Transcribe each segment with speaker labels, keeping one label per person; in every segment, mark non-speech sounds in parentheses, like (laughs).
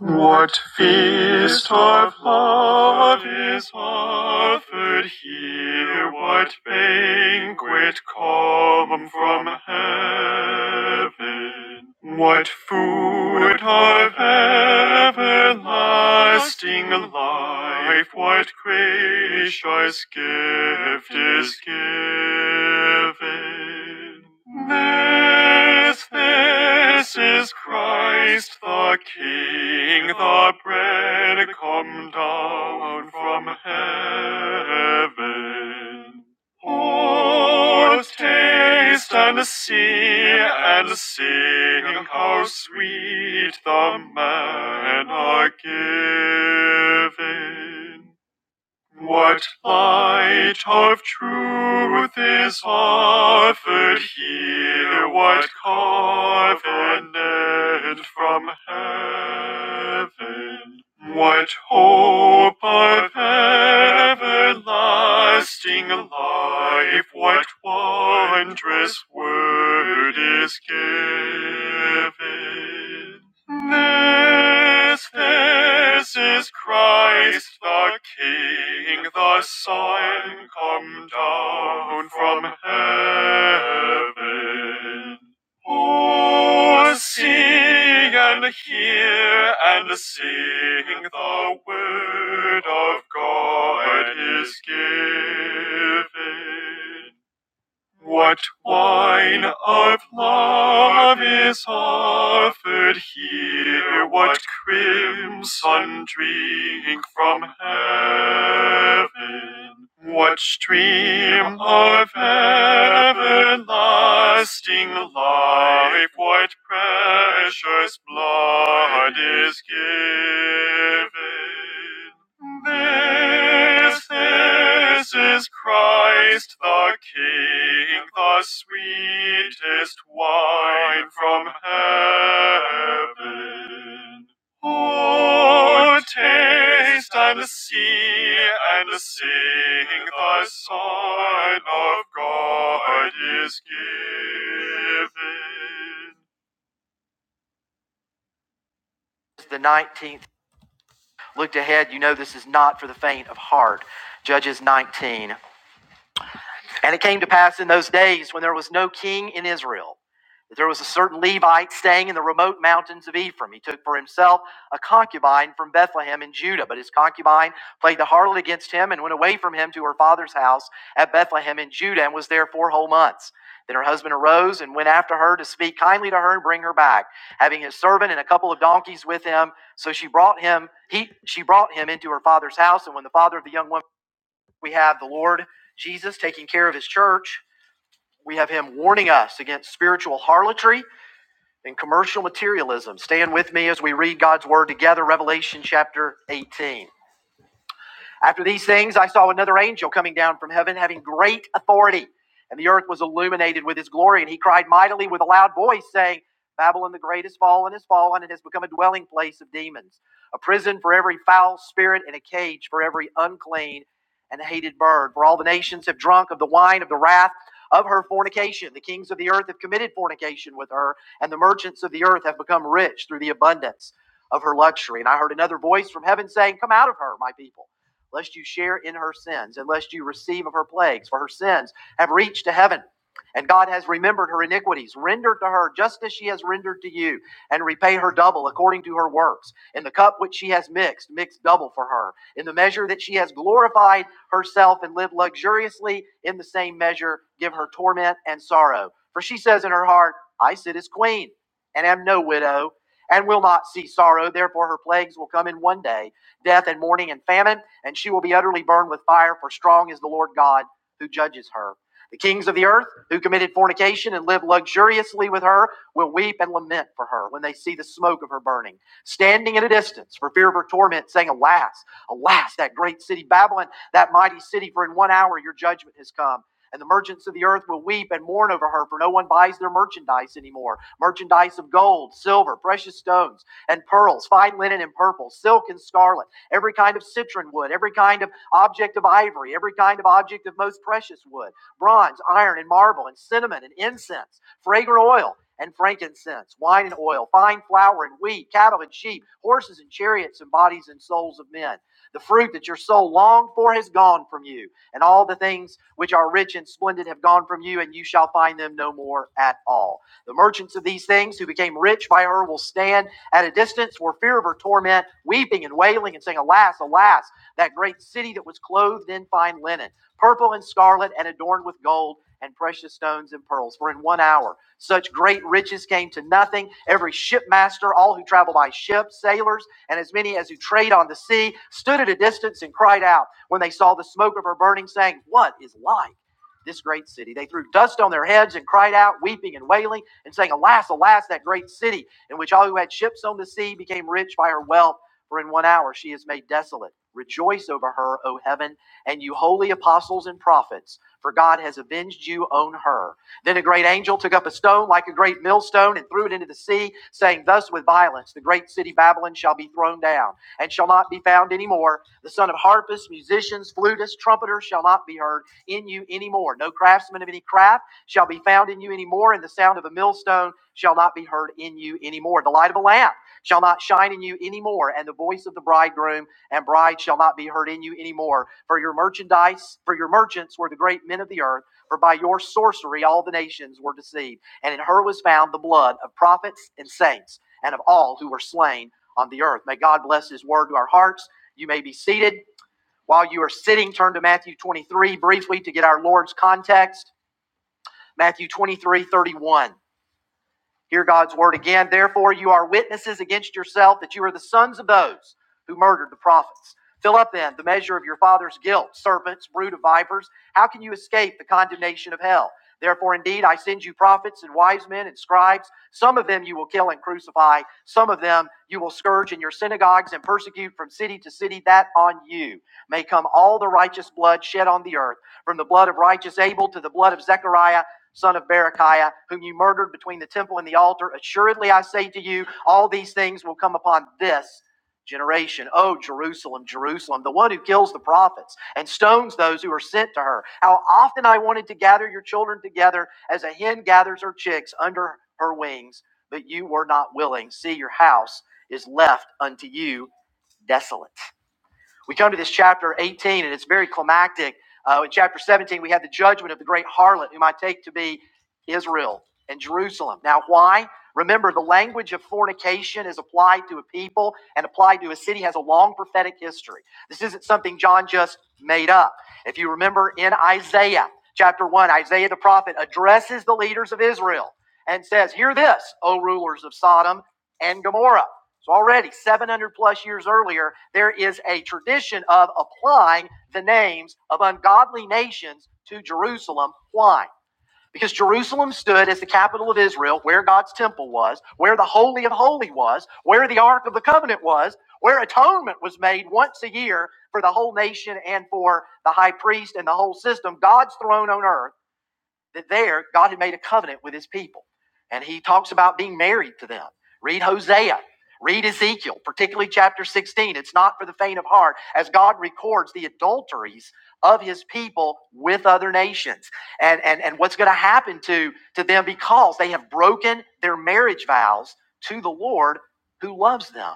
Speaker 1: What feast of love is offered here? What banquet come from heaven? What food of everlasting life? What gracious gift is given? This, this is Christ the King, the bread come down from heaven. Oh, taste and see and sing how sweet the manna given. What light of truth is offered here? What covenant from heaven? What hope of everlasting life? What wondrous word is given? This, this is Christ the King, the Son, come down from heaven. Oh, see and hear and sing, the word of God is given. What wine of love is offered here? What crimson drink from heaven? What stream of everlasting life? What precious blood is given? This, this is Christ the King, the sweetest wine from heaven. Oh, taste and see and sing, the Son of God is given. The 19th looked ahead, you know this is not for the faint of heart. Judges 19. And it came to pass in those days when there was no king in Israel that there was a certain Levite staying in the remote mountains of Ephraim. He took for himself a concubine from Bethlehem in Judah, but his concubine played the harlot against him and went away from him to her father's house at Bethlehem in Judah and was there four whole months. Then her husband arose and went after her to speak kindly to her and bring her back, having his servant and a couple of donkeys with him. So she brought him, he, she brought him into her father's house. And when the father of the young woman we have the Lord Jesus taking care of his church. We have him warning us against spiritual harlotry and commercial materialism. Stand with me as we read God's word together, Revelation chapter 18. After these things, I saw another angel coming down from heaven, having great authority, and the earth was illuminated with his glory. And he cried mightily with a loud voice, saying, Babylon the Great is fallen, is fallen, and has become a dwelling place of demons, a prison for every foul spirit, and a cage for every unclean and hated bird. For all the nations have drunk of the wine of the wrath of her fornication. The kings of the earth have committed fornication with her, and the merchants of the earth have become rich through the abundance of her luxury. And I heard another voice from heaven saying, Come out of her, my people lest you share in her sins, and lest you receive of her plagues, for her sins have reached to heaven. And God has remembered her iniquities. Render to her just as she has rendered to you, and repay her double according to her works. In the cup which she has mixed, mix double for her. In the measure that she has glorified herself and lived luxuriously, in the same measure give her torment and sorrow. For she says in her heart, I sit as queen, and am no widow, and will not see sorrow. Therefore her plagues will come in one day death and mourning and famine, and she will be utterly burned with fire, for strong is the Lord God who judges her. The kings of the earth who committed fornication and lived luxuriously with her will weep and lament for her when they see the smoke of her burning, standing at a distance for fear of her torment, saying, Alas, alas, that great city Babylon, that mighty city, for in one hour your judgment has come. And the merchants of the earth will weep and mourn over her, for no one buys their merchandise anymore. Merchandise of gold, silver, precious stones, and pearls, fine linen and purple, silk and scarlet every kind of citron wood, every kind of object of ivory, every kind of object of most precious wood, bronze, iron, and marble, and cinnamon, and incense, fragrant oil, and frankincense, wine and oil, fine flour and wheat, cattle and sheep, horses and chariots, and bodies and souls of men. The fruit that your soul longed for has gone from you, and all the things which are rich and splendid have gone from you, and you shall find them no more at all. The merchants of these things who became rich by her will stand at a distance were fear of her torment, weeping and wailing and saying, Alas, alas, that great city that was clothed in fine linen, purple and scarlet and adorned with gold and precious stones and pearls. For in one hour such great riches came to nothing. Every shipmaster, all who travel by ship, sailors, and as many as who trade on the sea, stood at a distance and cried out when they saw the smoke of her burning, saying, What is like? This great city. They threw dust on their heads and cried out, weeping and wailing, and saying, Alas, alas, that great city in which all who had ships on the sea became rich by her wealth, for in one hour she is made desolate. Rejoice over her, O heaven, and you holy apostles and prophets, for God has avenged you on her. Then a great angel took up a stone like a great millstone and threw it into the sea, saying, Thus with violence the great city Babylon shall be thrown down, and shall not be found any more. The son of harpists, musicians, flutists, trumpeters shall not be heard in you any more. No craftsman of any craft shall be found in you anymore, and the sound of a millstone shall not be heard in you anymore. The light of a lamp shall not shine in you anymore, and the voice of the bridegroom and bride shall not be heard in you anymore. For your merchandise, for your merchants were the great men of the earth, for by your sorcery all the nations were deceived. And in her was found the blood of prophets and saints, and of all who were slain on the earth. May God bless his word to our hearts. You may be seated. While you are sitting, turn to Matthew 23 briefly to get our Lord's context Matthew 23 31. Hear God's word again. Therefore, you are witnesses against yourself that you are the sons of those who murdered the prophets. Fill up then the measure of your father's guilt, serpents, brood of vipers. How can you escape the condemnation of hell? Therefore, indeed, I send you prophets and wise men and scribes. Some of them you will kill and crucify, some of them you will scourge in your synagogues and persecute from city to city, that on you may come all the righteous blood shed on the earth, from the blood of righteous Abel to the blood of Zechariah son of Berechiah, whom you murdered between the temple and the altar. Assuredly, I say to you, all these things will come upon this generation. Oh, Jerusalem, Jerusalem, the one who kills the prophets and stones those who are sent to her. How often I wanted to gather your children together as a hen gathers her chicks under her wings, but you were not willing. See, your house is left unto you desolate. We come to this chapter 18, and it's very climactic. Uh, in chapter 17, we have the judgment of the great harlot, whom I take to be Israel and Jerusalem. Now, why? Remember, the language of fornication is applied to a people and applied to a city has a long prophetic history. This isn't something John just made up. If you remember in Isaiah chapter 1, Isaiah the prophet addresses the leaders of Israel and says, Hear this, O rulers of Sodom and Gomorrah. So already 700 plus years earlier, there is a tradition of applying the names of ungodly nations to Jerusalem. Why? Because Jerusalem stood as the capital of Israel, where God's temple was, where the Holy of holies was, where the Ark of the Covenant was, where atonement was made once a year for the whole nation and for the high priest and the whole system, God's throne on earth that there God had made a covenant with his people. And he talks about being married to them. Read Hosea, read Ezekiel, particularly chapter 16. It's not for the faint of heart, as God records the adulteries of his people with other nations and, and, and what's going to happen to, to them because they have broken their marriage vows to the Lord who loves them.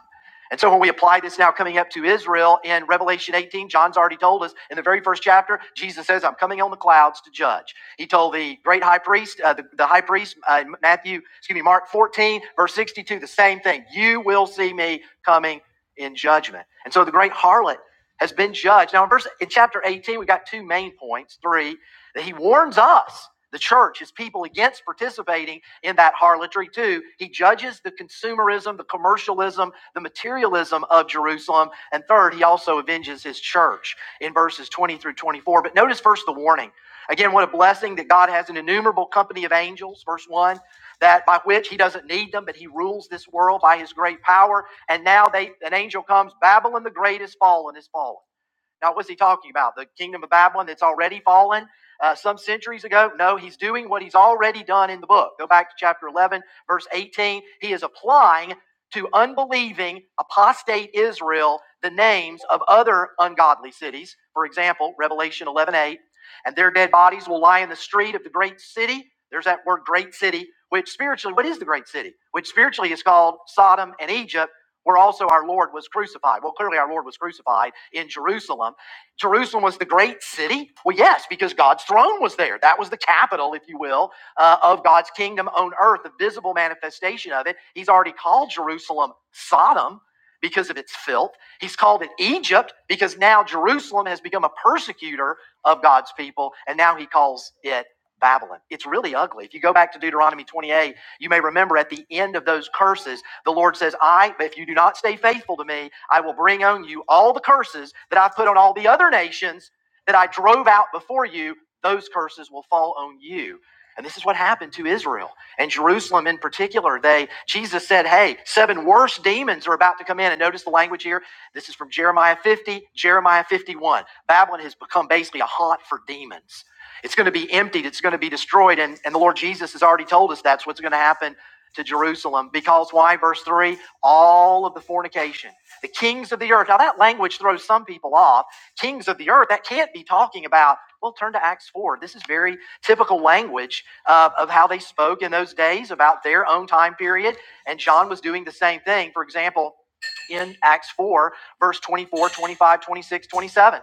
Speaker 1: And so when we apply this now coming up to Israel in Revelation 18, John's already told us in the very first chapter, Jesus says, I'm coming on the clouds to judge. He told the great high priest, uh, the, the high priest, uh, Matthew, excuse me, Mark 14, verse 62, the same thing. You will see me coming in judgment. And so the great harlot has been judged. Now, in verse in chapter 18, we got two main points. Three, that he warns us, the church, his people, against participating in that harlotry. Two, he judges the consumerism, the commercialism, the materialism of Jerusalem. And third, he also avenges his church in verses 20 through 24. But notice first the warning. Again, what a blessing that God has an innumerable company of angels, verse 1, that by which he doesn't need them, but he rules this world by his great power. And now they an angel comes, Babylon the great is fallen, is fallen. Now, what's he talking about? The kingdom of Babylon that's already fallen uh, some centuries ago? No, he's doing what he's already done in the book. Go back to chapter 11, verse 18. He is applying to unbelieving, apostate Israel the names of other ungodly cities. For example, Revelation 11 8, And their dead bodies will lie in the street of the great city. There's that word great city, which spiritually, what is the great city? Which spiritually is called Sodom and Egypt where also our Lord was crucified. Well, clearly our Lord was crucified in Jerusalem. Jerusalem was the great city. Well, yes, because God's throne was there. That was the capital, if you will, uh, of God's kingdom on earth, the visible manifestation of it. He's already called Jerusalem Sodom because of its filth. He's called it Egypt because now Jerusalem has become a persecutor of God's people, and now he calls it Babylon. It's really ugly. If you go back to Deuteronomy 28, you may remember at the end of those curses, the Lord says, I, but if you do not stay faithful to me, I will bring on you all the curses that I've put on all the other nations that I drove out before you. Those curses will fall on you. And this is what happened to Israel and Jerusalem in particular. They, Jesus said, Hey, seven worse demons are about to come in. And notice the language here. This is from Jeremiah 50, Jeremiah 51. Babylon has become basically a haunt for demons. It's going to be emptied. It's going to be destroyed. And, and the Lord Jesus has already told us that's what's going to happen to Jerusalem because why? Verse 3 all of the fornication, the kings of the earth. Now, that language throws some people off. Kings of the earth, that can't be talking about. Well, turn to Acts 4. This is very typical language uh, of how they spoke in those days about their own time period. And John was doing the same thing. For example, in Acts 4, verse 24, 25, 26, 27.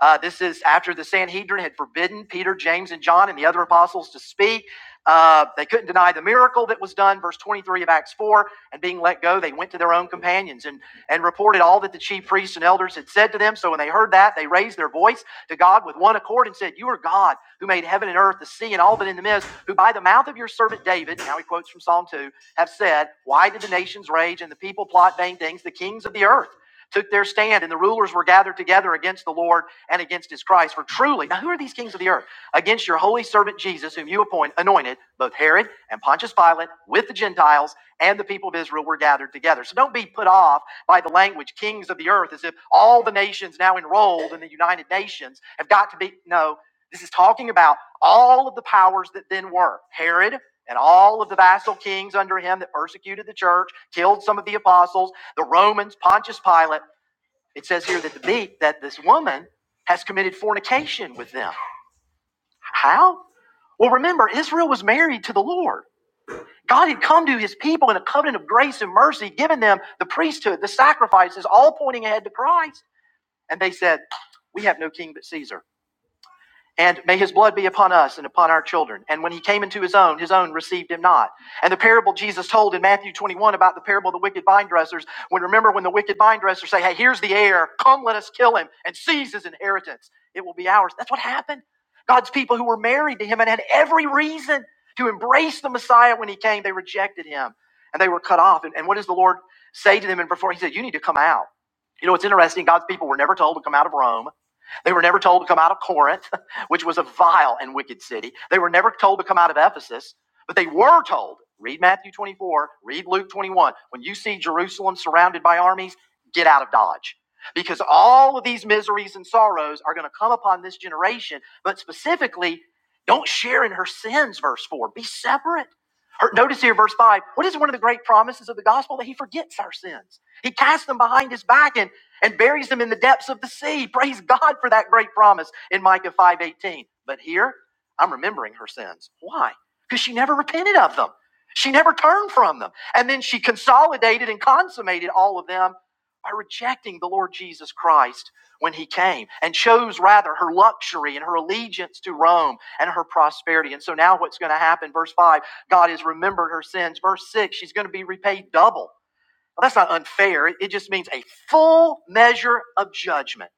Speaker 1: Uh, this is after the Sanhedrin had forbidden Peter, James, and John and the other apostles to speak. Uh, they couldn't deny the miracle that was done, verse 23 of Acts 4. And being let go, they went to their own companions and, and reported all that the chief priests and elders had said to them. So when they heard that, they raised their voice to God with one accord and said, You are God who made heaven and earth, the sea, and all that in them is, who by the mouth of your servant David, now he quotes from Psalm 2, have said, Why did the nations rage and the people plot vain things? The kings of the earth took their stand, and the rulers were gathered together against the Lord and against his Christ. For truly, now who are these kings of the earth? against your holy servant Jesus, whom you appoint, anointed, both Herod and Pontius Pilate with the Gentiles and the people of Israel were gathered together. So don't be put off by the language kings of the earth as if all the nations now enrolled in the United Nations have got to be. No, this is talking about all of the powers that then were Herod. And all of the vassal kings under him that persecuted the church, killed some of the apostles, the Romans, Pontius Pilate. It says here that the beat that this woman has committed fornication with them. How? Well, remember, Israel was married to the Lord. God had come to his people in a covenant of grace and mercy, given them the priesthood, the sacrifices, all pointing ahead to Christ. And they said, We have no king but Caesar. And may his blood be upon us and upon our children. And when he came into his own, his own received him not. And the parable Jesus told in Matthew 21 about the parable of the wicked vine dressers, when remember when the wicked vine dressers say, Hey, here's the heir, come let us kill him and seize his inheritance. It will be ours. That's what happened. God's people who were married to him and had every reason to embrace the Messiah when he came, they rejected him and they were cut off. And, and what does the Lord say to them? And before he said, You need to come out. You know, it's interesting. God's people were never told to come out of Rome. They were never told to come out of Corinth, (laughs) which was a vile and wicked city. They were never told to come out of Ephesus, but they were told read Matthew 24, read Luke 21. When you see Jerusalem surrounded by armies, get out of Dodge. Because all of these miseries and sorrows are going to come upon this generation, but specifically, don't share in her sins, verse 4. Be separate. Notice here, verse 5, what is one of the great promises of the gospel? That he forgets our sins. He casts them behind his back and and buries them in the depths of the sea. Praise God for that great promise in Micah 5:18. But here, I'm remembering her sins. Why? Because she never repented of them. She never turned from them. And then she consolidated and consummated all of them by rejecting the Lord Jesus Christ when he came and chose rather her luxury and her allegiance to Rome and her prosperity. And so now what's going to happen? Verse 5, God has remembered her sins. Verse 6, she's going to be repaid double. Well, that's not unfair. It just means a full measure of judgment.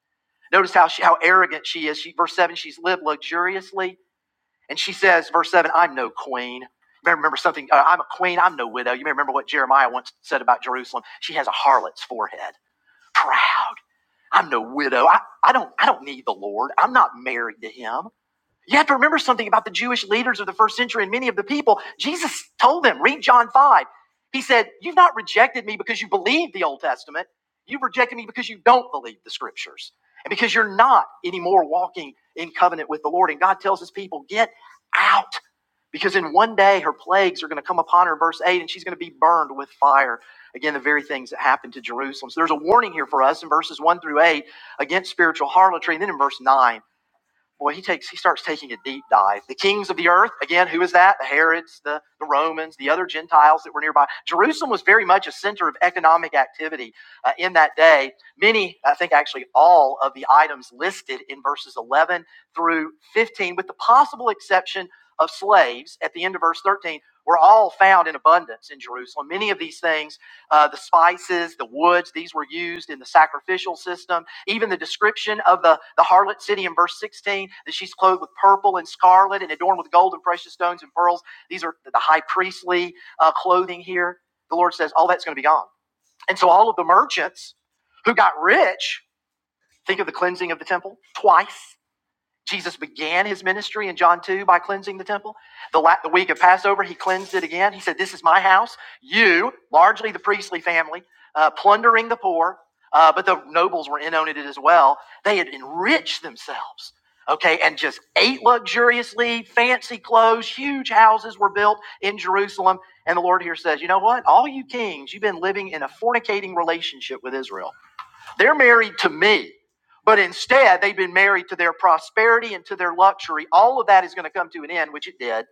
Speaker 1: Notice how she, how arrogant she is. She, verse seven, she's lived luxuriously, and she says, verse seven, I'm no queen. You may remember something. Uh, I'm a queen. I'm no widow. You may remember what Jeremiah once said about Jerusalem. She has a harlot's forehead. Proud. I'm no widow. I, I don't I don't need the Lord. I'm not married to him. You have to remember something about the Jewish leaders of the first century and many of the people. Jesus told them, read John 5. He said, You've not rejected me because you believe the Old Testament. You've rejected me because you don't believe the scriptures and because you're not anymore walking in covenant with the Lord. And God tells his people, Get out because in one day her plagues are going to come upon her, verse 8, and she's going to be burned with fire. Again, the very things that happened to Jerusalem. So there's a warning here for us in verses 1 through 8 against spiritual harlotry. And then in verse 9 boy, he takes he starts taking a deep dive. The kings of the earth, again, who is that? The Herods, the, the Romans, the other Gentiles that were nearby. Jerusalem was very much a center of economic activity uh, in that day. Many, I think actually all of the items listed in verses 11 through 15, with the possible exception of slaves at the end of verse 13, were all found in abundance in Jerusalem. Many of these things, uh, the spices, the woods, these were used in the sacrificial system even the description of the, the harlot city in verse 16, that she's clothed with purple and scarlet and adorned with gold and precious stones and pearls. These are the high priestly uh, clothing here. The Lord says, all that's going to be gone. And so all of the merchants who got rich, think of the cleansing of the temple twice Jesus began his ministry in John 2 by cleansing the temple. The, la- the week of Passover, he cleansed it again. He said, This is my house. You, largely the priestly family, uh, plundering the poor, uh, but the nobles were in on it as well. They had enriched themselves, okay, and just ate luxuriously, fancy clothes, huge houses were built in Jerusalem. And the Lord here says, You know what? All you kings, you've been living in a fornicating relationship with Israel. They're married to me, but instead they've been married to their prosperity and to their luxury. All of that is going to come to an end, which it did.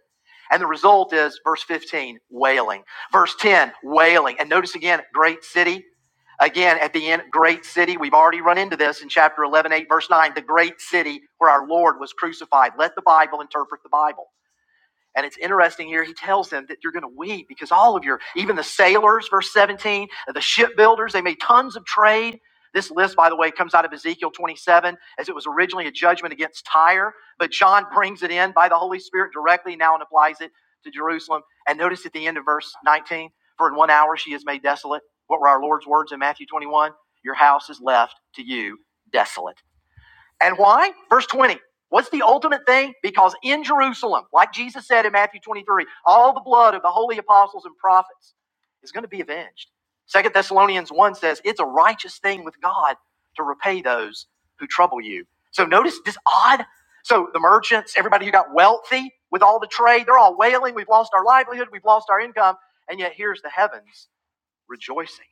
Speaker 1: And the result is verse 15, wailing. Verse 10, wailing. And notice again, great city. Again, at the end, great city. We've already run into this in chapter 11 8 verse 9, the great city where our Lord was crucified. Let the Bible interpret the Bible. And it's interesting here, he tells them that you're going to weep because all of your, even the sailors, verse 17, the shipbuilders, they made tons of trade. This list, by the way, comes out of Ezekiel 27 as it was originally a judgment against Tyre, but John brings it in by the Holy Spirit directly now and applies it to Jerusalem. And notice at the end of verse 19, for in one hour she is made desolate. What were our Lord's words in Matthew 21? Your house is left to you desolate. And why? Verse 20. What's the ultimate thing? Because in Jerusalem, like Jesus said in Matthew 23, all the blood of the holy apostles and prophets is going to be avenged. Second Thessalonians 1 says, it's a righteous thing with God to repay those who trouble you. So notice this odd. So the merchants, everybody who got wealthy with all the trade, they're all wailing, we've lost our livelihood, we've lost our income. And yet here's the heavens rejoicing.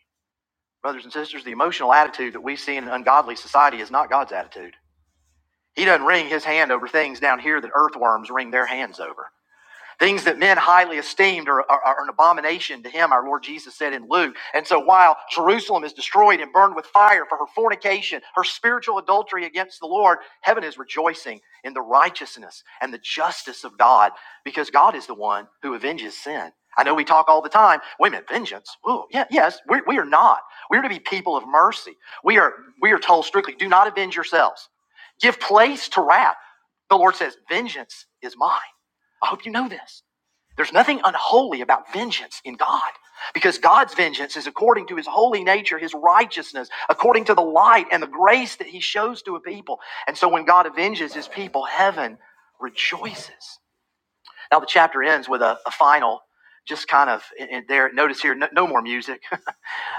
Speaker 1: Brothers and sisters, the emotional attitude that we see in an ungodly society is not God's attitude. He doesn't wring his hand over things down here that earthworms wring their hands over. Things that men highly esteemed are, are, are an abomination to him, our Lord Jesus said in Luke. And so while Jerusalem is destroyed and burned with fire for her fornication, her spiritual adultery against the Lord, heaven is rejoicing in the righteousness and the justice of God because God is the one who avenges sin. I know we talk all the time, wait a minute, vengeance. Ooh, yeah, yes, we, we are not. We are to be people of mercy. We are, we are told strictly, do not avenge yourselves. Give place to wrath. The Lord says, vengeance is mine. I hope you know this. There's nothing unholy about vengeance in God because God's vengeance is according to his holy nature, his righteousness, according to the light and the grace that he shows to a people. And so when God avenges his people, heaven rejoices. Now the chapter ends with a, a final, just kind of in, there. Notice here, no, no more music. (laughs)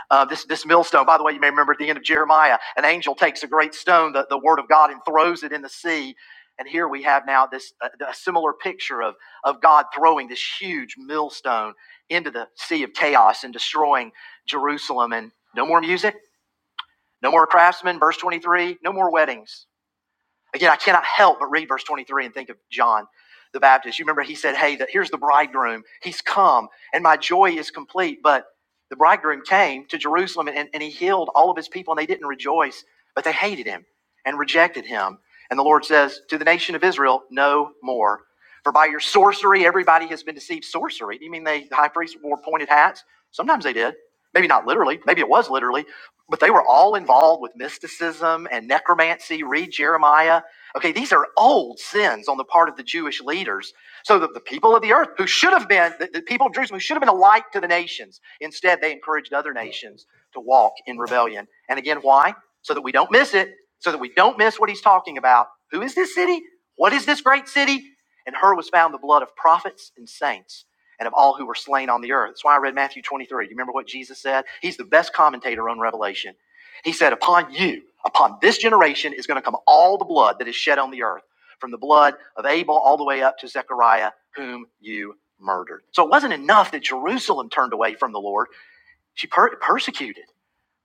Speaker 1: Uh, this, this millstone, by the way, you may remember at the end of Jeremiah, an angel takes a great stone, the, the word of God, and throws it in the sea. And here we have now this uh, a similar picture of, of God throwing this huge millstone into the sea of chaos and destroying Jerusalem. And no more music, no more craftsmen, verse 23, no more weddings. Again, I cannot help but read verse 23 and think of John the Baptist. You remember he said, Hey, that here's the bridegroom. He's come, and my joy is complete. But the bridegroom came to Jerusalem and, and he healed all of his people, and they didn't rejoice, but they hated him and rejected him. And the Lord says to the nation of Israel, No more. For by your sorcery, everybody has been deceived. Sorcery? Do you mean they, the high priests wore pointed hats? Sometimes they did. Maybe not literally. Maybe it was literally. But they were all involved with mysticism and necromancy. Read Jeremiah Okay, these are old sins on the part of the Jewish leaders. So that the people of the earth, who should have been, the, the people of Jerusalem, who should have been a light to the nations, instead they encouraged other nations to walk in rebellion. And again, why? So that we don't miss it, so that we don't miss what he's talking about. Who is this city? What is this great city? In her was found the blood of prophets and saints and of all who were slain on the earth. That's why I read Matthew 23. You remember what Jesus said? He's the best commentator on Revelation. He said, Upon you, upon this generation is going to come all the blood that is shed on the earth, from the blood of Abel all the way up to Zechariah, whom you murdered. So it wasn't enough that Jerusalem turned away from the Lord. She per- persecuted,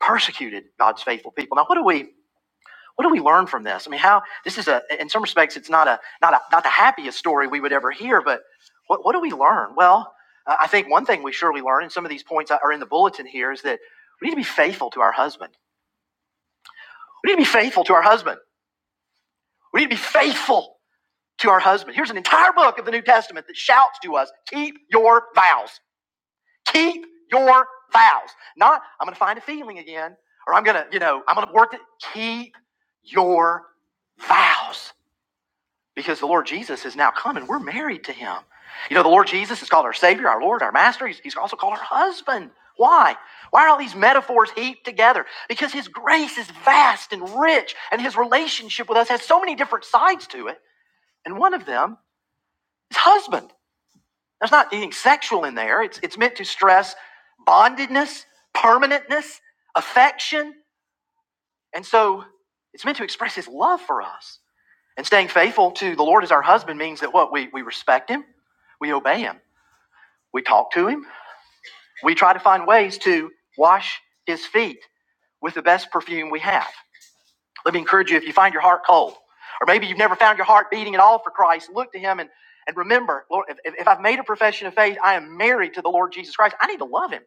Speaker 1: persecuted God's faithful people. Now, what do we what do we learn from this? I mean, how this is a in some respects it's not a not a not the happiest story we would ever hear, but what, what do we learn? Well, uh, I think one thing we surely learn, and some of these points are in the bulletin here, is that we need to be faithful to our husband. We need to be faithful to our husband. We need to be faithful to our husband. Here's an entire book of the New Testament that shouts to us keep your vows. Keep your vows. Not, I'm going to find a feeling again, or I'm going to, you know, I'm going to work it. Keep your vows. Because the Lord Jesus is now come and we're married to him. You know, the Lord Jesus is called our Savior, our Lord, our Master. He's, he's also called our husband. Why? Why are all these metaphors heaped together? Because His grace is vast and rich, and His relationship with us has so many different sides to it and one of them is husband. There's not anything sexual in there. It's it's meant to stress bondedness, permanentness, affection, and so it's meant to express his love for us. And staying faithful to the Lord as our husband means that what we we respect him, we obey him, we talk to him, we try to find ways to wash his feet with the best perfume we have. Let me encourage you if you find your heart cold, or maybe you've never found your heart beating at all for Christ, look to Him and, and remember, Lord, if, if I've made a profession of faith, I am married to the Lord Jesus Christ. I need to love Him.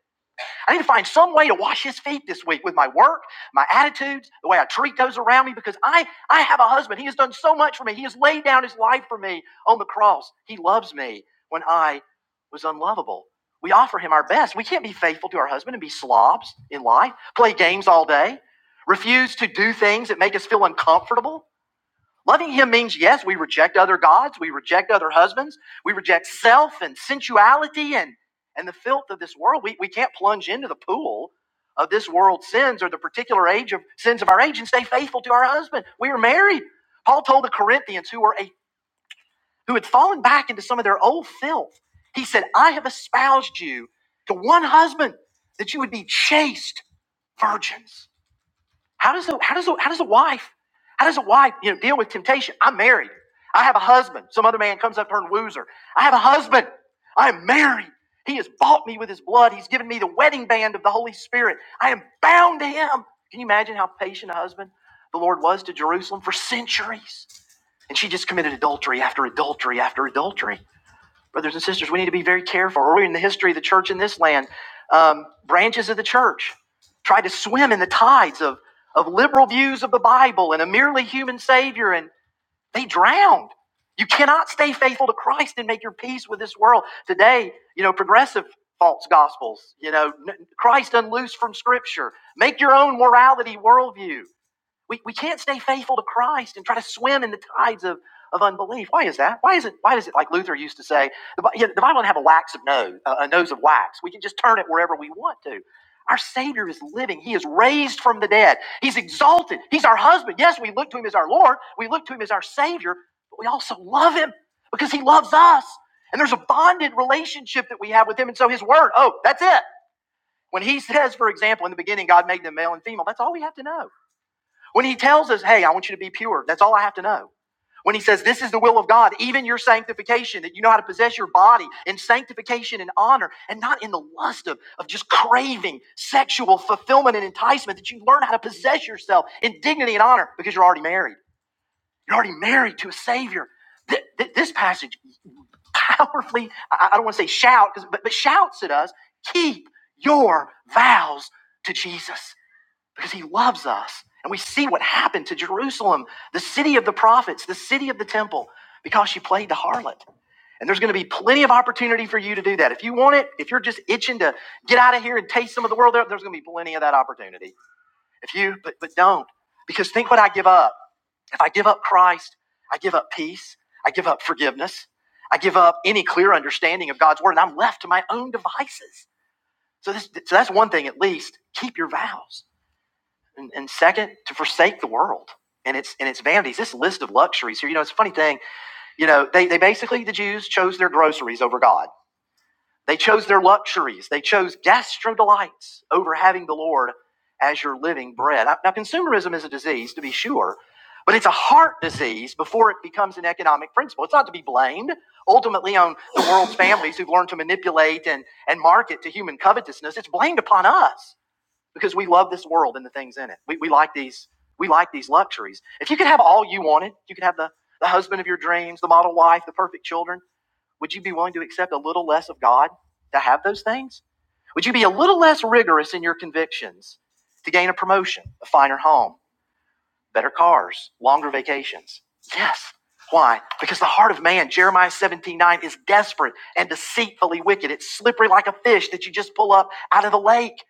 Speaker 1: I need to find some way to wash his feet this week with my work, my attitudes, the way I treat those around me, because I, I have a husband. He has done so much for me. He has laid down his life for me on the cross. He loves me when I was unlovable. We offer him our best. We can't be faithful to our husband and be slobs in life, play games all day, refuse to do things that make us feel uncomfortable Loving him means, yes, we reject other gods, we reject other husbands, we reject self and sensuality and, and the filth of this world. We, we can't plunge into the pool of this world's sins or the particular age of sins of our age and stay faithful to our husband. We are married. Paul told the Corinthians who were a, who had fallen back into some of their old filth. He said, I have espoused you to one husband that you would be chaste virgins. How does the how does the, how does a wife how does a wife you know deal with temptation? I'm married. I have a husband. Some other man comes up to her and woos her. I have a husband. I am married. He has bought me with his blood. He's given me the wedding band of the Holy Spirit. I am bound to him. Can you imagine how patient a husband the Lord was to Jerusalem for centuries? And she just committed adultery after adultery after adultery. Brothers and sisters, we need to be very careful. Early in the history of the church in this land, um, branches of the church tried to swim in the tides of, of liberal views of the Bible and a merely human Savior, and they drowned. You cannot stay faithful to Christ and make your peace with this world. Today, you know, progressive false gospels, you know, Christ unloosed from Scripture. Make your own morality worldview we, we can't stay faithful to Christ and try to swim in the tides of, of unbelief. Why is that? Why is it? Why is it like Luther used to say, the, Bi- yeah, the Bible doesn't have a wax of nose, a a nose of wax. We can just turn it wherever we want to. Our Savior is living. He is raised from the dead. He's exalted. He's our husband. Yes, we look to Him as our Lord. We look to Him as our Savior, but we also love Him because He loves us. And there's a bonded relationship that we have with Him. And so His Word, oh, that's it. When He says, for example, in the beginning, God made them male and female, that's all we have to know. When he tells us, hey, I want you to be pure, that's all I have to know. When he says, this is the will of God, even your sanctification, that you know how to possess your body in sanctification and honor, and not in the lust of, of just craving sexual fulfillment and enticement, that you learn how to possess yourself in dignity and honor because you're already married. You're already married to a Savior. Th- th- this passage powerfully, I, I don't want to say shout, but, but shouts at us keep your vows to Jesus because he loves us. And we see what happened to Jerusalem, the city of the prophets, the city of the temple, because she played the harlot. And there's going to be plenty of opportunity for you to do that. If you want it, if you're just itching to get out of here and taste some of the world, there's going to be plenty of that opportunity. If you, but, but don't, because think what I give up. If I give up Christ, I give up peace, I give up forgiveness, I give up any clear understanding of God's word, and I'm left to my own devices. So, this, so that's one thing at least. Keep your vows and, and second to forsake the world and its and its vanities this list of luxuries here you know it's a funny thing you know they, they basically the jews chose their groceries over god they chose their luxuries they chose gastro delights over having the lord as your living bread now now, consumerism is a disease to be sure but it's a heart disease before it becomes an economic principle it's not to be blamed ultimately on the world's families who've learned to manipulate and, and market to human covetousness it's blamed upon us because we love this world and the things in it. We, we like these we like these luxuries. If you could have all you wanted, you could have the, the husband of your dreams, the model wife, the perfect children, would you be willing to accept a little less of God to have those things? Would you be a little less rigorous in your convictions to gain a promotion, a finer home, better cars, longer vacations? Yes. Why? Because the heart of man, Jeremiah 17 9, is desperate and deceitfully wicked. It's slippery like a fish that you just pull up out of the lake.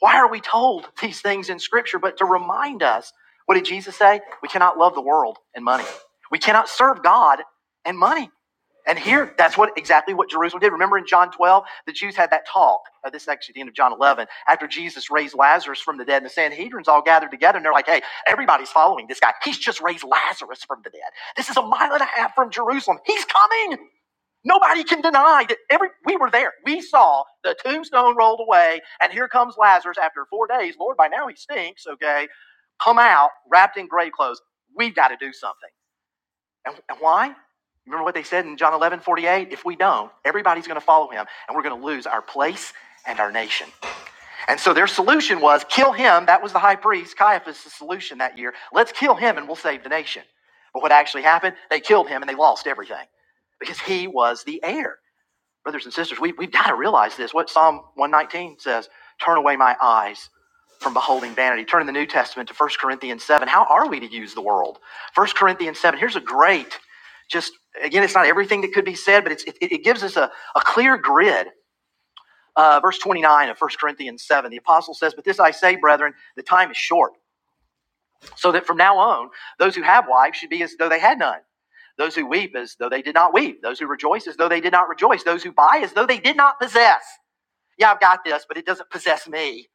Speaker 1: Why are we told these things in Scripture? But to remind us, what did Jesus say? We cannot love the world and money. We cannot serve God and money. And here, that's what exactly what Jerusalem did. Remember in John 12, the Jews had that talk. Uh, this is actually the end of John 11. After Jesus raised Lazarus from the dead, and the Sanhedrin's all gathered together, and they're like, hey, everybody's following this guy. He's just raised Lazarus from the dead. This is a mile and a half from Jerusalem. He's coming. Nobody can deny that every we were there. We saw the tombstone rolled away, and here comes Lazarus after four days. Lord, by now he stinks, okay? Come out wrapped in grave clothes. We've got to do something. And, and why? Remember what they said in John 11 48. If we don't, everybody's going to follow him, and we're going to lose our place and our nation. And so their solution was kill him. That was the high priest, Caiaphas' solution that year. Let's kill him, and we'll save the nation. But what actually happened? They killed him, and they lost everything because he was the heir. Brothers and sisters, we, we've got to realize this. What Psalm 119 says Turn away my eyes from beholding vanity. Turn in the New Testament to First Corinthians 7. How are we to use the world? First Corinthians 7, here's a great, just again, it's not everything that could be said, but it's, it, it gives us a, a clear grid. Uh, verse 29 of First Corinthians 7, the apostle says, But this I say, brethren, the time is short, so that from now on, those who have wives should be as though they had none. Those who weep as though they did not weep. Those who rejoice as though they did not rejoice. Those who buy as though they did not possess. Yeah, I've got this, but it doesn't possess me.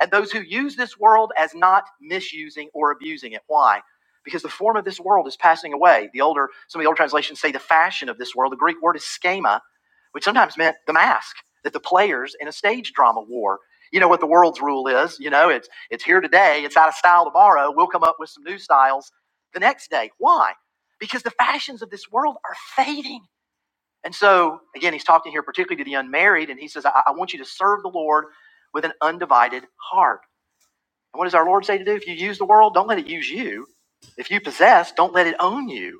Speaker 1: And those who use this world as not misusing or abusing it. Why? Because the form of this world is passing away. The older, some of the old translations say the fashion of this world. The Greek word is schema, which sometimes meant the mask that the players in a stage drama wore. You know what the world's rule is. You know, it's it's here today, it's out of style tomorrow. We'll come up with some new styles the next day. Why? Because the fashions of this world are fading. And so, again, he's talking here particularly to the unmarried, and he says, I, I want you to serve the Lord with an undivided heart. And what does our Lord say to do? If you use the world, don't let it use you. If you possess, don't let it own you.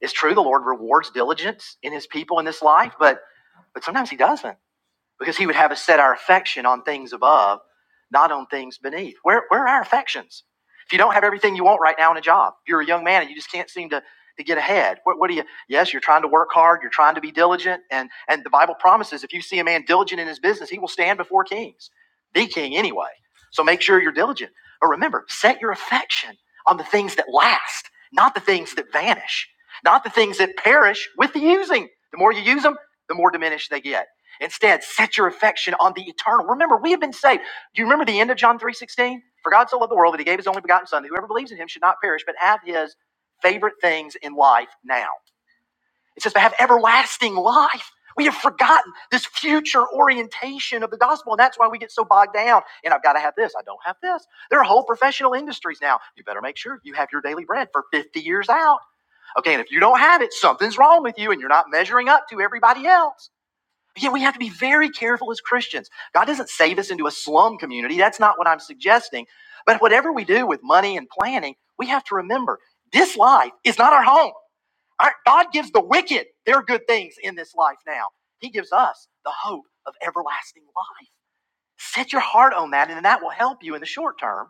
Speaker 1: It's true, the Lord rewards diligence in his people in this life, but, but sometimes he doesn't because he would have us set our affection on things above, not on things beneath. Where, where are our affections? If you don't have everything you want right now in a job, if you're a young man and you just can't seem to, to get ahead, what, what do you, yes, you're trying to work hard, you're trying to be diligent, and, and the Bible promises if you see a man diligent in his business, he will stand before kings, the king anyway. So make sure you're diligent. But remember, set your affection on the things that last, not the things that vanish, not the things that perish with the using. The more you use them, the more diminished they get. Instead, set your affection on the eternal. Remember, we have been saved. Do you remember the end of John 3:16? For God so loved the world that he gave his only begotten son, that whoever believes in him should not perish, but have his favorite things in life now. It says to have everlasting life. We have forgotten this future orientation of the gospel, and that's why we get so bogged down. And I've got to have this, I don't have this. There are whole professional industries now. You better make sure you have your daily bread for 50 years out. Okay, and if you don't have it, something's wrong with you, and you're not measuring up to everybody else. Yeah, we have to be very careful as Christians. God doesn't save us into a slum community. That's not what I'm suggesting. But whatever we do with money and planning, we have to remember this life is not our home. Our, God gives the wicked their good things in this life now. He gives us the hope of everlasting life. Set your heart on that, and that will help you in the short term,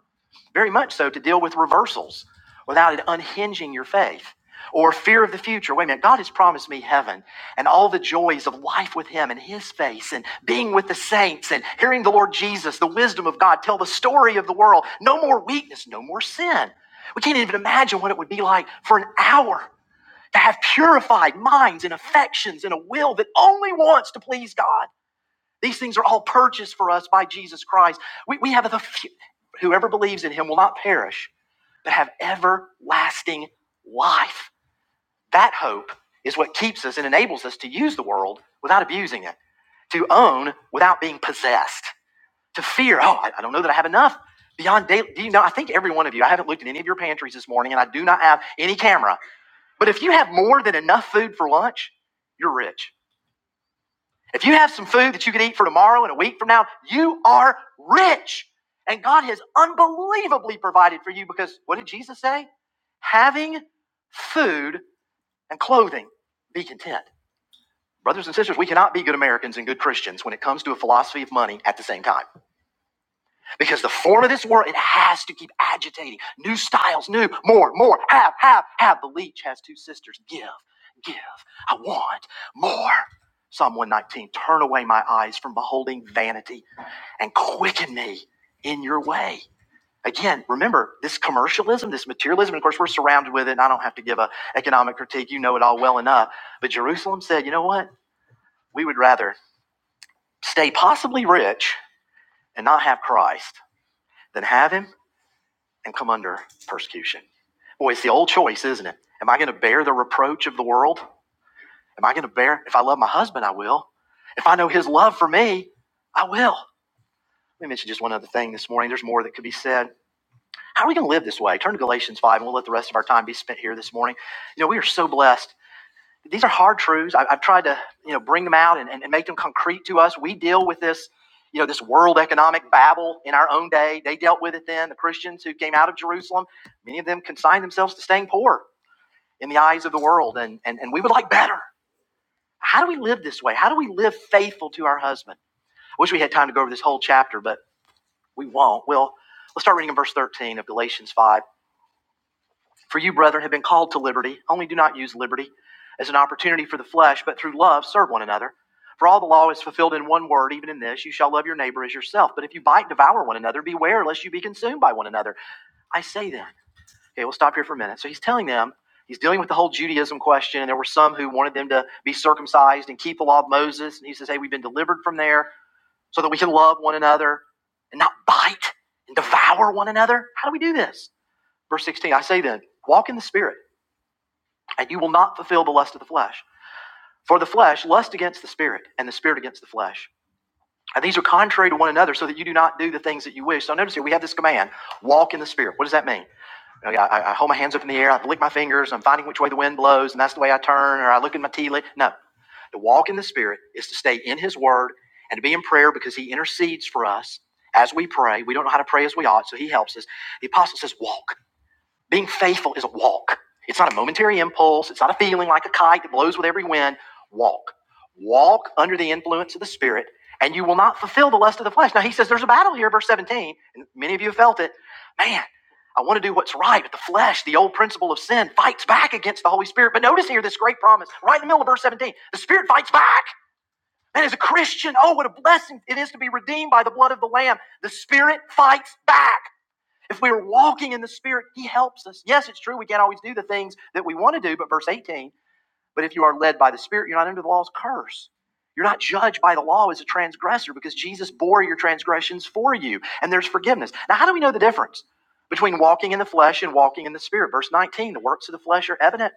Speaker 1: very much so, to deal with reversals without it unhinging your faith or fear of the future. Wait a minute, God has promised me heaven and all the joys of life with Him and His face and being with the saints and hearing the Lord Jesus, the wisdom of God, tell the story of the world. No more weakness, no more sin. We can't even imagine what it would be like for an hour to have purified minds and affections and a will that only wants to please God. These things are all purchased for us by Jesus Christ. We, we have the whoever believes in him will not perish, but have everlasting life. That hope is what keeps us and enables us to use the world without abusing it, to own without being possessed, to fear, oh, I, I don't know that I have enough. Beyond daily, do you know? I think every one of you, I haven't looked at any of your pantries this morning, and I do not have any camera. But if you have more than enough food for lunch, you're rich if you have some food that you can eat for tomorrow and a week from now, you are rich. And God has unbelievably provided for you because what did Jesus say? Having food and clothing, be content. Brothers and sisters, we cannot be good Americans and good Christians when it comes to a philosophy of money at the same time. Because the form of this world, it has to keep agitating. New styles, new, more, more, have, have, have. The leech has two sisters. Give, give. I want more. Psalm 119 Turn away my eyes from beholding vanity and quicken me in your way. Again, remember this commercialism, this materialism, and of course we're surrounded with it, and I don't have to give a economic critique. You know it all well enough. But Jerusalem said, you know what? We would rather stay possibly rich and not have Christ than have him and come under persecution. Boy, it's the old choice, isn't it? Am I going to bear the reproach of the world? Am I going to bear, if I love my husband, I will. If I know his love for me, I will. Let me mention just one other thing this morning. There's more that could be said. How are we going to live this way? Turn to Galatians 5, and we'll let the rest of our time be spent here this morning. You know, we are so blessed these are hard truths. I, I've tried to, you know, bring them out and, and, and make them concrete to us. We deal with this, you know, this world economic babble in our own day. They dealt with it then. The Christians who came out of Jerusalem, many of them consigned themselves to staying poor in the eyes of the world, and, and, and we would like better. How do we live this way? How do we live faithful to our husband? I wish we had time to go over this whole chapter, but we won't. We'll let's start reading in verse 13 of Galatians 5. For you, brethren, have been called to liberty, only do not use liberty as an opportunity for the flesh, but through love serve one another. For all the law is fulfilled in one word, even in this, you shall love your neighbor as yourself. But if you bite, devour one another, beware lest you be consumed by one another. I say then. Okay, we'll stop here for a minute. So he's telling them, he's dealing with the whole Judaism question, and there were some who wanted them to be circumcised and keep the law of Moses. And he says, hey, we've been delivered from there so that we can love one another and not bite and devour one another. How do we do this? Verse 16, I say then, walk in the Spirit and you will not fulfill the lust of the flesh. For the flesh lusts against the spirit, and the spirit against the flesh. And these are contrary to one another, so that you do not do the things that you wish. So notice here we have this command: walk in the spirit. What does that mean? You know, I, I hold my hands up in the air, I lick my fingers, I'm finding which way the wind blows, and that's the way I turn, or I look at my tea leaf. No, to walk in the Spirit is to stay in His Word and to be in prayer because He intercedes for us as we pray. We don't know how to pray as we ought, so He helps us. The apostle says, walk. Being faithful is a walk. It's not a momentary impulse. It's not a feeling like a kite that blows with every wind. Walk. Walk under the influence of the Spirit, and you will not fulfill the lust of the flesh. Now, he says there's a battle here, verse 17, and many of you have felt it. Man, I want to do what's right, but the flesh, the old principle of sin, fights back against the Holy Spirit. But notice here this great promise, right in the middle of verse 17 the Spirit fights back. And as a Christian, oh, what a blessing it is to be redeemed by the blood of the Lamb. The Spirit fights back. If we are walking in the Spirit, He helps us. Yes, it's true, we can't always do the things that we want to do, but verse 18, but if you are led by the Spirit, you're not under the law's curse. You're not judged by the law as a transgressor because Jesus bore your transgressions for you, and there's forgiveness. Now, how do we know the difference between walking in the flesh and walking in the Spirit? Verse 19, the works of the flesh are evident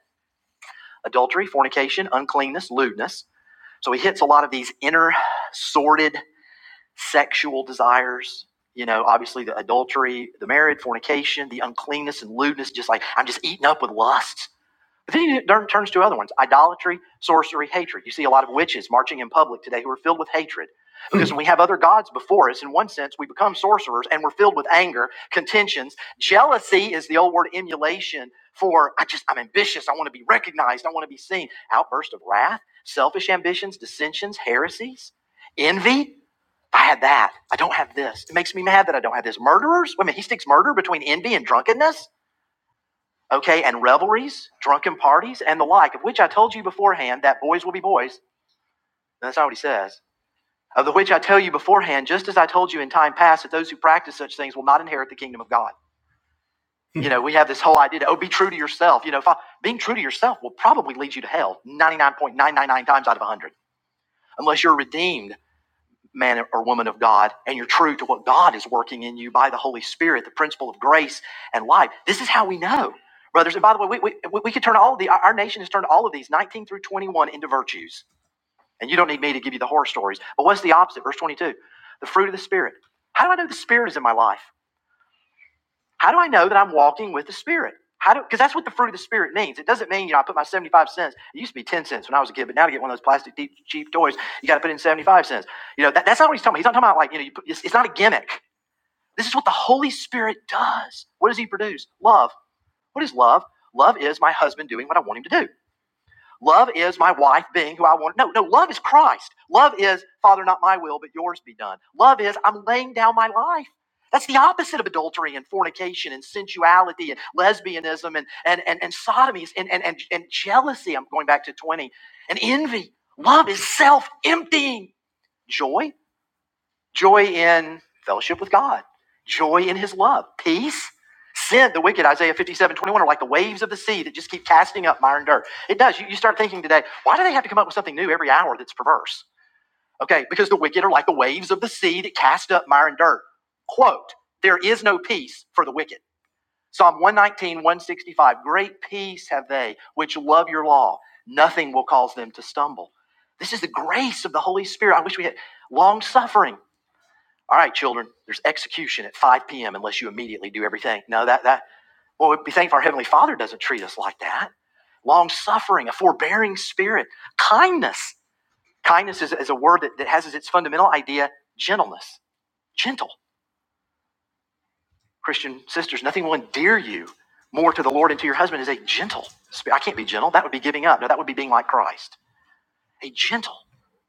Speaker 1: adultery, fornication, uncleanness, lewdness. So he hits a lot of these inner, sordid sexual desires. You know, obviously the adultery, the marriage, fornication, the uncleanness and lewdness, just like I'm just eaten up with lusts. But then he turns to other ones idolatry, sorcery, hatred. You see a lot of witches marching in public today who are filled with hatred. Because when we have other gods before us, in one sense, we become sorcerers and we're filled with anger, contentions. Jealousy is the old word emulation for I just, I'm ambitious. I want to be recognized. I want to be seen. Outburst of wrath, selfish ambitions, dissensions, heresies, envy. I had that. I don't have this. It makes me mad that I don't have this. Murderers? Wait a minute, he sticks murder between envy and drunkenness? Okay, and revelries, drunken parties, and the like, of which I told you beforehand that boys will be boys. And that's not what he says. Of the which I tell you beforehand, just as I told you in time past, that those who practice such things will not inherit the kingdom of God. (laughs) you know, we have this whole idea oh, be true to yourself. You know, fi- being true to yourself will probably lead you to hell 99.999 times out of 100, unless you're redeemed man or woman of God, and you're true to what God is working in you by the Holy Spirit, the principle of grace and life. This is how we know, brothers. And by the way, we, we, we we could turn all of the, our nation has turned all of these 19 through 21 into virtues. And you don't need me to give you the horror stories. But what's the opposite? Verse 22 the fruit of the Spirit. How do I know the Spirit is in my life? How do I know that I'm walking with the Spirit? How do because that's what the fruit of the Spirit means. It doesn't mean, you know, I put my 75 cents. It used to be 10 cents when I was a kid, but now to get one of those plastic deep, cheap toys, you got to put in 75 cents. You know, that, that's not what he's talking about. He's not talking about like, you know, you put, it's, it's not a gimmick. This is what the Holy Spirit does. What does he produce? Love. What is love? Love is my husband doing what I want him to do. Love is my wife being who I want. No, no, love is Christ. Love is, Father, not my will, but yours be done. Love is, I'm laying down my life. That's the opposite of adultery and fornication and sensuality and lesbianism and, and, and, and sodomies and, and, and, and jealousy. I'm going back to 20 and envy. Love is self emptying joy joy in fellowship with God, joy in his love, peace. Sin, the wicked, Isaiah 57 21 are like the waves of the sea that just keep casting up mire and dirt. It does. You, you start thinking today, why do they have to come up with something new every hour that's perverse? Okay, because the wicked are like the waves of the sea that cast up mire and dirt. Quote, there is no peace for the wicked. Psalm one nineteen one sixty five. great peace have they which love your law. Nothing will cause them to stumble. This is the grace of the Holy Spirit. I wish we had long suffering all right, children, there's execution at 5 p.m. unless you immediately do everything. No, that, that, well, we thank our Heavenly Father doesn't treat us like that. Long suffering, a forbearing spirit, kindness. Kindness is, is a word that, that has as its fundamental idea gentleness, gentle. Christian sisters, nothing will endear you more to the Lord and to your husband is a gentle spirit. I can't be gentle. That would be giving up. No, that would be being like Christ. a gentle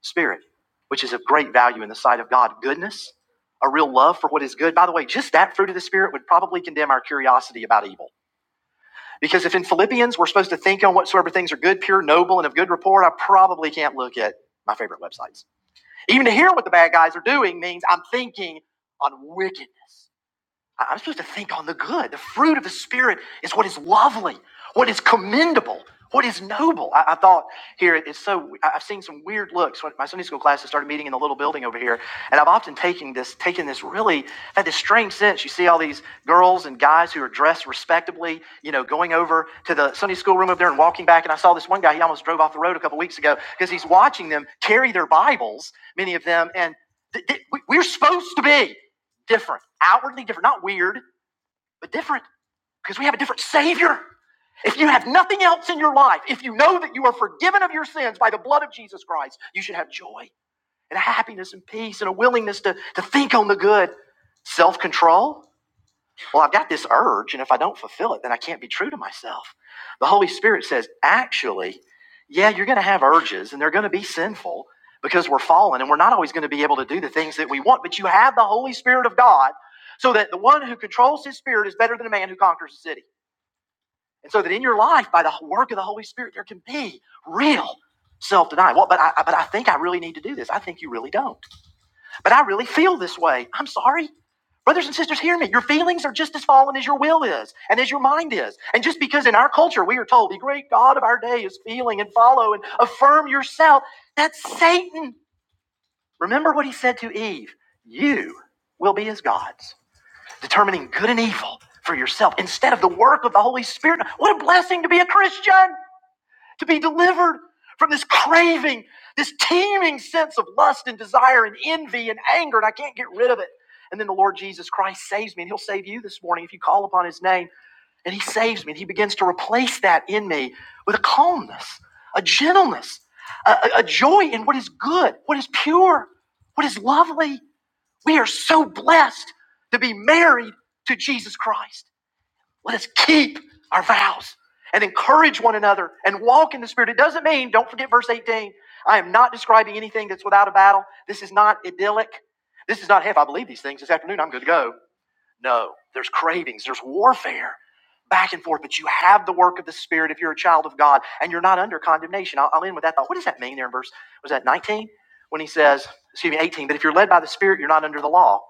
Speaker 1: spirit, which is of great value in the sight of God. Goodness, a real love for what is good. By the way, just that fruit of the Spirit would probably condemn our curiosity about evil. Because if in Philippians we're supposed to think on whatsoever things are good, pure, noble, and of good report, I probably can't look at my favorite websites. Even to hear what the bad guys are doing means I'm thinking on wicked I- am supposed to think on the good. The fruit of the Spirit is what is lovely, what is commendable, what is noble. I, I thought here, it's so, I- have seen some weird looks. When My Sunday school class has started meeting in the little building over here, and I've often taken this, taken this really, had this strange sense. You see all these girls and guys who are dressed respectably, you know, going over to the Sunday school room up there and walking back. And I saw this one guy, he almost drove off the road a couple weeks ago because he's watching them carry their Bibles, many of them, and th- th- we're supposed to be different, outwardly different, not weird, but different because we have a different Savior. If you have nothing else in your life, if you know that you are forgiven of your sins by the blood of Jesus Christ, you should have joy and happiness and peace and a willingness to, to think on the good, self control. Well, I've got this urge, and if I don't fulfill it, then I can't be true to myself. The Holy Spirit says, actually, yeah, you're going to have urges, and they're going to be sinful because we're fallen, and we're not always going to be able to do the things that we want, but you have the Holy Spirit of God so that the one who controls his spirit is better than a man who conquers a city. And so that in your life, by the work of the Holy Spirit, there can be real self denial. Well, but I, but I think I really need to do this. I think you really don't. But I really feel this way. I'm sorry. Brothers and sisters, hear me. Your feelings are just as fallen as your will is and as your mind is. And just because in our culture we are told the great God of our day is feeling and follow and affirm yourself, that's Satan. Remember what he said to Eve You will be as gods, determining good and evil for yourself instead of the work of the Holy Spirit. What a blessing to be a Christian! to be delivered from this craving, this teeming sense of lust and desire and envy and anger, and I can't get rid of it. And then the Lord Jesus Christ saves me, and He'll save you this morning if you call upon His name. And He saves me, and He begins to replace that in me with a calmness, a gentleness, a, a- joy in what is good, what is pure, what is lovely. We are so blessed to be married to Jesus Christ. Let us keep our vows and encourage one another and walk in the Spirit. It doesn't mean, don't forget verse 18, I am not describing anything that's without a battle. This is not idyllic. This is not, hey, if I believe these things this afternoon, I'm good to go. No, there's cravings, there's warfare back and forth, but you have the work of the Spirit if you're a child of God and you're not under condemnation. I'll, I'll end with that thought. What does that mean there in verse, was that 19? When he says, excuse me, 18, but if you're led by the Spirit, you're not under the law.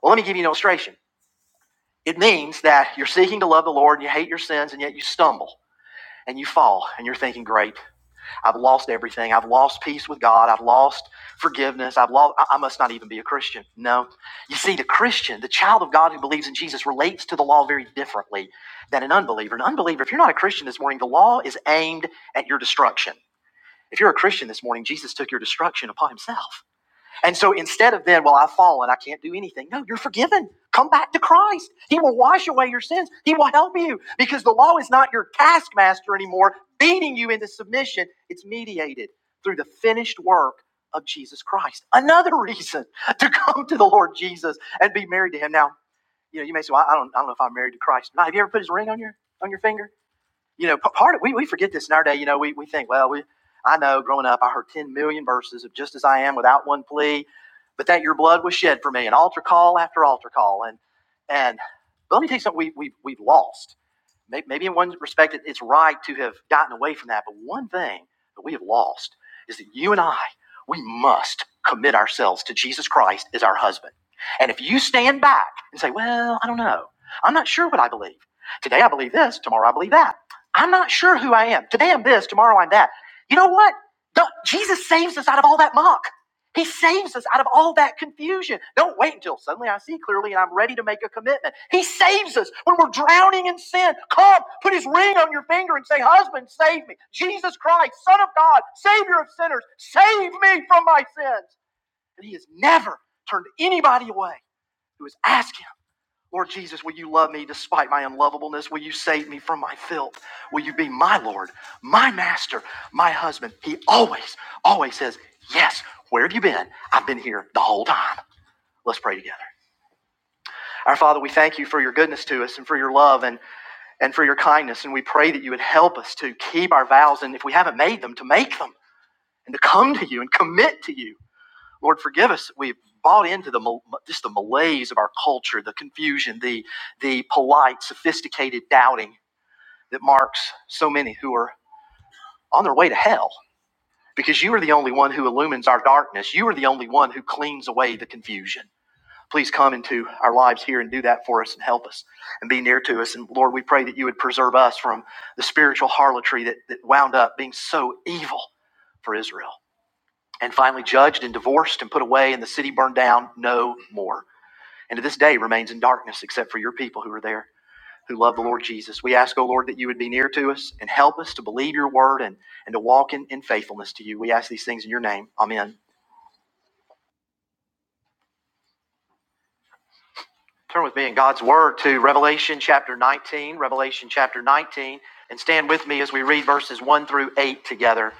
Speaker 1: Well, let me give you an illustration. It means that you're seeking to love the Lord and you hate your sins and yet you stumble and you fall and you're thinking, great, I've lost everything. I've lost peace with God. I've lost forgiveness. I've lost, I I must not even be a Christian. No. You see, the Christian, the child of God who believes in Jesus relates to the law very differently than an unbeliever. An unbeliever, if you're not a Christian this morning, the law is aimed at your destruction. If you're a Christian this morning, Jesus took your destruction upon himself. And so instead of then, well, I've fallen, I can't do anything. No, you're forgiven. Come back to Christ. He will wash away your sins. He will help you because the law is not your taskmaster anymore, beating you into submission. It's mediated through the finished work of Jesus Christ. Another (laughs) reason to come to the Lord Jesus and be married to Him. Now, you know, you may say, well, I don't, I don't know if I'm married to Christ. Now, have you ever put His ring on your on your finger? You know, part of, we, we forget this in our day. You know, we, we think, well, we I know growing up, I heard 10 million verses of just as I am without one plea, but that your blood was shed for me, and altar call after altar call. And, and but let me tell you something we, we, we've lost. Maybe in one respect, it's right to have gotten away from that. But one thing that we have lost is that you and I, we must commit ourselves to Jesus Christ as our husband. And if you stand back and say, well, I don't know, I'm not sure what I believe. Today I believe this, tomorrow I believe that. I'm not sure who I am. Today I'm this, tomorrow I'm that. You know what? Don't- Jesus saves us out of all that muck. He saves us out of all that confusion. Don't wait until suddenly I see clearly and I'm ready to make a commitment. He saves us when we're drowning in sin. Come, put his ring on your finger and say, Husband, save me. Jesus Christ, Son of God, Savior of sinners, save me from my sins. And he has never turned anybody away who has asked Lord Jesus, will you love me despite my unlovableness? Will you save me from my filth? Will you be my Lord, my master, my husband? He always, always says, Yes, where have you been? I've been here the whole time. Let's pray together. Our Father, we thank you for your goodness to us and for your love and, and for your kindness. And we pray that you would help us to keep our vows and if we haven't made them, to make them and to come to you and commit to you. Lord, forgive us. We've bought into the just the malaise of our culture, the confusion, the the polite, sophisticated doubting that marks so many who are on their way to hell. Because you are the only one who illumines our darkness. You are the only one who cleans away the confusion. Please come into our lives here and do that for us and help us and be near to us. And Lord, we pray that you would preserve us from the spiritual harlotry that, that wound up being so evil for Israel. And finally, judged and divorced and put away, and the city burned down no more. and to this day remains in darkness except for your people who are there who love the Lord Jesus. We ask, O Lord, that you would be near to us and help us to believe your word and, and to walk in, in faithfulness to you. We ask these things in your name. Amen. Turn with me in God's word to Revelation chapter 19, Revelation chapter 19, and stand with me as we read verses 1 through 8 together.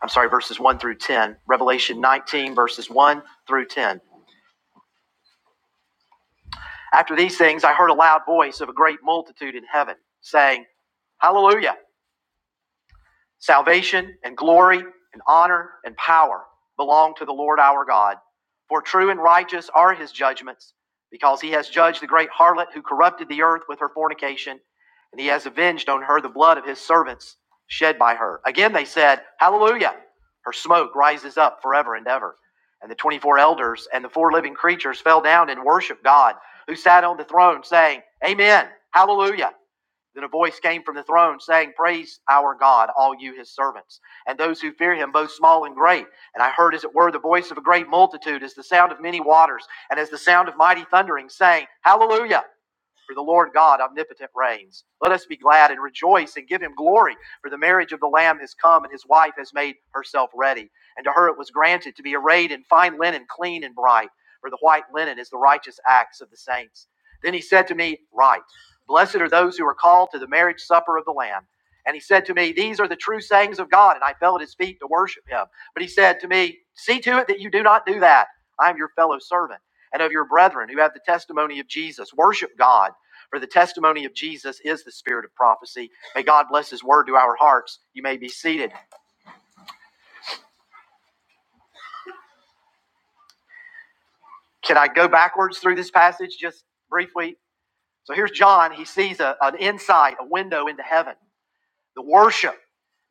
Speaker 1: I'm sorry, verses 1 through 10. Revelation 19, verses 1 through 10. After these things, I heard a loud voice of a great multitude in heaven saying, Hallelujah! Salvation and glory and honor and power belong to the Lord our God. For true and righteous are his judgments, because he has judged the great harlot who corrupted the earth with her fornication, and he has avenged on her the blood of his servants shed by her. Again they said, Hallelujah! Her smoke rises up forever and ever. And the 24 elders and the four living creatures fell down and worshiped God, who sat on the throne, saying, Amen, Hallelujah. Then a voice came from the throne saying, Praise our God, all you his servants, and those who fear him, both small and great. And I heard, as it were, the voice of a great multitude, as the sound of many waters, and as the sound of mighty thundering, saying, Hallelujah! for the Lord God omnipotent reigns. Let us be glad and rejoice and give him glory, for the marriage of the Lamb has come, and his wife has made herself ready. And to her it was granted to be arrayed in fine linen, clean and bright, for the white linen is the righteous acts of the saints. Then he said to me, Write, blessed are those who are called to the marriage supper of the Lamb. And he said to me, These are the true sayings of God. And I fell at his feet to worship him. But he said to me, See to it that you do not do that. I am your fellow servant and of your brethren who have the testimony of Jesus. Worship God. For the testimony of Jesus is the spirit of prophecy. May God bless his word to our hearts. You may be seated. Can I go backwards through this passage just briefly? So here's John. He sees a- an insight, a window into heaven, the worship,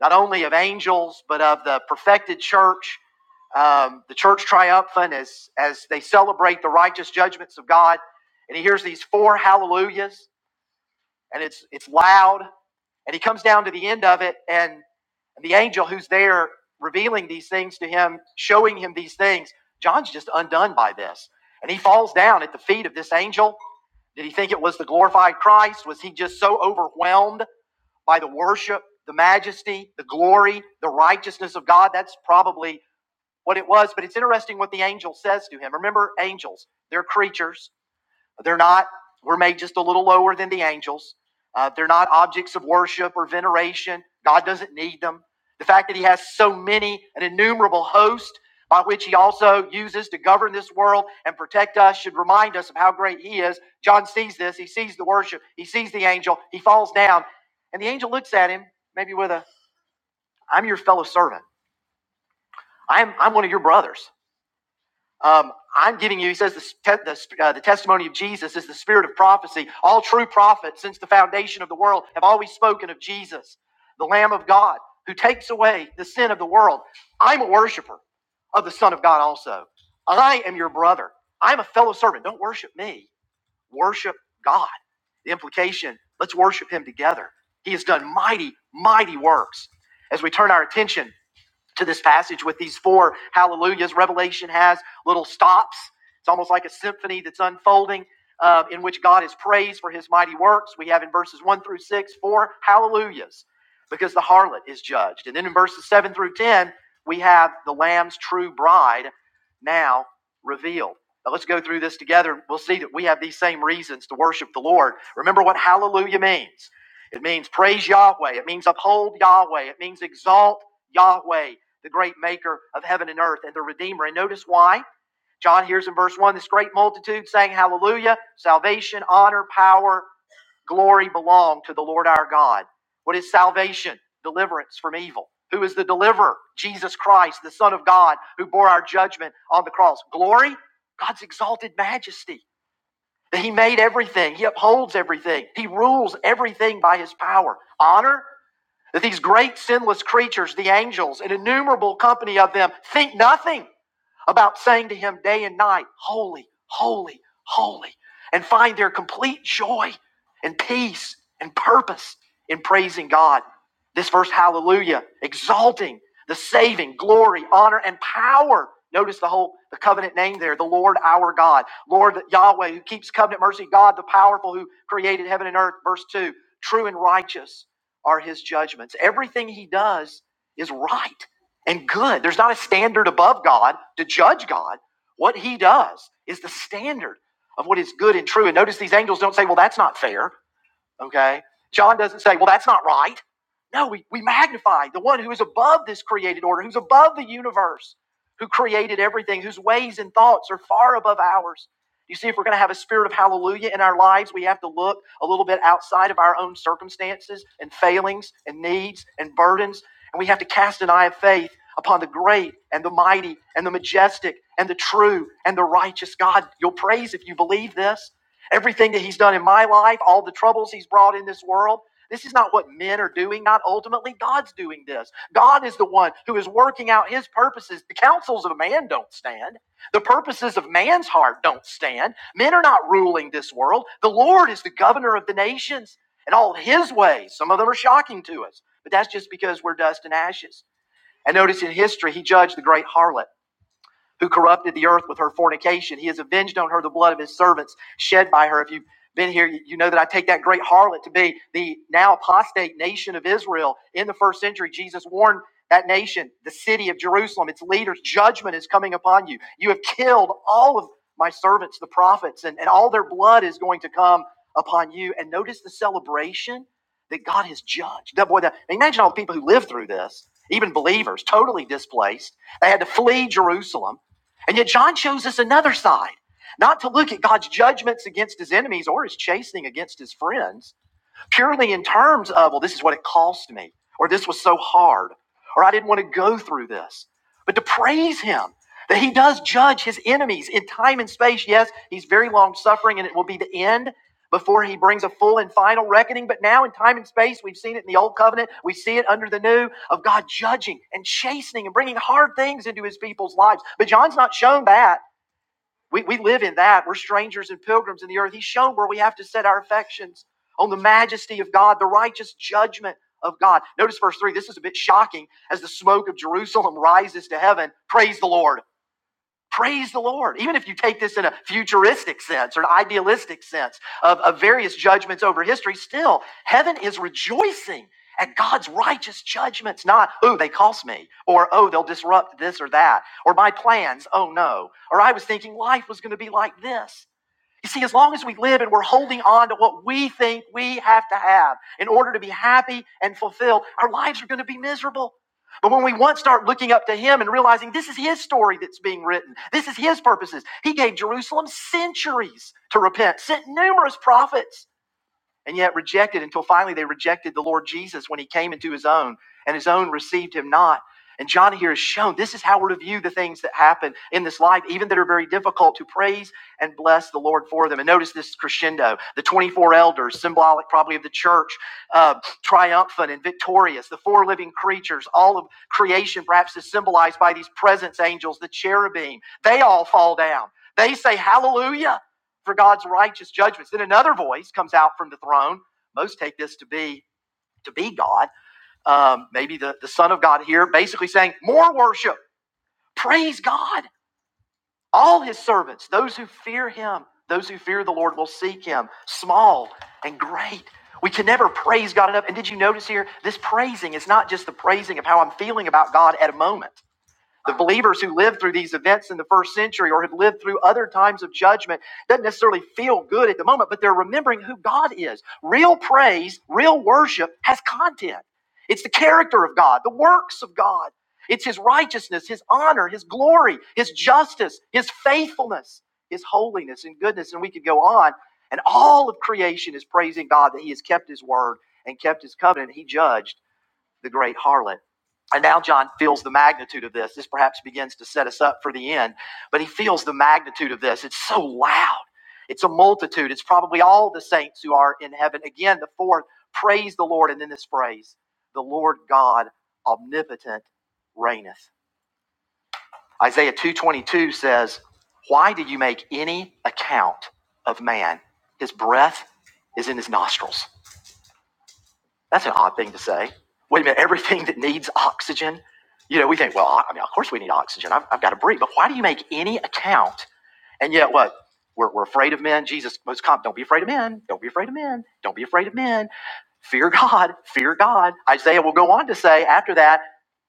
Speaker 1: not only of angels, but of the perfected church, um, the church triumphant as, as they celebrate the righteous judgments of God. And he hears these four hallelujahs, and it's, it's loud. And he comes down to the end of it, and And the angel who's there revealing these things to him, showing him these things, John's just undone by this. And he falls down at the feet of this angel. Did he think it was the glorified Christ? Was he just so overwhelmed by the worship, the majesty, the glory, the righteousness of God? That's probably what it was. But it's interesting what the angel says to him. Remember, angels, they're creatures they're not, we're made just a little lower than the angels. Uh, they're not objects of worship or veneration. God doesn't need them. The fact that He has so many, an innumerable host by which He also uses to govern this world and protect us should remind us of how great He is. John sees this. He sees the worship. He sees the angel. He falls down. And the angel looks at him, maybe with a, I'm your fellow servant. I'm, I'm one of your brothers. Um, I'm giving you, he says, the, the, uh, the testimony of Jesus is the spirit of prophecy. All true prophets since the foundation of the world have always spoken of Jesus, the Lamb of God, who takes away the sin of the world. I'm a worshiper of the Son of God also. I am your brother. I'm a fellow servant. Don't worship me, worship God. The implication let's worship him together. He has done mighty, mighty works. As we turn our attention to this passage with these four hallelujahs. Revelation has little stops. It's almost like a symphony that's unfolding uh, in which God is praised for his mighty works. We have in verses 1 through 6 four hallelujahs because the harlot is judged. And then in verses 7 through 10, we have the Lamb's true bride now revealed. Now let's go through this together. We'll see that we have these same reasons to worship the Lord. Remember what hallelujah means it means praise Yahweh, it means uphold Yahweh, it means exalt Yahweh the great maker of heaven and earth and the redeemer. And notice why. John hears in verse 1 this great multitude saying, Hallelujah, salvation, honor, power, glory belong to the Lord our God. What is salvation? Deliverance from evil. Who is the deliverer? Jesus Christ, the Son of God, who bore our judgment on the cross. Glory? God's exalted majesty. he made everything, he upholds everything, he rules everything by his power. Honor? That these great sinless creatures, the angels, an innumerable company of them, think nothing about saying to him day and night, Holy, holy, holy, and find their complete joy and peace and purpose in praising God. This verse, hallelujah, exalting the saving glory, honor, and power. Notice the whole the covenant name there, the Lord our God, Lord Yahweh, who keeps covenant mercy, God the powerful who created heaven and earth. Verse 2, true and righteous are his judgments. Everything he does is right and good. There's not a standard above God to judge God. What he does is the standard of what is good and true. And notice these angels don't say, well, that's not fair. Okay? John doesn't say, well, that's not right. No, we, we magnify the one who is above this created order, who's above the universe, who created everything, whose ways and thoughts are far above ours. You see, if we're going to have a spirit of hallelujah in our lives, we have to look a little bit outside of our own circumstances and failings and needs and burdens. And we have to cast an eye of faith upon the great and the mighty and the majestic and the true and the righteous God. You'll praise if you believe this everything that he's done in my life, all the troubles he's brought in this world. This is not what men are doing, not ultimately. God's doing this. God is the one who is working out his purposes. The counsels of man don't stand, the purposes of man's heart don't stand. Men are not ruling this world. The Lord is the governor of the nations and all his ways. Some of them are shocking to us, but that's just because we're dust and ashes. And notice in history, he judged the great harlot who corrupted the earth with her fornication. He has avenged on her the blood of his servants shed by her. If you've been here, you know that I take that great harlot to be the now apostate nation of Israel. In the first century, Jesus warned that nation, the city of Jerusalem, its leaders, judgment is coming upon you. You have killed all of my servants, the prophets, and, and all their blood is going to come upon you. And notice the celebration that God has judged. That boy, that imagine all the people who lived through this, even believers, totally displaced. They had to flee Jerusalem. And yet, John shows us another side, not to look at God's judgments against his enemies or his chastening against his friends, purely in terms of, well, this is what it cost me, or this was so hard, or I didn't want to go through this. But to praise Him that He does judge His enemies in time and space. Yes, He's very long suffering, and it will be the end before He brings a full and final reckoning. But now in time and space, we've seen it in the Old Covenant, we see it under the New of God judging and chastening and bringing hard things into His people's lives. But John's not shown that. We, we live in that. We're strangers and pilgrims in the earth. He's shown where we have to set our affections on the majesty of God, the righteous judgment of God. Notice verse 3. This is a bit shocking. As the smoke of Jerusalem rises to heaven, praise the Lord. Praise the Lord. Even if you take this in a futuristic sense or an idealistic sense of, of various judgments over history, still, heaven is rejoicing at God's righteous judgments, not, oh, they cost me, or oh, they'll disrupt this or that, or my plans, oh no, or I was thinking life was going to be like this. You see, as long as we live and we're holding on to what we think we have to have in order to be happy and fulfilled, our lives are going to be miserable. But when we once start looking up to Him and realizing this is His story that's being written, this is His purposes, He gave Jerusalem centuries to repent, sent numerous prophets and yet rejected until finally they rejected the Lord Jesus when he came into his own, and his own received him not. And John here is shown this is how we're to view the things that happen in this life, even that are very difficult, to praise and bless the Lord for them. And notice this crescendo the 24 elders, symbolic probably of the church, uh, triumphant and victorious, the four living creatures, all of creation perhaps is symbolized by these presence angels, the cherubim. They all fall down. They say, Hallelujah for God's righteous judgments. Then another voice comes out from the throne. Most take this to be to be God, um, maybe the, the Son of God here, basically saying, More worship, praise God. All his servants, those who fear him, those who fear the Lord will seek him, small and great. We can never praise God enough. And did you notice here? This praising is not just the praising of how I'm feeling about God at a moment. The believers who lived through these events in the first century or have lived through other times of judgment doesn't necessarily feel good at the moment, but they're remembering who God is. Real praise, real worship has content. It's the character of God, the works of God. It's his righteousness, his honor, his glory, his justice, his faithfulness, his holiness and goodness. And we could go on. And all of creation is praising God that he has kept his word and kept his covenant. He judged the great harlot. And now John feels the magnitude of this. This perhaps begins to set us up for the end, but he feels the magnitude of this. It's so loud. It's a multitude. It's probably all the saints who are in heaven. Again, the fourth, praise the Lord. And then this phrase, the Lord God omnipotent reigneth. Isaiah 2.22 says, Why do you make any account of man? His breath is in his nostrils. That's an odd thing to say. Wait a minute, everything that needs oxygen? You know, we think, well, I mean, of course we need oxygen. I've, I've got to breathe. But why do you make any account? And yet, what? We're, we're afraid of men. Jesus, most com- don't be afraid of men. Don't be afraid of men. Don't be afraid of men. Fear God. (laughs) Fear God. Isaiah will go on to say after that,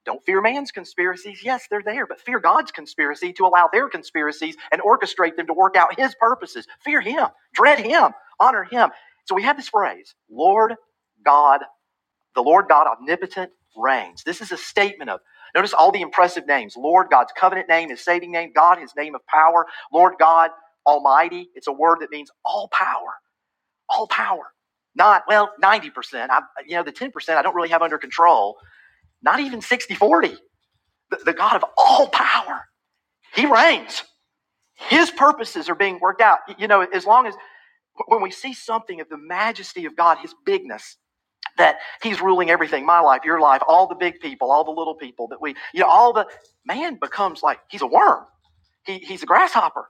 Speaker 1: don't fear man's conspiracies. Yes, they're there, but fear God's conspiracy to allow their conspiracies and orchestrate them to work out his purposes. Fear him, dread him, honor him. So we have this phrase, Lord God the Lord God omnipotent reigns. This is a statement of notice all the impressive names. Lord God's covenant name, his saving name, God, his name of power, Lord God Almighty. It's a word that means all power, all power. Not, well, 90%. I, you know, the 10% I don't really have under control. Not even 60 40. The, the God of all power, he reigns. His purposes are being worked out. You know, as long as when we see something of the majesty of God, his bigness, that he's ruling everything my life your life all the big people all the little people that we you know all the man becomes like he's a worm he, he's a grasshopper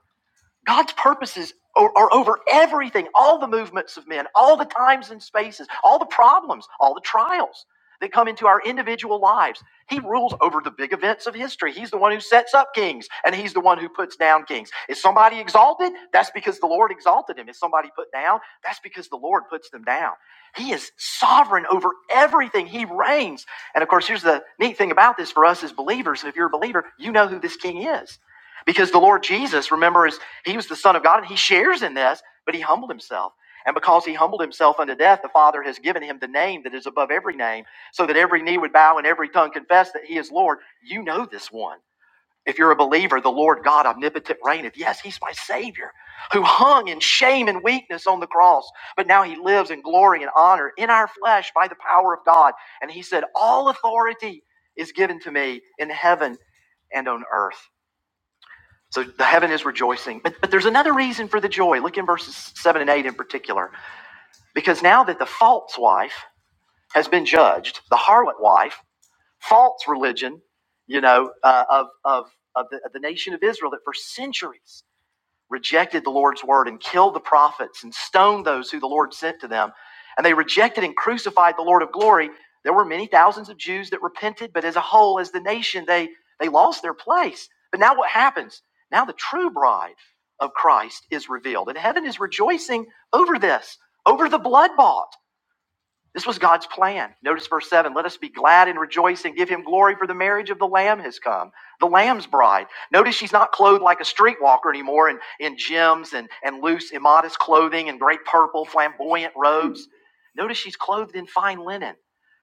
Speaker 1: God's purposes are, are over everything, all the movements of men, all the times and spaces, all the problems, all the trials that come into our individual lives. He rules over the big events of history. He's the one who sets up kings and he's the one who puts down kings. Is somebody exalted? That's because the Lord exalted him. Is somebody put down? That's because the Lord puts them down. He is sovereign over everything. He reigns. And of course, here's the neat thing about this for us as believers. And if you're a believer, you know who this king is. Because the Lord Jesus, remember, is he was the Son of God and he shares in this, but he humbled himself. And because he humbled himself unto death, the Father has given him the name that is above every name, so that every knee would bow and every tongue confess that he is Lord. You know this one. If you're a believer, the Lord God omnipotent reigneth. Yes, he's my Savior who hung in shame and weakness on the cross, but now he lives in glory and honor in our flesh by the power of God. And he said, All authority is given to me in heaven and on earth. So the heaven is rejoicing. But, but there's another reason for the joy. Look in verses 7 and 8 in particular. Because now that the false wife has been judged, the harlot wife, false religion, you know, uh, of, of, of, the, of the nation of Israel that for centuries rejected the Lord's word and killed the prophets and stoned those who the Lord sent to them. And they rejected and crucified the Lord of glory. There were many thousands of Jews that repented, but as a whole, as the nation, they, they lost their place. But now what happens? Now the true bride of Christ is revealed, and heaven is rejoicing over this, over the blood bought. This was God's plan. Notice verse 7 Let us be glad and rejoice and give him glory, for the marriage of the Lamb has come, the Lamb's bride. Notice she's not clothed like a streetwalker anymore in, in gems and, and loose, immodest clothing and great purple, flamboyant robes. Notice she's clothed in fine linen,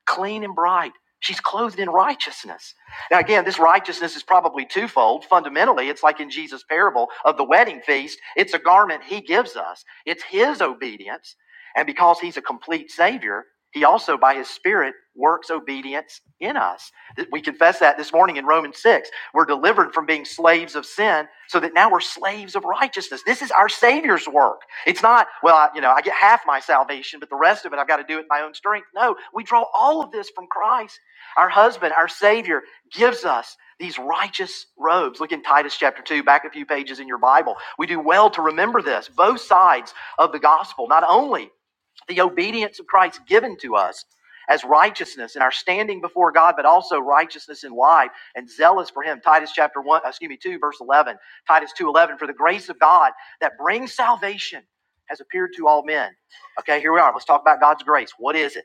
Speaker 1: clean and bright. She's clothed in righteousness. Now, again, this righteousness is probably twofold. Fundamentally, it's like in Jesus' parable of the wedding feast it's a garment he gives us, it's his obedience. And because he's a complete Savior, he also, by his Spirit, works obedience in us. We confess that this morning in Romans 6. We're delivered from being slaves of sin so that now we're slaves of righteousness. This is our Savior's work. It's not, well, I, you know, I get half my salvation, but the rest of it I've got to do it in my own strength. No, we draw all of this from Christ. Our husband, our Savior, gives us these righteous robes. Look in Titus chapter 2, back a few pages in your Bible. We do well to remember this. Both sides of the gospel, not only the obedience of Christ given to us as righteousness in our standing before God, but also righteousness in life and zealous for Him. Titus chapter one, uh, excuse me, two, verse eleven. Titus two eleven. For the grace of God that brings salvation has appeared to all men. Okay, here we are. Let's talk about God's grace. What is it?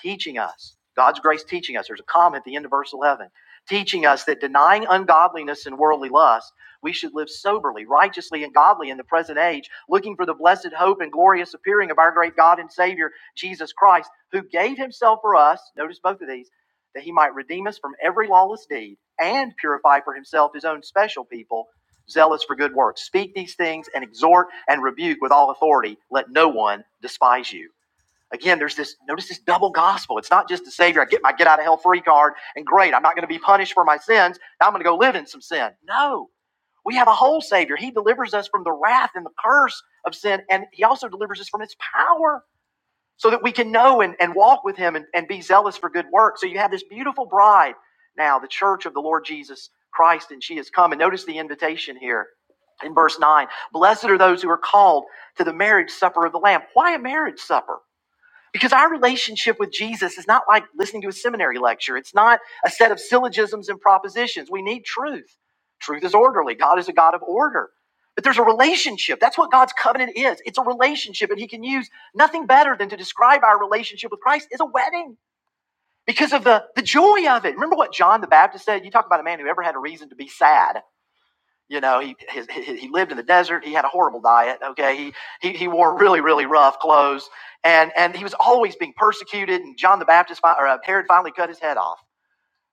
Speaker 1: teaching us, God's grace teaching us. There's a comma at the end of verse 11, teaching us that denying ungodliness and worldly lust, we should live soberly, righteously, and godly in the present age, looking for the blessed hope and glorious appearing of our great God and Savior, Jesus Christ, who gave himself for us, notice both of these, that he might redeem us from every lawless deed and purify for himself his own special people zealous for good works. Speak these things and exhort and rebuke with all authority. Let no one despise you. Again, there's this notice this double gospel. It's not just the Savior. I get my get out of hell free card, and great, I'm not going to be punished for my sins. Now I'm going to go live in some sin. No, we have a whole Savior. He delivers us from the wrath and the curse of sin, and He also delivers us from its power so that we can know and, and walk with Him and, and be zealous for good work. So you have this beautiful bride now, the church of the Lord Jesus Christ, and she has come. And notice the invitation here in verse 9 Blessed are those who are called to the marriage supper of the Lamb. Why a marriage supper? Because our relationship with Jesus is not like listening to a seminary lecture. It's not a set of syllogisms and propositions. We need truth. Truth is orderly. God is a God of order. But there's a relationship. That's what God's covenant is. It's a relationship, and He can use nothing better than to describe our relationship with Christ as a wedding because of the, the joy of it. Remember what John the Baptist said? You talk about a man who ever had a reason to be sad. You know, he his, he he lived in the desert. He had a horrible diet. Okay, he, he he wore really really rough clothes, and and he was always being persecuted. And John the Baptist or uh, Herod finally cut his head off.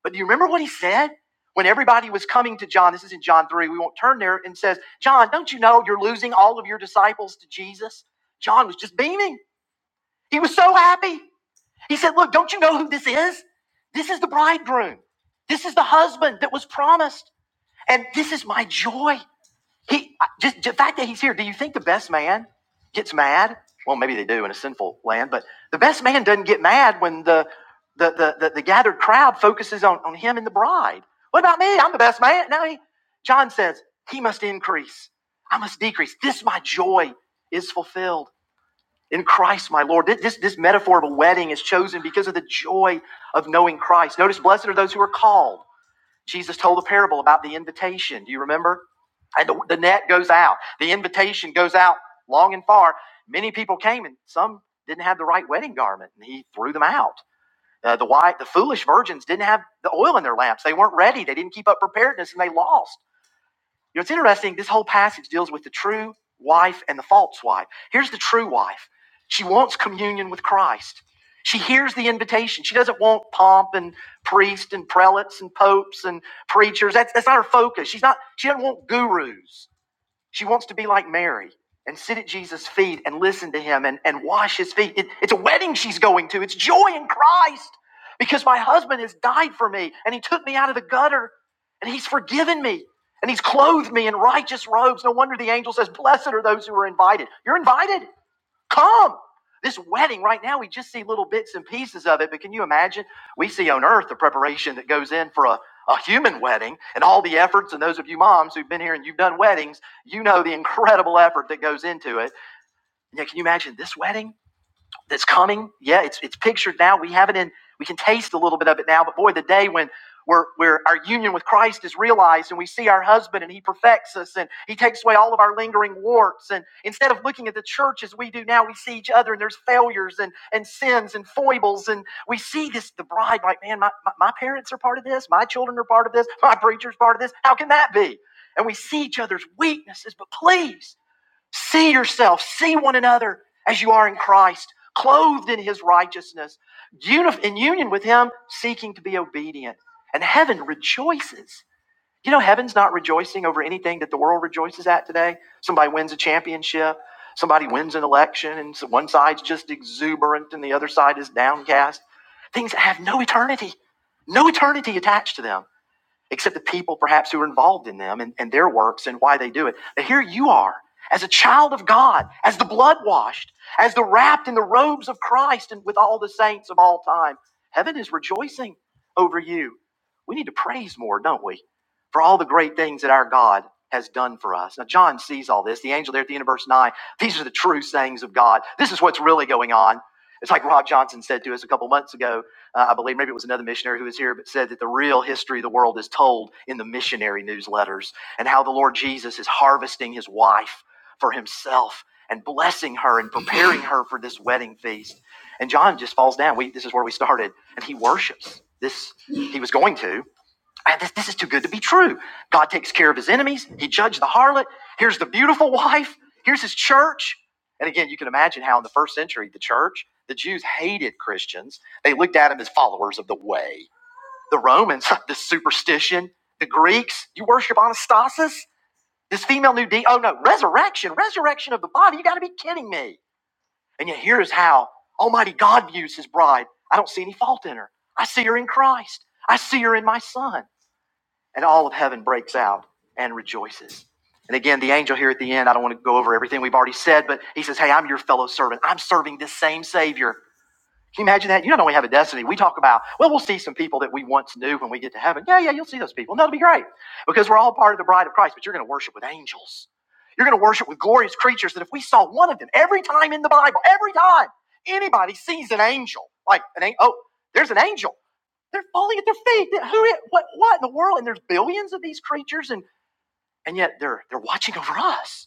Speaker 1: But do you remember what he said when everybody was coming to John? This is in John three. We won't turn there. And says, John, don't you know you're losing all of your disciples to Jesus? John was just beaming. He was so happy. He said, Look, don't you know who this is? This is the bridegroom. This is the husband that was promised. And this is my joy. He just the fact that he's here. Do you think the best man gets mad? Well, maybe they do in a sinful land, but the best man doesn't get mad when the the the, the, the gathered crowd focuses on, on him and the bride. What about me? I'm the best man. Now he, John says he must increase. I must decrease. This my joy is fulfilled in Christ, my Lord. this, this metaphor of a wedding is chosen because of the joy of knowing Christ. Notice, blessed are those who are called. Jesus told a parable about the invitation. Do you remember? And the, the net goes out. The invitation goes out long and far. Many people came, and some didn't have the right wedding garment, and he threw them out. Uh, the white, the foolish virgins didn't have the oil in their lamps. They weren't ready. They didn't keep up preparedness, and they lost. You know, it's interesting. This whole passage deals with the true wife and the false wife. Here's the true wife. She wants communion with Christ. She hears the invitation. She doesn't want pomp and priests and prelates and popes and preachers. That's, that's not her focus. She's not, she doesn't want gurus. She wants to be like Mary and sit at Jesus' feet and listen to him and, and wash his feet. It- it's a wedding she's going to. It's joy in Christ because my husband has died for me and he took me out of the gutter and he's forgiven me and he's clothed me in righteous robes. No wonder the angel says, Blessed are those who are invited. You're invited. Come. This wedding right now, we just see little bits and pieces of it, but can you imagine? We see on earth the preparation that goes in for a, a human wedding and all the efforts. And those of you moms who've been here and you've done weddings, you know the incredible effort that goes into it. Yeah, can you imagine this wedding? that's coming. Yeah, it's it's pictured now. We have it in. We can taste a little bit of it now. But boy, the day when we're, where our union with Christ is realized and we see our husband and he perfects us and he takes away all of our lingering warts. And instead of looking at the church as we do now, we see each other and there's failures and, and sins and foibles. And we see this, the bride, like, man, my, my, my parents are part of this. My children are part of this. My preacher's part of this. How can that be? And we see each other's weaknesses, but please See yourself, see one another as you are in Christ, clothed in his righteousness, in union with him, seeking to be obedient. And heaven rejoices. You know, heaven's not rejoicing over anything that the world rejoices at today. Somebody wins a championship, somebody wins an election, and so one side's just exuberant and the other side is downcast. Things that have no eternity, no eternity attached to them except the people perhaps who are involved in them and, and their works and why they do it. But here you are, as a child of God, as the blood washed, as the wrapped in the robes of Christ and with all the saints of all time. Heaven is rejoicing over you. We need to praise more, don't we, for all the great things that our God has done for us. Now, John sees all this. The angel there at the end of verse 9, these are the true sayings of God. This is what's really going on. It's like Rob Johnson said to us a couple months ago uh, I believe maybe it was another missionary who was here, but said that the real history of the world is told in the missionary newsletters and how the Lord Jesus is harvesting his wife for himself and blessing her and preparing her for this wedding feast. And John just falls down. We, this is where we started. And he worships. This he was going to. Man, this, this is too good to be true. God takes care of his enemies. He judged the harlot. Here's the beautiful wife. Here's his church. And again, you can imagine how in the first century, the church, the Jews hated Christians. They looked at them as followers of the way. The Romans, (laughs) the superstition. The Greeks, you worship Anastasis? This female new deity? Oh no, resurrection, resurrection of the body. You got to be kidding me. And yet, here's how Almighty God views his bride. I don't see any fault in her. I see her in Christ. I see her in my son and all of heaven breaks out and rejoices. And again, the angel here at the end, I don't want to go over everything we've already said, but he says, Hey, I'm your fellow servant. I'm serving this same Savior. Can you imagine that? You not only have a destiny, we talk about, well, we'll see some people that we once knew when we get to heaven. Yeah, yeah, you'll see those people. And that'll be great because we're all part of the bride of Christ, but you're going to worship with angels. You're going to worship with glorious creatures that if we saw one of them every time in the Bible, every time anybody sees an angel, like, an, an- oh, there's an angel. They're falling at their feet. Who? What? What in the world? And there's billions of these creatures, and and yet they're they're watching over us,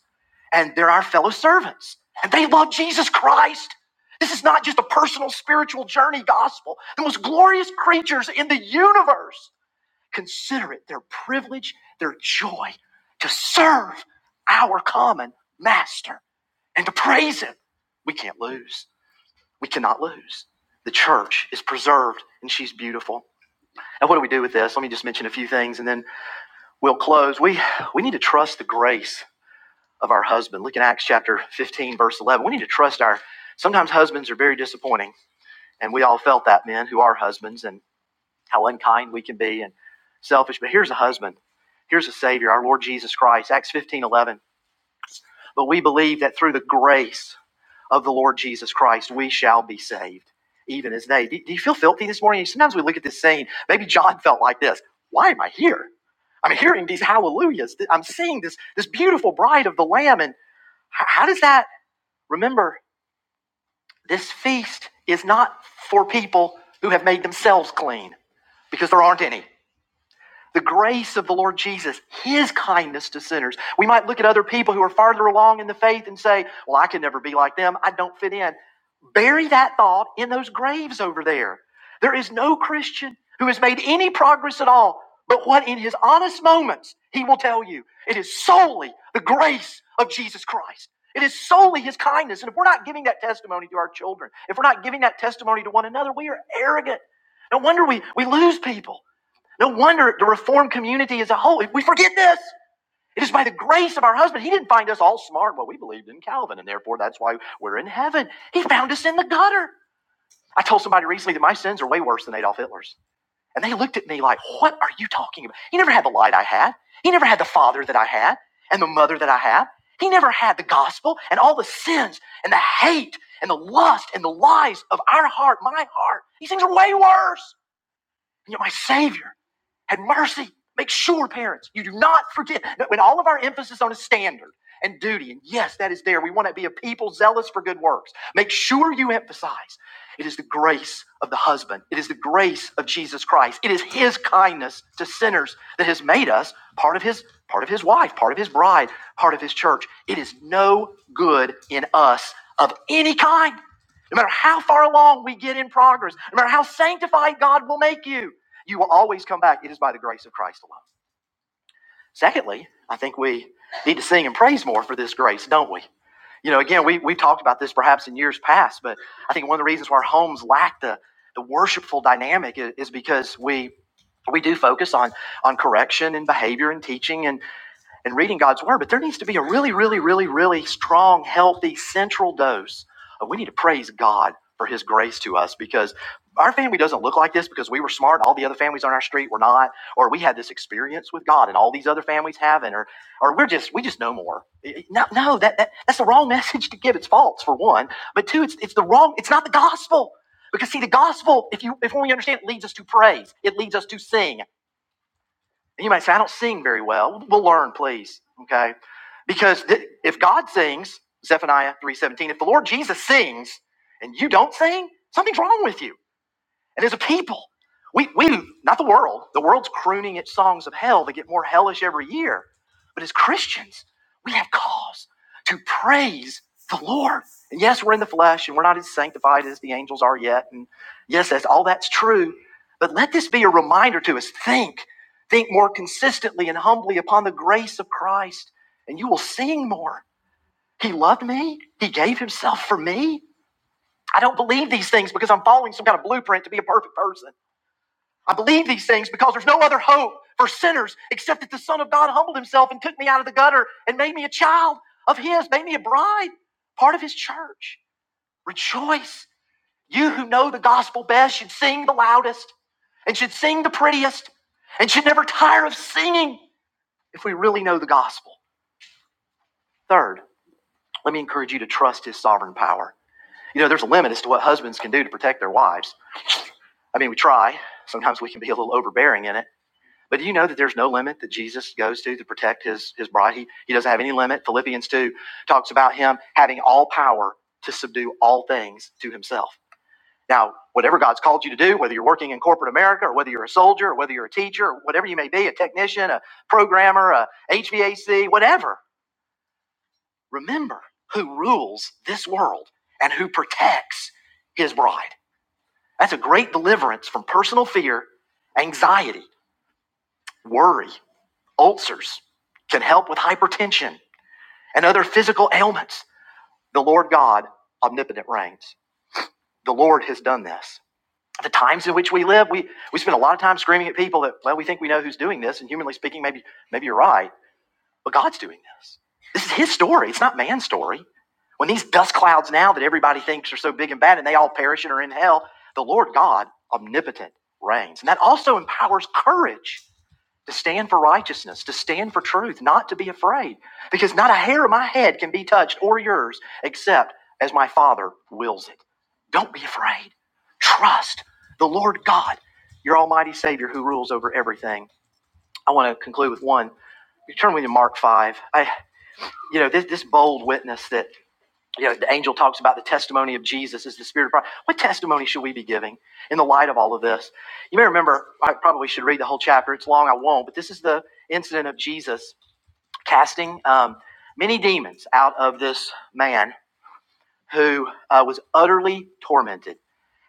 Speaker 1: and they're our fellow servants, and they love Jesus Christ. This is not just a personal spiritual journey gospel. The most glorious creatures in the universe consider it their privilege, their joy to serve our common master and to praise him. We can't lose. We cannot lose. The church is preserved and she's beautiful. Now, what do we do with this? Let me just mention a few things and then we'll close. We, we need to trust the grace of our husband. Look at Acts chapter 15, verse 11. We need to trust our, sometimes husbands are very disappointing, and we all felt that, men who are husbands, and how unkind we can be and selfish. But here's a husband, here's a Savior, our Lord Jesus Christ, Acts 15, 11. But we believe that through the grace, of the Lord Jesus Christ, we shall be saved, even as they. Do, do you feel filthy this morning? Sometimes we look at this scene. Maybe John felt like this. Why am I here? I'm hearing these hallelujahs. I'm seeing this this beautiful bride of the Lamb, and how does that? Remember, this feast is not for people who have made themselves clean, because there aren't any the grace of the Lord Jesus, his kindness to sinners. We might look at other people who are farther along in the faith and say, Well, I can never be like them. I don't fit in. Bury that thought in those graves over there. There is no Christian who has made any progress at all, but what in his honest moments he will tell you. It is solely the grace of Jesus Christ. It is solely his kindness. And if we're not giving that testimony to our children, if we're not giving that testimony to one another, we are arrogant. No wonder we, we lose people. No wonder the reformed community as a whole, we forget this. It is by the grace of our husband. He didn't find us all smart. Well, we believed in Calvin, and therefore that's why we're in heaven. He found us in the gutter. I told somebody recently that my sins are way worse than Adolf Hitler's. And they looked at me like, What are you talking about? He never had the light I had. He never had the father that I had and the mother that I have. He never had the gospel and all the sins and the hate and the lust and the lies of our heart, my heart. These things are way worse. And yet, my Savior. Have mercy. Make sure, parents, you do not forget that when all of our emphasis on a standard and duty, and yes, that is there, we want to be a people zealous for good works. Make sure you emphasize it is the grace of the husband, it is the grace of Jesus Christ, it is his kindness to sinners that has made us part of his part of his wife, part of his bride, part of his church. It is no good in us of any kind. No matter how far along we get in progress, no matter how sanctified God will make you, you will always come back. It is by the grace of Christ alone. Secondly, I think we need to sing and praise more for this grace, don't we? You know, again, we, we've talked about this perhaps in years past, but I think one of the reasons why our homes lack the, the worshipful dynamic is, is because we we do focus on on correction and behavior and teaching and and reading God's word, but there needs to be a really, really, really, really strong, healthy, central dose of we need to praise God for his grace to us because our family doesn't look like this because we were smart all the other families on our street were not, or we had this experience with God and all these other families haven't, or or we're just we just know more. No, no, that, that that's the wrong (laughs) message to give. It's false for one, but two, it's it's the wrong. It's not the gospel because see the gospel if you if we understand it leads us to praise, it leads us to sing, and you might say, I don't sing very well. We'll learn, please. Okay. Because th- if God sings, Zephaniah 3.17, if the Lord Jesus sings and you don't sing, something's wrong with you. And as a people, we, we, not the world, the world's crooning its songs of hell. They get more hellish every year. But as Christians, we have cause to praise the Lord. And yes, we're in the flesh and we're not as sanctified as the angels are yet. And yes, that's, all that's true. But let this be a reminder to us think, think more consistently and humbly upon the grace of Christ, and you will sing more. He loved me, He gave Himself for me. I don't believe these things because I'm following some kind of blueprint to be a perfect person. I believe these things because there's no other hope for sinners except that the Son of God humbled himself and took me out of the gutter and made me a child of his, made me a bride, part of his church. Rejoice. You who know the gospel best should sing the loudest and should sing the prettiest and should never tire of singing if we really know the gospel. Third, let me encourage you to trust his sovereign power. You know, there's a limit as to what husbands can do to protect their wives. I mean, we try. Sometimes we can be a little overbearing in it. But do you know that there's no limit that Jesus goes to to protect his, his bride? He, he doesn't have any limit. Philippians 2 talks about him having all power to subdue all things to himself. Now, whatever God's called you to do, whether you're working in corporate America or whether you're a soldier or whether you're a teacher or whatever you may be, a technician, a programmer, a HVAC, whatever, remember who rules this world and who protects his bride. That's a great deliverance from personal fear, anxiety, worry. Ulcers can help with hypertension and other physical ailments. The Lord God, omnipotent, reigns. The Lord has done this. The times in which we live, we, we spend a lot of time screaming at people that, well, we think we know who's doing this, and humanly speaking, maybe, maybe you're right, but God's doing this. This is His story, it's not man's story. When these dust clouds now that everybody thinks are so big and bad and they all perish and are in hell, the Lord God, omnipotent, reigns. And that also empowers courage to stand for righteousness, to stand for truth, not to be afraid, because not a hair of my head can be touched or yours except as my Father wills it. Don't be afraid. Trust the Lord God, your Almighty Savior who rules over everything. I want to conclude with one. You turn with me to Mark 5. I, you know, this, this bold witness that you know, the angel talks about the testimony of Jesus is the spirit of prophecy. What testimony should we be giving in the light of all of this? You may remember, I probably should read the whole chapter. It's long, I won't, but this is the incident of Jesus casting um, many demons out of this man who uh, was utterly tormented.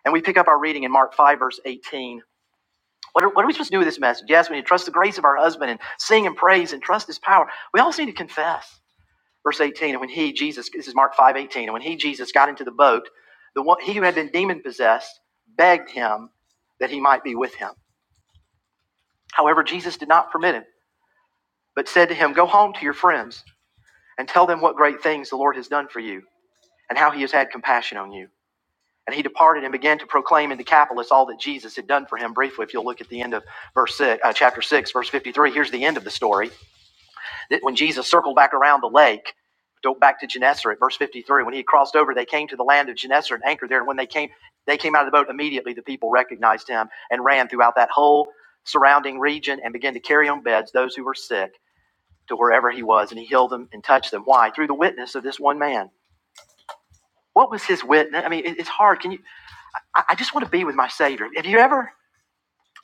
Speaker 1: And we pick up our reading in Mark 5, verse 18. What are, what are we supposed to do with this message? Yes, we need to trust the grace of our husband and sing and praise and trust his power. We also need to confess. Verse 18, and when he, Jesus, this is Mark 5 18, and when he, Jesus, got into the boat, the one, he who had been demon possessed begged him that he might be with him. However, Jesus did not permit him, but said to him, Go home to your friends and tell them what great things the Lord has done for you and how he has had compassion on you. And he departed and began to proclaim in Decapolis all that Jesus had done for him. Briefly, if you'll look at the end of verse six, uh, chapter 6, verse 53, here's the end of the story. That when Jesus circled back around the lake, go back to Gennesaret, verse 53, when he had crossed over, they came to the land of Gennesaret and anchored there. And when they came, they came out of the boat immediately, the people recognized him and ran throughout that whole surrounding region and began to carry on beds those who were sick to wherever he was. And he healed them and touched them. Why? Through the witness of this one man. What was his witness? I mean, it's hard. Can you? I, I just want to be with my Savior. Have you ever?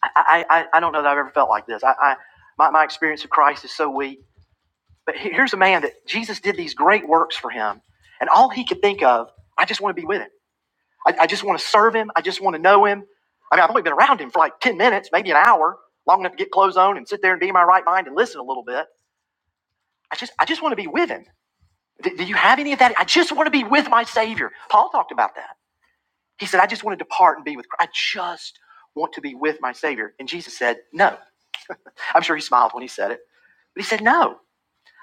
Speaker 1: I, I, I I don't know that I've ever felt like this. I, I my, my experience of Christ is so weak But here's a man that Jesus did these great works for him, and all he could think of, I just want to be with him. I, I just want to serve him. I just want to know him. I mean, I've only been around him for like 10 minutes, maybe an hour, long enough to get clothes on and sit there and be in my right mind and listen a little bit. I just, I just want to be with him. Do, do you have any of that? I just want to be with my Savior. Paul talked about that. He said, I just want to depart and be with Christ. I just want to be with my Savior. And Jesus said, No. I'm sure he smiled when he said it, but he said, No.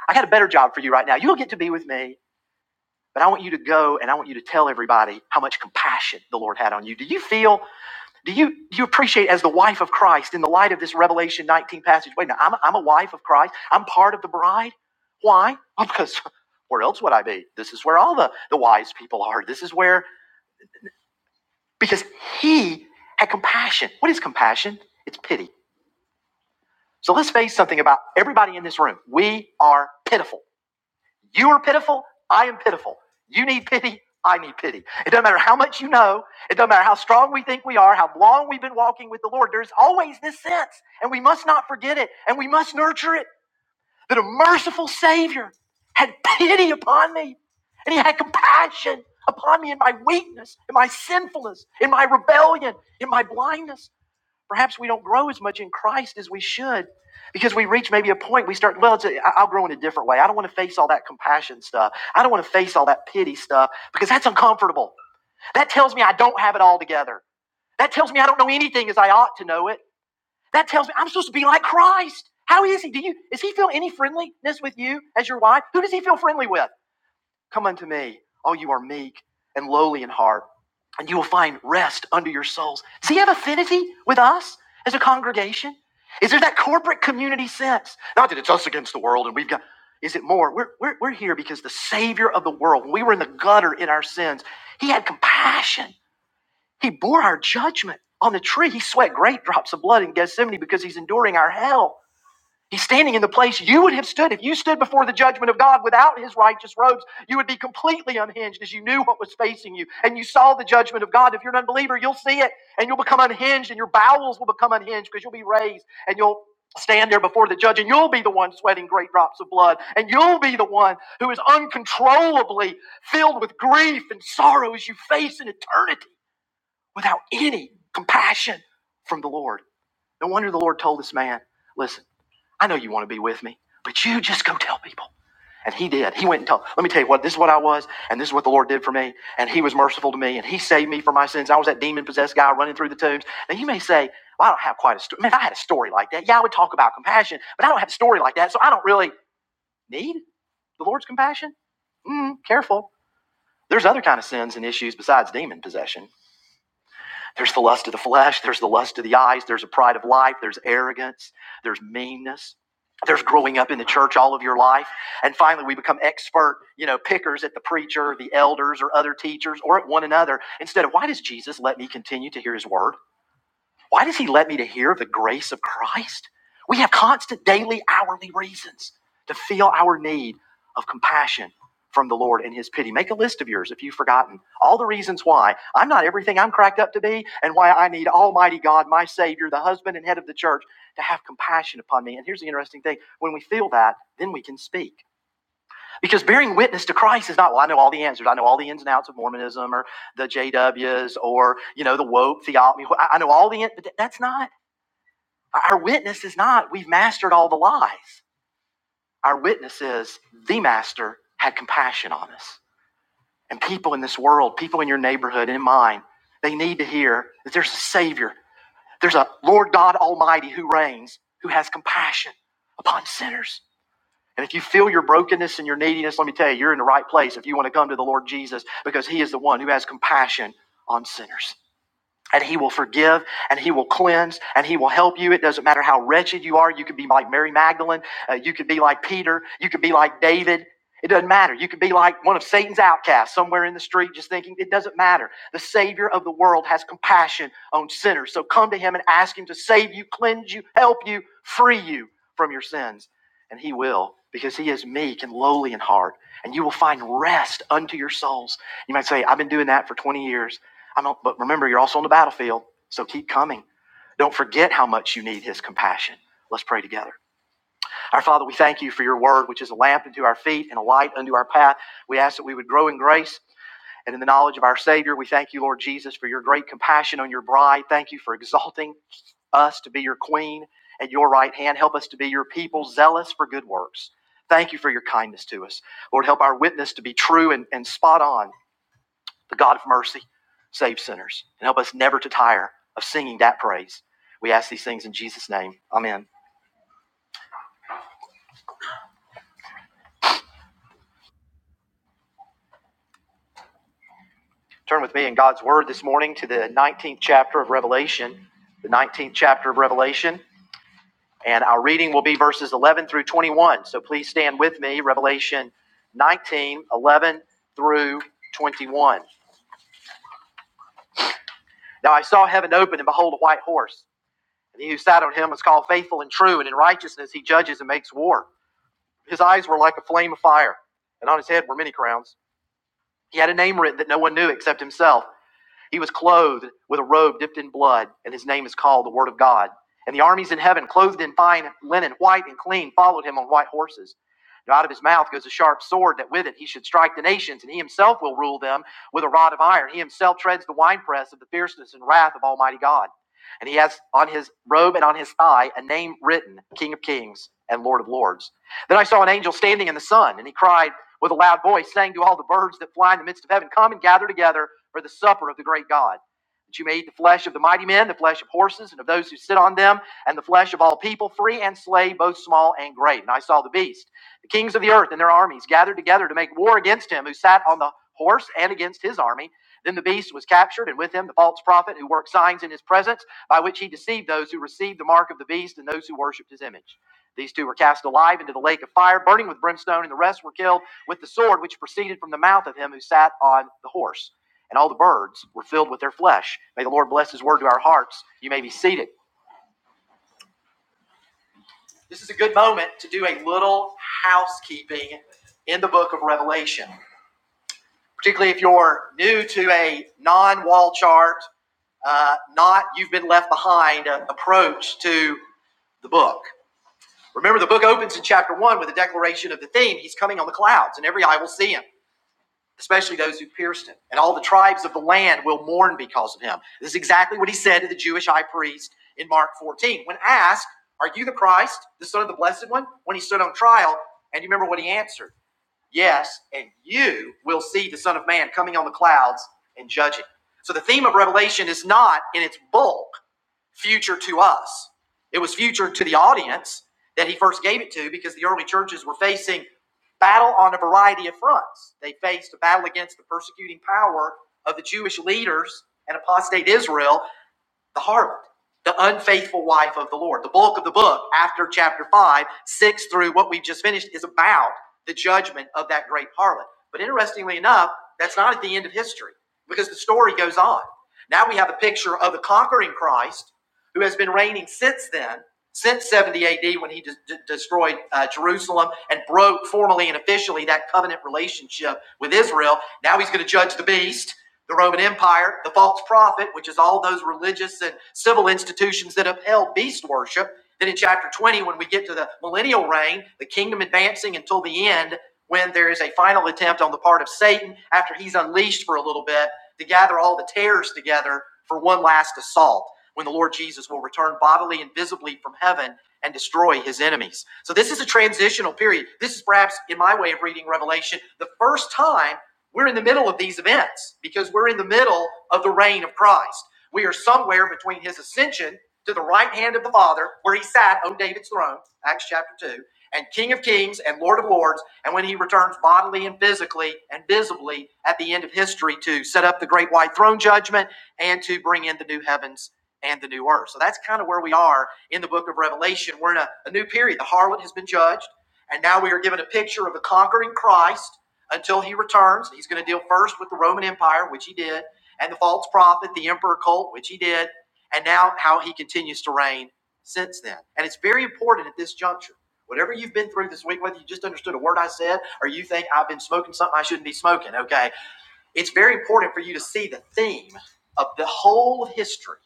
Speaker 1: I got a better job for you right now. You'll get to be with me. But I want you to go and I want you to tell everybody how much compassion the Lord had on you. Do you feel, do you, do you appreciate as the wife of Christ in the light of this Revelation 19 passage? Wait, now I'm, a, I'm a wife of Christ. I'm part of the bride. Why? (laughs) Well, because where else would I be? This is where all the, the wise people are. This is where, because he had compassion. What is compassion? It's pity. So let's face something about everybody in this room. We are pitiful. You are pitiful. I am pitiful. You need pity. I need pity. It doesn't matter how much you know. It doesn't matter how strong we think we are, how long we've been walking with the Lord. There's always this sense, and we must not forget it, and we must nurture it, that a merciful Savior had pity upon me, and He had compassion upon me in my weakness, in my sinfulness, in my rebellion, in my blindness. Perhaps we don't grow as much in Christ as we should because we reach maybe a point we start, well, it's a, I- I'll grow in a different way. I don't want to face all that compassion stuff. I don't want to face all that pity stuff because that's uncomfortable. That tells me I don't have it all together. That tells me I don't know anything as I ought to know it. That tells me I'm supposed to be like Christ. How is he? Do you Does he feel any friendliness with you as your wife? Who does he feel friendly with? Come unto me, all you are meek and lowly in heart, and you will find rest under your souls. Does he have affinity with us as a congregation? Is there that corporate community sense? Not that it's us against the world and we've got, is it more? We're, we're, we're here because the Savior of the world, when we were in the gutter in our sins, he had compassion. He bore our judgment on the tree. He sweat great drops of blood in Gethsemane because he's enduring our hell. He's standing in the place you would have stood. If you stood before the judgment of God without his righteous robes, you would be completely unhinged as you knew what was facing you and you saw the judgment of God. If you're an unbeliever, you'll see it and you'll become unhinged and your bowels will become unhinged because you'll be raised and you'll stand there before the judge and you'll be the one sweating great drops of blood and you'll be the one who is uncontrollably filled with grief and sorrow as you face an eternity without any compassion from the Lord. No wonder the Lord told this man, listen. I know you want to be with me, but you just go tell people. And he did. He went and told. Let me tell you what. This is what I was, and this is what the Lord did for me. And He was merciful to me, and He saved me from my sins. I was that demon possessed guy running through the tombs. Now you may say, "Well, I don't have quite a story." Man, I had a story like that. Yeah, I would talk about compassion, but I don't have a story like that, so I don't really need the Lord's compassion. Mm, careful. There's other kind of sins and issues besides demon possession. There's the lust of the flesh, there's the lust of the eyes, there's a pride of life, there's arrogance, there's meanness. There's growing up in the church all of your life. And finally, we become expert, you know, pickers at the preacher, the elders, or other teachers, or at one another. Instead of, why does Jesus let me continue to hear his word? Why does he let me to hear the grace of Christ? We have constant daily, hourly reasons to feel our need of compassion from the Lord and his pity. Make a list of yours if you've forgotten all the reasons why I'm not everything I'm cracked up to be and why I need Almighty God, my Savior, the husband and head of the church, to have compassion upon me. And here's the interesting thing when we feel that, then we can speak. Because bearing witness to Christ is not, well, I know all the answers. I know all the ins and outs of Mormonism or the JWs or, you know, the woke theology. I I know all the, in-" but that's not. Our witness is not, we've mastered all the lies. Our witness is, the master had compassion on us. And people in this world, people in your neighborhood, in mine, they need to hear that there's a Savior. There's a Lord God Almighty who reigns, who has compassion upon sinners. And if you feel your brokenness and your neediness, let me tell you, you're in the right place if you want to come to the Lord Jesus because He is the one who has compassion on sinners and he will forgive and he will cleanse and he will help you it doesn't matter how wretched you are you could be like mary magdalene uh, you could be like peter you could be like david it doesn't matter you could be like one of satan's outcasts somewhere in the street just thinking it doesn't matter the savior of the world has compassion on sinners so come to him and ask him to save you cleanse you help you free you from your sins and he will because he is meek and lowly in heart and you will find rest unto your souls you might say i've been doing that for 20 years I don't, but remember, you're also on the battlefield, so keep coming. Don't forget how much you need his compassion. Let's pray together. Our Father, we thank you for your word, which is a lamp unto our feet and a light unto our path. We ask that we would grow in grace and in the knowledge of our Savior. We thank you, Lord Jesus, for your great compassion on your bride. Thank you for exalting us to be your queen at your right hand. Help us to be your people, zealous for good works. Thank you for your kindness to us. Lord, help our witness to be true and, and spot on the God of mercy save sinners and help us never to tire of singing that praise. We ask these things in Jesus' name. Amen. Turn with me in God's word this morning to the 19th chapter of Revelation, the 19th chapter of Revelation, and our reading will be verses 11 through 21. So please stand with me, Revelation 19, 11 through 21. Now I saw heaven open, and behold, a white horse. And he who sat on him was called faithful and true, and in righteousness he judges and makes war. His eyes were like a flame of fire, and on his head were many crowns. He had a name written that no one knew except himself. He was clothed with a robe dipped in blood, and his name is called the Word of God. And the armies in heaven, clothed in fine linen, white and clean, followed him on white horses. And out of his mouth goes a sharp sword, that with it he should strike the nations, and he himself will rule them with a rod of iron. He himself treads the winepress of the fierceness and wrath of Almighty God. And he has on his robe and on his thigh a name written, King of Kings and Lord of Lords. Then I saw an angel standing in the sun, and he cried with a loud voice, saying to all the birds that fly in the midst of heaven, Come and gather together for the supper of the great God. That you may eat the flesh of the mighty men, the flesh of horses, and of those who sit on them, and the flesh of all people, free and slave, both small and great. And I saw the beast, the kings of the earth and their armies gathered together to make war against him who sat on the horse and against his army. Then the beast was captured, and with him the false prophet who worked signs in his presence, by which he deceived those who received the mark of the beast and those who worshipped his image. These two were cast alive into the lake of fire, burning with brimstone, and the rest were killed with the sword which proceeded from the mouth of him who sat on the horse and all the birds were filled with their flesh. May the Lord bless his word to our hearts. You may be seated. This is a good moment to do a little housekeeping in the book of Revelation, particularly if you're new to a non wall chart, uh, not you've been left behind uh, approach to the book. Remember, the book opens in chapter one with a declaration of the theme He's coming on the clouds, and every eye will see him. especially those who pierced him. And all the tribes of the land will mourn because of him. This is exactly what he said to the Jewish high priest in Mark 14. When asked, Are you the Christ, the Son of the Blessed One? When he stood on trial, and you remember what he answered? Yes, and you will see the Son of Man coming on the clouds and judging. So the theme of Revelation is not in its bulk future to us. It was future to the audience that he first gave it to because the early churches were facing battle on a variety of fronts. They faced a battle against the persecuting power of the Jewish leaders and apostate Israel, the harlot, the unfaithful wife of the Lord. The bulk of the book, after chapter 5, 6 through what we've just finished, is about the judgment of that great harlot. But interestingly enough, that's not at the end of history because the story goes on. Now we have a picture of the conquering Christ who has been reigning since then, since 70 AD when he de- de- destroyed uh, Jerusalem and broke formally and officially that covenant relationship with Israel. Now he's going to judge the beast the Roman Empire, the false prophet, which is all those religious and civil institutions that upheld beast worship. Then in chapter 20, when we get to the millennial reign, the kingdom advancing until the end, when there is a final attempt on the part of Satan after he's unleashed for a little bit to gather all the tares together for one last assault when the Lord Jesus will return bodily and visibly from heaven and destroy his enemies. So this is a transitional period. This is perhaps, in my way of reading Revelation, the first time we're in the middle of these events because we're in the middle of the reign of Christ. We are somewhere between his ascension to the right hand of the Father, where he sat on David's throne, Acts chapter 2, and King of Kings and Lord of Lords, and when he returns bodily and physically and visibly at the end of history to set up the great white throne judgment and to bring in the new heavens and the new earth. So that's kind of where we are in the book of Revelation. We're in a, a new period. The harlot has been judged, and now we are given a picture of the conquering Christ until he returns. He's going to deal first with the Roman Empire, which he did, and the false prophet, the emperor cult, which he did, and now how he continues to reign since then. And it's very important at this juncture. Whatever you've been through this week, whether you just understood a word I said or you think I've been smoking something I shouldn't be smoking, okay, it's very important for you to see the theme of the whole of history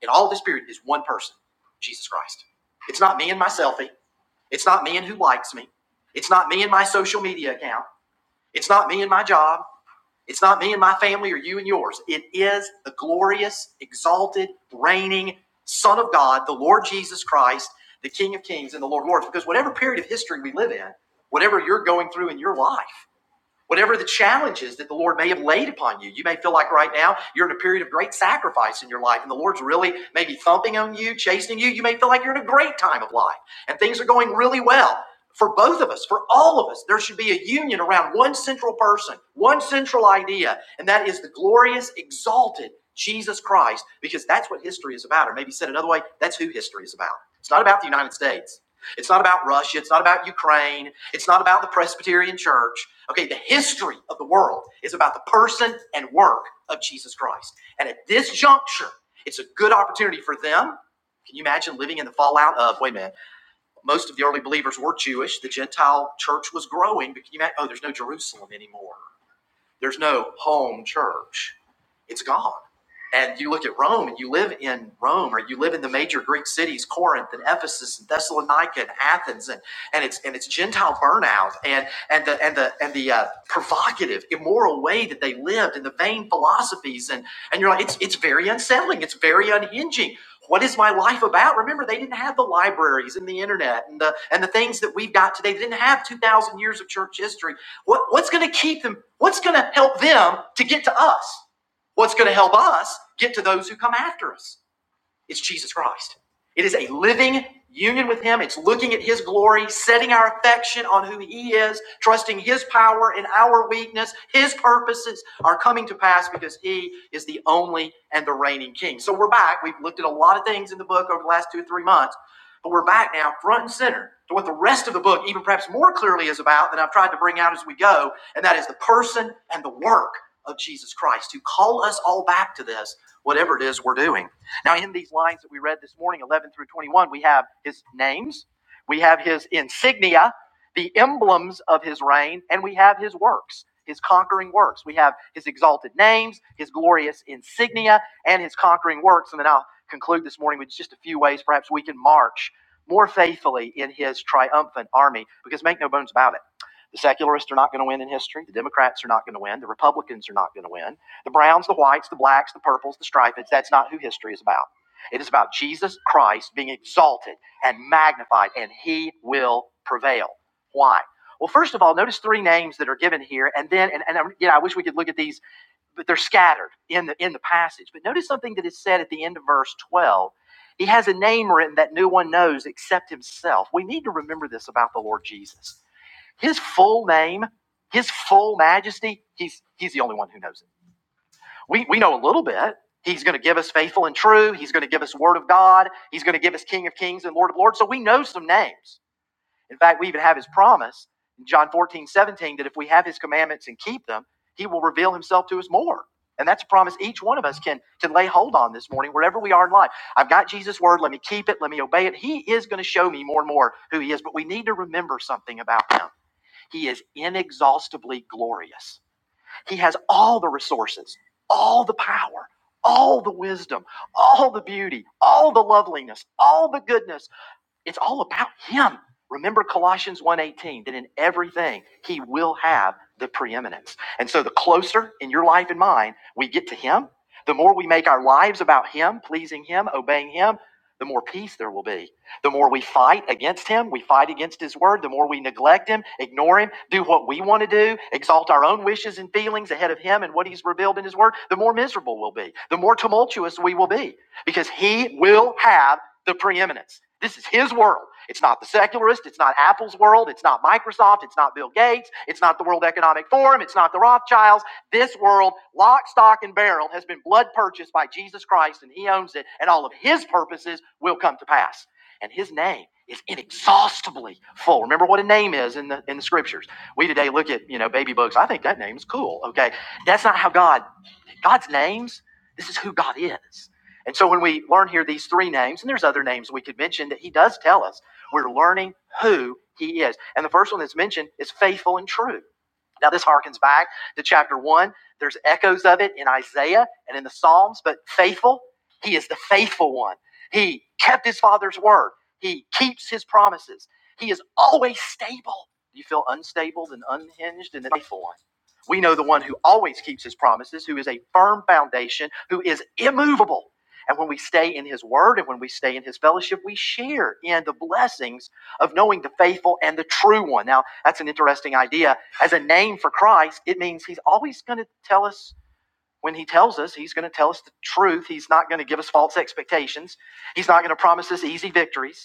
Speaker 1: in all this period is one person, Jesus Christ. It's not me and my selfie. It's not me and who likes me. It's not me and my social media account. It's not me and my job. It's not me and my family or you and yours. It is the glorious, exalted, reigning Son of God, the Lord Jesus Christ, the King of Kings and the Lord of Lords. Because whatever period of history we live in, whatever you're going through in your life, Whatever the challenges that the Lord may have laid upon you, you may feel like right now you're in a period of great sacrifice in your life and the Lord's really maybe thumping on you, chastening you. You may feel like you're in a great time of life and things are going really well. For both of us, for all of us, there should be a union around one central person, one central idea, and that is the glorious, exalted Jesus Christ, because that's what history is about. Or maybe said another way, that's who history is about. It's not about the United States. It's not about Russia. It's not about Ukraine. It's not about the Presbyterian Church. Okay, the history of the world is about the person and work of Jesus Christ. And at this juncture, it's a good opportunity for them. Can you imagine living in the fallout of, wait a minute, most of the early believers were Jewish. The Gentile church was growing, but can you imagine, oh, there's no Jerusalem anymore. There's no home church. It's gone. And you look at Rome and you live in Rome or you live in the major Greek cities, Corinth and Ephesus and Thessalonica and Athens and, and it's and it's Gentile burnout and and the and the and the uh, provocative, immoral way that they lived and the vain philosophies and and you're like, it's it's very unsettling, it's very unhinging. What is my life about? Remember, they didn't have the libraries and the internet and the and the things that we've got today. They didn't have two thousand years of church history what, what's going to keep them? What's going to help them to get to us? What's going to help us get to those who come after us? It's Jesus Christ. It is a living union with Him. It's looking at His glory, setting our affection on who He is, trusting His power in our weakness. His purposes are coming to pass because He is the only and the reigning King. So we're back. We've looked at a lot of things in the book over the last two, or three months, but we're back now front and center to what the rest of the book, even perhaps more clearly, is about than I've tried to bring out as we go, and that is the person and the work of Jesus Christ, to call us all back to this, whatever it is we're doing. Now, in these lines that we read this morning, 11 through 21, we have his names, we have his insignia, the emblems of his reign, and we have his works, his conquering works. We have his exalted names, his glorious insignia, and his conquering works. And then I'll conclude this morning with just a few ways perhaps we can march more faithfully in his triumphant army, because make no bones about it. The secularists are not going to win in history. The Democrats are not going to win. The Republicans are not going to win. The browns, the whites, the blacks, the purples, the stripeds, that's not who history is about. It is about Jesus Christ being exalted and magnified, and he will prevail. Why? Well, first of all, notice three names that are given here, and then, and, and um, yeah, I wish we could look at these, but they're scattered in the in the passage. But notice something that is said at the end of verse 12. He has a name written that no one knows except himself. We need to remember this about the Lord Jesus. His full name, his full majesty, he's he's the only one who knows it. We, we know a little bit. He's going to give us faithful and true. He's going to give us word of God. He's going to give us King of Kings and Lord of Lords. So we know some names. In fact, we even have his promise in John 14 17, that if we have his commandments and keep them, he will reveal himself to us more. And that's a promise each one of us can, can lay hold on this morning, wherever we are in life. I've got Jesus' word. Let me keep it. Let me obey it. He is going to show me more and more who he is. But we need to remember something about him. He is inexhaustibly glorious he has all the resources, all the power, all the wisdom, all the beauty, all the loveliness, all the goodness. It's all about him. Remember Colossians one eighteen that in everything he will have the preeminence. And so the closer in your life and mine we get to him, the more we make our lives about him, pleasing him, obeying him, the more peace there will be. The more we fight against him, we fight against his word, the more we neglect him, ignore him, do what we want to do, exalt our own wishes and feelings ahead of him and what he's revealed in his word, the more miserable we'll be. The more tumultuous we will be because he will have the preeminence. This is his world. It's not the secularist. It's not Apple's world. It's not Microsoft. It's not Bill Gates. It's not the World Economic Forum. It's not the Rothschilds. This world, lock, stock, and barrel, has been blood purchased by Jesus Christ, and he owns it, and all of his purposes will come to pass. And his name is inexhaustibly full. Remember what a name is in the in the scriptures. We today look at, you know, baby books. I think that name is cool. Okay. That's not how God God's names, this is who God is. And so when we learn here these three names, and there's other names we could mention that he does tell us, we're learning who he is. And the first one that's mentioned is faithful and true. Now, this harkens back to chapter one. There's echoes of it in Isaiah and in the Psalms, but faithful, he is the faithful one. He kept his father's word, he keeps his promises. He is always stable. Do you feel unstable and unhinged and the faithful one? We know the one who always keeps his promises, who is a firm foundation, who is immovable. And when we stay in his word and when we stay in his fellowship, we share in the blessings of knowing the faithful and the true one. Now, that's an interesting idea as a name for Christ, it means he's always going to tell us when he tells us, he's going to tell us the truth. He's not going to give us false expectations. He's not going to promise us easy victories.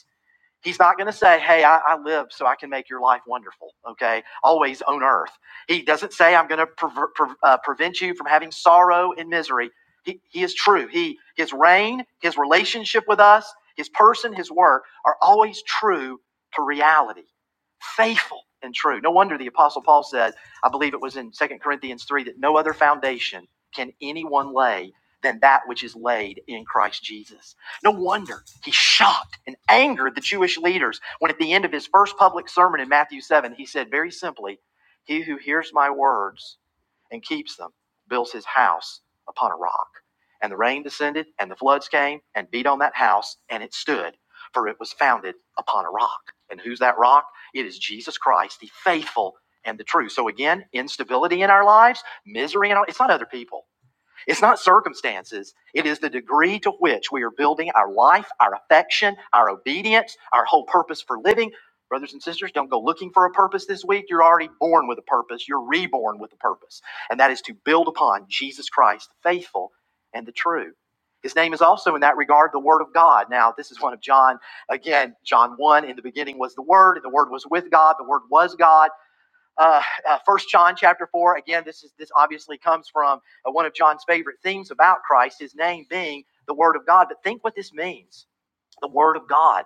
Speaker 1: He's not going to say, Hey, I, I lived so I can make your life wonderful, okay? Always on earth. He doesn't say, I'm going to pre- pre- uh, prevent you from having sorrow and misery. He, he is true. He, his reign, his relationship with us, his person, his work are always true to reality, faithful and true. No wonder the Apostle Paul said, I believe it was in Second Corinthians 3, that no other foundation can anyone lay than that which is laid in Christ Jesus no wonder he shocked and angered the Jewish leaders when, at the end of his first public sermon in Matthew 7, he said very simply, He who hears my words and keeps them builds his house upon a rock. And the rain descended, and the floods came and beat on that house, and it stood, for it was founded upon a rock. And who's that rock? It is Jesus Christ, the faithful and the true. So, again, instability in our lives, misery in our lives, it's not other people. It's not circumstances. It is the degree to which we are building our life, our affection, our obedience, our whole purpose for living. Brothers and sisters, don't go looking for a purpose this week. You're already born with a purpose. You're reborn with a purpose. And that is to build upon Jesus Christ, the faithful and the true. His name is also, in that regard, the Word of God. Now, this is one of John, again, John 1, in the beginning was the Word, and the Word was with God, the Word was God uh, uh, 1 John chapter 4. Again, this is this obviously comes from uh, one of John's favorite themes about Christ, his name being the Word of God. But think what this means the Word of God.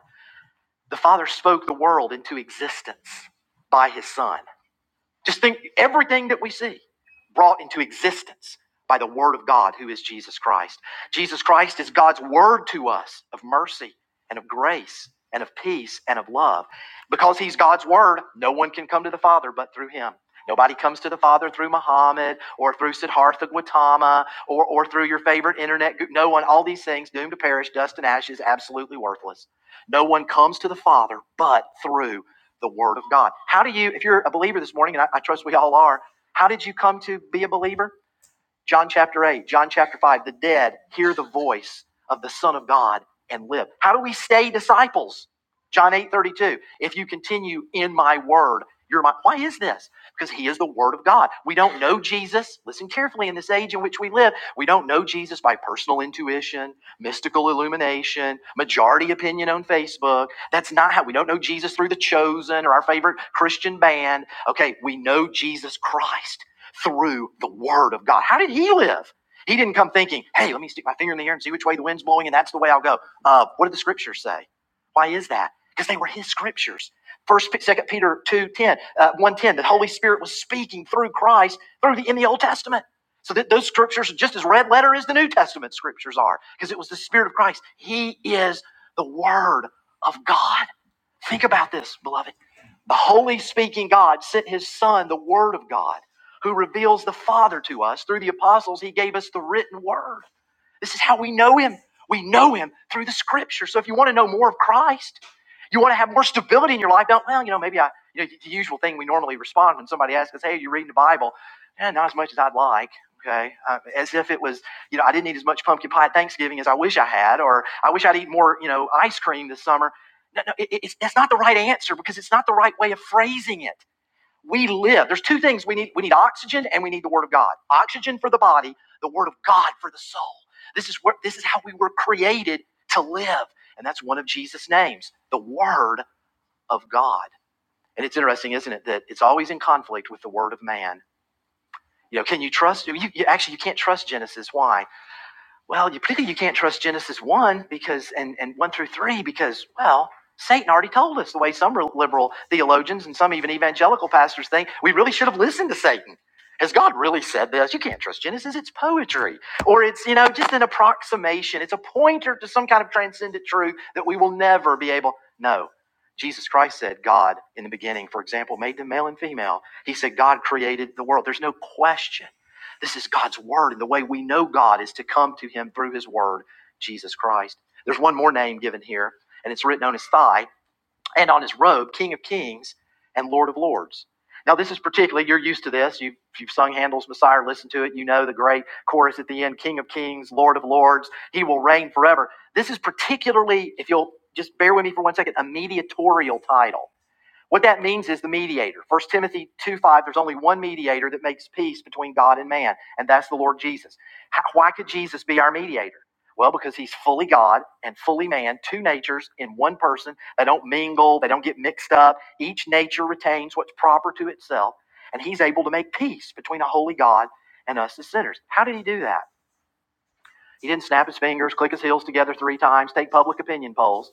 Speaker 1: The Father spoke the world into existence by his Son. Just think everything that we see brought into existence by the Word of God, who is Jesus Christ. Jesus Christ is God's Word to us of mercy and of grace and of peace and of love. Because He's God's Word, no one can come to the Father but through Him. Nobody comes to the Father through Muhammad or through Siddhartha Gautama or, or through your favorite internet. No one, all these things, doomed to perish, dust and ashes, absolutely worthless. No one comes to the Father but through the Word of God. How do you, if you're a believer this morning, and I, I trust we all are, how did you come to be a believer? John chapter 8, John chapter 5, the dead hear the voice of the Son of God and live. How do we stay disciples? John 8 32. if you continue in my word, you're my. Why is this? Because he is the word of God. We don't know Jesus. Listen carefully in this age in which we live. We don't know Jesus by personal intuition, mystical illumination, majority opinion on Facebook. That's not how we don't know Jesus through the chosen or our favorite Christian band. Okay, we know Jesus Christ through the word of God. How did he live? He didn't come thinking, hey, let me stick my finger in the air and see which way the wind's blowing, and that's the way I'll go. Uh, what did the scriptures say? Why is that? Because they were his scriptures. First, Second Peter two ten, uh, one ten. The Holy Spirit was speaking through Christ through the in the Old Testament. So that those scriptures are just as red letter as the New Testament scriptures are, because it was the Spirit of Christ. He is the Word of God. Think about this, beloved. The holy speaking God sent his son, the word of God, who reveals the Father to us. Through the apostles, he gave us the written word. This is how we know him. We know him through the scripture. So if you want to know more of Christ, you want to have more stability in your life, don't, well, you know, maybe I, you know, the usual thing we normally respond when somebody asks us, hey, are you reading the Bible? Yeah, not as much as I'd like. Okay. Uh, as if it was, you know, I didn't eat as much pumpkin pie at Thanksgiving as I wish I had, or I wish I'd eat more, you know, ice cream this summer. No, no, it- it's, that's not the right answer because it's not the right way of phrasing it we live. There's two things we need. We need oxygen and we need the word of God. Oxygen for the body, the word of God for the soul. This is where this is how we were created to live. And that's one of Jesus' names, the word of God. And it's interesting, isn't it, that it's always in conflict with the word of man. You know, can you trust you, you actually you can't trust Genesis. Why? Well, you, particularly you can't trust Genesis 1 because, and, and 1 through 3 because, well, Satan already told us the way some liberal theologians and some even evangelical pastors think we really should have listened to Satan. Has God really said this? You can't trust Genesis. It's poetry. Or it's, you know, just an approximation. It's a pointer to some kind of transcendent truth that we will never be able. No. Jesus Christ said God in the beginning, for example, made them male and female. He said God created the world. There's no question this is God's word, and the way we know God is to come to him through his word, Jesus Christ. There's one more name given here, and it's written on his thigh and on his robe, King of Kings and Lord of Lords. Now, this is particularly, you're used to this. You've, you've sung Handel's Messiah, listened to it. You know the great chorus at the end King of Kings, Lord of Lords, he will reign forever. This is particularly, if you'll just bear with me for one second, a mediatorial title. What that means is the mediator. First Timothy 2 5, there's only one mediator that makes peace between God and man, and that's the Lord Jesus. How, why could Jesus be our mediator? Well, because he's fully God and fully man, two natures in one person. They don't mingle, they don't get mixed up. Each nature retains what's proper to itself, and he's able to make peace between a holy God and us as sinners. How did he do that? He didn't snap his fingers, click his heels together three times, take public opinion polls.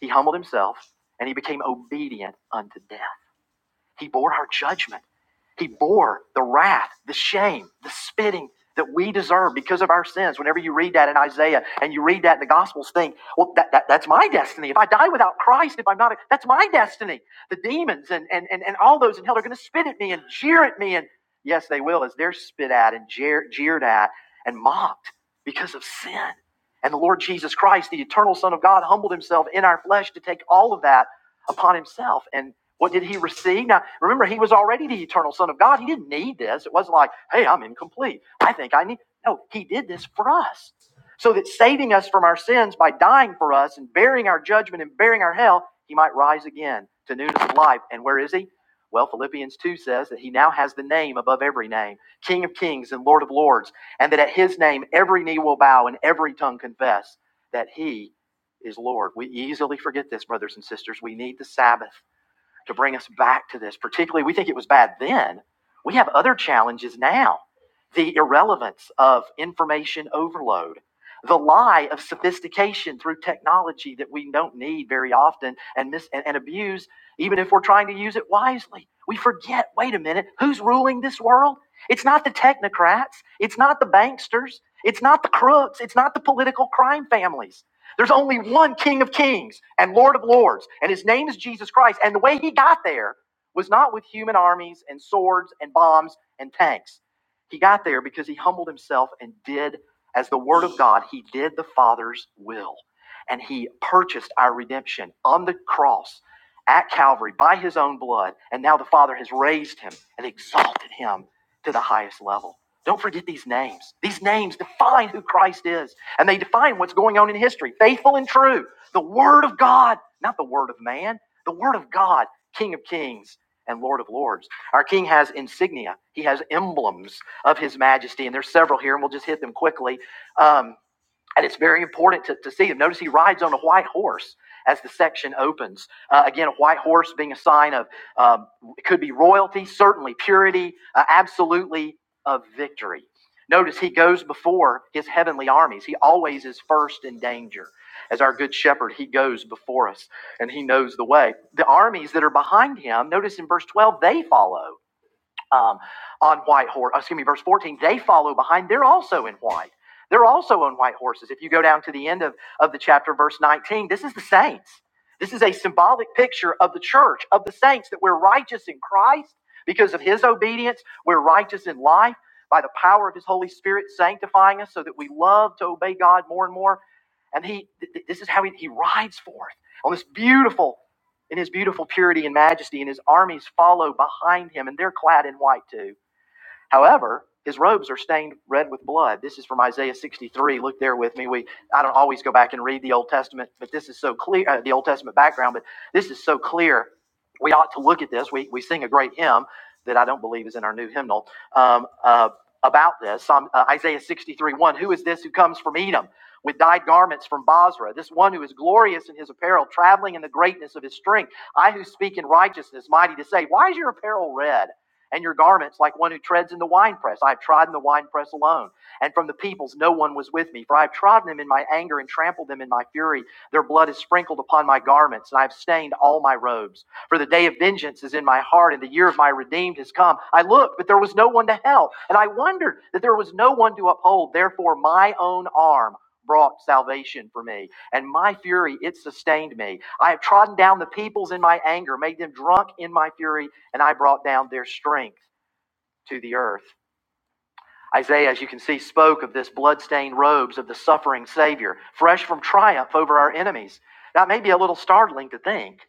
Speaker 1: He humbled himself, and he became obedient unto death he bore our judgment. He bore the wrath, the shame, the spitting that we deserve because of our sins. Whenever you read that in Isaiah and you read that in the Gospels, think, well, that, that, that's my destiny. If I die without Christ, if I'm not, a, that's my destiny. The demons and, and, and, and all those in hell are going to spit at me and jeer at me. And yes, they will, as they're spit at and jeer, jeered at and mocked because of sin. And the Lord Jesus Christ, the eternal Son of God, humbled himself in our flesh to take all of that upon himself. And what did he receive? Now, remember, he was already the eternal Son of God. He didn't need this. It wasn't like, hey, I'm incomplete. I think I need. No, he did this for us. So that saving us from our sins by dying for us and bearing our judgment and bearing our hell, he might rise again to newness of life. And where is he? Well, Philippians 2 says that he now has the name above every name, King of kings and Lord of lords, and that at his name every knee will bow and every tongue confess that he is Lord. We easily forget this, brothers and sisters. We need the Sabbath to bring us back to this. Particularly, we think it was bad then. We have other challenges now the irrelevance of information overload, the lie of sophistication through technology that we don't need very often and, mis- and, and abuse, even if we're trying to use it wisely. We forget wait a minute, who's ruling this world? It's not the technocrats, it's not the banksters, it's not the crooks, it's not the political crime families. There's only one King of Kings and Lord of Lords, and his name is Jesus Christ. And the way he got there was not with human armies and swords and bombs and tanks. He got there because he humbled himself and did, as the Word of God, he did the Father's will. And he purchased our redemption on the cross at Calvary by his own blood. And now the Father has raised him and exalted him to the highest level. Don't forget these names. These names define who Christ is and they define what's going on in history faithful and true. The Word of God, not the Word of man, the Word of God, King of kings and Lord of lords. Our King has insignia, he has emblems of his majesty, and there's several here, and we'll just hit them quickly. Um, and it's very important to, to see him. Notice he rides on a white horse as the section opens. Uh, again, a white horse being a sign of, um, it could be royalty, certainly purity, uh, absolutely of victory. Notice he goes before his heavenly armies. He always is first in danger. As our good shepherd, he goes before us and he knows the way. The armies that are behind him, notice in verse 12, they follow um, on white horse. Excuse me, verse 14. They follow behind. They're also in white. They're also on white horses. If you go down to the end of, of the chapter, verse 19, this is the saints. This is a symbolic picture of the church, of the saints, that we're righteous in Christ because of his obedience. We're righteous in life by the power of his Holy Spirit sanctifying us so that we love to obey God more and more. And he, this is how he, he rides forth on this beautiful in his beautiful purity and majesty, and his armies follow behind him, and they're clad in white too. However, his robes are stained red with blood. This is from Isaiah 63. Look there with me. We I don't always go back and read the Old Testament, but this is so clear uh, the Old Testament background, but this is so clear. We ought to look at this. We we sing a great hymn that I don't believe is in our new hymnal um, uh, about this. Psalm, uh, Isaiah 63, 1. Who is this who comes from Edom with dyed garments from Basra? This one who is glorious in his apparel, traveling in the greatness of his strength. I who speak in righteousness, mighty to say, Why is your apparel red? and your garments like one who treads in the winepress. I have trodden the winepress alone. And from the peoples no one was with me, for I have trodden them in my anger and trampled them in my fury. Their blood is sprinkled upon my garments, and I have stained all my robes. For the day of vengeance is in my heart, and the year of my redeemed has come. I looked, but there was no one to help, and I wondered that there was no one to uphold. Therefore, my own arm brought salvation for me, and my fury it sustained me. I have trodden down the peoples in my anger, made them drunk in my fury and I brought down their strength to the earth. Isaiah, as you can see, spoke of this bloodstained robes of the suffering Savior, fresh from triumph over our enemies. Now, it may be a little startling to think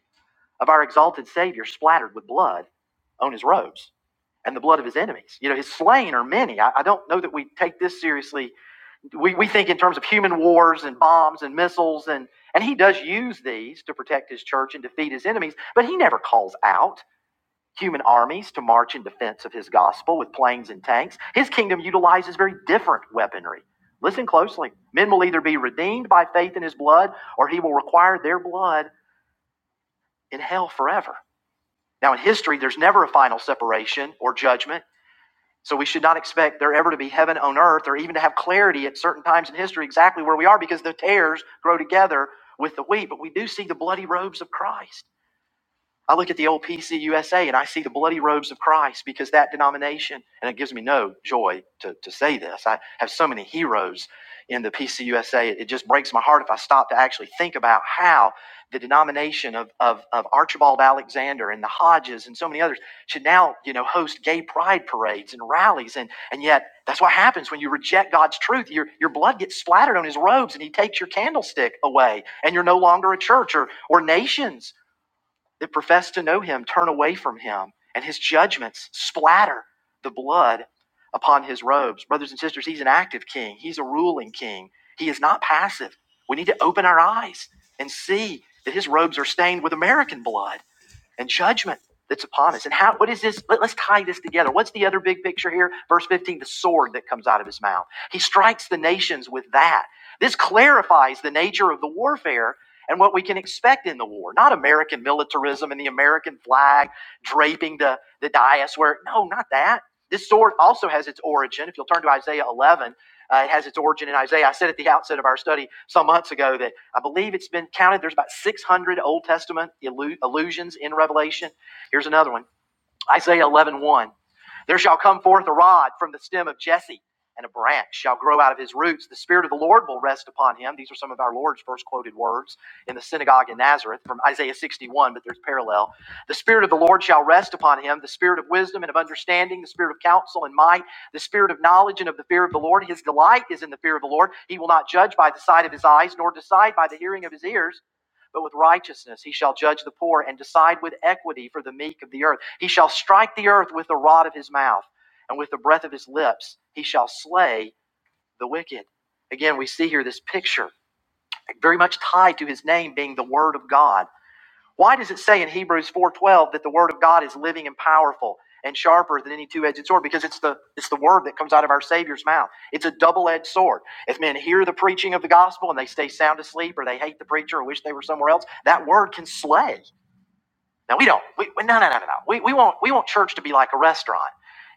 Speaker 1: of our exalted Savior splattered with blood on his robes and the blood of his enemies. You know, his slain are many. I, I don't know that we take this seriously. We, we think in terms of human wars and bombs and missiles, and, and he does use these to protect his church and defeat his enemies, but he never calls out human armies to march in defense of his gospel with planes and tanks. His kingdom utilizes very different weaponry. Listen closely. Men will either be redeemed by faith in his blood or he will require their blood in hell forever. Now, in history, there's never a final separation or judgment, so we should not expect there ever to be heaven on earth or even to have clarity at certain times in history exactly where we are because the tares grow together with the wheat. But we do see the bloody robes of Christ. I look at the old PCUSA and I see the bloody robes of Christ because that denomination, and it gives me no joy to, to say this. I have so many heroes in the PCUSA. It, it just breaks my heart if I stop to actually think about how the denomination of, of, of Archibald Alexander and the Hodges and so many others should now, you know, host gay pride parades and rallies. And, and yet that's what happens when you reject God's truth. Your, your blood gets splattered on his robes and he takes your candlestick away and you're no longer a church or, or nations that profess to know him turn away from him, and his judgments splatter the blood upon his robes. Brothers and sisters, he's an active king, he's a ruling king. He is not passive. We need to open our eyes and see that his robes are stained with American blood and judgment that's upon us. And how, what is this? Let, us tie this together. What's the other big picture here? Verse 15, the sword that comes out of his mouth. He strikes the nations with that. This clarifies the nature of the warfare and what we can expect in the war. Not American militarism and the American flag draping the, the dais where, no, not that. This sword also has its origin. If you'll turn to Isaiah 11, uh, it has its origin in Isaiah. I said at the outset of our study some months ago that I believe it's been counted. There's about 600 Old Testament illu- allusions in Revelation. Here's another one Isaiah eleven one, There shall come forth a rod from the stem of Jesse, and a branch shall grow out of his roots. The Spirit of the Lord will rest upon him. These are some of our Lord's first quoted words in the synagogue in Nazareth from Isaiah 61, but there's parallel. The Spirit of the Lord shall rest upon him, the Spirit of wisdom and of understanding, the Spirit of counsel and might, the Spirit of knowledge and of the fear of the Lord. His delight is in the fear of the Lord. He will not judge by the sight of his eyes, nor decide by the hearing of his ears but with righteousness he shall judge the poor and decide with equity for the meek of the earth. He shall strike the earth with the rod of his mouth, and with the breath of his lips he shall slay the wicked. Again, we see here this picture very much tied to his name being the Word of God why does it say in Hebrews 4:12 that the word of God is living and powerful and sharper than any two-edged sword because it's the it's the word that comes out of our Savior's mouth. It's a double-edged sword. If men hear the preaching of the gospel and they stay sound asleep or they hate the preacher or wish they were somewhere else, that word can slay. Now we don't. We, no no no no no. We we want we want church to be like a restaurant.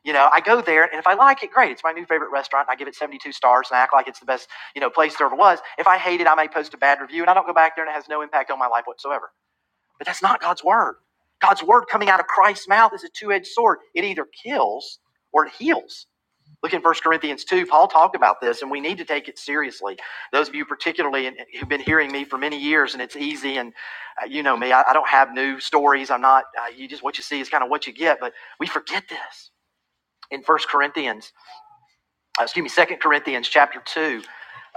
Speaker 1: You know, I go there and if I like it, great. It's my new favorite restaurant. And I give it 72 stars and I act like it's the best, you know, place there ever was. If I hate it, I may post a bad review and I don't go back there and it has no impact on my life whatsoever. But that's not God's word. God's word coming out of Christ's mouth is a two edged sword. It either kills or it heals. Look in First Corinthians 2. Paul talked about this, and we need to take it seriously. Those of you, particularly, who've been hearing me for many years, and it's easy, and uh, you know me, I, I don't have new stories. I'm not, uh, you just what you see is kind of what you get, but we forget this in First Corinthians, uh, excuse me, Second Corinthians chapter 2,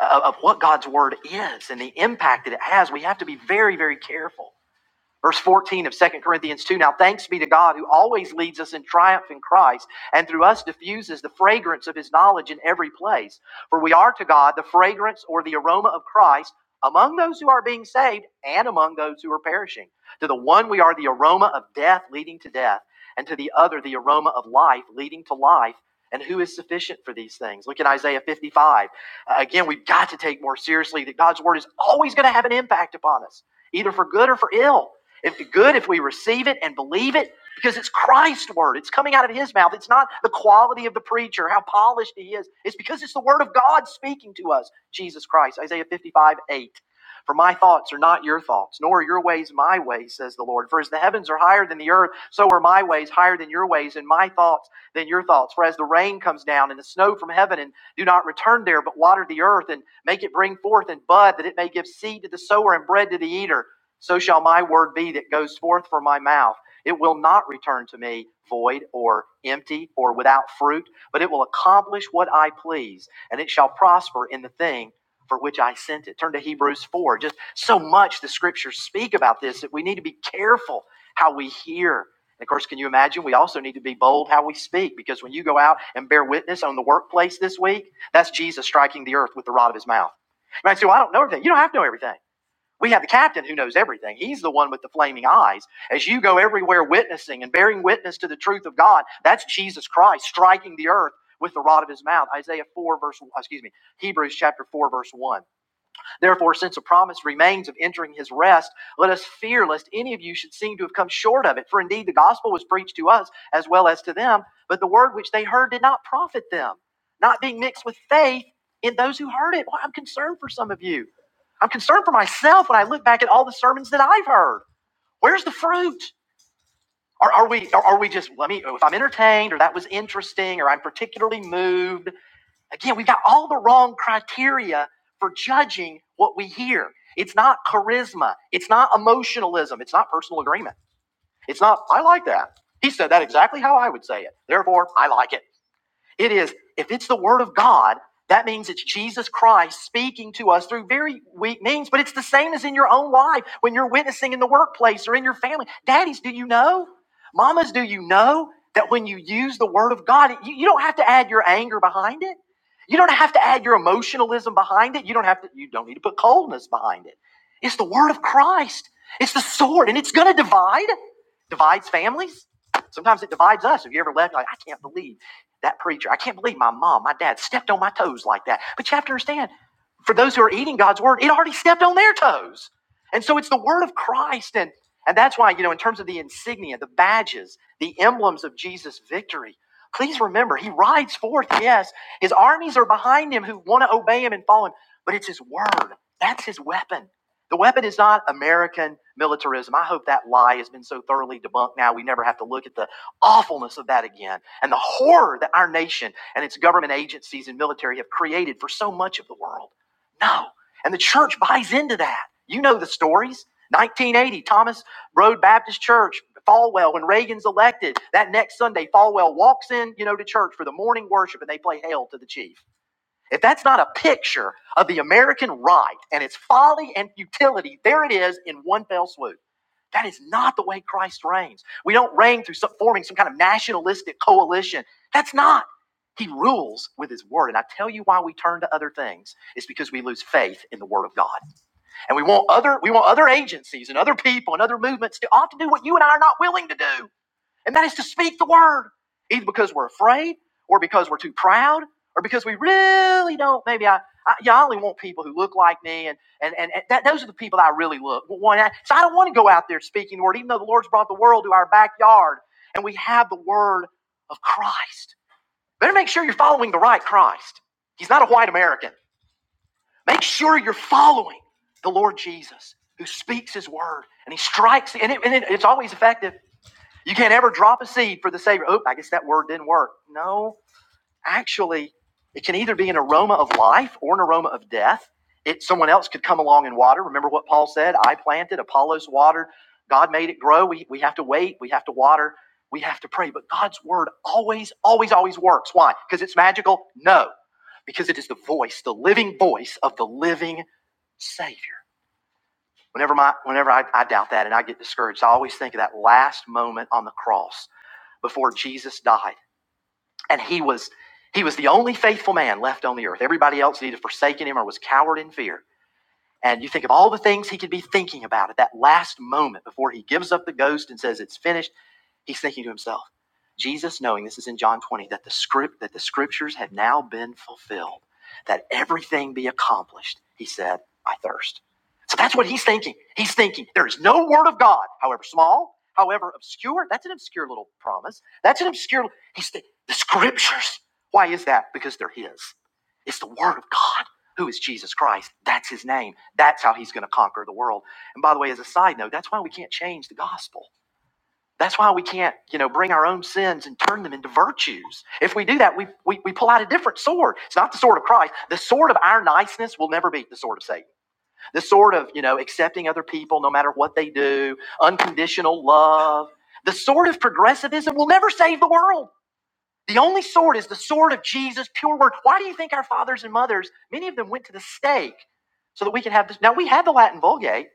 Speaker 1: uh, of what God's word is and the impact that it has. We have to be very, very careful Verse 14 of Second Corinthians 2 Now thanks be to God who always leads us in triumph in Christ, and through us diffuses the fragrance of his knowledge in every place. For we are to God the fragrance or the aroma of Christ among those who are being saved and among those who are perishing. To the one we are the aroma of death leading to death, and to the other the aroma of life leading to life. And who is sufficient for these things? Look at Isaiah 55. Uh, again, we've got to take more seriously that God's word is always going to have an impact upon us, either for good or for ill. If good, if we receive it and believe it, because it's Christ's word. It's coming out of his mouth. It's not the quality of the preacher, how polished he is. It's because it's the word of God speaking to us, Jesus Christ. Isaiah 55, 8. For my thoughts are not your thoughts, nor are your ways my ways, says the Lord. For as the heavens are higher than the earth, so are my ways higher than your ways, and my thoughts than your thoughts. For as the rain comes down and the snow from heaven, and do not return there, but water the earth, and make it bring forth and bud, that it may give seed to the sower and bread to the eater so shall my word be that goes forth from my mouth. It will not return to me void or empty or without fruit, but it will accomplish what I please, and it shall prosper in the thing for which I sent it. Turn to Hebrews 4. Just so much the scriptures speak about this that we need to be careful how we hear. And of course, can you imagine? We also need to be bold how we speak because when you go out and bear witness on the workplace this week, that's Jesus striking the earth with the rod of his mouth. You might say, Well, I don't know everything. You don't have to know everything. We have the captain who knows everything. He's the one with the flaming eyes. As you go everywhere witnessing and bearing witness to the truth of God, that's Jesus Christ striking the earth with the rod of his mouth. Isaiah 4, verse, excuse me, Hebrews chapter 4, verse 1. Therefore, since a promise remains of entering his rest, let us fear lest any of you should seem to have come short of it. For indeed, the gospel was preached to us as well as to them, but the word which they heard did not profit them, not being mixed with faith in those who heard it. Well, I'm concerned for some of you. I'm concerned for myself when I look back at all the sermons that I've heard. Where's the fruit? Are, are we are, are we just let me if I'm entertained or that was interesting or I'm particularly moved Again, we've got all the wrong criteria for judging what we hear. It's not charisma. It's not emotionalism. It's not personal agreement. It's not, I like that. He said that exactly how I would say it. Therefore, I like it. It is, if it's the Word of God, that means it's Jesus Christ speaking to us through very weak means, but it's the same as in your own life when you're witnessing in the workplace or in your family. Daddies, do you know? Mamas, do you know that when you use the Word of God, you, you don't have to add your anger behind it? You don't have to add your emotionalism behind it. You don't have to, you don't need to put coldness behind it. It's the Word of Christ. It's the sword, and it's going to divide. Divides families. Sometimes it divides us. Have you ever left? You're like, I can't believe that preacher, I can't believe my mom, my dad stepped on my toes like that. But you have to understand, for those who are eating God's word, it already stepped on their toes. And so it's the word of Christ. And, and that's why, you know, in terms of the insignia, the badges, the emblems of Jesus' victory, please remember, he rides forth, yes. His armies are behind him who want to obey him and follow him, but it's his word. That's his weapon. The weapon is not American militarism. I hope that lie has been so thoroughly debunked now we never have to look at the awfulness of that again and the horror that our nation and its government agencies and military have created for so much of the world. No. And the church buys into that. You know the stories. 1980, Thomas Road Baptist Church, Falwell, when Reagan's elected, that next Sunday, Falwell walks in, you know, to church for the morning worship and they play Hail to the Chief. If that's not a picture of the American right and its folly and futility, there it is in one fell swoop. That is not the way Christ reigns. We don't reign through some, forming some kind of nationalistic coalition. That's not. He rules with his word. And I tell you why we turn to other things. It's because we lose faith in the word of God. And we want other we want other agencies and other people and other movements to often do what you and I are not willing to do and that is to speak the word, either because we're afraid, or because we're too proud, or because we really don't. Maybe I, I yeah, I only want people who look like me, and and and, and that, those are the people that I really look want. So I don't want to go out there speaking the word, even though the Lord's brought the world to our backyard, and we have the word of Christ. Better make sure you're following the right Christ. He's not a white American. Make sure you're following the Lord Jesus, who speaks His word, and He strikes, and, it, and it, it's always effective. You can't ever drop a seed for the Savior. Oh, I guess that word didn't work. No, actually, it can either be an aroma of life or an aroma of death. It, someone else could come along and water. Remember what Paul said? I planted, Apollos watered, God made it grow. We, we have to wait, we have to water, we have to pray. But God's word always, always, always works. Why? Because it's magical? No, because it is the voice, the living voice of the living Savior. Whenever, my, whenever I, I doubt that and I get discouraged, I always think of that last moment on the cross before Jesus died. And he was he was the only faithful man left on the earth. Everybody else had either forsaken him or was cowered in fear. And you think of all the things he could be thinking about at that last moment before he gives up the ghost and says, It's finished. He's thinking to himself, Jesus knowing this is in John 20 that the script that the scriptures have now been fulfilled, that everything be accomplished. He said, I thirst. So that's what he's thinking. He's thinking there is no word of God, however small, however obscure. That's an obscure little promise. That's an obscure he's thi- the scriptures. Why is that? Because they're his. It's the word of God. Who is Jesus Christ? That's his name. That's how he's going to conquer the world. And by the way, as a side note, that's why we can't change the gospel. That's why we can't, you know, bring our own sins and turn them into virtues. If we do that, we, we, we pull out a different sword. It's not the sword of Christ. The sword of our niceness will never be the sword of Satan. The sword of, you know, accepting other people no matter what they do, unconditional love. The sword of progressivism will never save the world. The only sword is the sword of Jesus, pure word. Why do you think our fathers and mothers, many of them went to the stake so that we could have this? Now, we have the Latin Vulgate.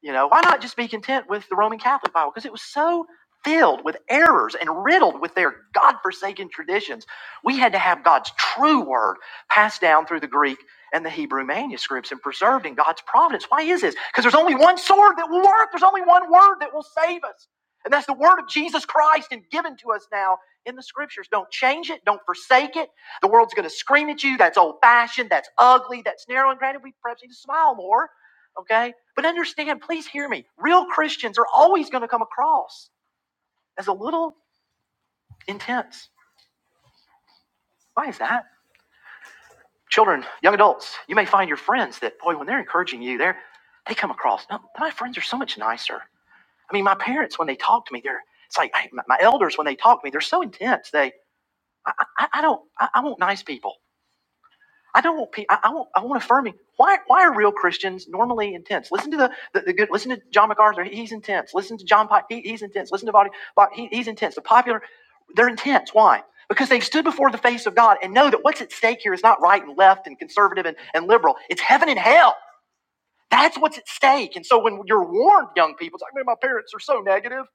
Speaker 1: You know, why not just be content with the Roman Catholic Bible? Because it was so filled with errors and riddled with their god-forsaken traditions. We had to have God's true word passed down through the Greek and the Hebrew manuscripts and preserved in God's providence. Why is this? Because there's only one sword that will work. There's only one word that will save us. And that's the word of Jesus Christ and given to us now in the scriptures. Don't change it. Don't forsake it. The world's going to scream at you. That's old fashioned. That's ugly. That's narrow. And granted, we perhaps need to smile more okay? But understand, please hear me. Real Christians are always going to come across as a little intense. Why is that? Children, young adults, you may find your friends that, boy, when they're encouraging you, they're, they come across, no, my friends are so much nicer. I mean, my parents, when they talk to me, they're, it's like my my elders, when they talk to me, they're so intense. They, I, I, I don't, I, I want nice people. I don't want pe- I, I want I want affirming. Why why are real Christians normally intense? Listen to the, the, the good. Listen to John MacArthur. He's intense. Listen to John Pike. He, he's intense. Listen to Bobby. Bob, he, he's intense. The popular, they're intense. Why? Because they've stood before the face of God and know that what's at stake here is not right and left and conservative and, and liberal. It's heaven and hell. That's what's at stake. And so when you're warned, young people, it's like, man, my parents are so negative.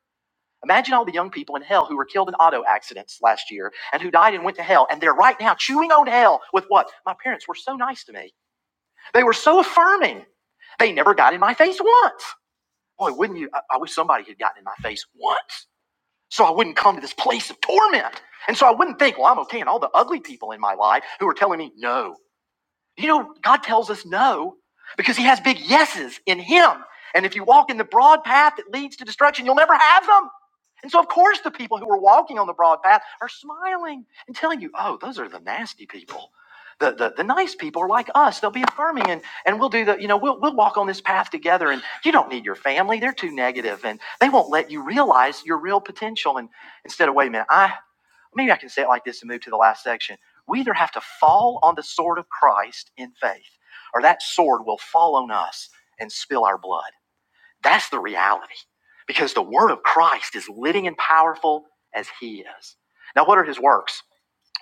Speaker 1: Imagine all the young people in hell who were killed in auto accidents last year and who died and went to hell. And they're right now chewing on hell with what? My parents were so nice to me. They were so affirming. They never got in my face once. Boy, wouldn't you? I, I wish somebody had gotten in my face once so I wouldn't come to this place of torment. And so I wouldn't think, well, I'm okay. And all the ugly people in my life who are telling me no you know, God tells us no because He has big yeses in Him. And if you walk in the broad path that leads to destruction, you'll never have them. And so, of course, the people who are walking on the broad path are smiling and telling you, oh, those are the nasty people. The, the, the nice people are like us. They'll be affirming and, and we'll do the, you know, we'll, we'll walk on this path together. And you don't need your family. They're too negative and they won't let you realize your real potential. And instead of, wait a minute, I, Maybe I can say it like this and move to the last section. We either have to fall on the sword of Christ in faith, or that sword will fall on us and spill our blood. That's the reality. Because the word of Christ is living and powerful as he is. Now, what are his works?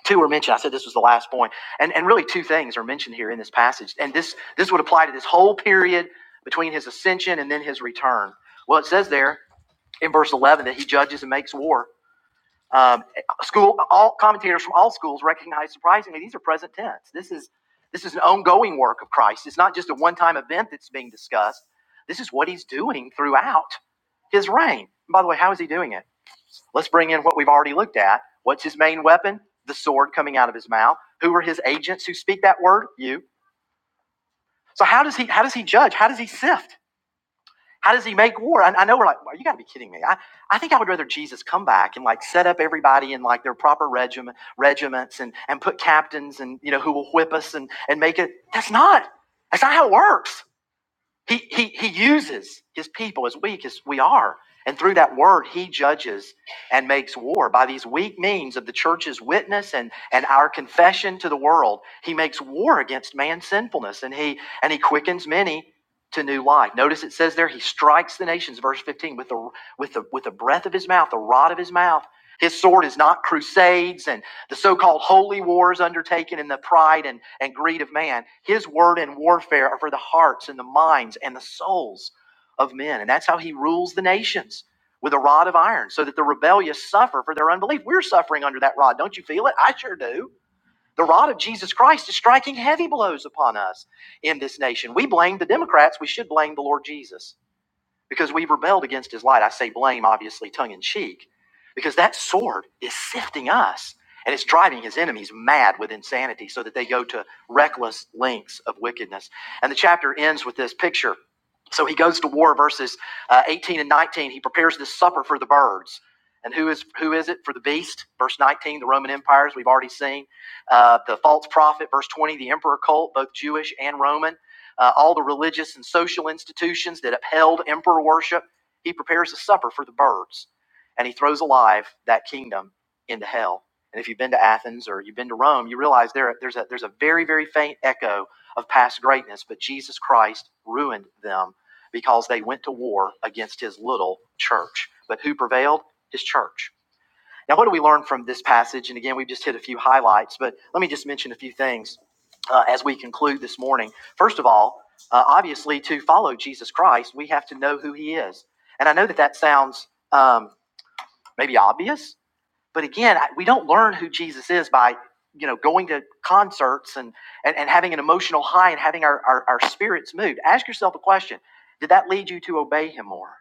Speaker 1: Two are mentioned. I said this was the last point. And, and really, two things are mentioned here in this passage. And this, this would apply to this whole period between his ascension and then his return. Well, it says there in verse 11 that he judges and makes war. Um, school, all commentators from all schools recognize surprisingly these are present tense. This is this is an ongoing work of Christ. It's not just a one-time event that's being discussed. This is what he's doing throughout his reign. And by the way, how is he doing it? Let's bring in what we've already looked at. What's his main weapon? The sword coming out of his mouth. Who are his agents who speak that word? You. So how does he how does he judge? How does he sift? How does he make war? I, I know we're like, well, you got to be kidding me. I, I think I would rather Jesus come back and like set up everybody in like their proper regiment, regiments and, and put captains and, you know, who will whip us and, and make it. That's not, that's not how it works. He, he, he uses his people as weak as we are. And through that word, he judges and makes war. By these weak means of the church's witness and, and our confession to the world, he makes war against man's sinfulness and he, and he quickens many to new life. Notice it says there, he strikes the nations, verse 15, with the, with the, with the breath of his mouth, the rod of his mouth. His sword is not crusades and the so-called holy wars undertaken in the pride and, and greed of man his word and warfare are for the hearts and the minds and the souls of men and that's how he rules the nations with a rod of iron so that the rebellious suffer for their unbelief we're suffering under that rod don't you feel it i sure do the rod of jesus christ is striking heavy blows upon us in this nation we blame the democrats we should blame the lord jesus because we've rebelled against his light. I say blame, obviously, tongue in cheek, because that sword is sifting us and it's driving his enemies mad with insanity so that they go to reckless lengths of wickedness. And the chapter ends with this picture. So he goes to war, verses uh, 18 and 19. He prepares this supper for the birds. And who is, who is it for the beast? Verse 19, the Roman empires, we've already seen. Uh, the false prophet, verse 20, the emperor cult, both Jewish and Roman uh, all the religious and social institutions that upheld emperor worship. He prepares a supper for the birds and he throws alive that kingdom into hell. And if you've been to Athens or you've been to Rome, you realize there, there's, a, there's a very, very faint echo of past greatness, but Jesus Christ ruined them because they went to war against his little church. But who prevailed? His church. Now, what do we learn from this passage? And again, we've just hit a few highlights, but let me just mention a few things uh, as we conclude this morning. First of all, uh, obviously, to follow Jesus Christ, we have to know who he is. And I know that that sounds um, maybe obvious, but again, we don't learn who Jesus is by you know going to concerts and, and, and having an emotional high and having our, our, our spirits moved. Ask yourself a question Did that lead you to obey him more?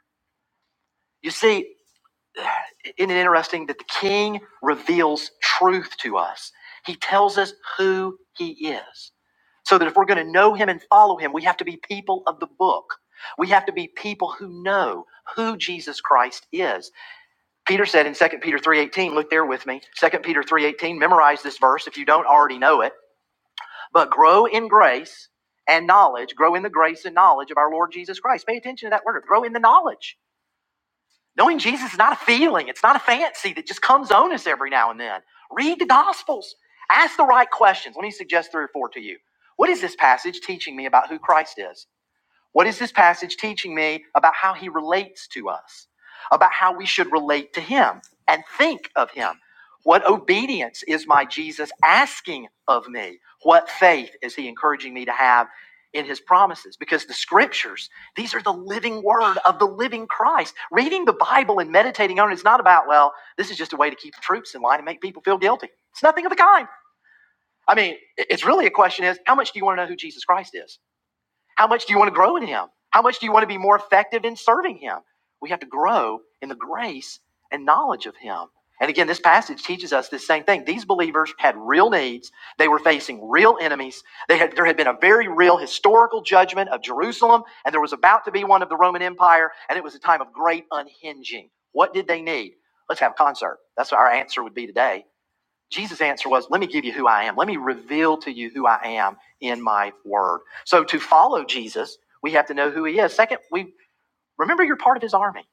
Speaker 1: You see, isn't it interesting that the king reveals truth to us? He tells us who he is. So that if we're going to know him and follow him, we have to be people of the book. We have to be people who know who Jesus Christ is. Peter said in Second Peter 3:18, look there with me. Second Peter 3:18, memorize this verse if you don't already know it, but grow in grace and knowledge, grow in the grace and knowledge of our Lord Jesus Christ. Pay attention to that word, grow in the knowledge. Knowing Jesus is not a feeling, it's not a fancy that just comes on us every now and then. Read the Gospels, ask the right questions. Let me suggest three or four to you. What is this passage teaching me about who Christ is? What is this passage teaching me about how he relates to us, about how we should relate to him and think of him? What obedience is my Jesus asking of me? What faith is he encouraging me to have in his promises? Because the scriptures, these are the living word of the living Christ. Reading the Bible and meditating on it is not about, well, this is just a way to keep the troops in line and make people feel guilty. It's nothing of the kind. I mean, it's really a question is how much do you want to know who Jesus Christ is? How much do you want to grow in Him? How much do you want to be more effective in serving Him? We have to grow in the grace and knowledge of Him. And again, this passage teaches us this same thing. These believers had real needs. They were facing real enemies. They had, there had been a very real historical judgment of Jerusalem, and there was about to be one of the Roman Empire, and it was a time of great unhinging. What did they need? Let's have a concert. That's what our answer would be today. Jesus' answer was, Let me give you who I am. Let me reveal to you who I am in my word. So to follow Jesus, we have to know who he is. Second, we remember you're part of his army.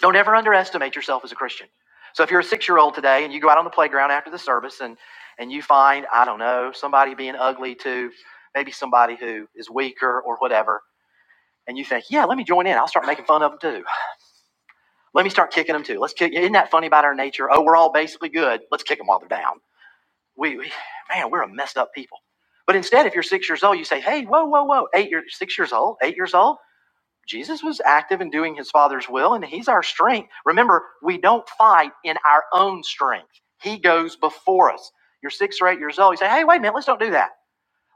Speaker 1: Don't ever underestimate yourself as a Christian. So if you're a six year old today and you go out on the playground after the service and, and you find, I don't know, somebody being ugly to maybe somebody who is weaker or whatever, and you think, yeah, let me join in. I'll start making fun of them too. Let me start kicking them too. Let's kick. Isn't that funny about our nature? Oh, we're all basically good. Let's kick them while they're down We, we, man, we're a messed up people. But instead, if you're six years old, you say, hey, whoa, whoa, whoa, eight years, six years old, eight years old. Jesus was active in doing his Father's will, and he's our strength. Remember, we don't fight in our own strength. He goes before us. You're six or eight years old. You say, hey, wait a minute, let's don't do that.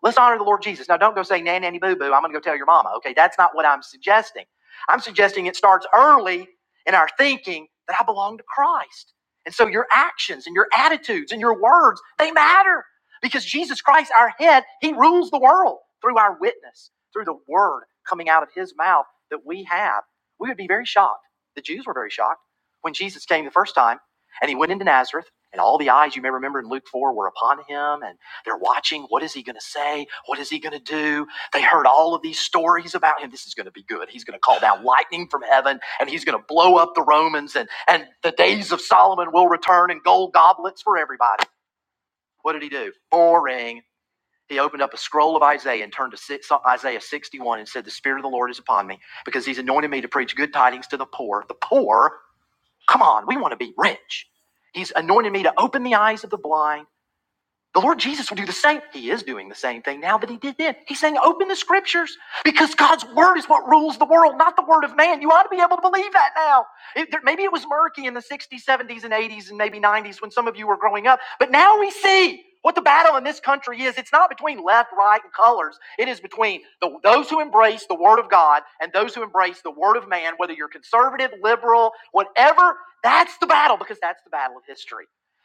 Speaker 1: Let's honor the Lord Jesus. Now, don't go saying, nanny, nanny, boo, boo, I'm going to go tell your mama. Okay, that's not what I'm suggesting. I'm suggesting it starts early in our thinking that I belong to Christ. And so your actions and your attitudes and your words, they matter because Jesus Christ, our head, he rules the world through our witness, through the word coming out of his mouth that we have. We would be very shocked. The Jews were very shocked when Jesus came the first time and he went into Nazareth and all the eyes you may remember in Luke 4 were upon him and. They're watching. What is he going to say? What is he going to do? They heard all of these stories about him. This is going to be good. He's going to call down lightning from heaven and he's going to blow up the Romans and, and the days of Solomon will return and gold goblets for everybody. What did he do? Boring. He opened up a scroll of Isaiah and turned to si, so, Isaiah 61 and said, The Spirit of the Lord is upon me because he's anointed me to preach good tidings to the poor. The poor? Come on, we want to be rich. He's anointed me to open the eyes of the blind the Lord Jesus will do the same. He is doing the same thing now that he did then. He's saying, open the scriptures because God's word is what rules the world, not the word of man. You ought to be able to believe that now. It- there- maybe it was murky in the 60s, 70s, and 80s, and maybe 90s when some of you were growing up, but now we see. What the battle in this country is, it's not between left, right, and colors. It is between the, those who embrace the Word of God and those who embrace the Word of man, whether you're conservative, liberal, whatever, that's the battle because that's the battle of history.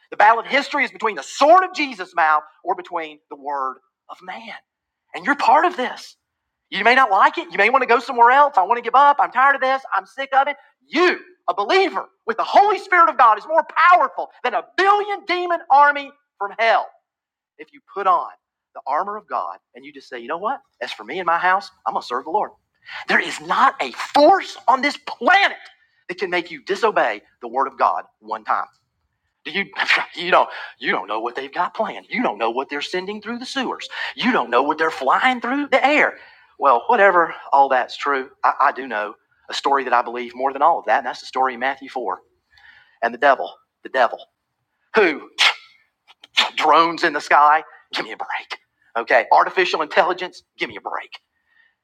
Speaker 1: The battle of history is between the sword of Jesus' mouth or between the word of man. And you're part of this. You may not like it. You may want to go somewhere else. I want to give up. I'm tired of this. I'm sick of it. You, a believer with the Holy Spirit of God, is more powerful than a billion demon army from hell if you put on the armor of God and you just say, you know what? As for me and my house, I'm going to serve the Lord. There is not a force on this planet that can make you disobey the word of God one time. Do You, (laughs) you don't you don't know what they've got planned. You don't know what they're sending through the sewers. You don't know what they're flying through the air. Well, whatever, all that's true. I, I do know a story that I believe more than all of that, and that's the story in Matthew 4. And the devil, the devil, who (sniffs) drones in the sky, give me a break. Okay, artificial intelligence, give me a break.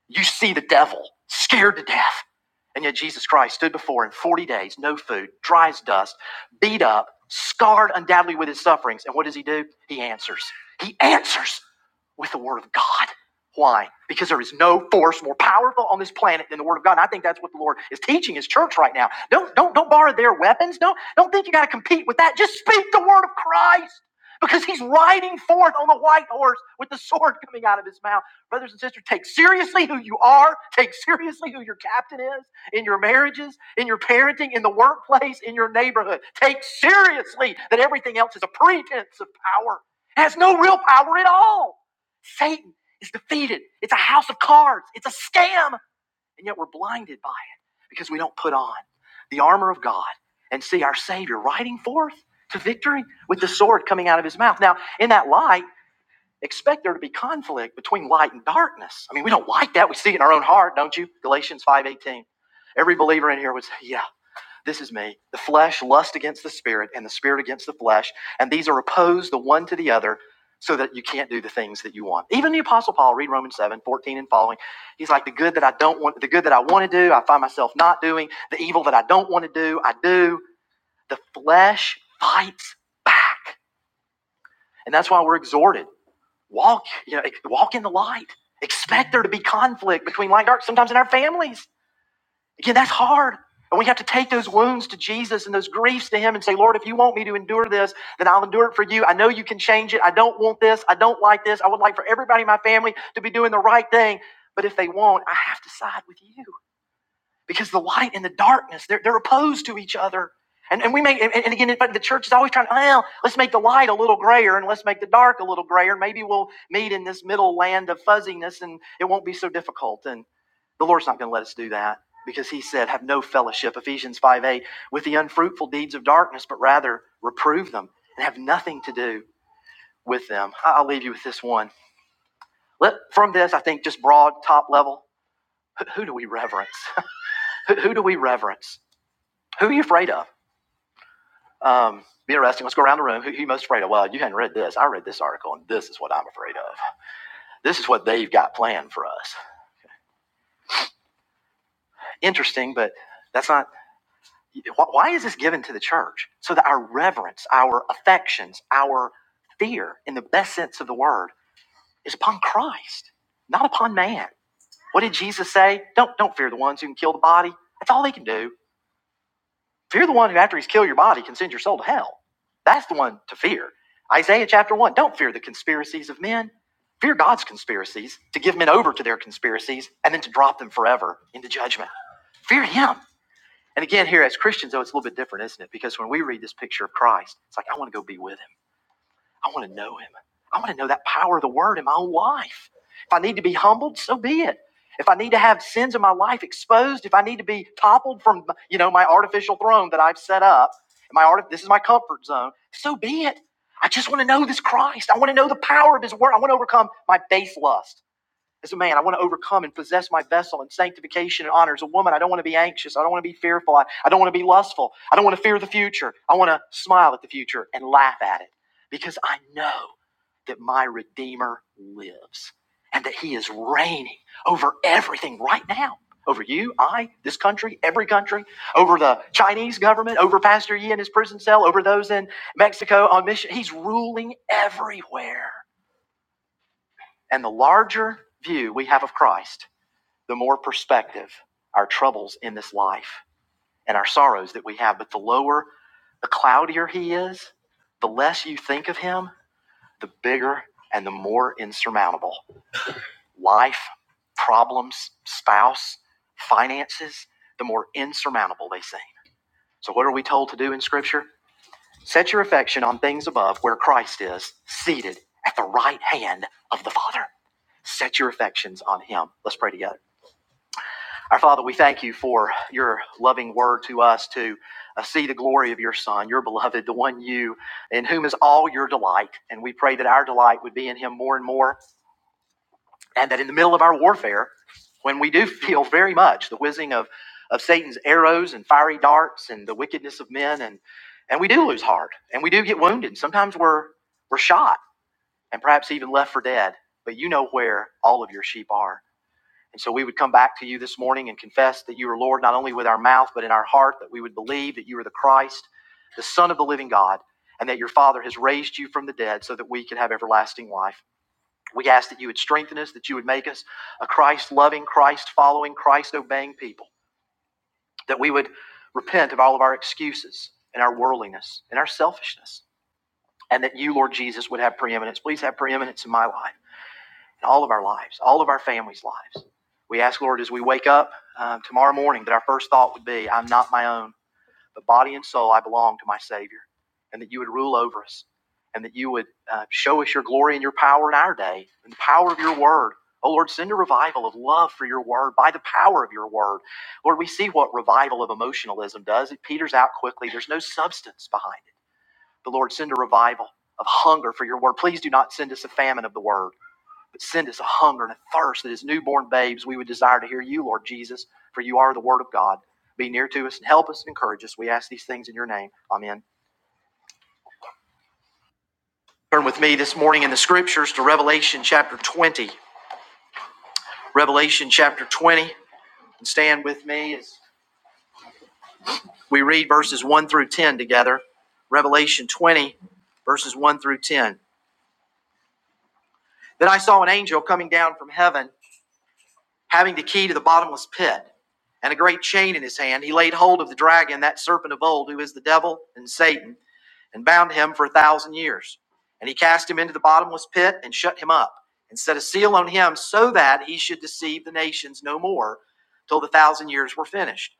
Speaker 1: You see the devil scared to death. And yet Jesus Christ stood before him 40 days, no food, dry as dust, beat up, scarred undoubtedly with his sufferings. And what does he do? He answers. He answers with the word of God. Why? Because there is no force more powerful on this planet than the word of God. And I think that's what the Lord is teaching his church right now. Don't don't don't borrow their weapons. Don't don't think you got to compete with that. Just speak the word of Christ because he's riding forth on the white horse with the sword coming out of his mouth. Brothers and sisters, take seriously who you are. Take seriously who your captain is in your marriages, in your parenting, in the workplace, in your neighborhood. Take seriously that everything else is a pretense of power. It has no real power at all. Satan is defeated. It's a house of cards. It's a scam. And yet we're blinded by it because we don't put on the armor of God and see our Savior riding forth to victory with the sword coming out of his mouth. Now, in that light, expect there to be conflict between light and darkness. I mean, we don't like that. We see it in our own heart, don't you? Galatians 5:18. Every believer in here would say, "Yeah, this is me. The flesh lusts against the spirit and the spirit against the flesh, and these are opposed the one to the other." So that you can't do the things that you want. Even the Apostle Paul, read Romans 7 14 and following. He's like, the good that I don't want, the good that I want to do, I find myself not doing. The evil that I don't want to do, I do. The flesh fights back. And that's why we're exhorted. Walk, you know, walk in the light. Expect there to be conflict between light and dark, sometimes in our families. Again, that's hard. And we have to take those wounds to Jesus and those griefs to Him and say, Lord, if you want me to endure this, then I'll endure it for you. I know you can change it. I don't want this. I don't like this. I would like for everybody in my family to be doing the right thing. But if they won't, I have to side with you because the light and the darkness, they're, they're opposed to each other. And, and we make, and, and again, but the church is always trying, well, let's make the light a little grayer and let's make the dark a little grayer. Maybe we'll meet in this middle land of fuzziness and it won't be so difficult. And the Lord's not going to let us do that because he said, have no fellowship, Ephesians 5 8, with the unfruitful deeds of darkness, but rather reprove them and have nothing to do with them. I- I'll leave you with this one. Let, from this, I think just broad top level, who, who do we reverence? (laughs) who who do we reverence? Who are you afraid of? Um, be interesting. Let's go around the room. Who, who you most afraid of? Well, you hadn't read this. I read this article, and this is what I'm afraid of. This is what they've got planned for us. Interesting, but that's not. Why is this given to the church? So that our reverence, our affections, our fear, in the best sense of the word, is upon Christ, not upon man. What did Jesus say? Don't don't fear the ones who can kill the body. That's all they can do. Fear the one who, after he's killed your body, can send your soul to hell. That's the one to fear. Isaiah chapter 1 Don't fear the conspiracies of men. Fear God's conspiracies to give men over to their conspiracies and then to drop them forever into judgment. Fear Him. And again, here as Christians, though, it's a little bit different, isn't it? Because when we read this picture of Christ, it's like, I want to go be with Him. I want to know him. I want to know that power of the word in my own life. If I need to be humbled, so be it. If I need to have sins in my life exposed, if I need to be toppled from you know my artificial throne that I've set up, my art this is my comfort zone, so be it. I just want to know this Christ. I want to know the power of his word. I want to overcome my base lust. As a man, I want to overcome and possess my vessel in sanctification and honor. As a woman, I don't want to be anxious. I don't want to be fearful. I, I don't want to be lustful. I don't want to fear the future. I want to smile at the future and laugh at it because I know that my Redeemer lives and that he is reigning over everything right now. Over you, I, this country, every country, over the Chinese government, over Pastor Yi in his prison cell, over those in Mexico on mission. He's ruling everywhere. And the larger view we have of Christ the more perspective our troubles in this life and our sorrows that we have. But the lower, the cloudier he is, the less you think of him, the bigger and the more insurmountable. Life, problems, spouse, finances, the more insurmountable they seem. So, what are we told to do in Scripture? Set your affection on things above where Christ is, seated at the right hand of the Father. Set your affections on him. Let's pray together. Our Father, we thank you for your loving word to us to uh, see the glory of your Son, your beloved, the one you, in whom is all your delight. And we pray that our delight would be in him more and more, and that in the middle of our warfare, when we do (laughs) feel very much the whizzing of, of Satan's arrows and fiery darts and the wickedness of men, and, and we do lose heart and we do get wounded. Sometimes we're, we're shot and perhaps even left for dead, but you know where all of your sheep are. And so we would come back to you this morning and confess that you are Lord, not only with our mouth, but in our heart, that we would believe that you are the Christ, the Son of the living God, and that your Father has raised you from the dead so that we can have everlasting life. We ask that you would strengthen us, that you would make us a Christ loving, Christ following, Christ obeying people, that we would repent of all of our excuses and our worldliness and our selfishness, and that you, Lord Jesus, would have preeminence. Please have preeminence in my life in all of our lives, all of our families' lives. We ask, Lord, as we wake up um, tomorrow morning, that our first thought would be, I'm not my own, but body and soul, I belong to my Savior, and that you would rule over us, and that you would uh, show us your glory and your power in our day, and the power of your word. Oh, Lord, send a revival of love for your word by the power of your word. Lord, we see what revival of emotionalism does. It peters out quickly, there's no substance behind it. But Lord, send a revival of hunger for your word. Please do not send us a famine of the word but send us a hunger and a thirst that as newborn babes we would desire to hear you, Lord Jesus, for you are the Word of God. Be near to us and help us and encourage us. We ask these things in your name. Amen. Turn with me this morning in the scriptures to Revelation chapter 20. Revelation chapter 20. And stand with me as we read verses 1 through 10 together. Revelation 20, verses 1 through 10. Then I saw an angel coming down from heaven having the key to the bottomless pit and a great chain in his hand, he laid hold of the dragon, that serpent of old, who is the devil and Satan, and bound him for a thousand years. And he cast him into the bottomless pit and shut him up, and set a seal on him so that he should deceive the nations no more till the thousand years were finished.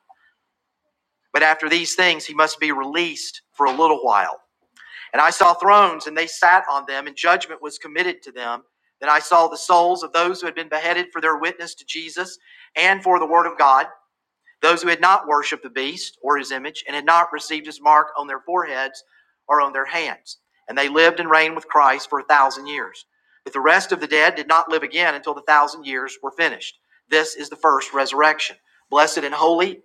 Speaker 1: But after these things, he must be released for a little while. And I saw thrones, and they sat on them, and judgment was committed to them. Then I saw the souls of those who had been beheaded for their witness to Jesus and for the word of God, those who had not worshipped the beast or his image, and had not received his mark on their foreheads or on their hands. And they lived and reigned with Christ for a thousand years. But the rest of the dead did not live again until the thousand years were finished. This is the first resurrection. Blessed and holy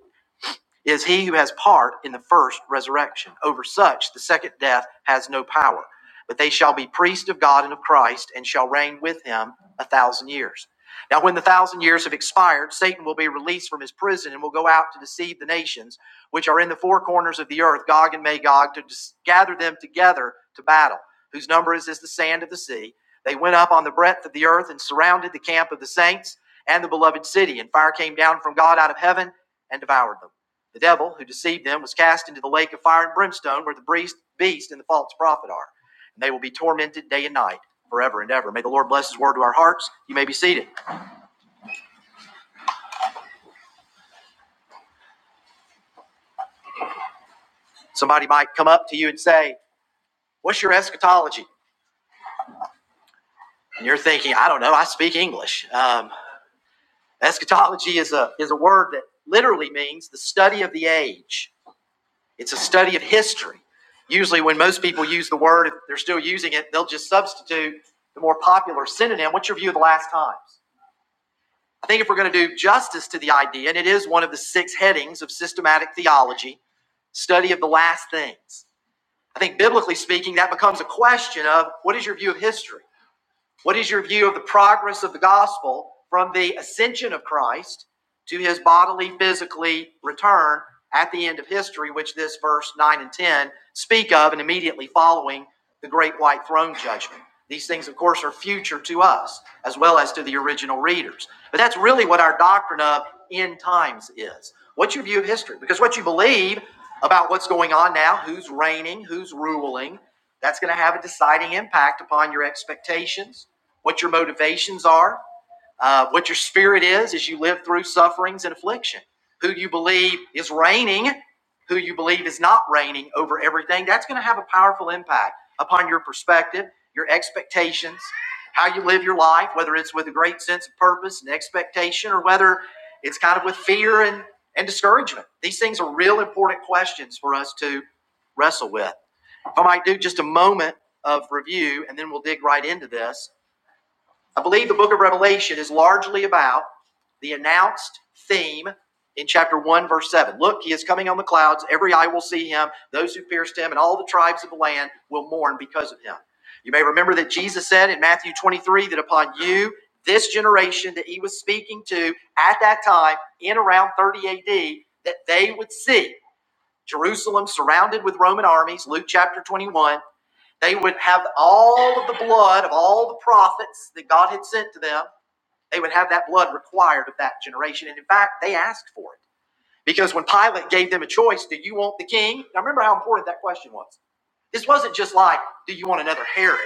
Speaker 1: is he who has part in the first resurrection. Over such, the second death has no power. But they shall be priests of God and of Christ, and shall reign with him a thousand years. Now, when the thousand years have expired, Satan will be released from his prison and will go out to deceive the nations which are in the four corners of the earth, Gog and Magog, to gather them together to battle, whose number is as the sand of the sea. They went up on the breadth of the earth and surrounded the camp of the saints and the beloved city, and fire came down from God out of heaven and devoured them. The devil who deceived them was cast into the lake of fire and brimstone where the beast and the false prophet are. And they will be tormented day and night forever and ever. May the Lord bless his word to our hearts. You may be seated. Somebody might come up to you and say, What's your eschatology? And you're thinking, I don't know, I speak English. Um, eschatology is a, is a word that literally means the study of the age, it's a study of history. Usually, when most people use the word, if they're still using it, they'll just substitute the more popular synonym. What's your view of the last times? I think if we're going to do justice to the idea, and it is one of the six headings of systematic theology, study of the last things, I think biblically speaking, that becomes a question of what is your view of history? What is your view of the progress of the gospel from the ascension of Christ to his bodily, physically return at the end of history, which this verse 9 and 10 speak of, and immediately following the great white throne judgment? These things, of course, are future to us as well as to the original readers. But that's really what our doctrine of end times is. What's your view of history? Because what you believe about what's going on now, who's reigning, who's ruling, that's going to have a deciding impact upon your expectations what your motivations are, uh, what your spirit is as you live through sufferings and affliction, who you believe is reigning, who you believe is not reigning over everything. That's going to have a powerful impact upon your perspective, your expectations, how you live your life, whether it's with a great sense of purpose and expectation or whether it's kind of with fear and, and discouragement. These things are real important questions for us to wrestle with. If I might do just a moment of review and then we'll dig right into this I believe the book of Revelation is largely about the announced theme in chapter 1, verse 7. Look, he is coming on the clouds. Every eye will see him. Those who pierced him and all the tribes of the land will mourn because of him. You may remember that Jesus said in Matthew 23 that upon you, this generation that he was speaking to at that time, in around 30 AD, that they would see Jerusalem surrounded with Roman armies, Luke chapter 21 they would have all of the blood of all the prophets that God had sent to them. They would have that blood required of that generation. And in fact, they asked for it. Because when Pilate gave them a choice, do you want the king? Now remember how important that question was. This wasn't just like, do you want another Herod?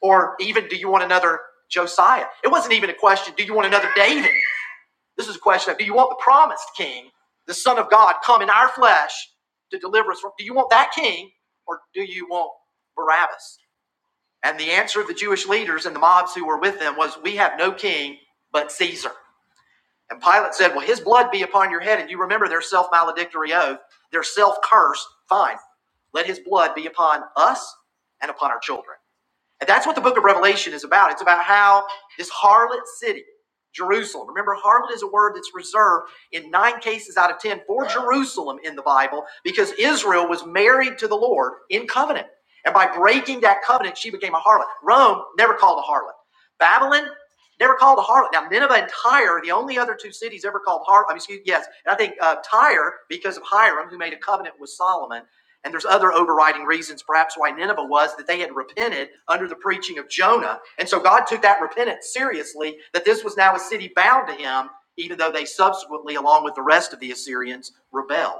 Speaker 1: Or even, do you want another Josiah? It wasn't even a question, do you want another David? This is a question of, do you want the promised king, the Son of God, come in our flesh to deliver us from? Do you want that king or do you want Barabbas? And the answer of the Jewish leaders and the mobs who were with them was, We have no king but Caesar. And Pilate said, Well, his blood be upon your head. And you remember their self maledictory oath, their self curse. Fine. Let his blood be upon us and upon our children. And that's what the book of Revelation is about. It's about how this harlot city, Jerusalem, remember, harlot is a word that's reserved in nine cases out of ten for Jerusalem in the Bible because Israel was married to the Lord in covenant. And by breaking that covenant, she became a harlot. Rome never called a harlot. Babylon never called a harlot. Now, Nineveh and Tyre, the only other two cities ever called harlot, I mean, excuse, yes, and I think uh, Tyre, because of Hiram, who made a covenant with Solomon and there's other overriding reasons, perhaps, why Nineveh was that they had repented under the preaching of Jonah. And so God took that repentance seriously, that this was now a city bound to him, even though they subsequently, along with the rest of the Assyrians, rebelled.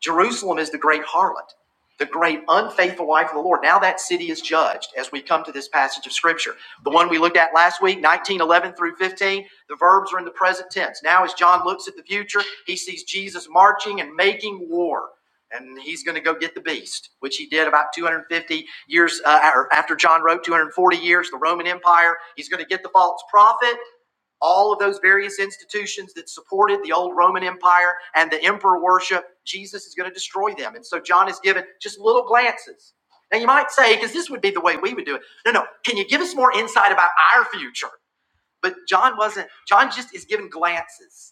Speaker 1: Jerusalem is the great harlot, the great unfaithful wife of the Lord. Now that city is judged as we come to this passage of scripture. The one we looked at last week, 1911 through 15, the verbs are in the present tense. Now, as John looks at the future, he sees Jesus marching and making war. And he's going to go get the beast, which he did about 250 years uh, after John wrote, 240 years, the Roman Empire. He's going to get the false prophet all of those various institutions that supported the old Roman Empire and the emperor worship, Jesus is going to destroy them. And so John is given just little glances. Now you might say, because this would be the way we would do it. No, no. Can you give us more insight about our future? But John wasn't. John just is given glances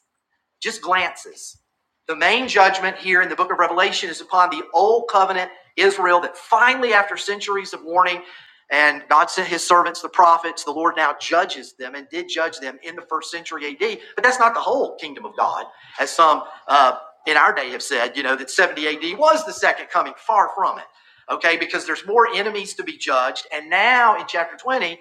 Speaker 1: just glances. The main judgment here in the book of Revelation is upon the old covenant Israel that finally, after centuries of warning, and God sent his servants, the prophets, the Lord now judges them and did judge them in the first century AD. But that's not the whole kingdom of God, as some uh, in our day have said, you know, that 70 AD was the second coming. Far from it. Okay, because there's more enemies to be judged. And now in chapter 20,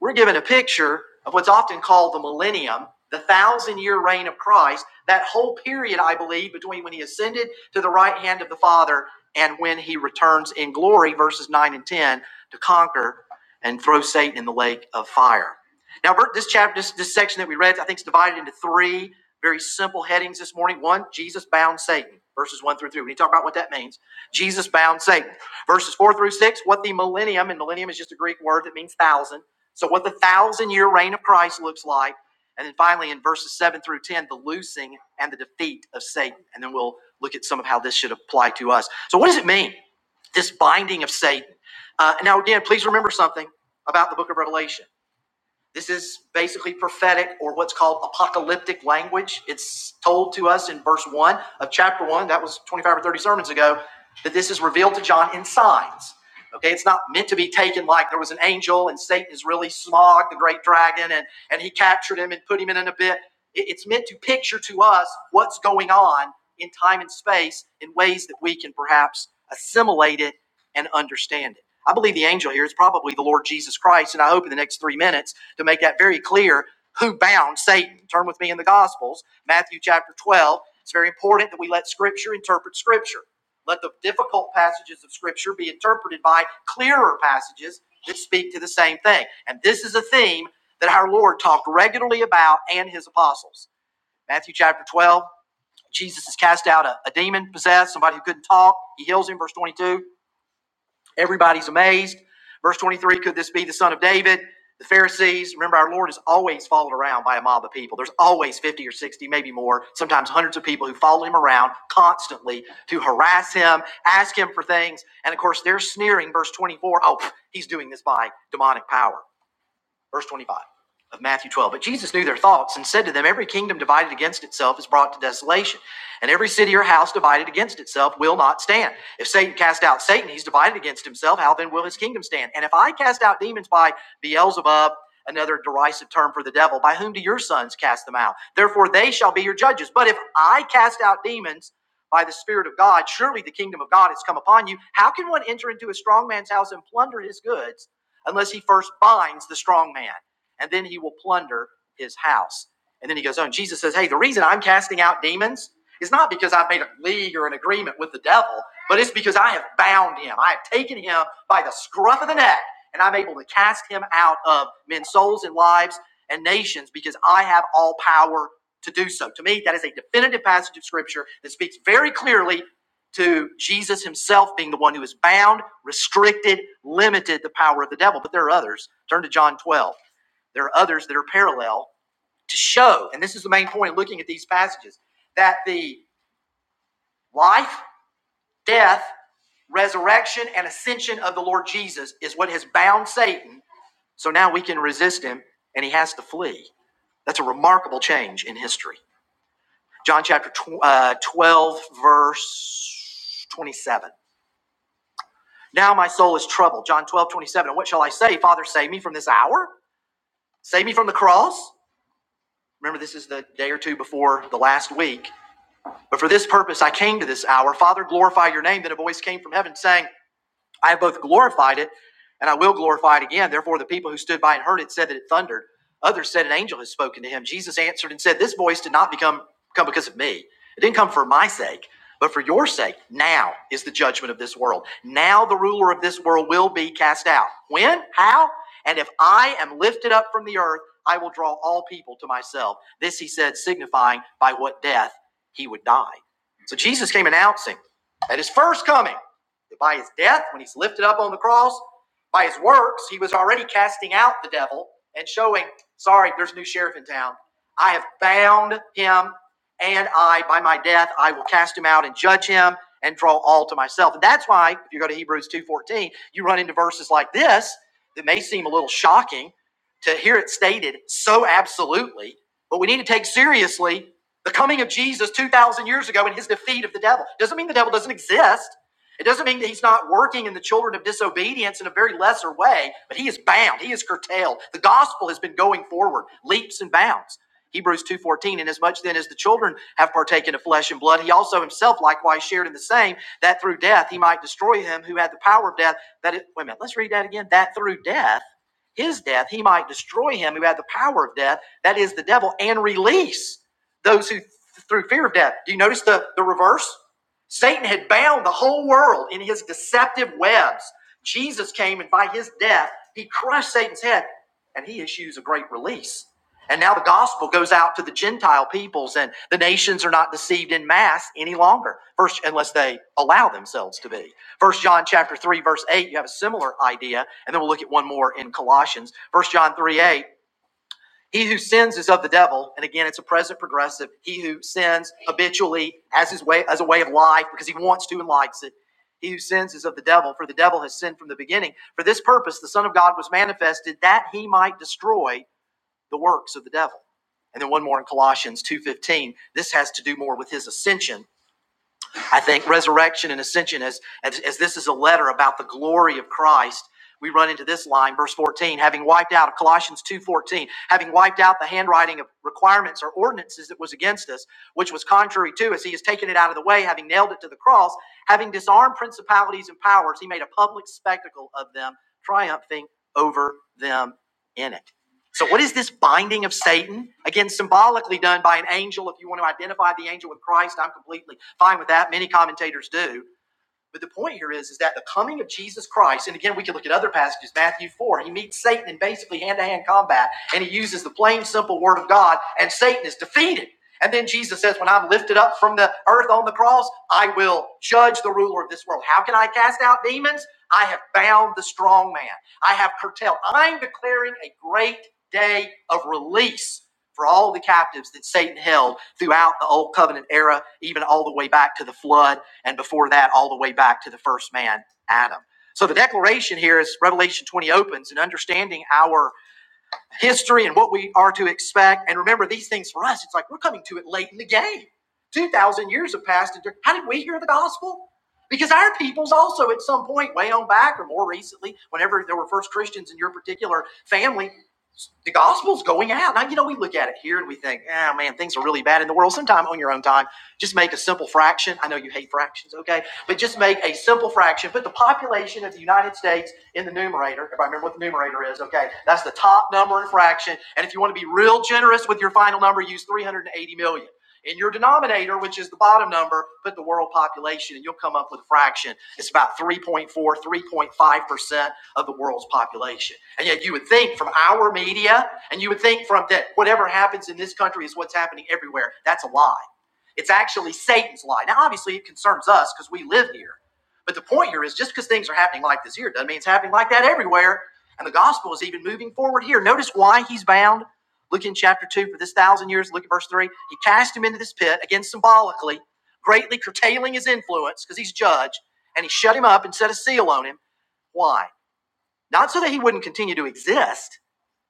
Speaker 1: we're given a picture of what's often called the millennium, the thousand year reign of Christ, that whole period, I believe, between when he ascended to the right hand of the Father and when he returns in glory, verses 9 and 10, to conquer and throw Satan in the lake of fire. Now, this chapter, this, this section that we read, I think is divided into three very simple headings this morning. One, Jesus bound Satan, verses 1 through 3. We need to talk about what that means. Jesus bound Satan. Verses 4 through 6, what the millennium, and millennium is just a Greek word that means thousand so, what the thousand year reign of Christ looks like. And then finally, in verses 7 through 10, the loosing and the defeat of Satan. And then we'll look at some of how this should apply to us. So, what does it mean, this binding of Satan? Uh, now, again, please remember something about the book of Revelation. This is basically prophetic or what's called apocalyptic language. It's told to us in verse 1 of chapter 1, that was 25 or 30 sermons ago, that this is revealed to John in signs. Okay, it's not meant to be taken like there was an angel and Satan is really Smog, the great dragon, and, and he captured him and put him in an abyss. It's meant to picture to us what's going on in time and space in ways that we can perhaps assimilate it and understand it. I believe the angel here is probably the Lord Jesus Christ, and I hope in the next three minutes to make that very clear who bound Satan. Turn with me in the Gospels, Matthew chapter 12. It's very important that we let Scripture interpret Scripture. Let the difficult passages of Scripture be interpreted by clearer passages that speak to the same thing. And this is a theme that our Lord talked regularly about and his apostles. Matthew chapter 12, Jesus has cast out a, a demon possessed, somebody who couldn't talk. He heals him, verse 22. Everybody's amazed. Verse 23 could this be the son of David? The Pharisees, remember, our Lord is always followed around by a mob of people. There's always 50 or 60, maybe more, sometimes hundreds of people who follow him around constantly to harass him, ask him for things. And of course, they're sneering, verse 24: Oh, he's doing this by demonic power verse 25 of Matthew 12. But Jesus knew their thoughts and said to them, Every kingdom divided against itself is brought to desolation, and every city or house divided against itself will not stand. If Satan cast out Satan, he's divided against himself. How then will his kingdom stand? And if I cast out demons by Beelzebub, another derisive term for the devil, by whom do your sons cast them out? Therefore they shall be your judges. But if I cast out demons, by the Spirit of God, surely the kingdom of God has come upon you. How can one enter into a strong man's house and plunder his goods unless he first binds the strong man, and then he will plunder his house. And then he goes on. Jesus says, Hey, the reason I'm casting out demons is not because I've made a league or an agreement with the devil, but it's because I have bound him. I have taken him by the scruff of the neck, and I'm able to cast him out of men's souls and lives and nations because I have all power to do so. To me, that is a definitive passage of scripture that speaks very clearly to Jesus himself being the one who is bound, restricted, limited the power of the devil. But there are others. Turn to John 12. There are others that are parallel to show, and this is the main point looking at these passages, that the life, death, resurrection, and ascension of the Lord Jesus is what has bound Satan. So now we can resist him and he has to flee. That's a remarkable change in history. John chapter uh, 12, verse 27. Now my soul is troubled. John 12 27. And what shall I say? Father, save me from this hour? Save me from the cross? Remember, this is the day or two before the last week. But for this purpose I came to this hour. Father, glorify your name. Then a voice came from heaven saying, I have both glorified it and I will glorify it again. Therefore, the people who stood by and heard it said that it thundered. Others said an angel has spoken to him. Jesus answered and said, This voice did not become come because of me. It didn't come for my sake, but for your sake. Now is the judgment of this world. Now the ruler of this world will be cast out. When? How? And if I am lifted up from the earth, I will draw all people to myself. This he said, signifying by what death he would die. So Jesus came announcing at his first coming that By his death, when he's lifted up on the cross, by his works, he was already casting out the devil and showing, sorry, there's a new sheriff in town. I have bound him, and I, by my death, I will cast him out and judge him and draw all to myself. And that's why, if you go to Hebrews 2.14, you run into verses like this that may seem a little shocking to hear it stated so absolutely, but we need to take seriously the coming of Jesus 2,000 years ago and his defeat of the devil. Doesn't mean the devil doesn't exist. It doesn't mean that he's not working in the children of disobedience in a very lesser way, but he is bound. He is curtailed. The gospel has been going forward, leaps and bounds. Hebrews 2:14 and as much then as the children have partaken of flesh and blood he also himself likewise shared in the same that through death he might destroy him who had the power of death that it, wait a minute let's read that again that through death his death he might destroy him who had the power of death that is the devil and release those who through fear of death do you notice the the reverse Satan had bound the whole world in his deceptive webs. Jesus came and by his death, he crushed Satan's head and he issues a great release. And now the gospel goes out to the Gentile peoples and the nations are not deceived in mass any longer. First, unless they allow themselves to be. First John chapter three, verse eight, you have a similar idea. And then we'll look at one more in Colossians. First John three, eight. He who sins is of the devil, and again, it's a present progressive. He who sins habitually as his way as a way of life because he wants to and likes it. He who sins is of the devil, for the devil has sinned from the beginning. For this purpose, the Son of God was manifested that he might destroy the works of the devil. And then one more in Colossians two fifteen. This has to do more with his ascension I think resurrection and ascension, as, as, as this is a letter about the glory of Christ, we run into this line, verse 14, having wiped out, Colossians 2.14, having wiped out the handwriting of requirements or ordinances that was against us, which was contrary to us, he has taken it out of the way, having nailed it to the cross, having disarmed principalities and powers, he made a public spectacle of them, triumphing over them in it. So, what is this binding of Satan? Again, symbolically done by an angel. If you want to identify the angel with Christ, I'm completely fine with that. Many commentators do. But the point here is, is that the coming of Jesus Christ, and again, we can look at other passages, Matthew 4, he meets Satan in basically hand to hand combat, and he uses the plain, simple word of God, and Satan is defeated. And then Jesus says, When I'm lifted up from the earth on the cross, I will judge the ruler of this world. How can I cast out demons? I have bound the strong man, I have curtailed. I'm declaring a great day of release for all the captives that Satan held throughout the Old Covenant era, even all the way back to the flood and before that, all the way back to the first man, Adam. So the declaration here is Revelation 20 opens and understanding our history and what we are to expect. And remember, these things for us, it's like we're coming to it late in the game. 2,000 years have passed. And how did we hear the gospel? Because our peoples also, at some point, way on back or more recently, whenever there were first Christians in your particular family, the gospel's going out. Now, you know, we look at it here and we think, oh man, things are really bad in the world. Sometime on your own time, just make a simple fraction. I know you hate fractions, okay? But just make a simple fraction. Put the population of the United States in the numerator. Everybody remember what the numerator is, okay? That's the top number in fraction. And if you want to be real generous with your final number, use 380 million. In your denominator, which is the bottom number, put the world population and you'll come up with a fraction. It's about 3.4, 3.5% of the world's population. And yet you would think from our media and you would think from that whatever happens in this country is what's happening everywhere. That's a lie. It's actually Satan's lie. Now, obviously, it concerns us because we live here. But the point here is just because things are happening like this here doesn't mean it's happening like that everywhere. And the gospel is even moving forward here. Notice why he's bound. Look in chapter 2 for this thousand years. Look at verse 3. He cast him into this pit, again symbolically, greatly curtailing his influence because he's judge. And he shut him up and set a seal on him. Why? Not so that he wouldn't continue to exist,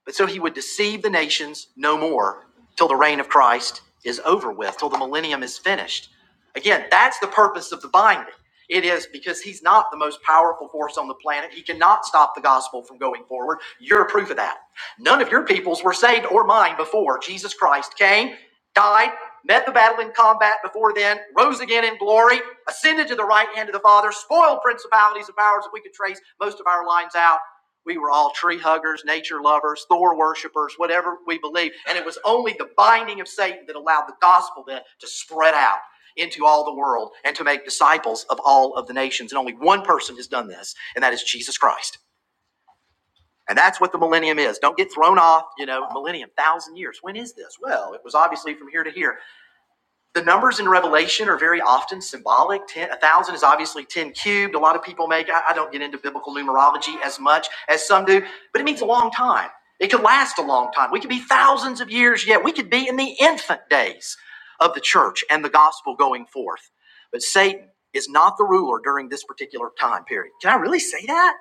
Speaker 1: but so he would deceive the nations no more till the reign of Christ is over with, till the millennium is finished. Again, that's the purpose of the binding. It is because he's not the most powerful force on the planet. He cannot stop the gospel from going forward. You're a proof of that. None of your peoples were saved or mine before Jesus Christ came, died, met the battle in combat before then, rose again in glory, ascended to the right hand of the Father, spoiled principalities and powers that we could trace most of our lines out we were all tree huggers, nature lovers, Thor worshipers, whatever we believed. And it was only the binding of Satan that allowed the gospel then to spread out into all the world and to make disciples of all of the nations. And only one person has done this, and that is Jesus Christ. And that's what the millennium is. Don't get thrown off, you know, millennium, thousand years. When is this? Well, it was obviously from here to here. The numbers in Revelation are very often symbolic. Ten, a thousand is obviously ten cubed. A lot of people make. I, I don't get into biblical numerology as much as some do, but it means a long time. It could last a long time. We could be thousands of years yet. We could be in the infant days of the church and the gospel going forth. But Satan is not the ruler during this particular time period. Can I really say that?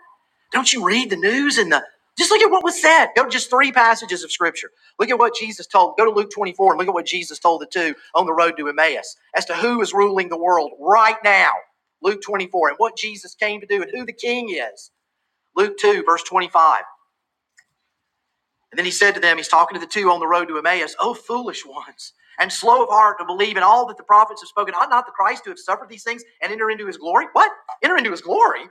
Speaker 1: Don't you read the news and the? Just look at what was said. Go just three passages of scripture. Look at what Jesus told. Go to Luke 24 and look at what Jesus told the two on the road to Emmaus as to who is ruling the world right now. Luke 24 and what Jesus came to do and who the king is. Luke 2, verse 25. And then he said to them, he's talking to the two on the road to Emmaus, Oh, foolish ones, and slow of heart to believe in all that the prophets have spoken. Ought not the Christ to have suffered these things and enter into his glory? What? Enter into his glory?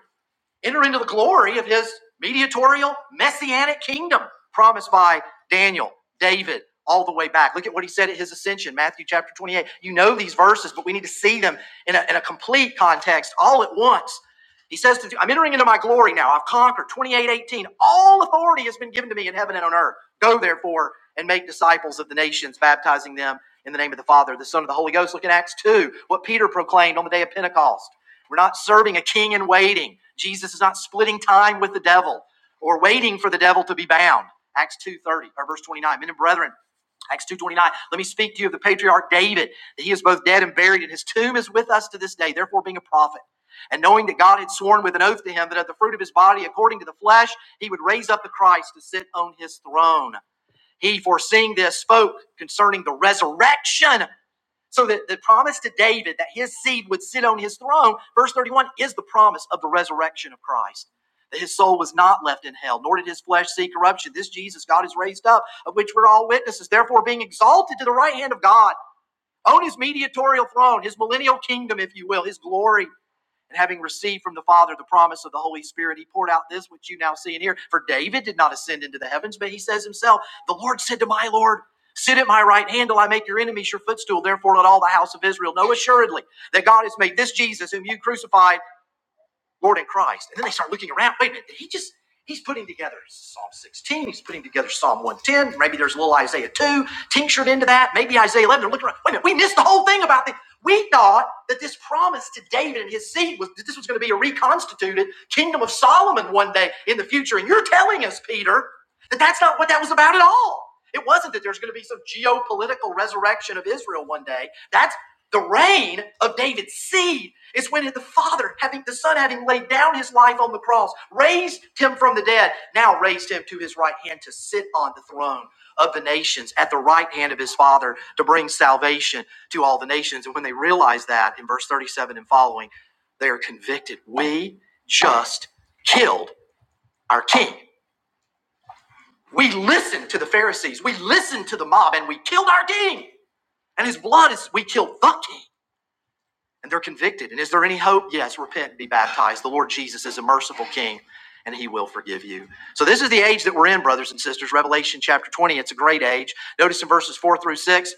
Speaker 1: enter into the glory of his mediatorial messianic kingdom promised by Daniel, David, all the way back. Look at what he said at his ascension, Matthew chapter 28. You know these verses, but we need to see them in a, in a complete context all at once. He says, to, I'm entering into my glory now. I've conquered. 28:18. All authority has been given to me in heaven and on earth. Go therefore and make disciples of the nations, baptizing them in the name of the Father, the Son, of the Holy Ghost. Look at Acts 2, what Peter proclaimed on the day of Pentecost. We're not serving a king in waiting. Jesus is not splitting time with the devil or waiting for the devil to be bound. Acts 2:30 or verse 29. Men and brethren, Acts 2:29. Let me speak to you of the patriarch David, that he is both dead and buried, and his tomb is with us to this day, therefore being a prophet. And knowing that God had sworn with an oath to him that of the fruit of his body, according to the flesh, he would raise up the Christ to sit on his throne. He, foreseeing this, spoke concerning the resurrection so that the promise to David that his seed would sit on his throne, verse 31, is the promise of the resurrection of Christ. That his soul was not left in hell, nor did his flesh see corruption. This Jesus God is raised up, of which we're all witnesses, therefore being exalted to the right hand of God, on his mediatorial throne, his millennial kingdom, if you will, his glory. And having received from the Father the promise of the Holy Spirit, he poured out this which you now see and hear. For David did not ascend into the heavens, but he says himself, The Lord said to my Lord, Sit at my right hand till I make your enemies your footstool. Therefore, let all the house of Israel know assuredly that God has made this Jesus, whom you crucified. Lord in Christ. And then they start looking around. Wait a minute, did he just, he's putting together Psalm 16, he's putting together Psalm 110, maybe there's a little Isaiah 2 tinctured into that, maybe Isaiah 11. They're looking around. Wait a minute, we missed the whole thing about this. We thought that this promise to David and his seed was that this was going to be a reconstituted kingdom of Solomon one day in the future. And you're telling us, Peter, that that's not what that was about at all. It wasn't that there's going to be some geopolitical resurrection of Israel one day. That's the reign of David's seed is when the Father, having the Son, having laid down his life on the cross, raised him from the dead, now raised him to his right hand to sit on the throne of the nations at the right hand of his Father to bring salvation to all the nations. And when they realize that in verse 37 and following, they are convicted. We just killed our king. We listened to the Pharisees, we listened to the mob, and we killed our king. And his blood is, we killed the king. and they're convicted. And is there any hope? Yes, repent and be baptized. The Lord Jesus is a merciful King, and He will forgive you. So, this is the age that we're in, brothers and sisters. Revelation chapter 20, it's a great age. Notice in verses 4 through 6.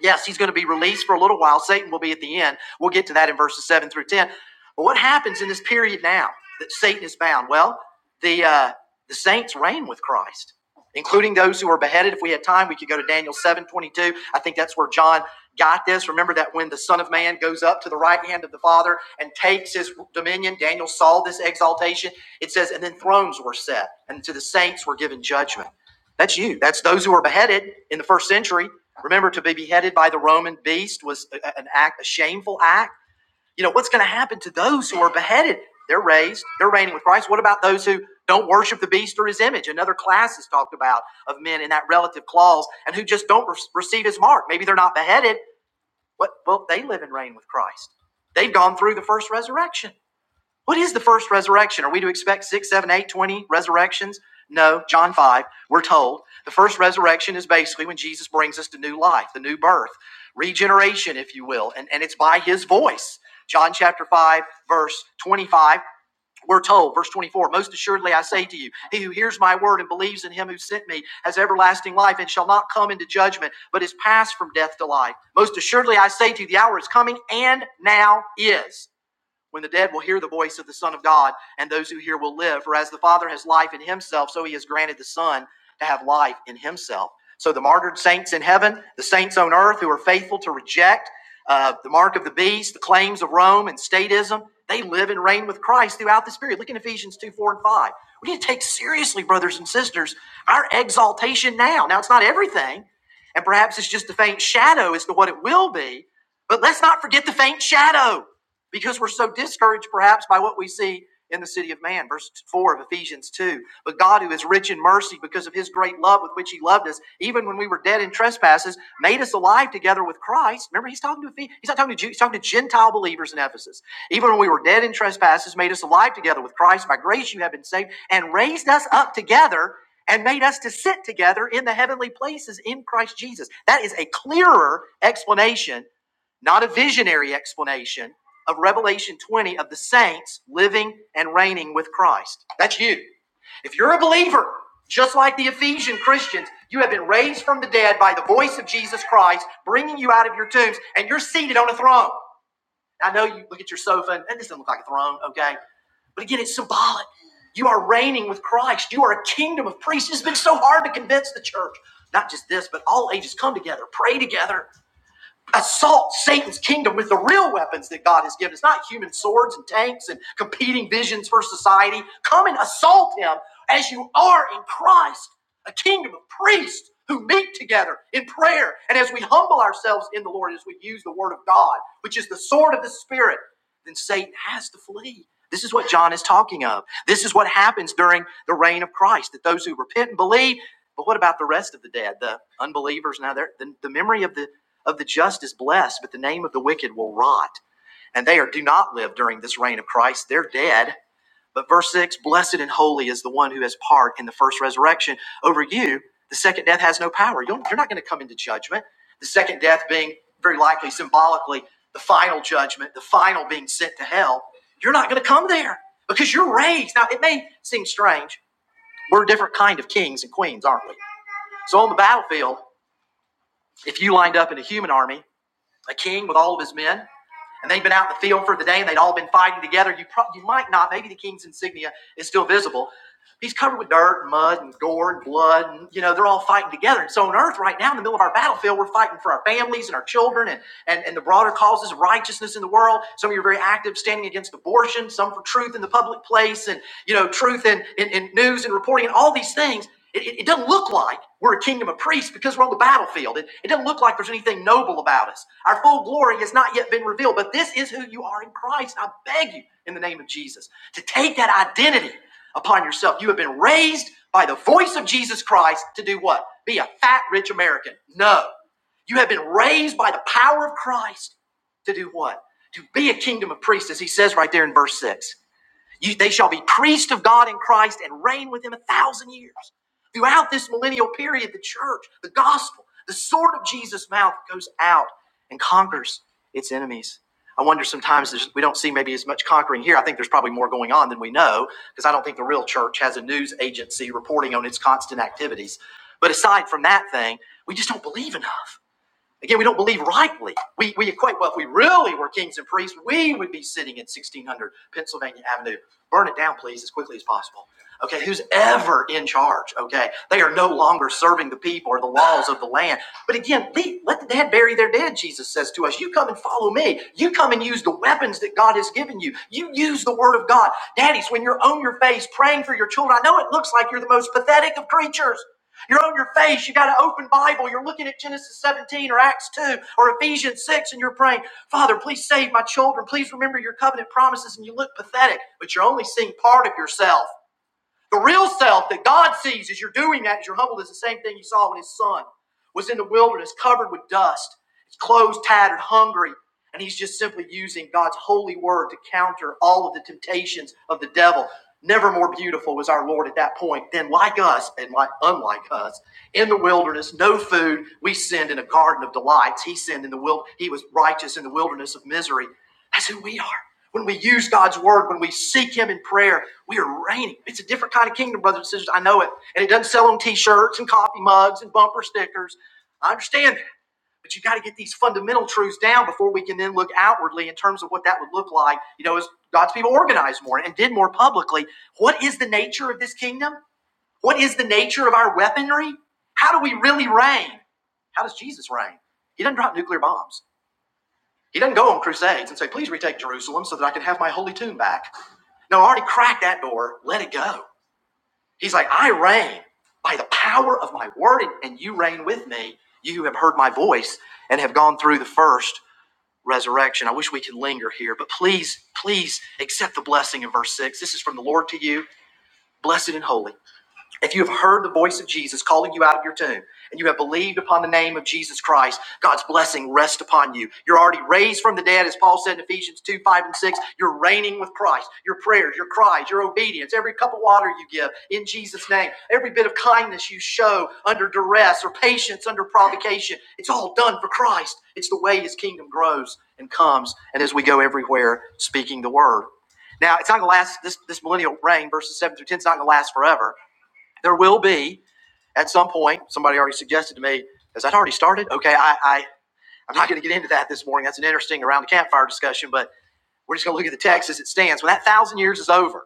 Speaker 1: Yes, he's going to be released for a little while. Satan will be at the end. We'll get to that in verses 7 through 10. But what happens in this period now that Satan is bound? Well, the, uh, the saints reign with Christ, including those who are beheaded. If we had time, we could go to Daniel 7 22. I think that's where John Got this? Remember that when the Son of Man goes up to the right hand of the Father and takes his dominion, Daniel saw this exaltation. It says, and then thrones were set, and to the saints were given judgment. That's you. That's those who were beheaded in the first century. Remember, to be beheaded by the Roman beast was an act, a shameful act. You know, what's going to happen to those who are beheaded? They're raised, they're reigning with Christ. What about those who don't worship the beast or his image? Another class is talked about of men in that relative clause and who just don't receive his mark. Maybe they're not beheaded, what? Well, they live and reign with Christ. They've gone through the first resurrection. What is the first resurrection? Are we to expect six, seven, eight, twenty resurrections? No, John 5, we're told the first resurrection is basically when Jesus brings us to new life, the new birth, regeneration, if you will, and, and it's by his voice. John chapter 5, verse 25 we're told, verse 24, most assuredly I say to you, he who hears my word and believes in him who sent me has everlasting life and shall not come into judgment, but is passed from death to life. Most assuredly I say to you, the hour is coming and now is when the dead will hear the voice of the Son of God, and those who hear will live. For as the Father has life in himself, so he has granted the Son to have life in himself. So the martyred saints in heaven, the saints on earth who are faithful to reject uh, the mark of the beast, the claims of Rome and statism, they live and reign with Christ throughout this period. Look in Ephesians 2 4 and 5. We need to take seriously, brothers and sisters, our exaltation now. Now, it's not everything, and perhaps it's just a faint shadow as to what it will be, but let's not forget the faint shadow because we're so discouraged perhaps by what we see in the city of man. Verse 4 of Ephesians 2. But God, who is rich in mercy because of his great love with which he loved us, even when we were dead in trespasses, made us alive together with Christ. Remember, he's talking to he's not talking to Jews, he's talking to Gentile believers in Ephesus. Even when we were dead in trespasses, made us alive together with Christ. By grace you have been saved, and raised us up together. And made us to sit together in the heavenly places in Christ Jesus. That is a clearer explanation not a visionary explanation of Revelation 20 of the saints living and reigning with Christ. That's you. If you're a believer, just like the Ephesian Christians, you have been raised from the dead by the voice of Jesus Christ, bringing you out of your tombs, and you're seated on a throne. I know you look at your sofa, and this doesn't look like a throne, okay? But again, it's symbolic. You are reigning with Christ. You are a kingdom of priests. It's been so hard to convince the church, not just this, but all ages come together, pray together assault Satan's kingdom with the real weapons that God has given. It's not human swords and tanks and competing visions for society. Come and assault him as you are in Christ, a kingdom of priests who meet together in prayer. And as we humble ourselves in the Lord, as we use the word of God, which is the sword of the Spirit, then Satan has to flee. This is what John is talking of. This is what happens during the reign of Christ, that those who repent and believe, but what about the rest of the dead, the unbelievers? Now, they the, the memory of the of the just is blessed, but the name of the wicked will rot. And they are, do not live during this reign of Christ. They're dead. But verse 6 Blessed and holy is the one who has part in the first resurrection. Over you, the second death has no power. you are not going to come into judgment. The second death being very likely symbolically the final judgment, the final being sent to hell. You're not going to come there because you're raised. Now, it may seem strange. We're a different kind of kings and queens, aren't we? So on the battlefield, if you lined up in a human army, a king with all of his men. and they've been out in the field for the day and they'd all been fighting together. You, pro- you might not, maybe the king's insignia is still visible, He's covered with dirt and mud and gore and blood, and you know, they're all fighting together. And so on earth right now, in the middle of our battlefield, we're fighting for our families and our children and, and, and the broader causes of righteousness in the world. Some of you are very active standing against abortion, some for truth in the public place, and you know, truth in, in, in news and reporting and all these things. It, it, it doesn't look like we're a kingdom of priests because we're on the battlefield. It, it doesn't look like there's anything noble about us. Our full glory has not yet been revealed, but this is who you are in Christ. I beg you, in the name of Jesus, to take that identity upon yourself. You have been raised by the voice of Jesus Christ to do what? Be a fat, rich American. No. You have been raised by the power of Christ to do what? To be a kingdom of priests, as he says right there in verse 6. You, they shall be priests of God in Christ and reign with him a thousand years. Throughout this millennial period, the church, the gospel, the sword of Jesus' mouth goes out and conquers its enemies. I wonder sometimes we don't see maybe as much conquering here. I think there's probably more going on than we know because I don't think the real church has a news agency reporting on its constant activities. But aside from that thing, we just don't believe enough. Again, we don't believe rightly. We, we equate, well, if we really were kings and priests, we would be sitting in 1600 Pennsylvania Avenue. Burn it down, please, as quickly as possible. Okay, who's ever in charge? Okay, they are no longer serving the people or the laws of the land. But again, leave, let the dead bury their dead, Jesus says to us. You come and follow me. You come and use the weapons that God has given you. You use the word of God. Daddies, when you're on your face praying for your children, I know it looks like you're the most pathetic of creatures. You're on your face. You got an open Bible. You're looking at Genesis 17 or Acts 2 or Ephesians 6, and you're praying, Father, please save my children. Please remember your covenant promises. And you look pathetic, but you're only seeing part of yourself. The real self that God sees as you're doing that, as you're humbled, is the same thing you saw when his son was in the wilderness, covered with dust, his clothes tattered, hungry, and he's just simply using God's holy word to counter all of the temptations of the devil. Never more beautiful was our Lord at that point than like us and like unlike us. In the wilderness, no food, we sinned in a garden of delights. He sinned in the wild. He was righteous in the wilderness of misery. That's who we are. When we use God's word, when we seek Him in prayer, we are reigning. It's a different kind of kingdom, brothers and sisters. I know it. And it doesn't sell on t shirts and coffee mugs and bumper stickers. I understand that. But you have got to get these fundamental truths down before we can then look outwardly in terms of what that would look like, you know, as God's people organized more and did more publicly. What is the nature of this kingdom? What is the nature of our weaponry? How do we really reign? How does Jesus reign? He doesn't drop nuclear bombs. He doesn't go on crusades and say, please retake Jerusalem so that I can have my holy tomb back. No, I already cracked that door. Let it go. He's like, I reign by the power of my word, and you reign with me, you who have heard my voice and have gone through the first resurrection. I wish we could linger here, but please, please accept the blessing in verse 6. This is from the Lord to you, blessed and holy. If you have heard the voice of Jesus calling you out of your tomb and you have believed upon the name of Jesus Christ, God's blessing rests upon you. You're already raised from the dead, as Paul said in Ephesians 2 5 and 6. You're reigning with Christ. Your prayers, your cries, your obedience, every cup of water you give in Jesus' name, every bit of kindness you show under duress or patience under provocation, it's all done for Christ. It's the way his kingdom grows and comes, and as we go everywhere speaking the word. Now, it's not going to last, this, this millennial reign, verses 7 through 10, it's not going to last forever. There will be at some point. Somebody already suggested to me, has that already started? Okay, I, I I'm not going to get into that this morning. That's an interesting around the campfire discussion, but we're just going to look at the text as it stands. When that thousand years is over,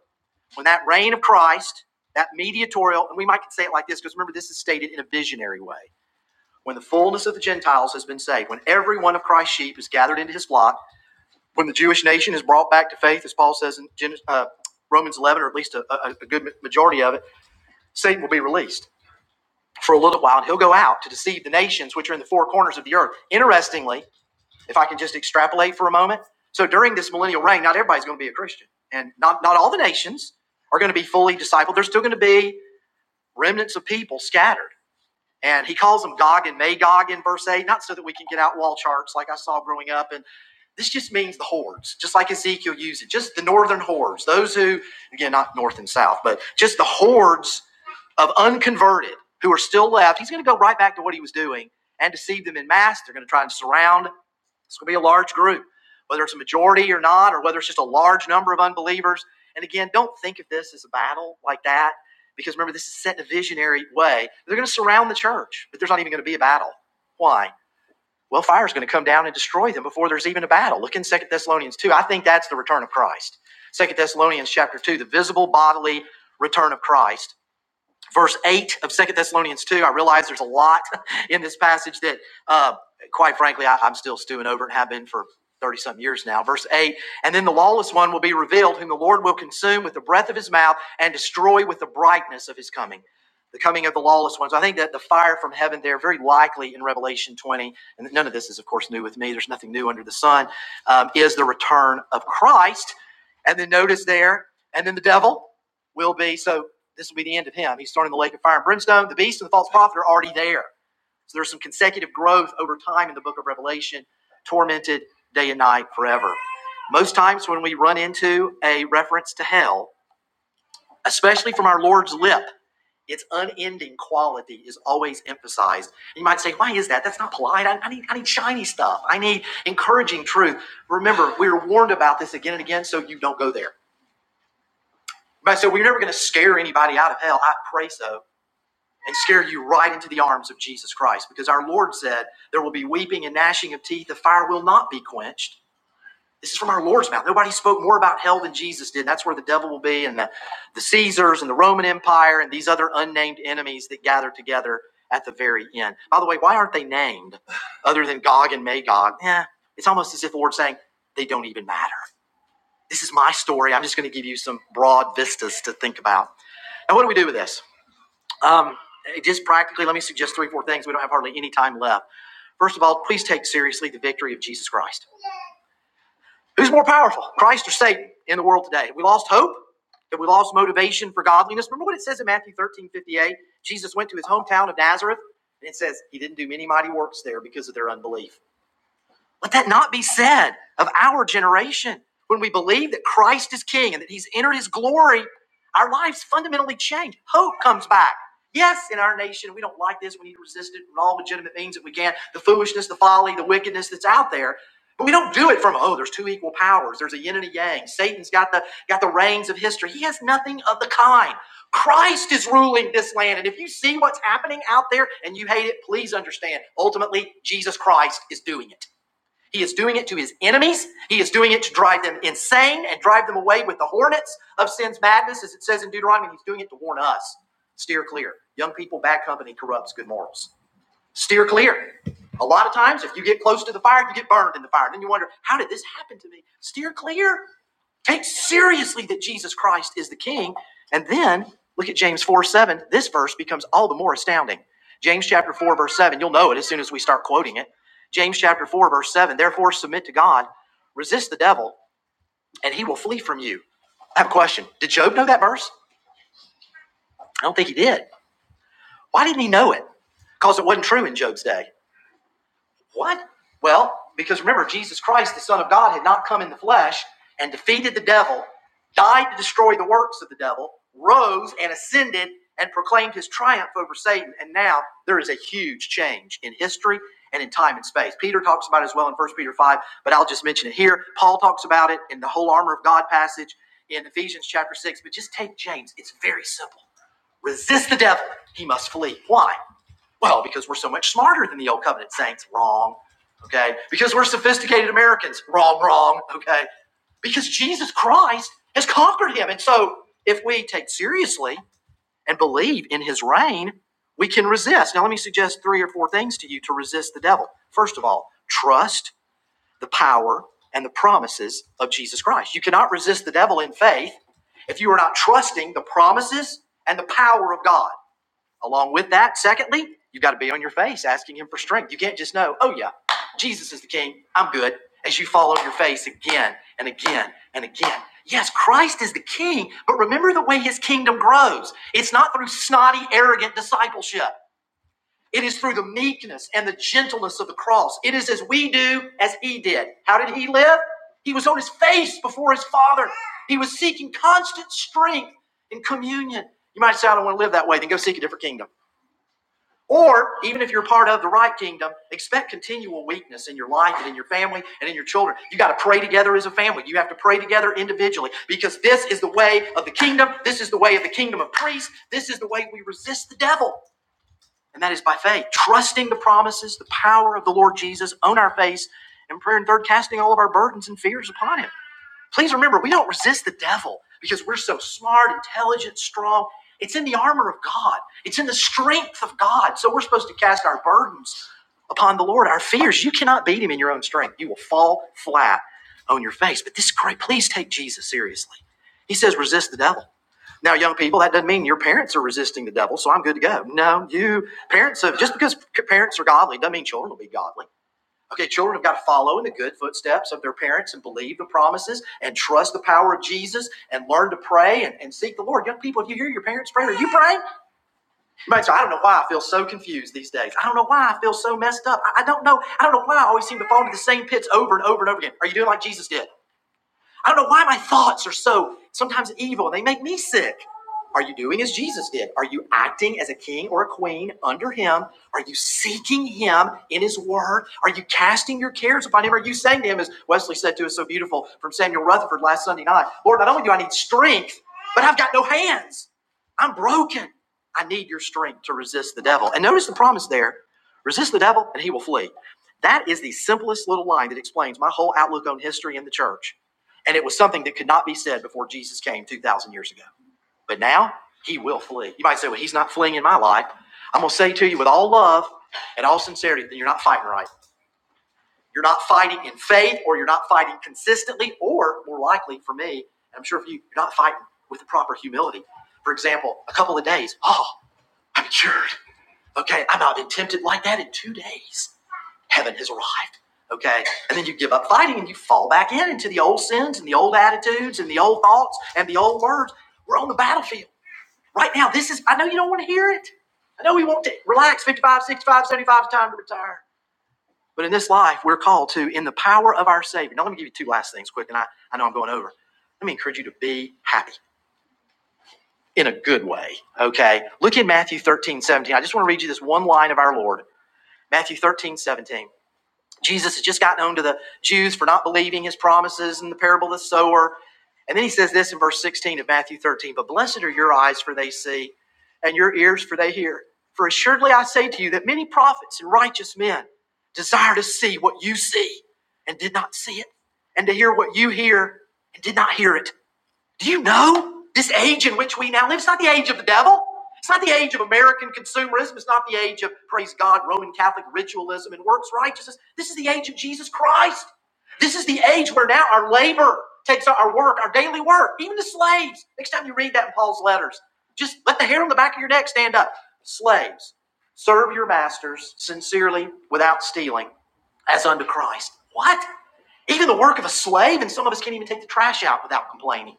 Speaker 1: when that reign of Christ, that mediatorial, and we might say it like this because remember this is stated in a visionary way. When the fullness of the Gentiles has been saved, when every one of Christ's sheep is gathered into his flock, when the Jewish nation is brought back to faith, as Paul says in uh, Romans 11, or at least a, a, a good majority of it, Satan will be released for a little while, and he'll go out to deceive the nations which are in the four corners of the earth. Interestingly, if I can just extrapolate for a moment, so during this millennial reign, not everybody's going to be a Christian, and not, not all the nations are going to be fully discipled. There's still going to be remnants of people scattered. And he calls them Gog and Magog in verse 8, not so that we can get out wall charts like I saw growing up. And this just means the hordes, just like Ezekiel used it, just the northern hordes, those who, again, not north and south, but just the hordes of unconverted who are still left. He's going to go right back to what he was doing and deceive them in mass. They're going to try and surround it's going to be a large group, whether it's a majority or not, or whether it's just a large number of unbelievers. And again, don't think of this as a battle like that, because remember, this is set in a visionary way. They're going to surround the church, but there's not even going to be a battle. Why? Well, fire is going to come down and destroy them before there's even a battle. Look in Second Thessalonians 2. I think that's the return of Christ. Second Thessalonians chapter 2, the visible bodily return of Christ verse 8 of Second Thessalonians 2. I realize there's a lot (laughs) in this passage that, uh, quite frankly, I, I'm still stewing over and have been for 30 some years now. Verse 8 And then the lawless one will be revealed, whom the Lord will consume with the breath of his mouth and destroy with the brightness of his coming. The coming of the lawless ones. I think that the fire from heaven there, very likely in Revelation 20, and none of this is, of course, new with me, there's nothing new under the sun, um, is the return of Christ. And then notice there, and then the devil will be. so. This will be the end of him. He's starting the lake of fire and brimstone. The beast and the false prophet are already there. So there's some consecutive growth over time in the book of Revelation, tormented day and night forever. Most times when we run into a reference to hell, especially from our Lord's lip, its unending quality is always emphasized. You might say, why is that? That's not polite. I, I need, I need shiny stuff. I need encouraging truth. Remember, we are warned about this again and again, so you don't go there. But so we're never going to scare anybody out of hell. I pray so. and scare you right into the arms of Jesus Christ. Because our Lord said, There will be weeping and gnashing of teeth. The fire will not be quenched. This is from our Lord's mouth. Nobody spoke more about hell than Jesus did. That's where the devil will be, and the, the Caesars, and the Roman Empire, and these other unnamed enemies that gather together at the very end. By the way, why aren't they named other than Gog and Magog? Eh, it's almost as if the Lord's saying, they don't even matter. This is my story. I'm just going to give you some broad vistas to think about. Now, what do we do with this? Um, just practically, let me suggest three, four things. We don't have hardly any time left. First of all, please take seriously the victory of Jesus Christ. Who's more powerful, Christ or Satan, in the world today? Have we lost hope? Have we lost motivation for godliness? Remember what it says in Matthew 13 58. Jesus went to his hometown of Nazareth, and it says he didn't do many mighty works there because of their unbelief. Let that not be said of our generation. When we believe that Christ is King and that He's entered His glory, our lives fundamentally change. Hope comes back. Yes, in our nation, we don't like this. We need to resist it in all legitimate means that we can. The foolishness, the folly, the wickedness that's out there. But we don't do it from, oh, there's two equal powers. There's a yin and a yang. Satan's got the got the reins of history. He has nothing of the kind. Christ is ruling this land. And if you see what's happening out there and you hate it, please understand. Ultimately, Jesus Christ is doing it. He is doing it to his enemies. He is doing it to drive them insane and drive them away with the hornets of sin's madness, as it says in Deuteronomy. He's doing it to warn us. Steer clear. Young people, bad company corrupts good morals. Steer clear. A lot of times, if you get close to the fire, you get burned in the fire. and Then you wonder, how did this happen to me? Steer clear. Take seriously that Jesus Christ is the King. And then look at James 4 7. This verse becomes all the more astounding. James chapter 4, verse 7. You'll know it as soon as we start quoting it. James chapter 4, verse 7. Therefore, submit to God, resist the devil, and he will flee from you. I have a question. Did Job know that verse? I don't think he did. Why didn't he know it? Because it wasn't true in Job's day. What? Well, because remember, Jesus Christ, the Son of God, had not come in the flesh and defeated the devil, died to destroy the works of the devil, rose and ascended and proclaimed his triumph over Satan. And now there is a huge change in history and in time and space. Peter talks about it as well in First Peter 5, but I'll just mention it here. Paul talks about it in the whole armor of God passage in Ephesians chapter 6. But just take James, it's very simple. Resist the devil, he must flee. Why? Well, because we're so much smarter than the old covenant saints. Wrong. Okay. Because we're sophisticated Americans. Wrong, wrong. Okay. Because Jesus Christ has conquered him. And so if we take seriously and believe in his reign, we can resist. Now, let me suggest three or four things to you to resist the devil. First of all, trust the power and the promises of Jesus Christ. You cannot resist the devil in faith if you are not trusting the promises and the power of God. Along with that, secondly, you've got to be on your face asking him for strength. You can't just know, oh yeah, Jesus is the king. I'm good. As you fall on your face again and again and again. Yes, Christ is the king, but remember the way his kingdom grows. It's not through snotty, arrogant discipleship. It is through the meekness and the gentleness of the cross. It is as we do as he did. How did he live? He was on his face before his father. He was seeking constant strength in communion. You might say, I don't want to live that way, then go seek a different kingdom. Or even if you're part of the right kingdom, expect continual weakness in your life and in your family and in your children. You got to pray together as a family. You have to pray together individually because this is the way of the kingdom. This is the way of the kingdom of priests. This is the way we resist the devil. And that is by faith, trusting the promises, the power of the Lord Jesus on our face, and prayer and third, casting all of our burdens and fears upon him. Please remember, we don't resist the devil because we're so smart, intelligent, strong. It's in the armor of God, it's in the strength of God. So we're supposed to cast our burdens upon the Lord, our fears. You cannot beat him in your own strength. You will fall flat on your face. But this is great. Please take Jesus seriously. He says, resist the devil. Now, young people, that doesn't mean your parents are resisting the devil, so I'm good to go. No, you parents have, just because parents are godly doesn't mean children will be godly. Okay, children have got to follow in the good footsteps of their parents and believe the promises and trust the power of Jesus and learn to pray and, and seek the Lord. Young people, if you hear your parents praying, are you praying? You might say, I don't know why I feel so confused these days. I don't know why I feel so messed up. I, I don't know. I don't know why I always seem to fall into the same pits over and over and over again. Are you doing like Jesus did? I don't know why my thoughts are so sometimes evil they make me sick. Are you doing as Jesus did? Are you acting as a king or a queen under him? Are you seeking him in his word? Are you casting your cares upon him? Are you saying to him, as Wesley said to us so beautiful from Samuel Rutherford last Sunday night, Lord, not only do I need strength, but I've got no hands. I'm broken. I need your strength to resist the devil. And notice the promise there resist the devil and he will flee. That is the simplest little line that explains my whole outlook on history and the church. And it was something that could not be said before Jesus came 2,000 years ago. But now he will flee. You might say, well, he's not fleeing in my life. I'm going to say to you with all love and all sincerity that you're not fighting right. You're not fighting in faith, or you're not fighting consistently, or more likely for me, and I'm sure for you, you're not fighting with the proper humility. For example, a couple of days, oh, I'm cured. Okay, I've not been tempted like that in two days. Heaven has arrived. Okay, and then you give up fighting and you fall back in into the old sins and the old attitudes and the old thoughts and the old words. We're on the battlefield right now. This is, I know you don't want to hear it. I know we want to relax Fifty-five, sixty-five, seventy-five, it's time to retire. But in this life, we're called to, in the power of our Savior. Now, let me give you two last things quick, and I, I know I'm going over. Let me encourage you to be happy in a good way. Okay, look in Matthew 13 17. I just want to read you this one line of our Lord. Matthew 13 17. Jesus has just gotten home to the Jews for not believing his promises in the parable of the sower. And then he says this in verse 16 of Matthew 13 But blessed are your eyes, for they see, and your ears, for they hear. For assuredly I say to you that many prophets and righteous men desire to see what you see and did not see it, and to hear what you hear and did not hear it. Do you know this age in which we now live? It's not the age of the devil. It's not the age of American consumerism. It's not the age of, praise God, Roman Catholic ritualism and works righteousness. This is the age of Jesus Christ. This is the age where now our labor takes our work, our daily work, even the slaves. Next time you read that in Paul's letters, just let the hair on the back of your neck stand up. Slaves, serve your masters sincerely without stealing, as unto Christ. What? Even the work of a slave, and some of us can't even take the trash out without complaining.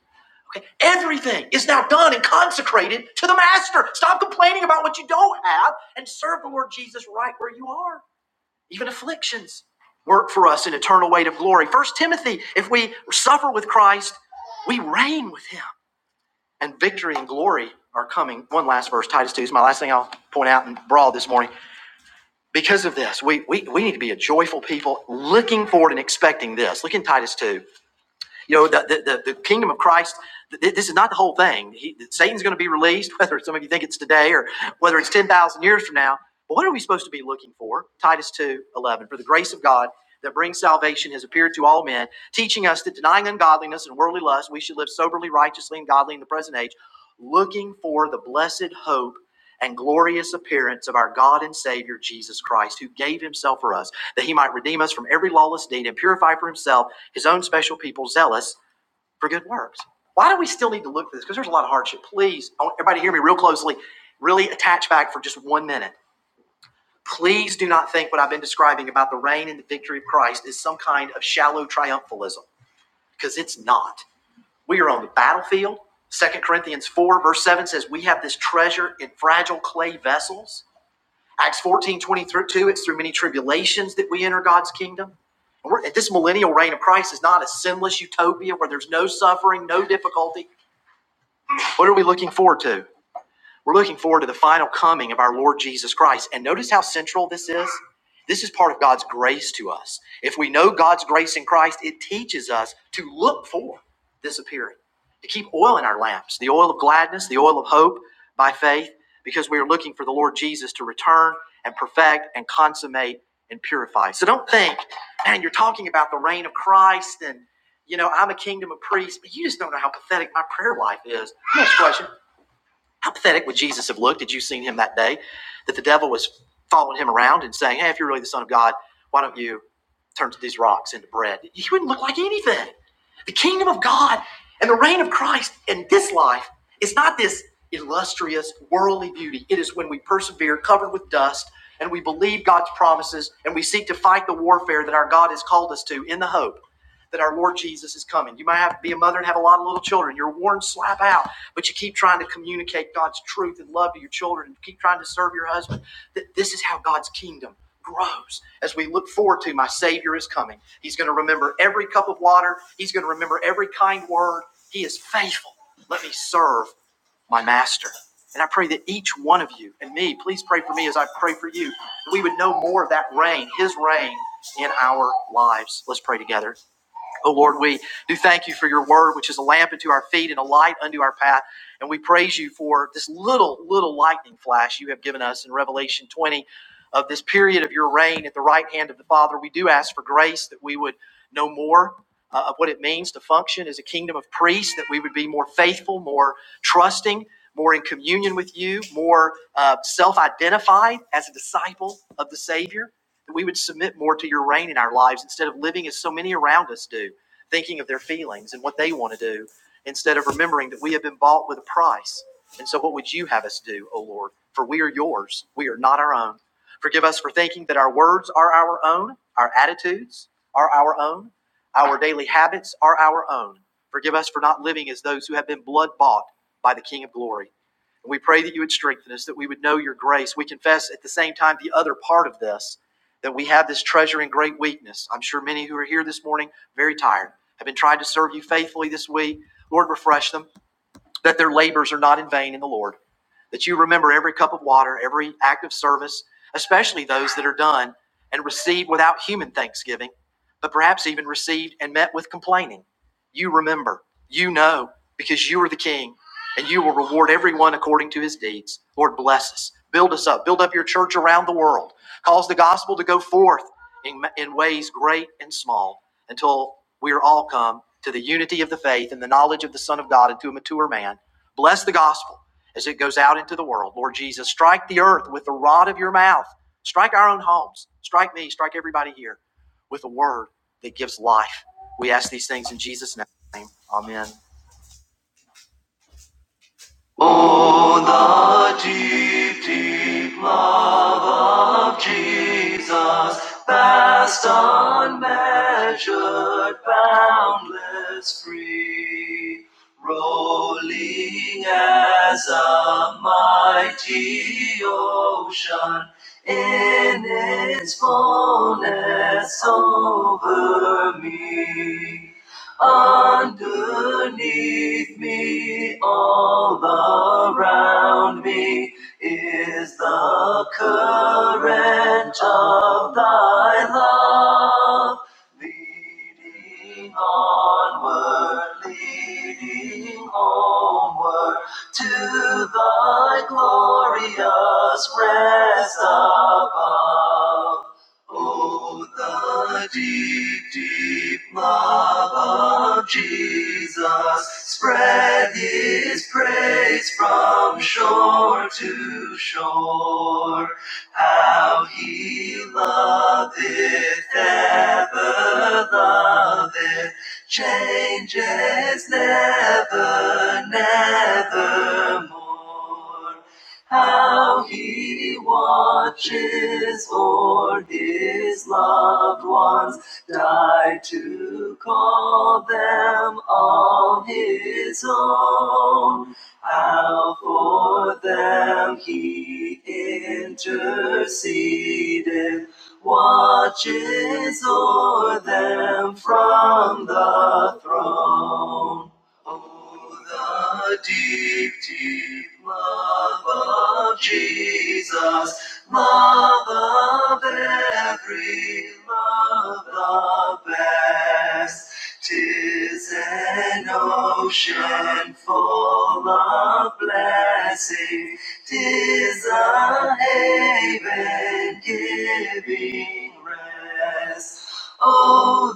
Speaker 1: Everything is now done and consecrated to the Master. Stop complaining about what you don't have and serve the Lord Jesus right where you are. Even afflictions work for us an eternal weight of glory. First Timothy, if we suffer with Christ, we reign with him. And victory and glory are coming. One last verse, Titus 2 is my last thing I'll point out in broad this morning. Because of this, we, we, we need to be a joyful people looking forward and expecting this. Look in Titus 2. You know, the, the, the, kingdom of Christ, this is not the whole thing. He, Satan's going to be released, (laughs) whether some of you think it's today or whether it's 10,000 years from now. But what are we supposed to be looking for? Titus two eleven. For the grace of God that brings salvation has appeared to all men, teaching us that denying ungodliness and worldly lust, we should live soberly, righteously, and godly in the present age, looking for the blessed hope and glorious appearance of our God and Savior Jesus Christ, who gave himself for us, that he might redeem us from every lawless deed and purify for himself his own special people, zealous for good works. Why do we still need to look for this? Because there's a lot of hardship. Please, I want everybody to hear me real closely. Really attach back for just one minute. Please do not think what I've been describing about the reign and the victory of Christ is some kind of shallow triumphalism, because it's not. We are on the battlefield. Second Corinthians 4, verse 7 says, We have this treasure in fragile clay vessels Acts 14, twenty through 2, it's through many tribulations that we enter God's kingdom. And We're, this millennial reign of Christ is not a sinless utopia where there's no suffering, no difficulty. What are we looking forward to? We're looking forward to the final coming of our Lord Jesus Christ. And notice how central this is. This is part of God's grace to us. If we know God's grace in Christ, it teaches us to look for this appearing, to keep oil in our lamps, the oil of gladness, the oil of hope by faith, because we are looking for the Lord Jesus to return and perfect and consummate and purify. So don't think, man, you're talking about the reign of Christ and you know, I'm a kingdom of priests, but you just don't know how pathetic my prayer life is. Next question. How pathetic would Jesus have looked had you seen him that day? That the devil was following him around and saying, Hey, if you're really the Son of God, why don't you turn these rocks into bread? He wouldn't look like anything. The kingdom of God and the reign of Christ in this life is not this illustrious worldly beauty. It is when we persevere, covered with dust, and we believe God's promises and we seek to fight the warfare that our God has called us to in the hope that our Lord Jesus is coming. You might have to be a mother and have a lot of little children. You're worn slap out, but you keep trying to communicate God's truth and love to your children. You keep trying to serve your husband. Th- This is how God's kingdom grows as we look forward to my Savior is coming. He's going to remember every cup of water, He's going to remember every kind word. He is faithful. Let me serve my Master. And I pray that each one of you and me, please pray for me as I pray for you, that we would know more of that reign, His reign in our lives. Let's pray together. Oh Lord, we do thank you for your word, which is a lamp unto our feet and a light unto our path. And we praise you for this little, little lightning flash you have given us in Revelation 20 of this period of your reign at the right hand of the Father. We do ask for grace that we would know more uh, of what it means to function as a kingdom of priests, that we would be more faithful, more trusting, more in communion with you, more uh, self identified as a disciple of the Savior, that we would submit more to your reign in our lives instead of living as so many around us do thinking of their feelings and what they want to do instead of remembering that we have been bought with a price. And so, what would you have us do, O Lord? For we are yours, we are not our own. Forgive us for thinking that our words are our own, our attitudes are our own, our daily habits are our own. Forgive us for not living as those who have been blood bought by the King of glory. And we pray that you would strengthen us, that we would know your grace. We confess at the same time the other part of this, that we have this treasure in great weakness. I'm sure many who are here this morning very tired, have been trying to serve you faithfully this week. Lord, refresh them that their labors are not in vain in the Lord, that you remember every cup of water, every act of service, especially those that are done and received without human thanksgiving, but perhaps even received and met with complaining. You remember, you know, because you are the King, and you will reward everyone according to his deeds. Lord, bless us. Build us up. Build up your church around the world. Cause the gospel to go forth in, in ways great and small until we are all come to the unity of the faith and the knowledge of the Son of God and to a mature man. Bless the gospel as it goes out into the world. Lord Jesus, strike the earth with the rod of your mouth. Strike our own homes. Strike me. Strike everybody here with a word that gives life. We ask these things in Jesus' name. Amen. Measured, boundless, free, rolling as a mighty ocean in its fullness over me. Underneath me, all around me, is the current of thy love Leading onward, leading homeward to thy glorious rest above. Oh, the deep, deep love of Jesus spread his praise from shore to shore. How he loveth, ever loveth, changes never, nevermore how he watches for his loved ones, died to call them all his own. How for them he interceded, watches o'er them from the throne. Oh, the deep, deep love of Jesus, love of every love the best. Tis an ocean full of blessing, tis a haven giving rest. Oh,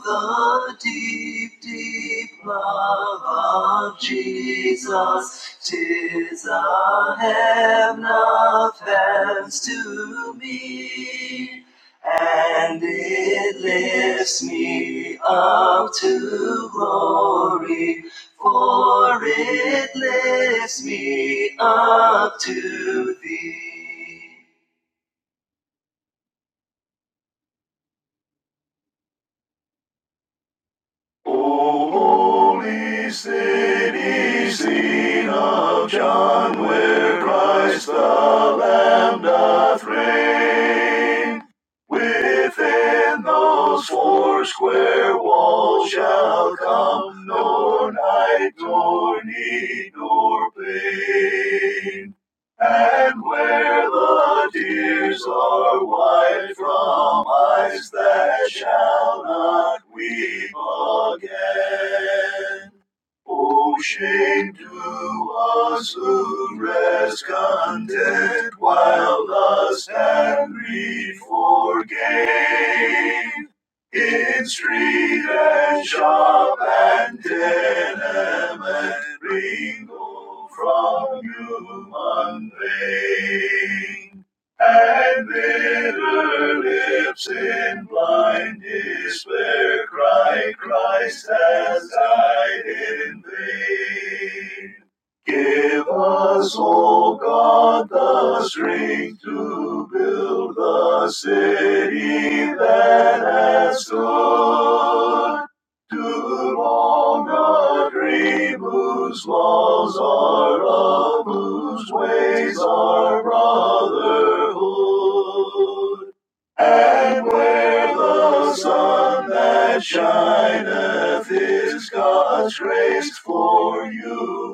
Speaker 1: the deep, deep love of Jesus, tis a heaven of heavens to me, and it lifts me up to glory, for it lifts me up to thee. O Holy city, seen of John, where Christ the Lamb doth reign. Within those four square walls shall come nor night, nor need, nor pain. And where the tears are wiped from eyes that shall not weep again. O shame to us who rest content while lust and greed forgave. In street and shop and tenement ringo from human pain and bitter lips in blind despair cry Christ has died in vain. Give us, O God, the strength to a city that's so much grace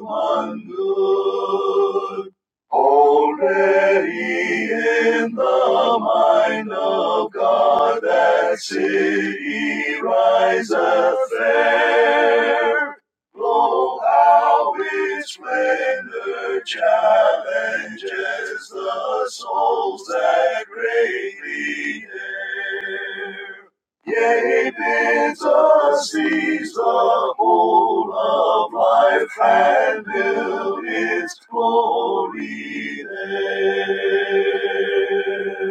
Speaker 1: one good already in the mind of God that city riseth fair Blow out its splendor challenges the souls that greatly dare. Yea, bids us seize the whole of life and build its glory there.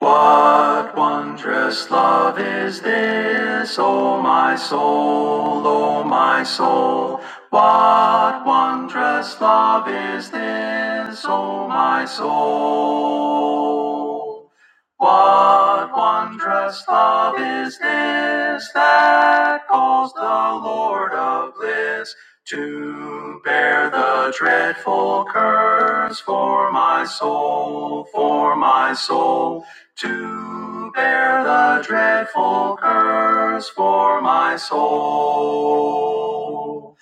Speaker 1: What wondrous love is this, O my soul, O my soul? What wondrous love is this, O my soul? What wondrous love is this that calls the Lord of bliss to bear the dreadful curse for my soul, for my soul? to bear the dreadful curse for my soul.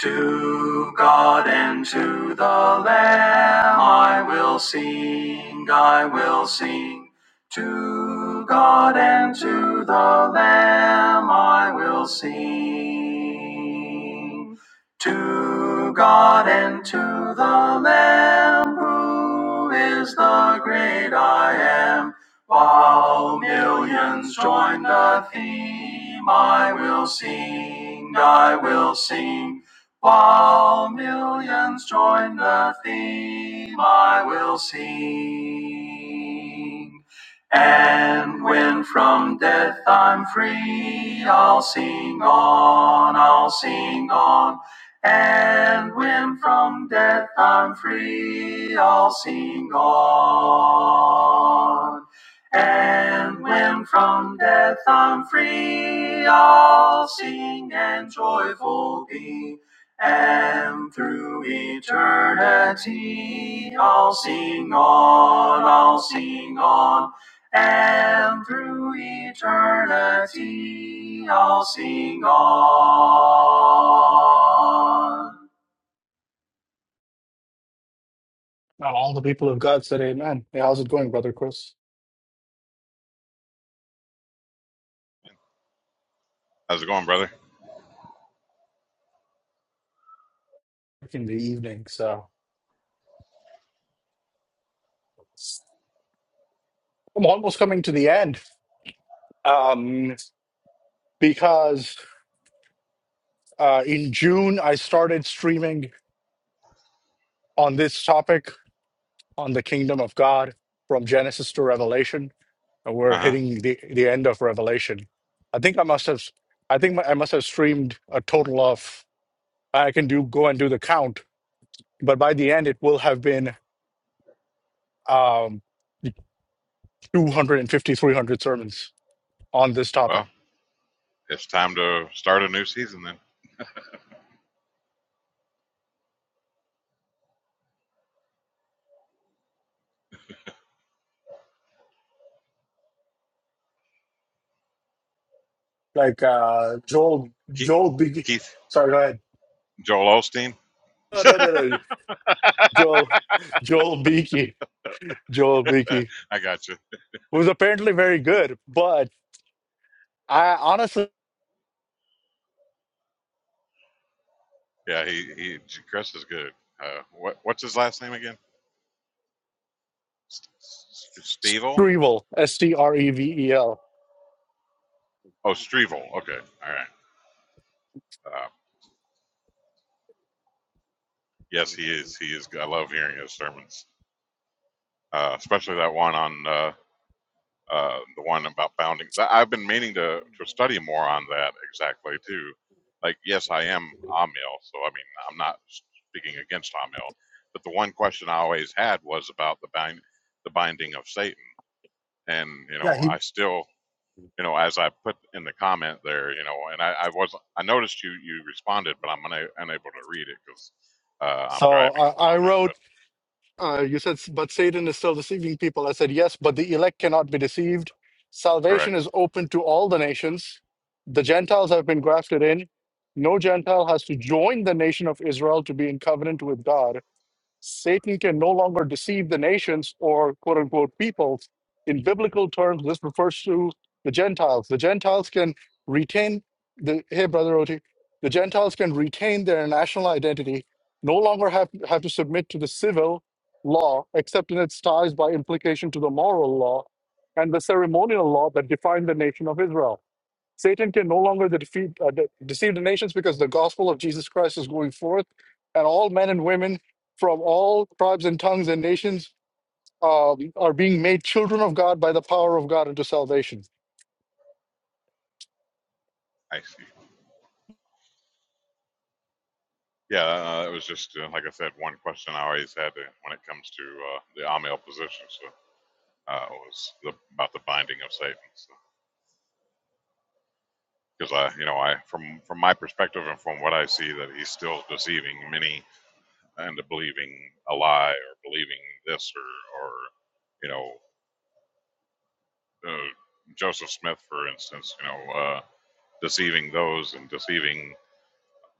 Speaker 1: To God and to the Lamb I will sing, I will sing. To God and to the Lamb I will sing. To God and to the Lamb who is the great I am. While millions join the theme, I will sing, I will sing. While millions join the theme, I will sing. And when from death I'm free, I'll sing on, I'll sing on. And when from death I'm free, I'll sing on. And when from death I'm free, I'll sing and joyful be. And through eternity, I'll sing on, I'll sing on. And through eternity, I'll sing on.
Speaker 2: Now, all the people of God said amen. Hey, how's it going, Brother Chris?
Speaker 3: How's it going, brother?
Speaker 2: In the evening. So I'm almost coming to the end um, because uh, in June, I started streaming on this topic on the kingdom of God from Genesis to Revelation. And we're
Speaker 3: Uh huh.
Speaker 2: hitting the, the end of Revelation. I think I must have, I think I must have streamed a total of, I can do go and do the count, but by the end, it will have been um, 250, 300 sermons on this topic
Speaker 3: Well, it's time to start a new season then.
Speaker 2: like uh Joel
Speaker 3: Keith,
Speaker 2: Joel Beaky.
Speaker 3: Keith
Speaker 2: Sorry, go ahead.
Speaker 3: Joel Osteen.
Speaker 2: No,
Speaker 3: (laughs)
Speaker 2: no,
Speaker 3: I
Speaker 2: no, no. Joel Joel Beaky. Joel Beaky
Speaker 3: got you.
Speaker 2: was apparently very good, but I honestly
Speaker 3: Yeah, he, he Chris is good. Uh, what what's his last name again? S- S- Stevel?
Speaker 2: Strevel S T R E V E L.
Speaker 3: Oh, Strevel. Okay, all right. Uh, yes, he is. He is. I love hearing his sermons, uh, especially that one on uh, uh, the one about bounding. That I've been meaning to to study more on that exactly too. Like, yes, I am Amil, so I mean, I'm not speaking against Amil, but the one question I always had was about the bind, the binding of Satan, and you know,
Speaker 2: Yeah,
Speaker 3: I
Speaker 2: he.
Speaker 3: still, you know, as I put in the comment there, you know, and I, I was, I noticed you you responded, but I'm una- unable to read it because uh, I'm
Speaker 2: So
Speaker 3: driving at the
Speaker 2: I I
Speaker 3: moment. But
Speaker 2: wrote. Uh, you said, but Satan is still deceiving people. I said yes, but the elect cannot be deceived. Salvation
Speaker 3: correct,
Speaker 2: is open to all the nations. The Gentiles have been grafted in. No Gentile has to join the nation of Israel to be in covenant with God Satan can no longer deceive the nations or quote unquote peoples. In biblical terms, this refers to the Gentiles. The Gentiles can retain the hey brother Oti, the Gentiles can retain their national identity, no longer have, have to submit to the civil law, except in its ties by implication to the moral law and the ceremonial law that defined the nation of Israel. Satan can no longer defeat, uh, de- deceive the nations because the gospel of Jesus Christ is going forth, and all men and women from all tribes and tongues and nations um, are being made children of God by the power of God unto salvation.
Speaker 3: I see. Yeah, uh, it was just uh, like I said, one question I always had to, when it comes to uh, the Amiel position. So uh, it was the, about the binding of Satan. Because I, you know, I from from my perspective and from what I see, that he's still deceiving many into believing a lie or believing this or or you know uh, Joseph Smith, for instance, you know, uh, deceiving those and deceiving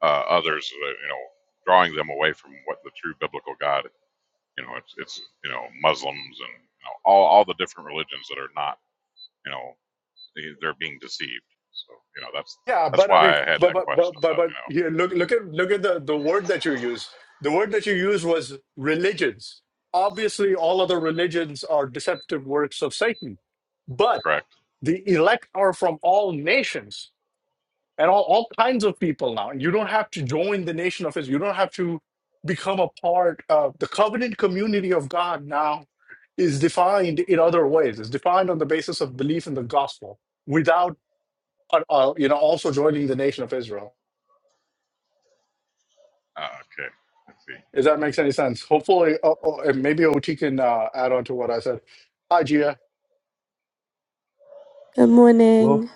Speaker 3: uh, others, uh, you know, drawing them away from what the true biblical God You know, it's it's you know Muslims and you know, all all the different religions that are not you know they- are being deceived. So you know that's
Speaker 2: Yeah,
Speaker 3: that's
Speaker 2: but I
Speaker 3: why
Speaker 2: mean,
Speaker 3: I had
Speaker 2: but
Speaker 3: that
Speaker 2: but
Speaker 3: question
Speaker 2: but but,
Speaker 3: about
Speaker 2: but
Speaker 3: you know
Speaker 2: here, look look at look at the the word that you use. The word that you use was religions. Obviously, all other religions are deceptive works of Satan, but
Speaker 3: correct.
Speaker 2: the elect are from all nations. and all, all kinds of people now. And you don't have to join the nation of Israel. You don't have to become a part of the covenant community of God now is defined in other ways. It's defined on the basis of belief in the gospel without, uh, uh, you know, also joining the nation of Israel.
Speaker 3: Uh, okay, let's see.
Speaker 2: If that makes any sense. Hopefully, uh, uh, and maybe OT can uh, add on to what I said. Hi, Gia.
Speaker 4: Good
Speaker 5: Well,
Speaker 4: morning.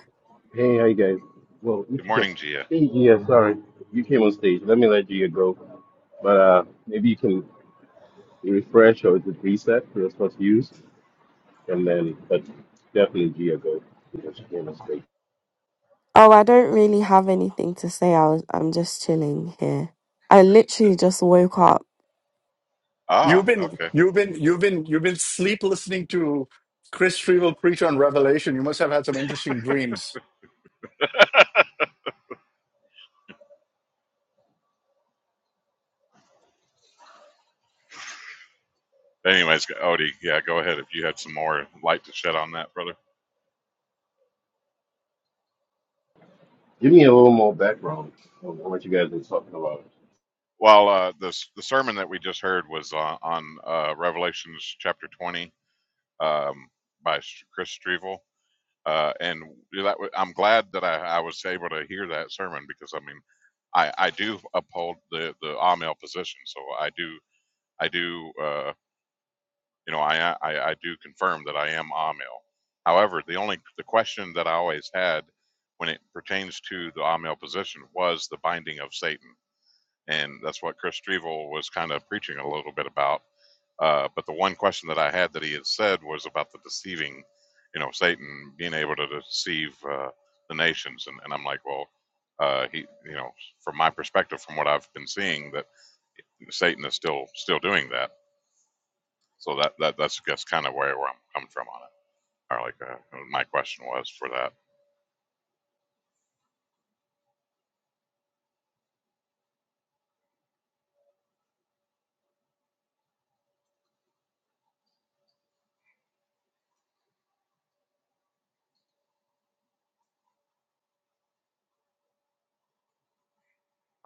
Speaker 5: hey, how you guys? Well,
Speaker 3: Good
Speaker 5: if you can,
Speaker 3: morning, Gia.
Speaker 5: hey, yeah, sorry, you came on stage. Let me let you go, but uh, maybe you can refresh or is it reset? That's what's used, and then but definitely Gia go because she came on stage.
Speaker 4: Oh, I don't really have anything to say. I was, I'm just chilling here. I literally just woke up.
Speaker 2: You've
Speaker 3: Ah,
Speaker 2: been,
Speaker 3: okay.
Speaker 2: you've been, you've been, you've been sleep listening to Chris Trevel preach on Revelation. You must have had some interesting dreams.
Speaker 3: Anyways, Odie, yeah, go ahead if you had some more light to shed on that, brother.
Speaker 5: Give me a little more background on what you guys are talking about.
Speaker 3: Well, uh, the s- the sermon that we just heard was on, on uh, Revelations chapter twenty um, by Sh- Chris Strevel uh, and that wa- I'm glad that I, I was able to hear that sermon because I mean, I, I do uphold the the Amel position, so I do I do uh, you know I, I I do confirm that I am Amel. However, the only the question that I always had when it pertains to the Amel position was the binding of Satan, and that's what Chris Strevel was kind of preaching a little bit about uh, but the one question that I had that he had said was about the deceiving, you know, Satan being able to deceive uh, the nations, and, and I'm like, well, uh, he, you know, from my perspective, from what I've been seeing, that Satan is still still doing that. So that, that that's that's kind of where, where I'm coming from on it. Or like uh, my question was for that.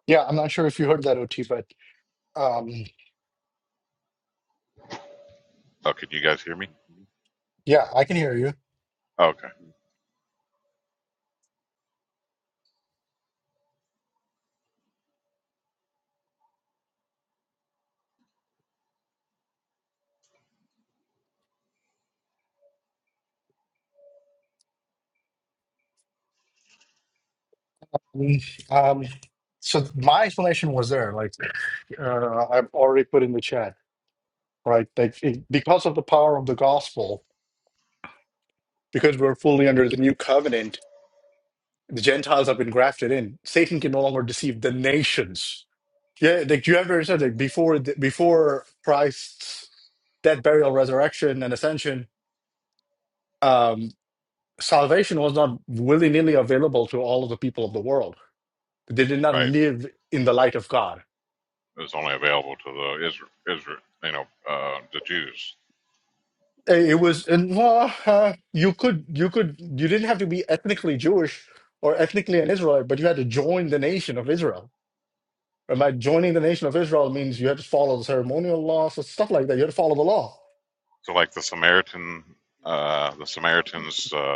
Speaker 2: Yeah, I'm not sure if you heard that, OT, but Um,
Speaker 3: Oh, could you guys hear me?
Speaker 2: yeah, I can hear you.
Speaker 3: Oh, Okay,
Speaker 2: Mm, Um, so my explanation was there, like uh, I've already put in the chat, right? Like it, because of the power of the gospel, because we're fully under the new covenant, the Gentiles have been grafted in. Satan can no longer deceive the nations. Yeah, like you ever said, like before the, before Christ's death, burial, resurrection, and ascension, um, salvation was not willy nilly available to all of the people of the world. They did not
Speaker 3: right.
Speaker 2: live in the light of God
Speaker 3: It was only available to the Israel, Israel you know, uh, the Jews.
Speaker 2: Hey, It was, and well, uh, you could, you could, you didn't have to be ethnically Jewish or ethnically an Israelite, but you had to join the nation of Israel. And by joining the nation of Israel means you had to follow the ceremonial laws, so stuff like that. You had to follow the law.
Speaker 3: So like the Samaritan, uh, the Samaritans. Uh,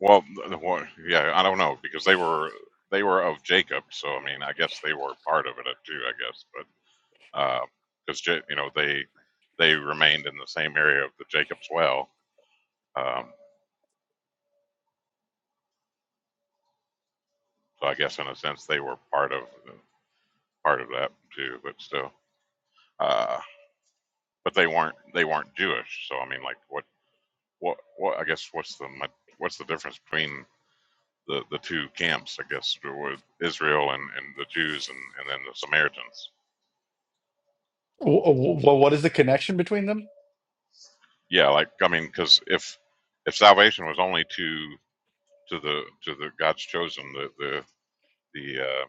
Speaker 3: Well, th- well, yeah, I don't know because they were they were of Jacob, so I mean, I guess they were part of it uh, too, I guess. But because Ja you know they they remained in the same area of the Jacob's well, um, so I guess in a sense they were part of part of that too. But still, uh, but they weren't they weren't Jewish. So I mean, like what what what I guess what's the mi- what's the difference between the, the two camps, I guess, with Israel and, and the Jews and, and then the Samaritans.
Speaker 2: Well, what is the connection between them?
Speaker 3: yeah like i mean because if if salvation was only to to the to the god's chosen the the the uh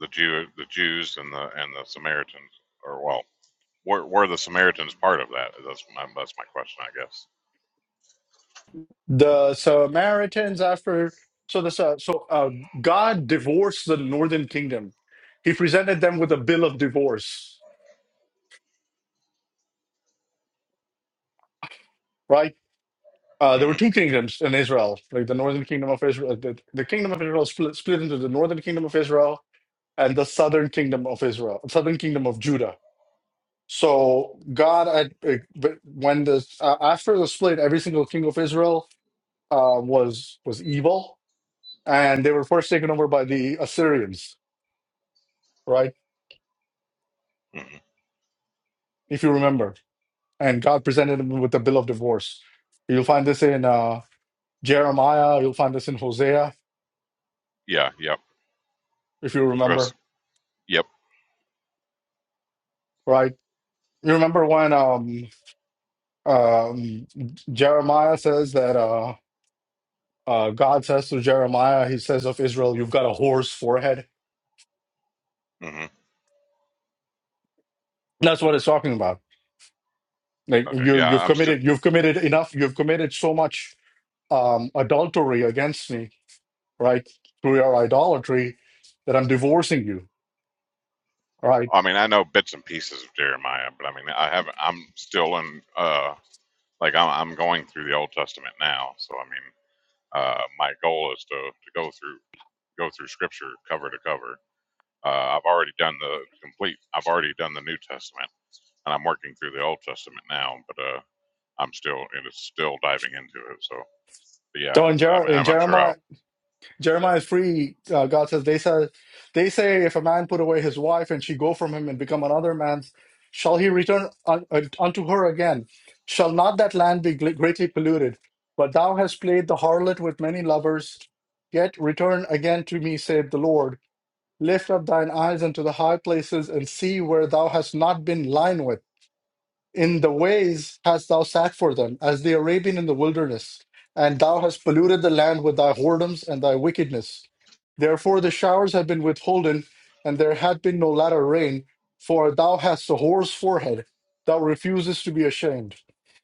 Speaker 3: the jew the jews and the and the samaritans or well were, were the samaritans part of that that's my that's my question i guess
Speaker 2: The Samaritans after, so the Sa- so uh, God divorced the northern kingdom. He presented them with a bill of divorce, right? Uh, there were
Speaker 3: hmm
Speaker 2: two kingdoms in Israel, like the northern kingdom of Israel. The, the kingdom of Israel split, split into the northern kingdom of Israel and the southern kingdom of Israel, southern kingdom of Judah. So God, had, uh, but when the uh, after the split, every single king of Israel uh, was was evil, and they were first taken over by the Assyrians, right?
Speaker 3: hmm
Speaker 2: If you remember, and God presented them with the bill of divorce. You'll find this in uh, Jeremiah. You'll find this in Hosea,
Speaker 3: yeah yep
Speaker 2: if you remember,
Speaker 3: Rest- yep
Speaker 2: right? You remember when um um Jeremiah says that uh uh God says to Jeremiah, he says of Israel, you've got a whore's forehead.
Speaker 3: hmm
Speaker 2: That's what it's talking about. Like
Speaker 3: okay
Speaker 2: you
Speaker 3: yeah
Speaker 2: you've
Speaker 3: i'm still
Speaker 2: committed you've committed enough, you've committed so much um adultery against me, right? Through your idolatry that I'm divorcing you. Right.
Speaker 3: i mean i know bits and pieces of jeremiah but i mean i haven't i'm still in uh like i'm, I'm going through the old testament now so i mean uh my goal is to to go through go through scripture cover to cover. Uh, I've already done the complete, I've already done the New Testament and I'm working through the Old Testament now, but uh, I'm still, it is still diving into it. So, but yeah,
Speaker 2: So in,
Speaker 3: I mean,
Speaker 2: Jer- in
Speaker 3: I'm, I'm sure
Speaker 2: Jeremiah Jeremiah 3, uh, God says, they, said, they say, if a man put away his wife and she go from him and become another man's, shall he return un- un- unto her again? Shall not that land be gl- greatly polluted? But thou hast played the harlot with many lovers. Yet return again to me, saith the Lord. Lift up thine eyes unto the high places and see where thou hast not been lying with. In the ways hast thou sat for them, as the Arabian in the wilderness, and thou hast polluted the land with thy whoredoms and thy wickedness. Therefore the showers have been withholden, and there hath been no latter rain, for thou hast a whore's forehead, thou refusest to be ashamed.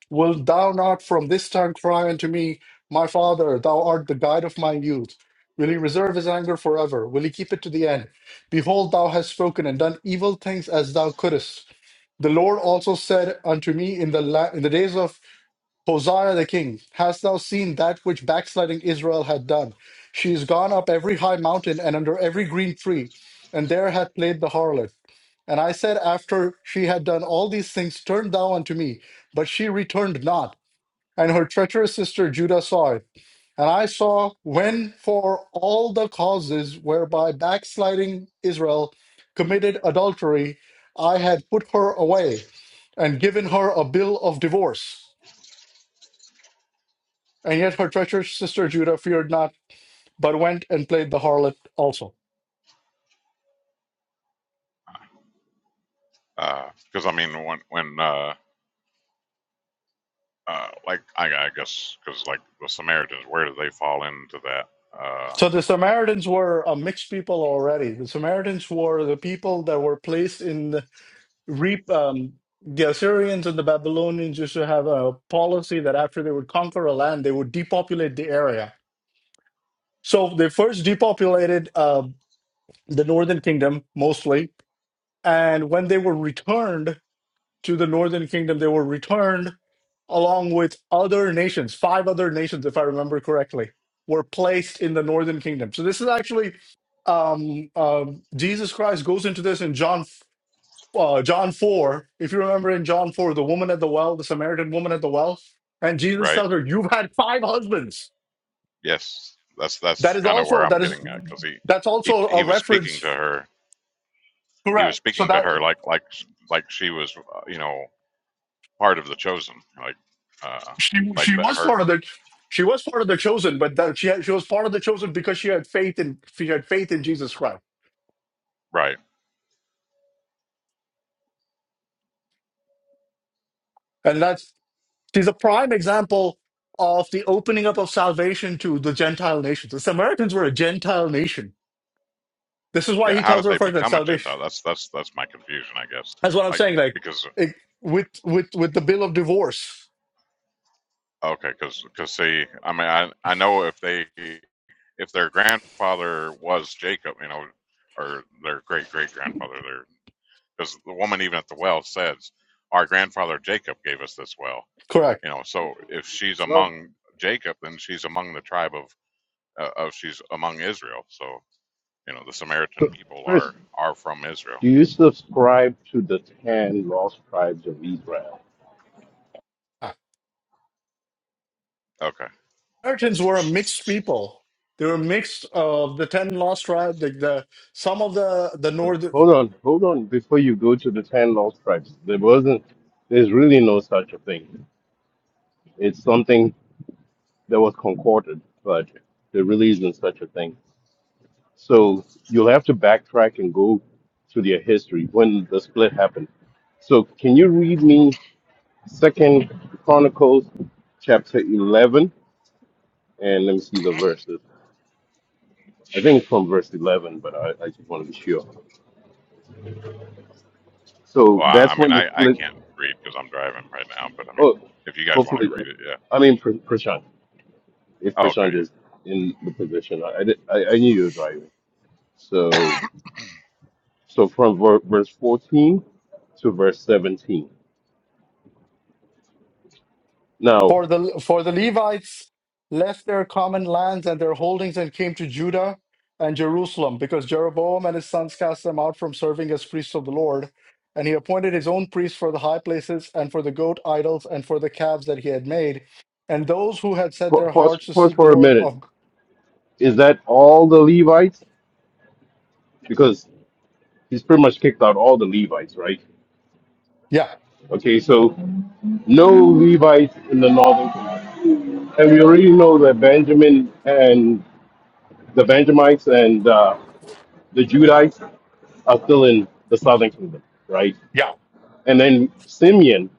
Speaker 2: Wilt thou not from this time cry unto me, My father, thou art the guide of my youth? Will he reserve his anger forever? Will he keep it to the end? Behold, thou hast spoken and done evil things as thou couldest. The Lord also said unto me in the la- in the days of Hosea the king, Hast thou seen that which backsliding Israel had done? She is gone up every high mountain and under every green tree, and there hath played the harlot. And I said, After she had done all these things, turn thou unto me. But she returned not, and her treacherous sister Judah saw it. And I saw when for all the causes whereby backsliding Israel committed adultery, I had put her away and given her a bill of divorce. And yet her treacherous sister Judah feared not, but went and played the harlot also.
Speaker 3: I'll, because uh, I mean, when, when, uh, uh, like, I, I guess, because like the Samaritans, where do they fall into that? Uh,
Speaker 2: So the Samaritans were a mixed people already. The Samaritans were the people that were placed in the re- um, the Assyrians and the Babylonians used to have a policy that after they would conquer a land, they would depopulate the area So they first depopulated uh, the northern kingdom mostly, and when they were returned to the northern kingdom, they were returned along with other nations. Five other nations, if I remember correctly, were placed in the northern kingdom. So this is actually um, um, Jesus Christ goes into this in John uh, John four. If you remember in John four, the woman at the well, the Samaritan woman at the well, and Jesus
Speaker 3: right?
Speaker 2: tells her, "You've had five husbands."
Speaker 3: Yes. That's,
Speaker 2: That
Speaker 3: that's
Speaker 2: is
Speaker 3: kind of where
Speaker 2: also
Speaker 3: I'm
Speaker 2: that is
Speaker 3: getting at because he,
Speaker 2: that's
Speaker 3: he,
Speaker 2: also
Speaker 3: he
Speaker 2: a
Speaker 3: was speaking to
Speaker 2: reference
Speaker 3: her. He was
Speaker 2: Correct. So
Speaker 3: speaking to
Speaker 2: that
Speaker 3: her like, like, like she was, uh, you know, part of the chosen, like uh,
Speaker 2: she
Speaker 3: like
Speaker 2: she
Speaker 3: that
Speaker 2: was
Speaker 3: her
Speaker 2: part of the she was part of the chosen, but that she had, she was part of the chosen because she had faith in she had faith in Jesus Christ,
Speaker 3: right?
Speaker 2: and that's she's a prime example of the opening up of salvation to the Gentile nations. The Samaritans were a Gentile nation. This is why
Speaker 3: Yeah,
Speaker 2: he
Speaker 3: how
Speaker 2: tells
Speaker 3: did
Speaker 2: her
Speaker 3: they
Speaker 2: first that
Speaker 3: become a
Speaker 2: salvation.
Speaker 3: Gentile? That's that's that's my confusion, I guess.
Speaker 2: That's what I'm
Speaker 3: Like
Speaker 2: saying. Like
Speaker 3: because
Speaker 2: it, with with with the bill of divorce.
Speaker 3: okay, because see, I mean, I I know if they if their grandfather was Jacob, you know, or their great great grandfather, their because the woman even at the well says, our grandfather Jacob gave us this well,
Speaker 2: Correct.
Speaker 3: you know. So if she's
Speaker 5: Well,
Speaker 3: among Jacob, then she's among the tribe of uh, of she's among Israel. So You know, the Samaritan
Speaker 5: so,
Speaker 3: people are
Speaker 5: Chris,
Speaker 3: are from Israel.
Speaker 5: do you subscribe to the ten lost tribes of Israel?
Speaker 3: Okay.
Speaker 2: Samaritans were a mixed people. They were mixed of the ten lost tribes, the, the some of the the north.
Speaker 5: Hold on, hold on. Before you go to the ten lost tribes, there wasn't. There's really no such a thing. It's something. that was concorded, but there really isn't such a thing. So you'll have to backtrack and go to their history when the split happened. So can you read me Second Chronicles chapter eleven and let me see the verses. I think it's from verse eleven, but I, I just want to be sure. So
Speaker 3: Well, I, I
Speaker 5: that's
Speaker 3: mean,
Speaker 5: when the
Speaker 3: I I
Speaker 5: split.
Speaker 3: can't read because I'm driving right now, but I mean,
Speaker 5: Oh,
Speaker 3: if you guys want to
Speaker 5: hopefully,
Speaker 3: read it, yeah.
Speaker 5: I mean Pr- Prashant. If
Speaker 3: Oh,
Speaker 5: Prashant
Speaker 3: okay. Yeah.
Speaker 5: is in the position, I I, did- I I knew you were driving. So So from ver- verse 14 to verse 17. Now,
Speaker 2: For the for the Levites left their common lands and their holdings and came to Judah and Jerusalem, because Jeroboam and his sons cast them out from serving as priests of the Lord, and he appointed his own priests for the high places and for the goat idols and for the calves that he had made, and those who had set
Speaker 5: pa-
Speaker 2: their
Speaker 5: pause,
Speaker 2: hearts to
Speaker 5: pause
Speaker 2: seek the
Speaker 5: for a
Speaker 2: Lord
Speaker 5: minute.
Speaker 2: of
Speaker 5: Is that all the Levites? Because he's pretty much kicked out all the Levites, right?
Speaker 2: yeah
Speaker 5: Okay, so no Levites in the northern kingdom. And we already know that Benjamin and the Benjamites and uh, the Judites are still in the southern kingdom, right?
Speaker 2: yeah.
Speaker 5: And then Simeon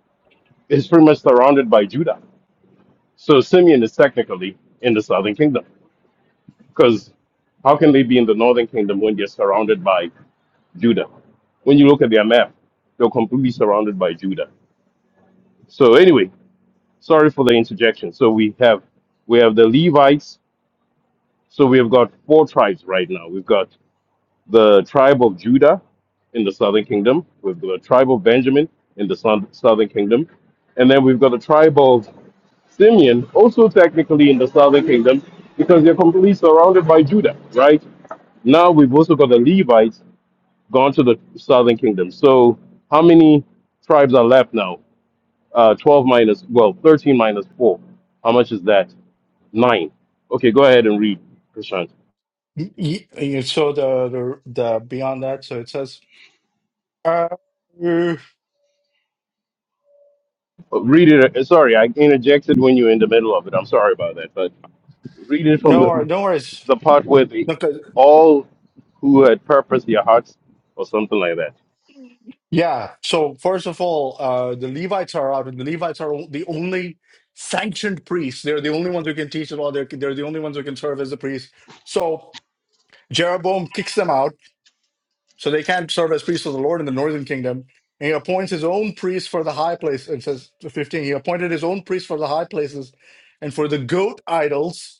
Speaker 5: is pretty much surrounded by Judah. So Simeon is technically in the southern kingdom. Because how can they be in the northern kingdom when they're surrounded by Judah? When you look at their map, they're completely surrounded by Judah. So anyway, sorry for the interjection. So we have we have the Levites. So we have got four tribes right now. We've got the tribe of Judah in the southern kingdom. We've got the tribe of Benjamin in the south- southern kingdom. And then we've got the tribe of Simeon, also technically in the southern kingdom, because they're completely surrounded by Judah, right? Now we've also got the Levites gone to the southern kingdom. So how many tribes are left now? Uh, 12 minus, well, 13 minus 4. How much is that? 9. Okay, go ahead and read, Prashant.
Speaker 2: Y- y- y- So the the, the beyond that, so it says, uh, no,
Speaker 5: Uh, Read it. uh, Sorry, I interjected when you were in the middle of it. I'm sorry about that. But read it from
Speaker 2: wor-
Speaker 5: the,
Speaker 2: no worries.
Speaker 5: the part where the,
Speaker 2: Okay,
Speaker 5: all who had purposed their hearts or something like that.
Speaker 2: Yeah. So first of all, uh, the Levites are out, and the Levites are the only sanctioned priests. They're the only ones who can teach the law. They're, they're the only ones who can serve as the priests. So Jeroboam kicks them out, so they can't serve as priests of the Lord in the northern kingdom. And he appoints his own priests for the high place. And says 15, he appointed his own priests for the high places and for the goat idols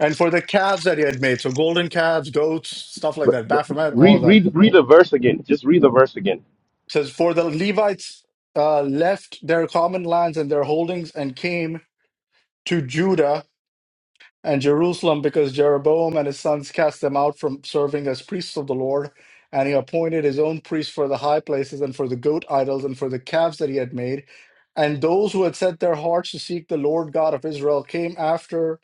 Speaker 2: and for the calves that he had made. So golden calves, goats, stuff like
Speaker 5: But,
Speaker 2: that,
Speaker 5: but
Speaker 2: Baphomet, all of
Speaker 5: Read,
Speaker 2: that.
Speaker 5: read, read the verse again. Just read the verse again.
Speaker 2: It says, For the Levites uh, left their common lands and their holdings and came to Judah and Jerusalem because Jeroboam and his sons cast them out from serving as priests of the Lord. And he appointed his own priests for the high places and for the goat idols and for the calves that he had made. And those who had set their hearts to seek the Lord God of Israel came after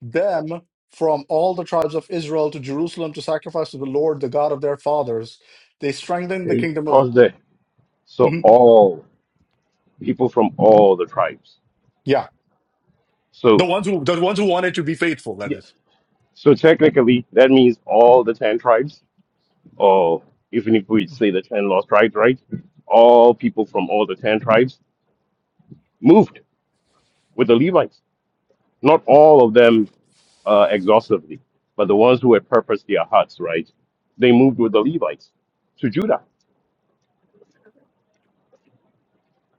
Speaker 2: them from all the tribes of Israel to Jerusalem to sacrifice to the Lord, the God of their fathers. They strengthened the
Speaker 5: okay,
Speaker 2: kingdom of.
Speaker 5: Pause there. So
Speaker 2: Mhm.
Speaker 5: all, people from all the tribes.
Speaker 2: Yeah. The
Speaker 5: So.
Speaker 2: ones who the ones who wanted to be faithful, that
Speaker 5: Yeah.
Speaker 2: is.
Speaker 5: So technically, that means all the 10 tribes, or even if we say the 10 lost tribes, right? All people from all the 10 tribes moved with the Levites. Not all of them uh, exhaustively, but the ones who had purposed their hearts, right? They moved with the Levites to Judah.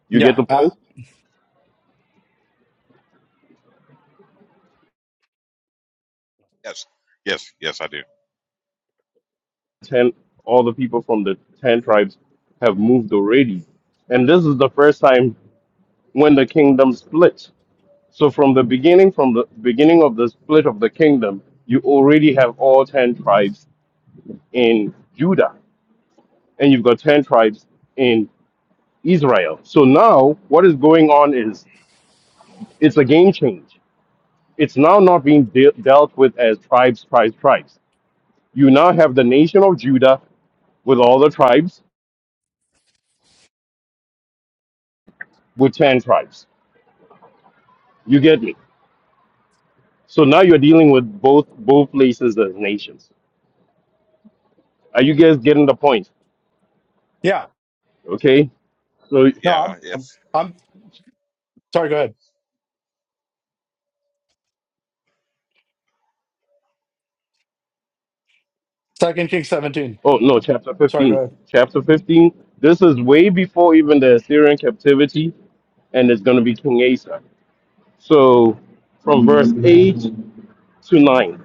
Speaker 5: You
Speaker 2: Yeah.
Speaker 5: get the
Speaker 2: Uh,
Speaker 5: point?
Speaker 3: Yes. Yes. Yes, I do.
Speaker 5: 10, all the people from the 10 tribes have moved already. And this is the first time when the kingdom split So from the beginning, from the beginning of the split of the kingdom, you already have all ten tribes in Judah, and you've got ten tribes in Israel. So now, what is going on is it's a game change. It's now not being de- dealt with as tribes, tribes, tribes. You now have the nation of Judah with all the tribes, with ten tribes. You get me? So now you're dealing with both both places as nations. Are you guys getting the point?
Speaker 2: yeah.
Speaker 5: Okay. So
Speaker 2: No, I'm,
Speaker 3: Yeah.
Speaker 2: I'm
Speaker 3: yes.
Speaker 2: I'm sorry, go ahead. Second Kings seventeen.
Speaker 5: Oh no, chapter
Speaker 2: Sorry, go
Speaker 5: fifteen.
Speaker 2: ahead.
Speaker 5: Chapter fifteen. This is way before even the Assyrian captivity, and it's going to be King Asa. So from verse eight to nine.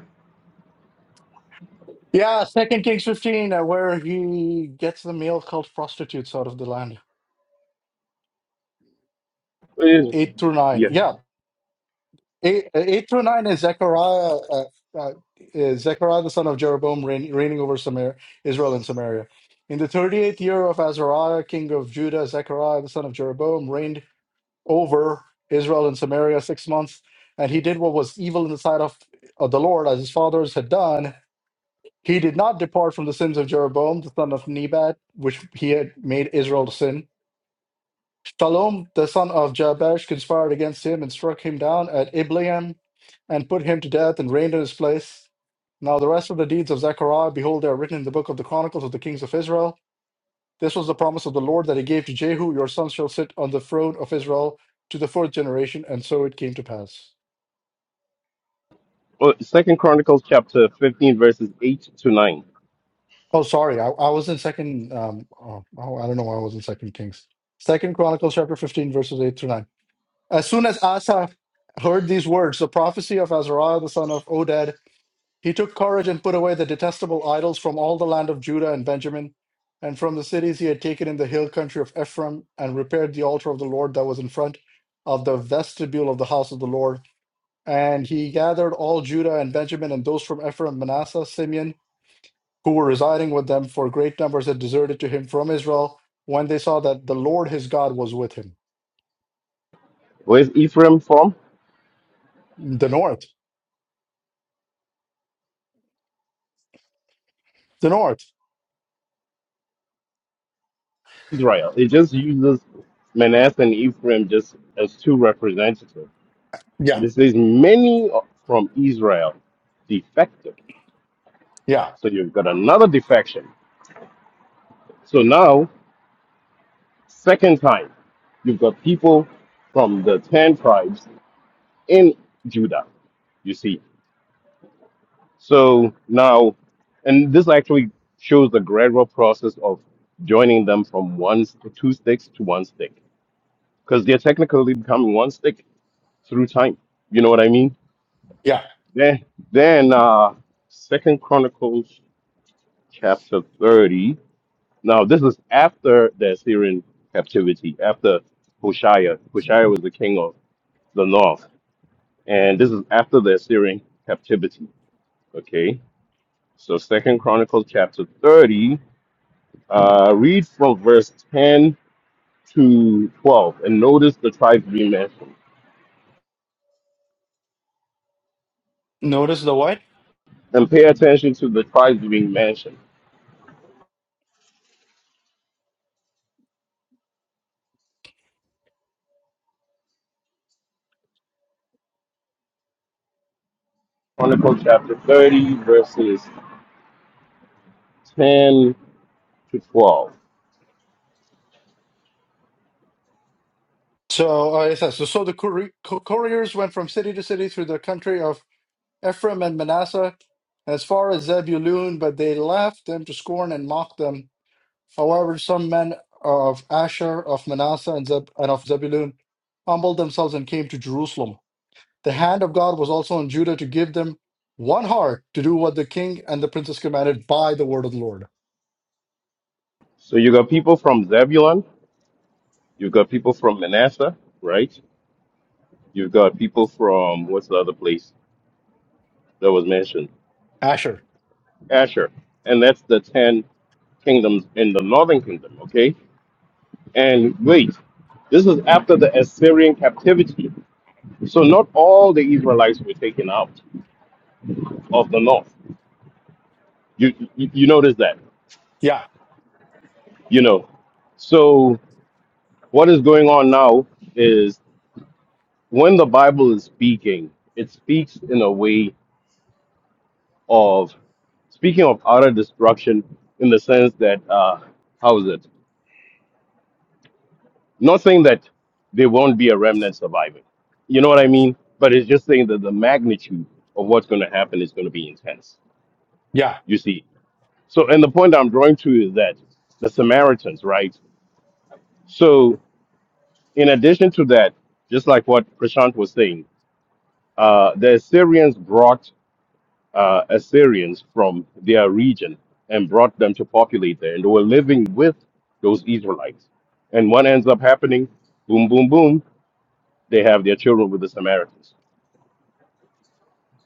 Speaker 2: Yeah, Second Kings fifteen, uh, where he gets the male cult prostitutes out of the land.
Speaker 5: Eh,
Speaker 2: Eight through nine.
Speaker 5: Yeah.
Speaker 2: Yeah. Eight, uh, eight through nine is Zechariah uh, uh, is Zechariah the son of Jeroboam reign, reigning over Samaria, Israel and Samaria. In the 38th year of Azariah, king of Judah, Zechariah the son of Jeroboam reigned over Israel and Samaria six months, and he did what was evil in the sight of, of the Lord, as his fathers had done. He did not depart from the sins of Jeroboam, the son of Nebat, which he had made Israel to sin. Shalom, the son of Jabesh, conspired against him and struck him down at Ibleam and put him to death and reigned in his place. Now, the rest of the deeds of Zechariah, behold, they are written in the book of the Chronicles of the kings of Israel. This was the promise of the Lord that he gave to Jehu, Your son shall sit on the throne of Israel to the fourth generation. And so it came to pass.
Speaker 5: Well, Second Chronicles chapter fifteen, verses eight to nine.
Speaker 2: Oh, sorry. I, I was in second. Um, oh, oh, I don't know why I was in second Kings. Second Chronicles chapter 15, verses 8 through 9. As soon as Asa heard these words, the prophecy of Azariah, the son of Oded, he took courage and put away the detestable idols from all the land of Judah and Benjamin and from the cities he had taken in the hill country of Ephraim and repaired the altar of the Lord that was in front of the vestibule of the house of the Lord And he gathered all Judah and Benjamin and those from Ephraim, Manasseh, Simeon, who were residing with them, for great numbers had deserted to him from Israel when they saw that the Lord his God was with him.
Speaker 5: Where's Ephraim from?
Speaker 2: The north. The north.
Speaker 5: Israel. It just uses Manasseh and Ephraim just as two representatives.
Speaker 2: Yeah.
Speaker 5: But it says many from Israel defected.
Speaker 2: Yeah.
Speaker 5: So you've got another defection. So now Second time, you've got people from the 10 tribes in Judah, you see. So now, and this actually shows the gradual process of joining them from one, two sticks to one stick, because they're technically becoming one stick through time. You know what I mean?
Speaker 2: Yeah.
Speaker 5: Then, then, uh, Second Chronicles chapter 30. Now, this is after the Assyrian captivity, after Hoshea. Hoshea was the king of the north and this is after the Assyrian captivity. Okay, so Second Chronicles chapter thirty, uh, read from verse ten to twelve, and notice the tribes being mentioned,
Speaker 2: Notice the what?
Speaker 5: and pay attention to the tribes being mentioned. Chronicles chapter thirty, verses ten to twelve.
Speaker 2: So uh, it says, so, so the courier, co- couriers went from city to city through the country of Ephraim and Manasseh as far as Zebulun, but they laughed them to scorn and mocked them However, some men of Asher, of Manasseh, and, Zeb- and of Zebulun humbled themselves and came to Jerusalem. The hand of God was also on Judah to give them one heart to do what the king and the princess commanded by the word of the Lord.
Speaker 5: So you got people from Zebulun, you've got people from Manasseh, right? You've got people from what's the other place that was mentioned?
Speaker 2: Asher.
Speaker 5: Asher, and that's the ten kingdoms in the northern kingdom, okay? And wait, this is after the Assyrian captivity. So not all the Israelites were taken out of the north. You you, you notice that,
Speaker 2: Yeah,
Speaker 5: you know. So what is going on now is when the Bible is speaking, it speaks in a way of speaking of utter destruction in the sense that uh, how is it? Not saying that there won't be a remnant surviving. You know what I mean? But it's just saying that the magnitude of what's going to happen is going to be intense.
Speaker 2: yeah.
Speaker 5: You see? So, and the point I'm drawing to is that the Samaritans, right? So, in addition to that, just like what Prashant was saying, uh, the Assyrians brought uh, Assyrians from their region and brought them to populate there, and they were living with those Israelites. And what ends up happening? Boom, boom, boom. They have their children with the Samaritans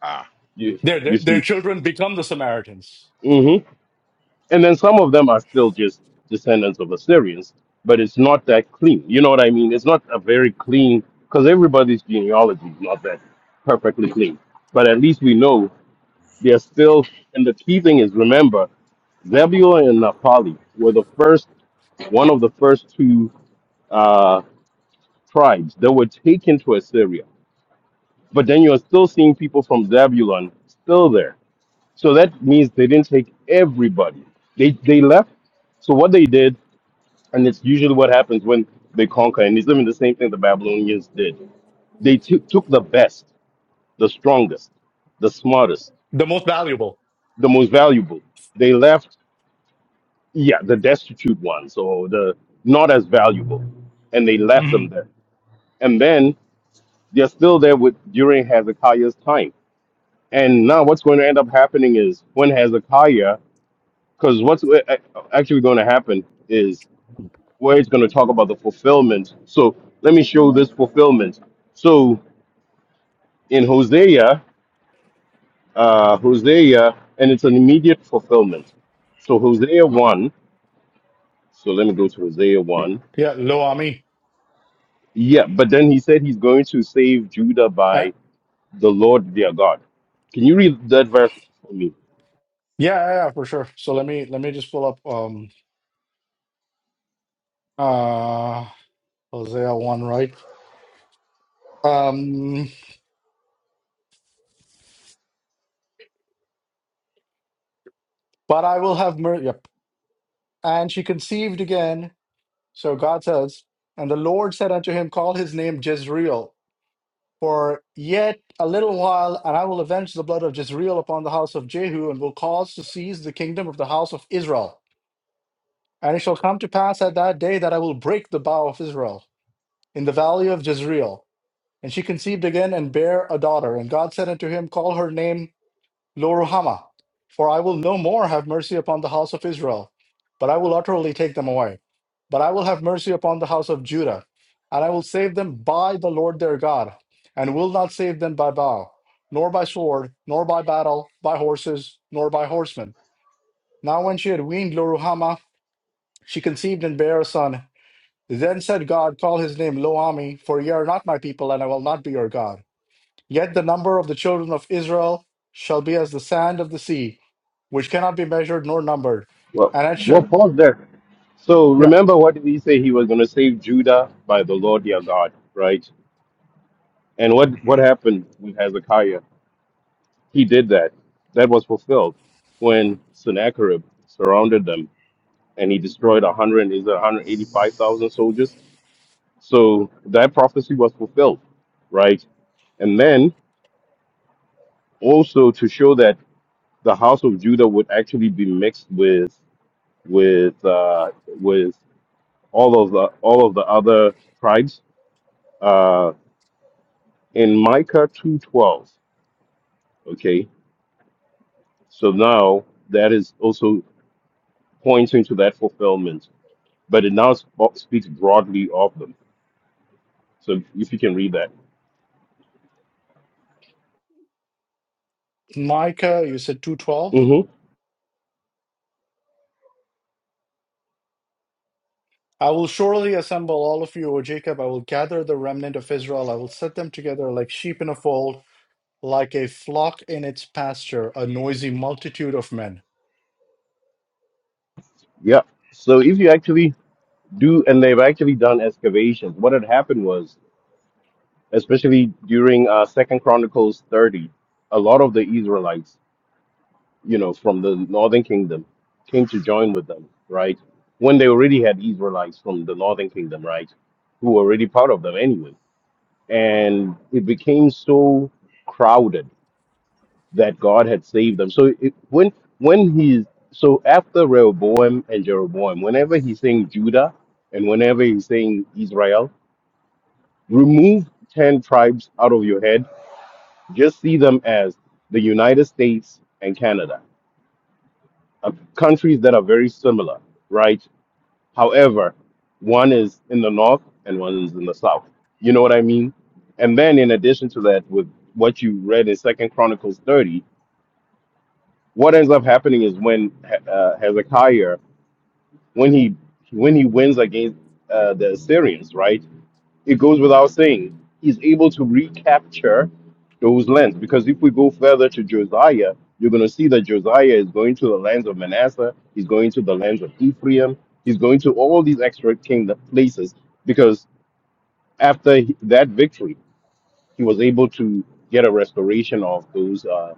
Speaker 3: ah,
Speaker 5: You
Speaker 2: Their,
Speaker 5: you
Speaker 2: their, their
Speaker 5: see,
Speaker 2: children become the Samaritans,
Speaker 5: hmm and then some of them are still just descendants of Assyrians, but it's not that clean. You know what I mean? It's not a very clean because everybody's genealogy is not that perfectly clean. But at least we know they're still. And the key thing is remember, Zebulun and Naphtali were the first, one of the first two uh, tribes that were taken to Assyria. But then you're still seeing people from Zebulun still there So that means they didn't take everybody. They they left. So what they did, and it's usually what happens when they conquer, and it's doing the same thing the Babylonians did. They took took the best, the strongest, the smartest,
Speaker 2: the most valuable.
Speaker 5: the most valuable. They left, yeah, the destitute ones or the not as valuable, and they left them
Speaker 2: Mhm.
Speaker 5: there. And then they're still there with during Hezekiah's time. And now what's going to end up happening is when Hezekiah, because what's a- a- actually going to happen is where it's going to talk about the fulfillment. So let me show this fulfillment. So in Hosea, uh, Hosea, and it's an immediate fulfillment. So Hosea 1, so let me go to Hosea 1.
Speaker 2: Yeah, lo ami.
Speaker 5: Yeah, but then he said he's going to save Judah by the Lord their God. Can you read that verse for me?
Speaker 2: Yeah, yeah, yeah, for sure. So let me let me just pull up um uh Hosea one, right? Um but I will have mercy. Yep. And she conceived again. So God says, and the Lord said unto him, Call his name Jezreel, for yet a little while, and I will avenge the blood of Jezreel upon the house of Jehu, and will cause to cease the kingdom of the house of Israel. And it shall come to pass at that day that I will break the bow of Israel in the valley of Jezreel. And she conceived again and bare a daughter. And God said unto him, Call her name Loruhamah, for I will no more have mercy upon the house of Israel, but I will utterly take them away. But I will have mercy upon the house of Judah, and I will save them by the Lord their God, and will not save them by bow, nor by sword, nor by battle, by horses, nor by horsemen. Now when she had weaned Loruhamah, she conceived and bare a son. Then said God, Call his name Loami, for ye are not my people, and I will not be your God. Yet the number of the children of Israel shall be as the sand of the sea, which cannot be measured nor numbered.
Speaker 5: Well,
Speaker 2: And it
Speaker 5: we'll
Speaker 2: shall,
Speaker 5: pause there. So
Speaker 2: yeah,
Speaker 5: remember, what did he say? He was going to save Judah by the Lord their God, right? And what, what
Speaker 3: hmm
Speaker 5: happened with Hezekiah? He did that. That was fulfilled when Sennacherib surrounded them and he destroyed 100, is it 185,000 soldiers? So that prophecy was fulfilled, right? And then also to show that the house of Judah would actually be mixed with with uh, with all of the all of the other tribes. Uh, in Micah 2:12, okay? So now that is also pointing to that fulfillment but it now sp- speaks broadly of them. So if you can read that.
Speaker 2: Micah, you said 212.
Speaker 5: hmm
Speaker 2: I will surely assemble all of you, O Jacob. I will gather the remnant of Israel. I will set them together like sheep in a fold. like a flock in its pasture, a noisy multitude of men.
Speaker 5: Yeah. So if you actually do, and they've actually done excavations, what had happened was, especially during uh, Second Chronicles 30, a lot of the Israelites, you know, from the northern kingdom came to join with them, right? When they already had Israelites from the northern kingdom, right? Who were already part of them anyway. And it became so crowded that God had saved them. So it, when when he's so after Rehoboam and Jeroboam, whenever he's saying Judah and whenever he's saying Israel, remove ten tribes out of your head. Just see them as the United States and Canada, uh, countries that are very similar, right? However, one is in the north and one is in the south. You know what I mean? And then in addition to that, with what you read in Second Chronicles 30, what ends up happening is when uh, Hezekiah, when he when he wins against uh, the Assyrians, right? It goes without saying he's able to recapture those lands because if we go further to Josiah, you're going to see that Josiah is going to the lands of Manasseh, he's going to the lands of Ephraim, he's going to all these extra kingdom places because after he- that victory, he was able to get a restoration of those uh,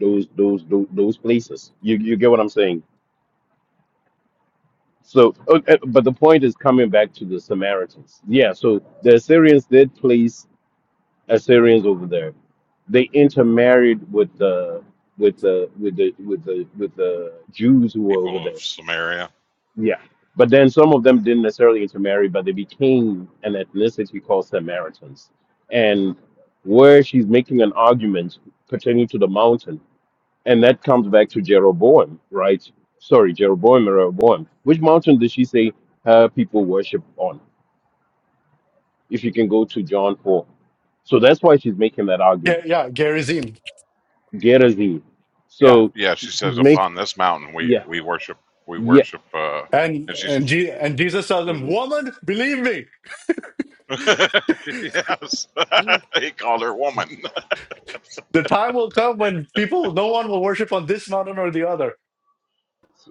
Speaker 5: those those those, those places. You, you get what I'm saying? So, okay, but the point is coming back to the Samaritans. Yeah, so the Assyrians did place Assyrians over there. They intermarried with the with the with the with the with the Jews who were over
Speaker 3: people of
Speaker 5: there.
Speaker 3: Samaria.
Speaker 5: Yeah, but then some of them didn't necessarily intermarry, but they became an ethnicity called Samaritans. And where she's making an argument pertaining to the mountain and that comes back to Jeroboam, right? Sorry, Jeroboam, Rehoboam. Which mountain did she say her people worship on? If you can go to John 4. So that's why she's making that
Speaker 2: Yeah,
Speaker 5: argument.
Speaker 2: yeah, Gerizim.
Speaker 5: Gerazim.
Speaker 2: Yeah.
Speaker 5: So
Speaker 3: Yeah,
Speaker 5: she,
Speaker 3: she
Speaker 5: she's
Speaker 3: says,
Speaker 5: make
Speaker 3: upon this mountain we
Speaker 5: yeah,
Speaker 3: we worship we
Speaker 5: yeah.
Speaker 3: worship. uh
Speaker 2: And
Speaker 3: and she's
Speaker 2: and, Je- and Jesus tells them,
Speaker 5: Mhm.
Speaker 2: Woman, believe me,
Speaker 3: (laughs) yes, (laughs) he called her woman. (laughs)
Speaker 2: the time will come when people, no one will worship on this mountain or the other,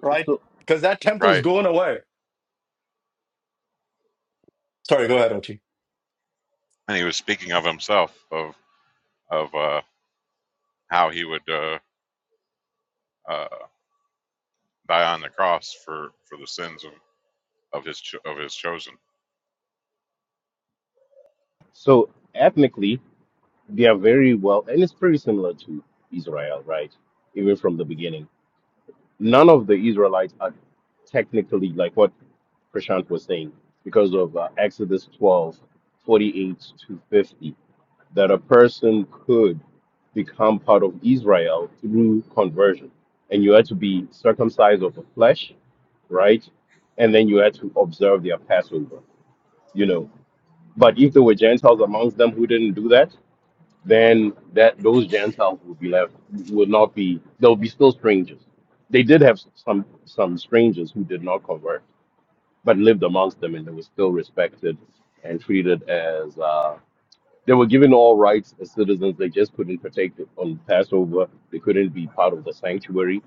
Speaker 2: right?
Speaker 5: So,
Speaker 2: Because that temple is
Speaker 3: right
Speaker 2: going away. Sorry, go ahead, Ochi.
Speaker 3: and he was speaking of himself of of uh, how he would uh, uh, die on the cross for for the sins of of his cho- of his chosen.
Speaker 5: so ethnically, they are very well, and it's pretty similar to Israel, right? Even from the beginning. None of the Israelites are technically like what Prashant was saying, because of uh, Exodus 12, 48 to 50, that a person could become part of Israel through conversion. And you had to be circumcised of the flesh, right? And then you had to observe their Passover, you know. But if there were Gentiles amongst them who didn't do that, then that those Gentiles would be left, would not be, they'll be still strangers. They did have some some strangers who did not convert but lived amongst them and they were still respected and treated as uh, they were given all rights as citizens. They just couldn't partake on Passover. They couldn't be part of the sanctuary,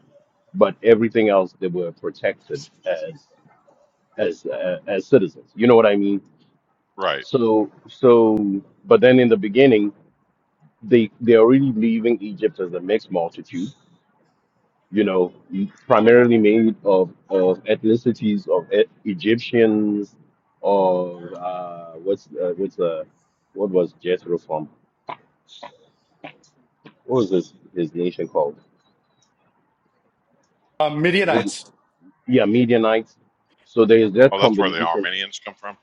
Speaker 5: but everything else they were protected as as uh, as citizens. You know what I mean?
Speaker 3: Right.
Speaker 5: So so, but then in the beginning, they they're already leaving Egypt as a mixed multitude you know, primarily made of, of ethnicities of e- Egyptians, of uh, what's uh, what's uh, what was Jethro from? What was his his nation called?
Speaker 2: Um,
Speaker 5: Was it-
Speaker 2: Midianites.
Speaker 5: yeah, Midianites. So there's that
Speaker 3: Oh, that's where the
Speaker 5: combination.
Speaker 3: Armenians come from.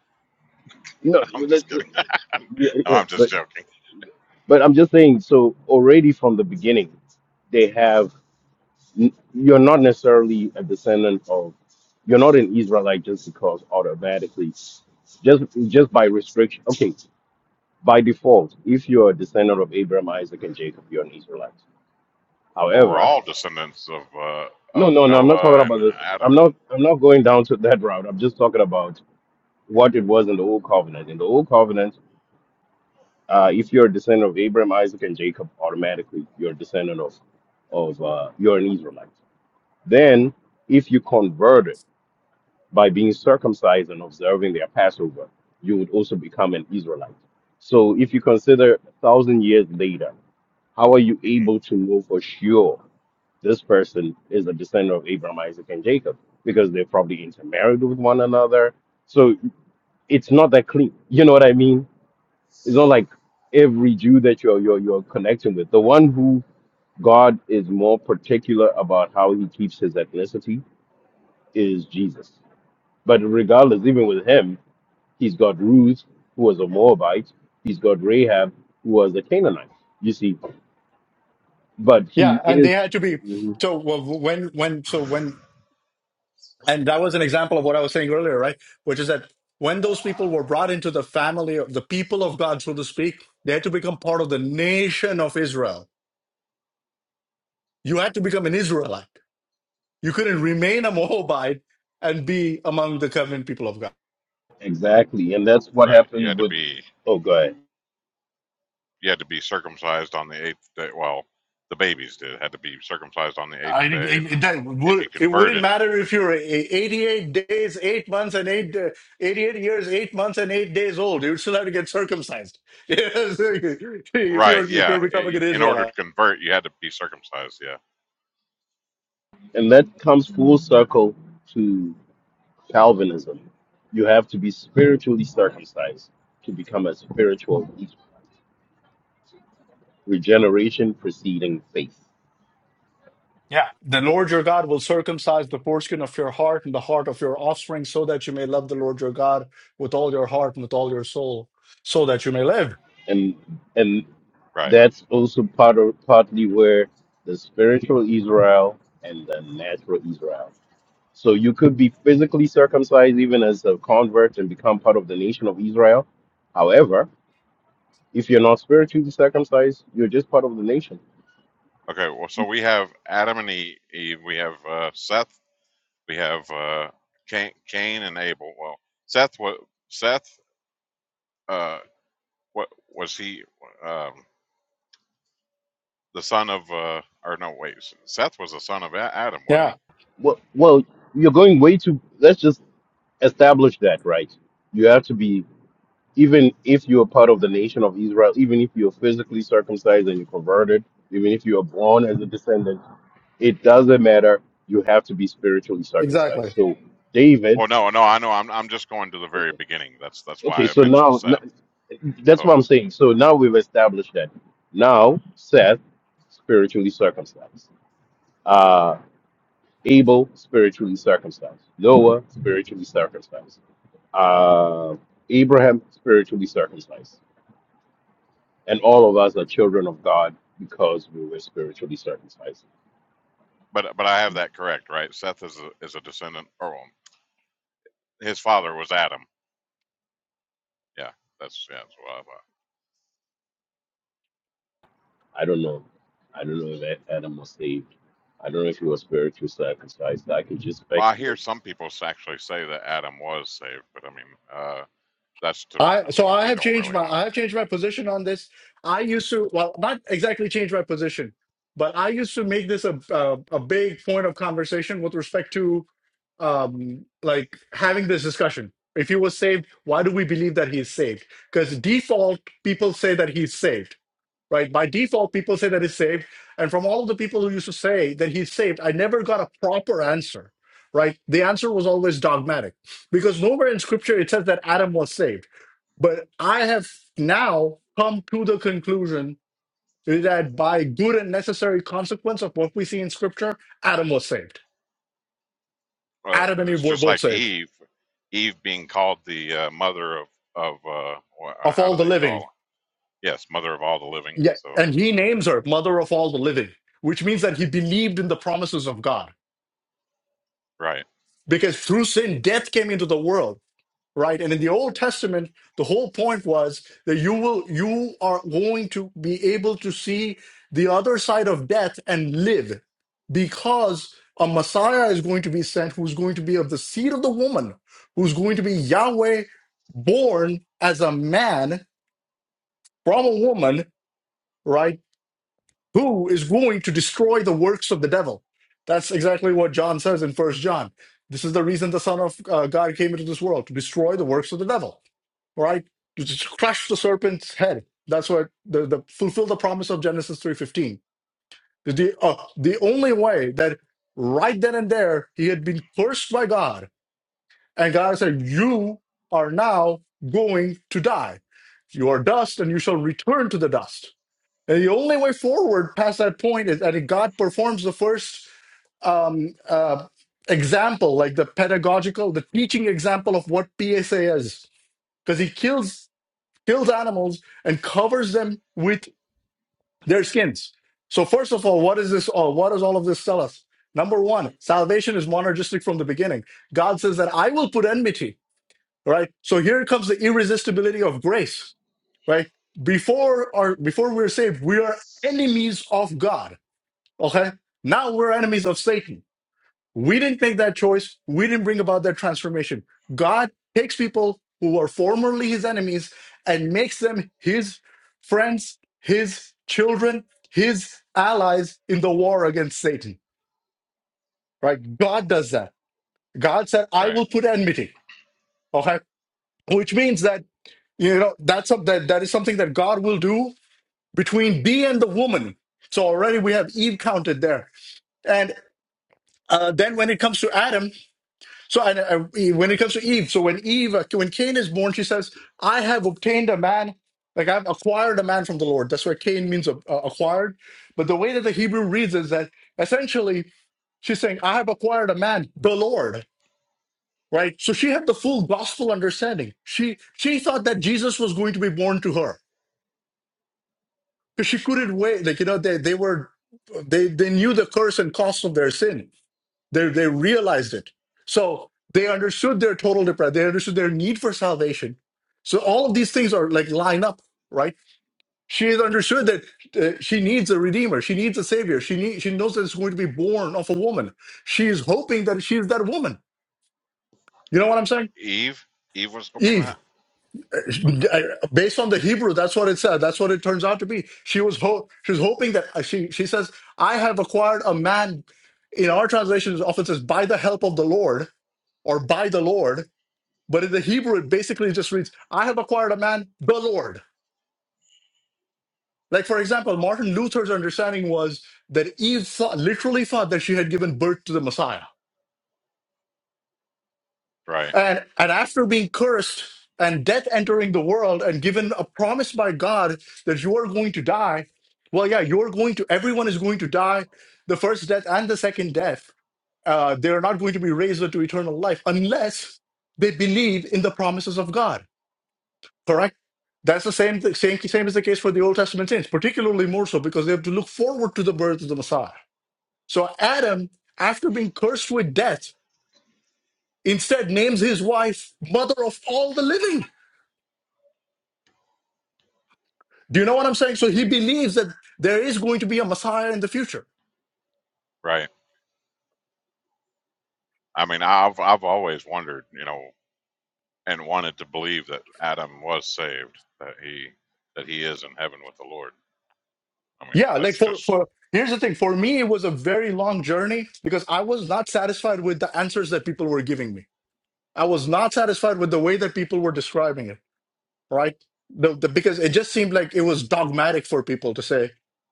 Speaker 5: No,
Speaker 3: (laughs) I'm
Speaker 5: well, let's,
Speaker 3: just kidding. (laughs)
Speaker 5: let's,
Speaker 3: no,
Speaker 5: yeah, yeah,
Speaker 3: I'm just
Speaker 5: but
Speaker 3: joking.
Speaker 5: but I'm just saying. So already from the beginning, they have. n- you're not necessarily a descendant of you're not an Israelite just because automatically just just by restriction okay by default if you're a descendant of Abraham Isaac and Jacob you're an Israelite
Speaker 3: Well, we're
Speaker 5: however
Speaker 3: all descendants of uh,
Speaker 5: no
Speaker 3: of
Speaker 5: no no I'm not talking
Speaker 3: Noah and
Speaker 5: about this I'm
Speaker 3: Adam.
Speaker 5: not I'm not going down to that route I'm just talking about what it was in the old covenant in the old covenant uh, if you're a descendant of Abraham Isaac and Jacob automatically you're a descendant of of uh, you're an Israelite then if you converted by being circumcised and observing their Passover, you would also become an Israelite. So if you consider a thousand years later, how are you
Speaker 3: Mhm.
Speaker 5: able to know for sure this person is a descendant of Abraham, Isaac, and Jacob? Because they probably intermarried with one another. So it's not that clean. You know what I mean? It's not like every Jew that you're you're, you're connecting with. The one who God is more particular about how he keeps his ethnicity is Jesus. But regardless, even with him, He's got Ruth, who was a Moabite. He's got Rahab, who was a Canaanite. You see, but
Speaker 2: Yeah,
Speaker 5: he
Speaker 2: and they
Speaker 5: is
Speaker 2: had to be
Speaker 5: Mhm.
Speaker 2: so well, w- when when so when and that was an example of what I was saying earlier, right? Which is that when those people were brought into the family of the people of God, so to speak, they had to become part of the nation of Israel. You had to become an Israelite. You couldn't remain a Moabite and be among the covenant people of God.
Speaker 5: exactly, and that's what
Speaker 3: right. You
Speaker 5: happened
Speaker 3: had to
Speaker 5: with.
Speaker 3: be
Speaker 5: Oh, go ahead.
Speaker 3: you had to be circumcised on the eighth day. Well, the babies did had to be circumcised on the eighth
Speaker 2: I,
Speaker 3: day, and
Speaker 2: it,
Speaker 3: then
Speaker 2: it, that
Speaker 3: if you
Speaker 2: would, it wouldn't
Speaker 3: converted,
Speaker 2: matter if you're 88 days, 8 months, and 8, uh, 88 years, 8 months, and 8 days old. You'd still have to get circumcised. (laughs) Yes, if,
Speaker 3: right?
Speaker 2: you're, if
Speaker 3: Yeah.
Speaker 2: you're becoming
Speaker 3: i-
Speaker 2: an
Speaker 3: In order to
Speaker 2: Israelite.
Speaker 3: convert, you had to be circumcised. Yeah.
Speaker 5: And that comes full circle to Calvinism. You have to be spiritually circumcised to become a spiritual regeneration preceding faith,
Speaker 2: Yeah. The Lord your God will circumcise the foreskin of your heart and the heart of your offspring so that you may love the Lord your God with all your heart and with all your soul so that you may live.
Speaker 5: and and
Speaker 3: Right.
Speaker 5: that's also part of partly where the spiritual Israel and the natural Israel So you could be physically circumcised even as a convert and become part of the nation of Israel. However, if you're not spiritually circumcised, you're just part of the nation.
Speaker 3: Okay. Well, so we have Adam and E- Eve. We have uh, Seth We have uh, Cain, Cain and Abel. Well, Seth was Seth. Uh, what was he? Um, the son of uh, or no? Wait, Seth was the son of A- Adam, wasn't he?
Speaker 2: Yeah,
Speaker 5: Well, well, you're going way too. Let's just establish that, right? You have to be even if you're part of the nation of Israel, even if you're physically circumcised and you converted, even if you are born as a descendant, it doesn't matter. You have to be spiritually
Speaker 2: exactly.
Speaker 5: circumcised. So David,
Speaker 3: Well, no, no. I know. I'm I'm just going to the very
Speaker 5: okay,
Speaker 3: beginning. That's that's
Speaker 5: Okay,
Speaker 3: why I
Speaker 5: so
Speaker 3: mentioned
Speaker 5: now
Speaker 3: Seth.
Speaker 5: n- that's what
Speaker 3: So,
Speaker 5: I'm saying. So now we've established that. Now Seth spiritually circumcised. Uh Abel spiritually circumcised. Noah spiritually circumcised. Uh Abraham spiritually circumcised. And all of us are children of God because we were spiritually circumcised.
Speaker 3: but but I have that correct, right? Seth is a is a descendant, or um, his father was Adam. Yeah, that's yeah. That's what I thought.
Speaker 5: I don't know. I don't know if Adam was saved. I don't know if he was spiritually circumcised. I could just
Speaker 3: Well, I hear
Speaker 5: speculate.
Speaker 3: some people actually say that Adam was saved, but I mean, uh, that's to.
Speaker 2: I
Speaker 3: I mean,
Speaker 2: so I
Speaker 3: we
Speaker 2: have
Speaker 3: don't
Speaker 2: changed
Speaker 3: really
Speaker 2: my
Speaker 3: know.
Speaker 2: I have changed my position on this. I used to well not exactly change my position, but I used to make this a a, a big point of conversation with respect to um like having this discussion. If he was saved, why do we believe that he is saved? Because default people say that he's saved, right? By default, people say that he's saved, and from all of the people who used to say that he's saved, I never got a proper answer, right? The answer was always dogmatic because nowhere in Scripture it says that Adam was saved but I have now come to the conclusion that by good and necessary consequence of what we see in scripture, Adam was saved.
Speaker 3: uh,
Speaker 2: Adam and
Speaker 3: it's
Speaker 2: Eve were
Speaker 3: just
Speaker 2: both
Speaker 3: like
Speaker 2: saved
Speaker 3: Eve, Eve being called the uh, mother of of uh, wha- uh,
Speaker 2: of
Speaker 3: how do
Speaker 2: all the
Speaker 3: they call?
Speaker 2: living.
Speaker 3: Yes, mother of all the living.
Speaker 2: Yeah,
Speaker 3: So
Speaker 2: and he names her mother of all the living, which means that he believed in the promises of God.
Speaker 3: right,
Speaker 2: Because through sin, death came into the world. right and in the old testament the whole point was that you will you are going to be able to see the other side of death and live because a messiah is going to be sent who's going to be of the seed of the woman who's going to be yahweh born as a man from a woman right who is going to destroy the works of the devil that's exactly what john says in first john this is the reason the son of uh, god came into this world to destroy the works of the devil right? To just crush the serpent's head. That's what the, the fulfill the promise of Genesis three fifteen. The uh, the only way that right then and there he had been cursed by God, and God said, "You are now going to die. You are dust, and you shall return to the dust." And the only way forward past that point is that God performs the first um, uh, example, like the pedagogical, the teaching example of what PSA is, because he kills kills animals and covers them with their skins. So first of all, what is this all? What does all of this tell us? Number one, salvation is monergistic from the beginning. God says that I will put enmity, right? So here comes the irresistibility of grace, right? Before or before we're saved, we are enemies of God. Okay? Now we're enemies of Satan. We didn't make that choice. We didn't bring about that transformation. God takes people who were formerly his enemies and makes them his friends, his children, his allies in the war against Satan, right? God does that. God said, I
Speaker 3: right.
Speaker 2: will put enmity, okay? Which means that, you know, that's some- that, that is something that God will do between thee and the woman. So already we have Eve counted there. And uh, then when it comes to Adam, So and, and when it comes to Eve, so when Eve, uh, when Cain is born, she says, "I have obtained a man, like I've acquired a man from the Lord." That's where Cain means uh, acquired. But the way that the Hebrew reads is that essentially she's saying, "I have acquired a man, the Lord." Right. So she had the full gospel understanding. She she thought that Jesus was going to be born to her because she couldn't wait. Like you know, they they were they they knew the curse and cost of their sin they they realized it. So they understood their total depravity. They understood their need for salvation. So all of these things are like line up, right? She has understood that uh, she needs a redeemer. She needs a savior. She need, she knows that it's going to be born of a woman. She is hoping that she is that woman. You
Speaker 3: Eh,
Speaker 2: know what I'm saying?
Speaker 3: Eve, Eve was hoping
Speaker 2: Eve,
Speaker 3: that. Okay,
Speaker 2: uh, based on the Hebrew, that's what it said. That's what it turns out to be. She was ho- she was hoping that uh, she she says, "I have acquired a man." In our translations, it often says, "By the help of the Lord," or "By the Lord." But in the Hebrew, it basically just reads, I have acquired a man, the Lord. Like, for example, Martin Luther's understanding was that Eve thought, literally thought that she had given birth to the Messiah.
Speaker 3: right,
Speaker 2: And, and after being cursed and death entering the world and given a promise by God that you are going to die, well, yeah, you're going to, everyone is going to die, the first death and the second death. Uh, they're not going to be raised unto eternal life unless they believe in the promises of God. Correct. That's the same, th- same same is the case for the Old Testament saints, particularly more so because they have to look forward to the birth of the Messiah. So Adam, after being cursed with death, instead names his wife mother of all the living. Do you know what I'm saying? So he believes that there is going to be a Messiah in the future.
Speaker 3: right. I mean, I've I've always wondered, you know, and wanted to believe that Adam was saved, that he that he is in heaven with the Lord. I mean,
Speaker 2: Yeah, like
Speaker 3: that's
Speaker 2: for
Speaker 3: just
Speaker 2: for here's the thing. For me, it was a very long journey because I was not satisfied with the answers that people were giving me. I was not satisfied with the way that people were describing it. right? The, the because it just seemed like it was dogmatic for people to say,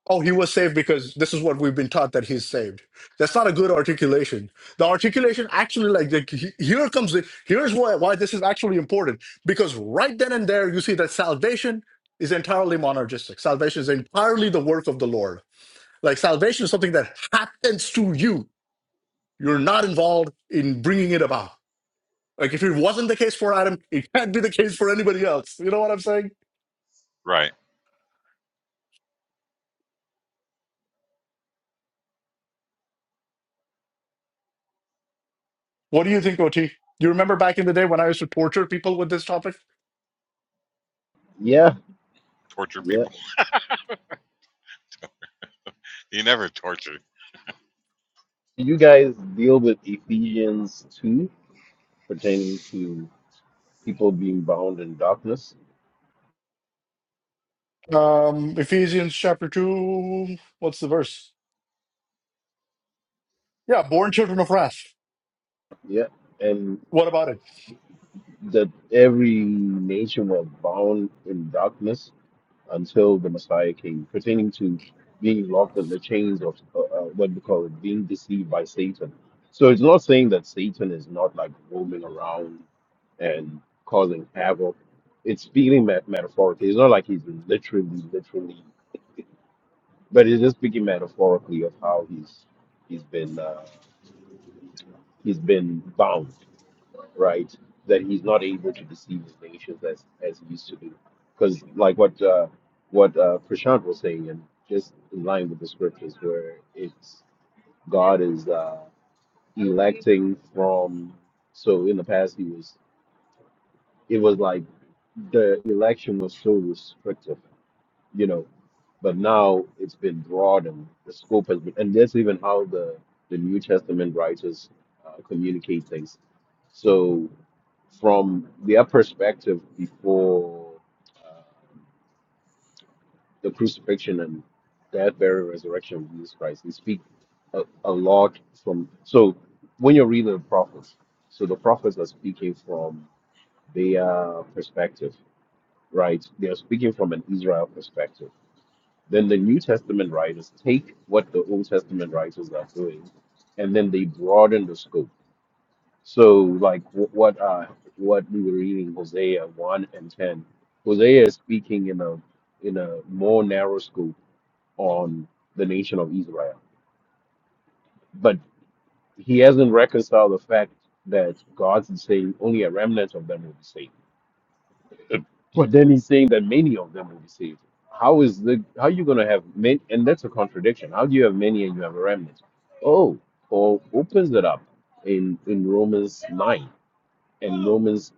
Speaker 2: "Oh, he was saved because this is what we've been taught that he's saved." That's not a good articulation. The articulation actually, like, the, he- here comes the here's why why this is actually important because right then and there you see that salvation is entirely monergistic. Salvation is entirely the work of the Lord. Like salvation is something that happens to you. You're not involved in bringing it about. Like if it wasn't the case for Adam, it can't be the case for anybody else. You know what I'm saying?
Speaker 3: right.
Speaker 2: What do you think, OT? You remember back in the day when I used to torture people with this topic?
Speaker 5: Yeah.
Speaker 3: Torture
Speaker 5: Yeah,
Speaker 3: people. (laughs) He never tortured.
Speaker 5: Do you guys deal with Ephesians 2 pertaining to people being bound in darkness?
Speaker 2: Um, Ephesians chapter 2, what's the verse? Yeah, born children of wrath.
Speaker 5: Yeah. And
Speaker 2: What about it?
Speaker 5: that every nation was bound in darkness until the Messiah came, pertaining to being locked in the chains of uh, uh, what we call it, being deceived by Satan. So it's not saying that Satan is not like roaming around and causing havoc. It's speaking met- metaphorically. It's not like he's literally, literally But he's just speaking metaphorically of how he's he's been uh, he's been bound, right? That he's not able to deceive his nations as as he used to do, because like what uh, what uh, Prashant was saying, and just in line with the scriptures, where it's God is uh, electing from. So in the past, he was it was like the election was so restrictive you know, but now it's been broadened. The scope has been, and that's even how the the New Testament writers uh, communicate things. So, from their perspective, before uh, the crucifixion and death, burial, resurrection of Jesus Christ, they speak a, a lot from. So, when you're reading the prophets, so the prophets are speaking from their perspective, right? They are speaking from an Israel perspective then the New Testament writers take what the Old Testament writers are doing, and then they broaden the scope. So, like wh- what uh, what we were reading Hosea one and ten, Hosea is speaking in a in a more narrow scope on the nation of Israel, but he hasn't reconciled the fact that God's saying only a remnant of them will be saved But then he's saying that many of them will be saved. How is the how are you gonna have many? And that's a contradiction. How do you have many and you have a remnant? Oh, Paul opens it up in in Romans nine and Romans,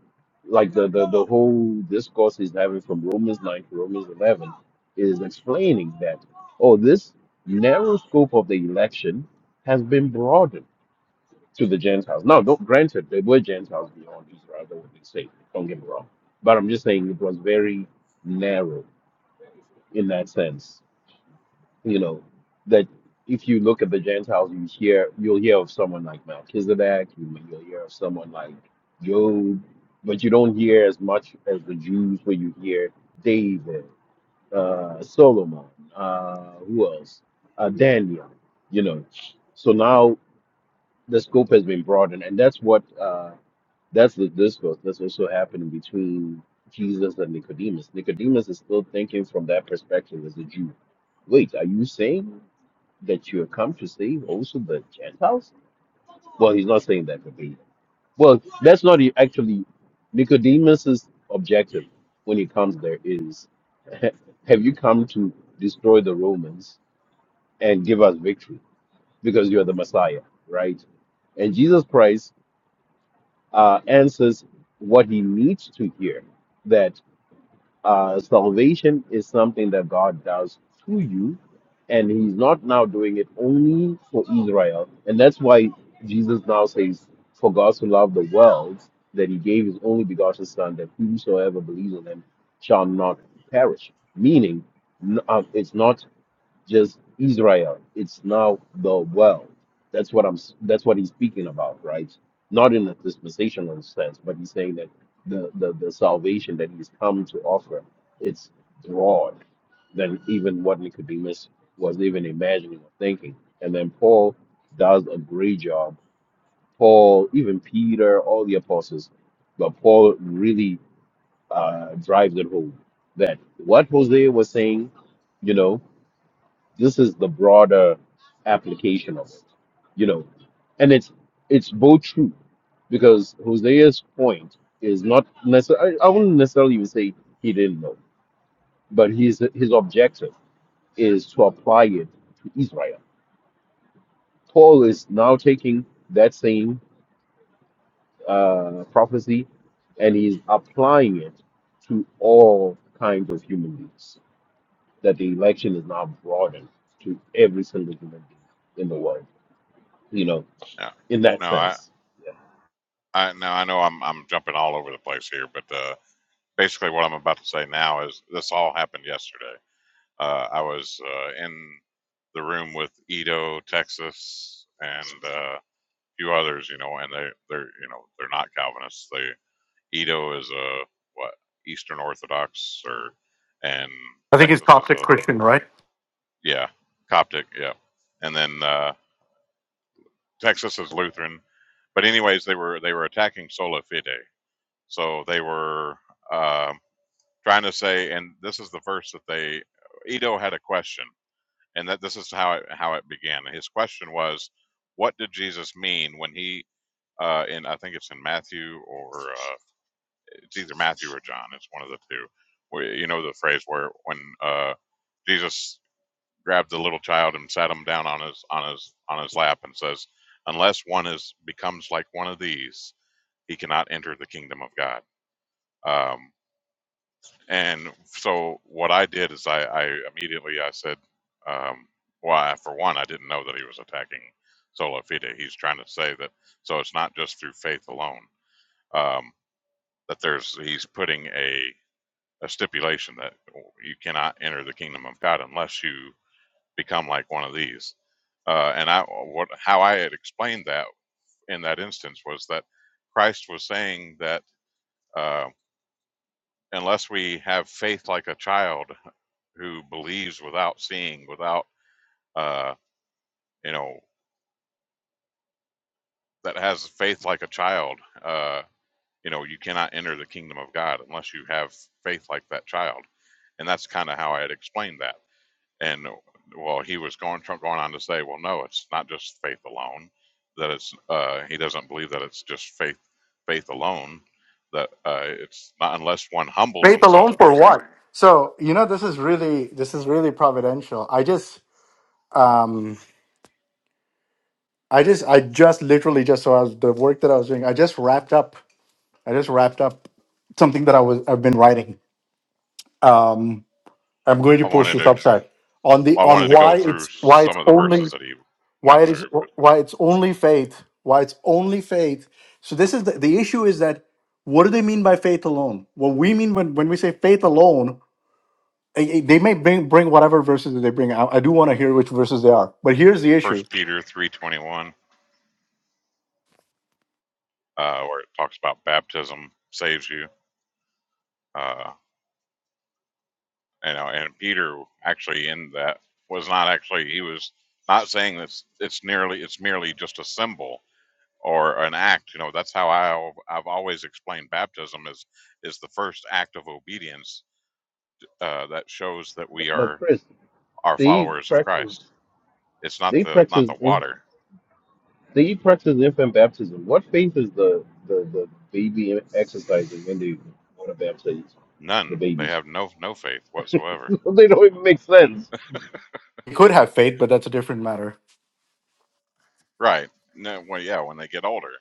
Speaker 5: like the the, the whole discourse he's having from Romans nine to Romans eleven is explaining that oh this narrow scope of the election has been broadened to the Gentiles. Now, don't, granted, there were Gentiles beyond Israel that would be saved. Don't get me wrong, but I'm just saying it was very narrow in that sense. You know that if you look at the Gentiles, you hear you'll hear of someone like Melchizedek, you, you'll hear of someone like Job, but you don't hear as much as the Jews, where you hear David, uh, Solomon, uh, who else, uh, Daniel. You know, so now the scope has been broadened, and that's what. uh, that's the discourse. That's what's so happening between Jesus and Nicodemus. Nicodemus is still thinking from that perspective as a Jew. Wait, are you saying that you have come to save also the Gentiles? Well, he's not saying that verbatim. Well, that's not e- actually Nicodemus's objective when he comes there is (laughs) have you come to destroy the Romans and give us victory because you are the Messiah, right? And Jesus Christ uh, answers what he needs to hear. uh, salvation is something that God does to you, and He's not now doing it only for Israel. And that's why Jesus now says, For God so loved the world that He gave His only begotten Son, that whosoever believes on Him shall not perish. Meaning, n- uh, it's not just Israel. It's now the world. That's what I'm. s- That's what he's speaking about, right? Not in a dispensational sense, but he's saying that the the, the salvation that he's come to offer, it's broad than even what Nicodemus was even imagining or thinking. And then Paul does a great job. Paul, even Peter, all the apostles, but Paul really uh, drives it home that what Hosea was saying, you know. This is the broader application of it, you know, and it's it's both true because Hosea's point is not necessarily. I I wouldn't necessarily even say he didn't know, but his his objective is to apply it to Israel. Paul is now taking that same uh, prophecy and he's applying it to all kinds of human beings. That the election is now broadened to every single human being in the world. You know
Speaker 3: Yeah.
Speaker 5: in that
Speaker 3: No, I,
Speaker 5: sense. Yeah.
Speaker 3: I now I know I'm I'm jumping all over the place here, but uh, basically what I'm about to say now is this all happened yesterday. Uh, I was uh, in the room with Edo, Texas, and uh, a few others, you know, and they they're you know they're not Calvinists. They Edo is a what Eastern Orthodox, or and
Speaker 2: I think it's
Speaker 3: Texas is
Speaker 2: Coptic
Speaker 3: a
Speaker 2: Christian, right?
Speaker 3: yeah Coptic, yeah, and then uh, Texas is Lutheran. But anyways, they were they were attacking sola fide, so they were. Um, trying to say, and this is the verse that they Ito had a question, and that this is how it, how it began. His question was, "What did Jesus mean when he?" Uh, in I think it's in Matthew or uh, it's either Matthew or John. It's one of the two. Where you know the phrase where when uh, Jesus grabbed the little child and sat him down on his on his on his lap and says, "Unless one is becomes like one of these, he cannot enter the kingdom of God." Um, And so what I did is I, I immediately I said, um, well, I- for one, I didn't know that he was attacking Sola Fide. He's trying to say that so it's not just through faith alone um, that there's he's putting a a stipulation that you cannot enter the kingdom of God unless you become like one of these. Uh, and I what how I had explained that in that instance was that Christ was saying that uh, unless we have faith like a child who believes without seeing, without uh, you know, that has faith like a child. Uh, you know, you cannot enter the kingdom of God unless you have faith like that child, and that's kind of how I had explained that. And well, he was going Trump going on to say, well, no, it's not just faith alone. That it's uh, he doesn't believe that it's just faith faith alone. That uh, it's not unless one humbles
Speaker 2: Faith
Speaker 3: himself
Speaker 2: alone for
Speaker 3: because he.
Speaker 2: what? So you know, this is really this is really providential. I just um I just I just literally just so I was, the work that I was doing. I just wrapped up. I just wrapped up something that I was I've been writing. Um, I'm going to
Speaker 3: I
Speaker 2: post
Speaker 3: wanted
Speaker 2: this
Speaker 3: to
Speaker 2: upside on the
Speaker 3: I wanted
Speaker 2: on
Speaker 3: to go
Speaker 2: why
Speaker 3: through
Speaker 2: it's why it's
Speaker 3: some of the
Speaker 2: only.
Speaker 3: verses that he
Speaker 2: why
Speaker 3: went
Speaker 2: it is
Speaker 3: through,
Speaker 2: why it's only faith why it's only faith so this is the, the issue is that what do they mean by faith alone what we mean when, when we say faith alone eh, eh, they may bring, bring whatever verses that they bring I, I do want to hear which verses they are but here's the issue
Speaker 3: First Peter three twenty one, uh, where it talks about baptism saves you. Uh, you know, and Peter actually in that was not actually he was not saying this. It's nearly it's merely just a symbol or an act. You know, that's how I I've always explained baptism is is the first act of obedience uh, that shows that we
Speaker 5: But
Speaker 3: are
Speaker 5: Chris,
Speaker 3: are
Speaker 5: they
Speaker 3: followers of
Speaker 5: practice
Speaker 3: Christ. It's not
Speaker 5: they
Speaker 3: the not
Speaker 5: practice
Speaker 3: the
Speaker 5: in,
Speaker 3: water.
Speaker 5: they practice infant baptism. What faith is the the, the baby exercising when they want to baptize the
Speaker 3: None. They
Speaker 5: babies?
Speaker 3: have no no faith
Speaker 5: (laughs)
Speaker 3: whatsoever.
Speaker 5: they don't even make sense.
Speaker 2: they could have faith but that's a different matter
Speaker 3: Right. No, well, yeah. When they get older,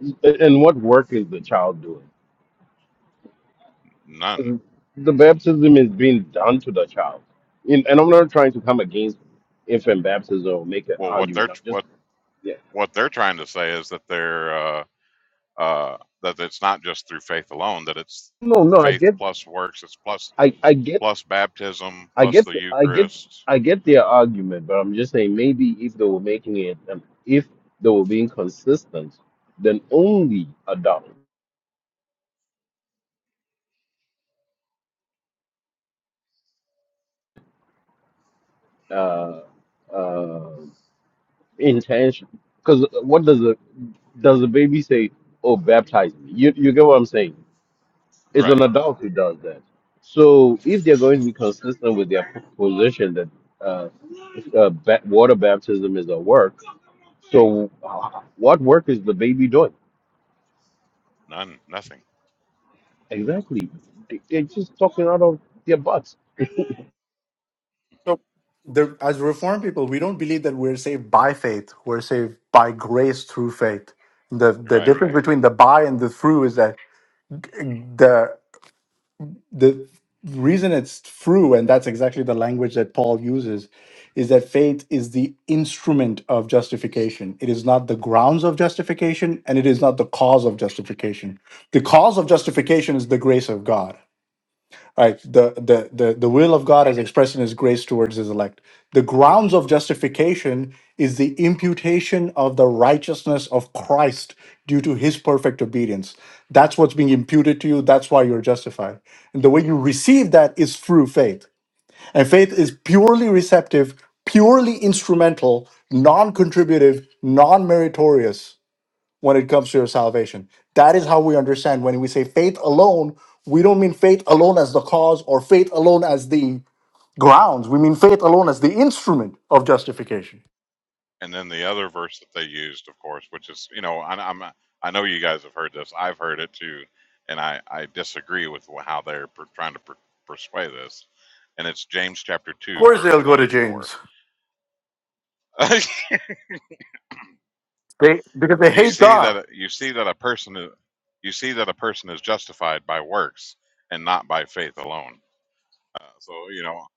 Speaker 5: And and what work is the child doing?
Speaker 3: none.
Speaker 5: 'Cause The baptism is being done to the child. And and I'm not trying to come against infant baptism or make an
Speaker 3: well what they're
Speaker 5: argument. I'm just
Speaker 3: what
Speaker 5: yeah.
Speaker 3: what they're trying to say is that they're uh, uh, that it's not just through faith alone that it's
Speaker 5: No, no, I
Speaker 3: faith
Speaker 5: get
Speaker 3: plus works it's plus
Speaker 5: I, I get
Speaker 3: plus baptism
Speaker 5: I
Speaker 3: plus
Speaker 5: get,
Speaker 3: the
Speaker 5: I get,
Speaker 3: eucharist
Speaker 5: I get their argument, but I'm just saying maybe if they were making it, um, if they were being consistent, then only adopt uh, uh, intention. Because what does the does the baby say? Oh, baptize me. You you get what I'm saying? It's an
Speaker 3: right
Speaker 5: adult who does that. So if they're going to be consistent with their position that uh, uh, ba- water baptism is a work, so uh, what work is the baby doing?
Speaker 3: none nothing
Speaker 5: Exactly. They, they're just talking out of their butts.
Speaker 3: (laughs)
Speaker 2: so the, as reformed people we don't believe that we're saved by faith we're saved by grace through faith the the
Speaker 3: right
Speaker 2: difference between the by and the through is that the the reason it's true, and that's exactly the language that Paul uses, is that faith is the instrument of justification. It is not the grounds of justification, and it is not the cause of justification. The cause of justification is the grace of God. Right. The, the the the will of God is expressed in his grace towards his elect. The grounds of justification is the imputation of the righteousness of Christ due to his perfect obedience. That's what's being imputed to you. That's why you're justified. And the way you receive that is through faith. And faith is purely receptive, purely instrumental, non-contributive, non-meritorious when it comes to your salvation. That is how we understand when we say faith alone, we don't mean faith alone as the cause or faith alone as the grounds. We mean faith alone as the instrument of justification.
Speaker 3: and then the other verse that they used of course which is you know I, i'm i know you guys have heard this i've heard it too and i i disagree with how they're per, trying to per, persuade this. and it's james chapter
Speaker 2: Of
Speaker 3: 2
Speaker 2: course,
Speaker 3: verse
Speaker 2: they'll go to
Speaker 3: 24
Speaker 2: James.
Speaker 3: (laughs)
Speaker 2: They because they
Speaker 3: You
Speaker 2: hate
Speaker 3: see
Speaker 2: God.
Speaker 3: that you see that a person is- you see that a person is justified by works and not by faith alone. Uh, so you know,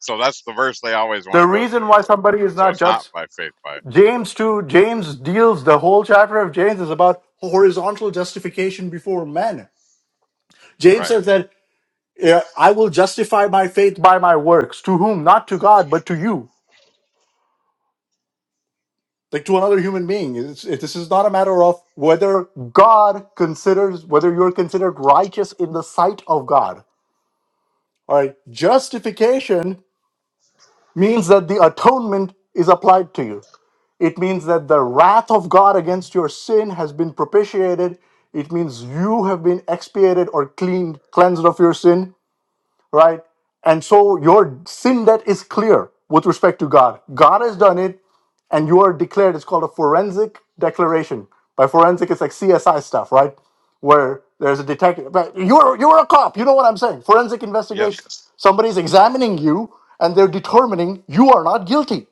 Speaker 3: so that's the verse they always want
Speaker 2: The
Speaker 3: to go
Speaker 2: reason
Speaker 3: to.
Speaker 2: why
Speaker 3: Like,
Speaker 2: somebody is
Speaker 3: so
Speaker 2: not
Speaker 3: it's not
Speaker 2: just
Speaker 3: by faith, by
Speaker 2: James too. James deals the whole chapter of James is about horizontal justification before men. James
Speaker 3: right?
Speaker 2: says that yeah, I will justify my faith by my works. To whom? Not to God, but to you. like to another human being. It's, it, this is not a matter of whether God considers whether you're considered righteous in the sight of God. All right, justification means that the atonement is applied to you. It means that the wrath of God against your sin has been propitiated. It means you have been expiated or cleaned, cleansed of your sin, right? And so your sin debt is clear with respect to God. God has done it. and you are declared it's called a forensic declaration by forensic it's like csi stuff right where there's a detective but you're you're a cop you know what i'm saying forensic
Speaker 3: Yes,
Speaker 2: investigation somebody's examining you and they're determining you are not guilty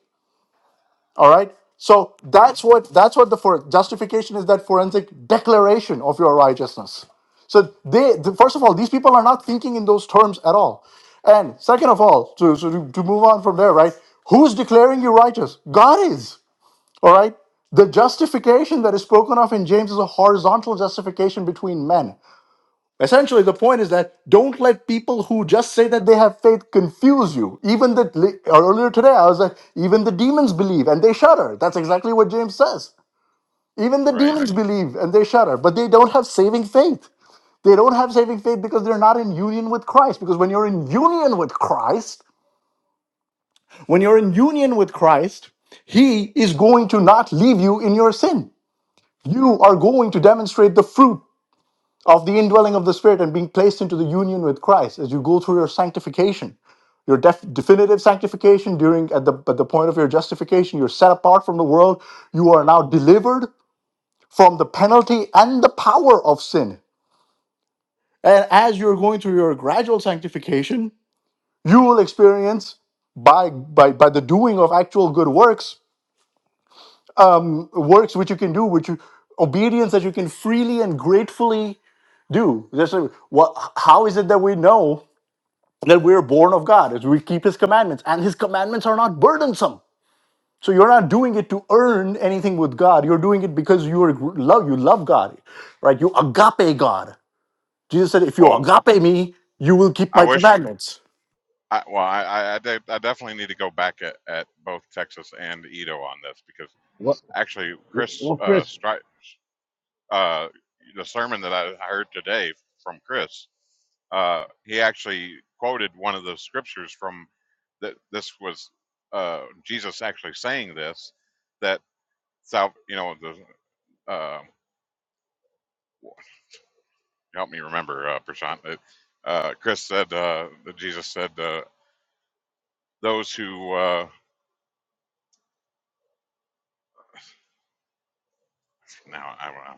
Speaker 2: all right so that's what that's what the for justification is that forensic declaration of your righteousness so they, the, first of all, these people are not thinking in those terms at all. And second of all, to, so to, to move on from there, right? Who's declaring you righteous? God is. All right. The justification that is spoken of in James is a horizontal justification between men. Essentially, the point is that don't let people who just say that they have faith confuse you. Even that earlier today, I was like, even the demons believe and they shudder. That's exactly what James says. Even the
Speaker 3: right.
Speaker 2: demons believe and they shudder, but they don't have saving faith. They don't have saving faith because they're not in union with Christ. Because when you're in union with Christ, when you're in union with Christ, He is going to not leave you in your sin. you are going to demonstrate the fruit of the indwelling of the Spirit and being placed into the union with Christ as you go through your sanctification, your def- definitive sanctification during at the at the point of your justification. You're set apart from the world. You are now delivered from the penalty and the power of sin. And as you're going through your gradual sanctification, you will experience by by by the doing of actual good works, works which you can do, which you obedience that you can freely and gratefully do. This is what. How is it that we know that we are born of God? Is we keep His commandments, and His commandments are not burdensome. So you're not doing it to earn anything with God. You're doing it because you are love. You love God, right? You agape God. Jesus said, "If you
Speaker 3: Well,
Speaker 2: agape me, you will keep
Speaker 3: I
Speaker 2: my
Speaker 3: wish.
Speaker 2: commandments."
Speaker 3: I, well, I, I, I, de- I definitely need to go back at, at both Texas and Edo on this because
Speaker 5: What?
Speaker 3: actually, Chris
Speaker 5: well,
Speaker 3: uh,
Speaker 5: Chris.
Speaker 3: Stri- uh, the sermon that I heard today from Chris, uh, he actually quoted one of the scriptures from that. This was uh, Jesus actually saying this that sal- you know the uh, help me remember uh, Prashant. that, Uh, Chris said uh, that Jesus said uh, those who uh, now I, I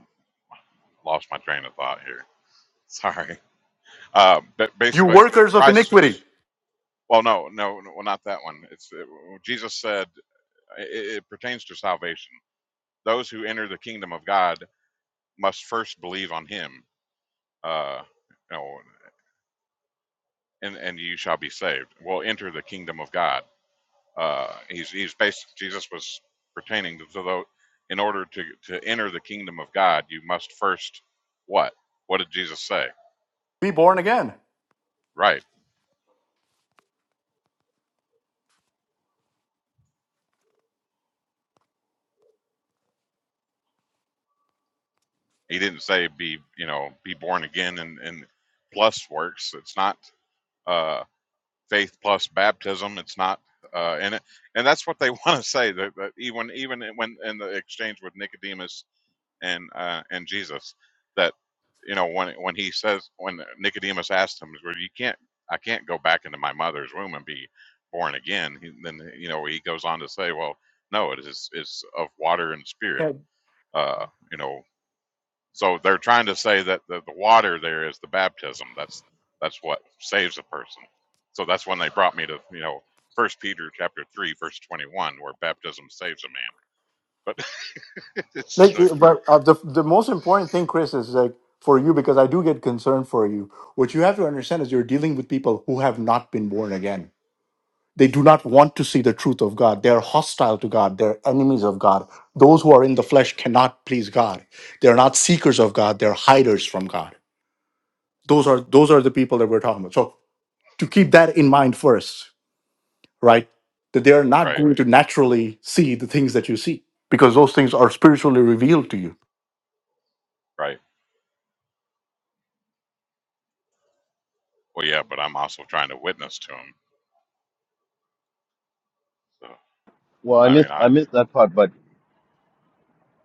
Speaker 3: lost my train of thought here. (laughs) Sorry, uh, but
Speaker 2: You
Speaker 3: basically
Speaker 2: workers of
Speaker 3: Christ.
Speaker 2: iniquity,
Speaker 3: Well, no, no, no, well, not that one. It's it, Jesus said. It, it pertains to salvation. Those who enter the kingdom of God must first believe on Him. Uh, you know, and and you shall be saved. Will enter the kingdom of God. Uh, he's he's based. Jesus was pertaining to those. In order to to enter the kingdom of God, you must first what? What did Jesus say?
Speaker 2: be born again.
Speaker 3: Right. He didn't say be you know be born again and and plus works. It's not. uh, faith plus baptism. It's not uh, in it, and that's what they (laughs) want to say. That, that even even when in the exchange with Nicodemus and uh, and Jesus, that you know when when he says when Nicodemus asked him, "Well, you can't, I can't go back into my mother's womb and be born again." He, then you know he goes on to say, "Well, no, it is it's of water and spirit."
Speaker 2: Yeah.
Speaker 3: Uh, you know so they're trying to say that the, the water there is the baptism. That's that's what saves a person. So that's when they brought me to you know First Peter chapter three verse twenty one where baptism saves a man. But (laughs) it's
Speaker 2: Like,
Speaker 3: like,
Speaker 2: but uh, the the most important thing, Chris, is like for you because I do get concerned for you. What you have to understand is you're dealing with people who have not been born again They do not want to see the truth of God. They are hostile to God. They're enemies of God. Those who are in the flesh cannot please God. They're not seekers of God. They're hiders from God. Those are those are the people that we're talking about. So to keep that in mind first, right? That they are not
Speaker 3: right,
Speaker 2: going to naturally see the things that you see because those things are spiritually revealed to you.
Speaker 3: right. Well, yeah, but I'm also trying to witness to him. So
Speaker 5: Well, I
Speaker 3: I mean,
Speaker 5: missed I
Speaker 3: I
Speaker 5: missed that part, but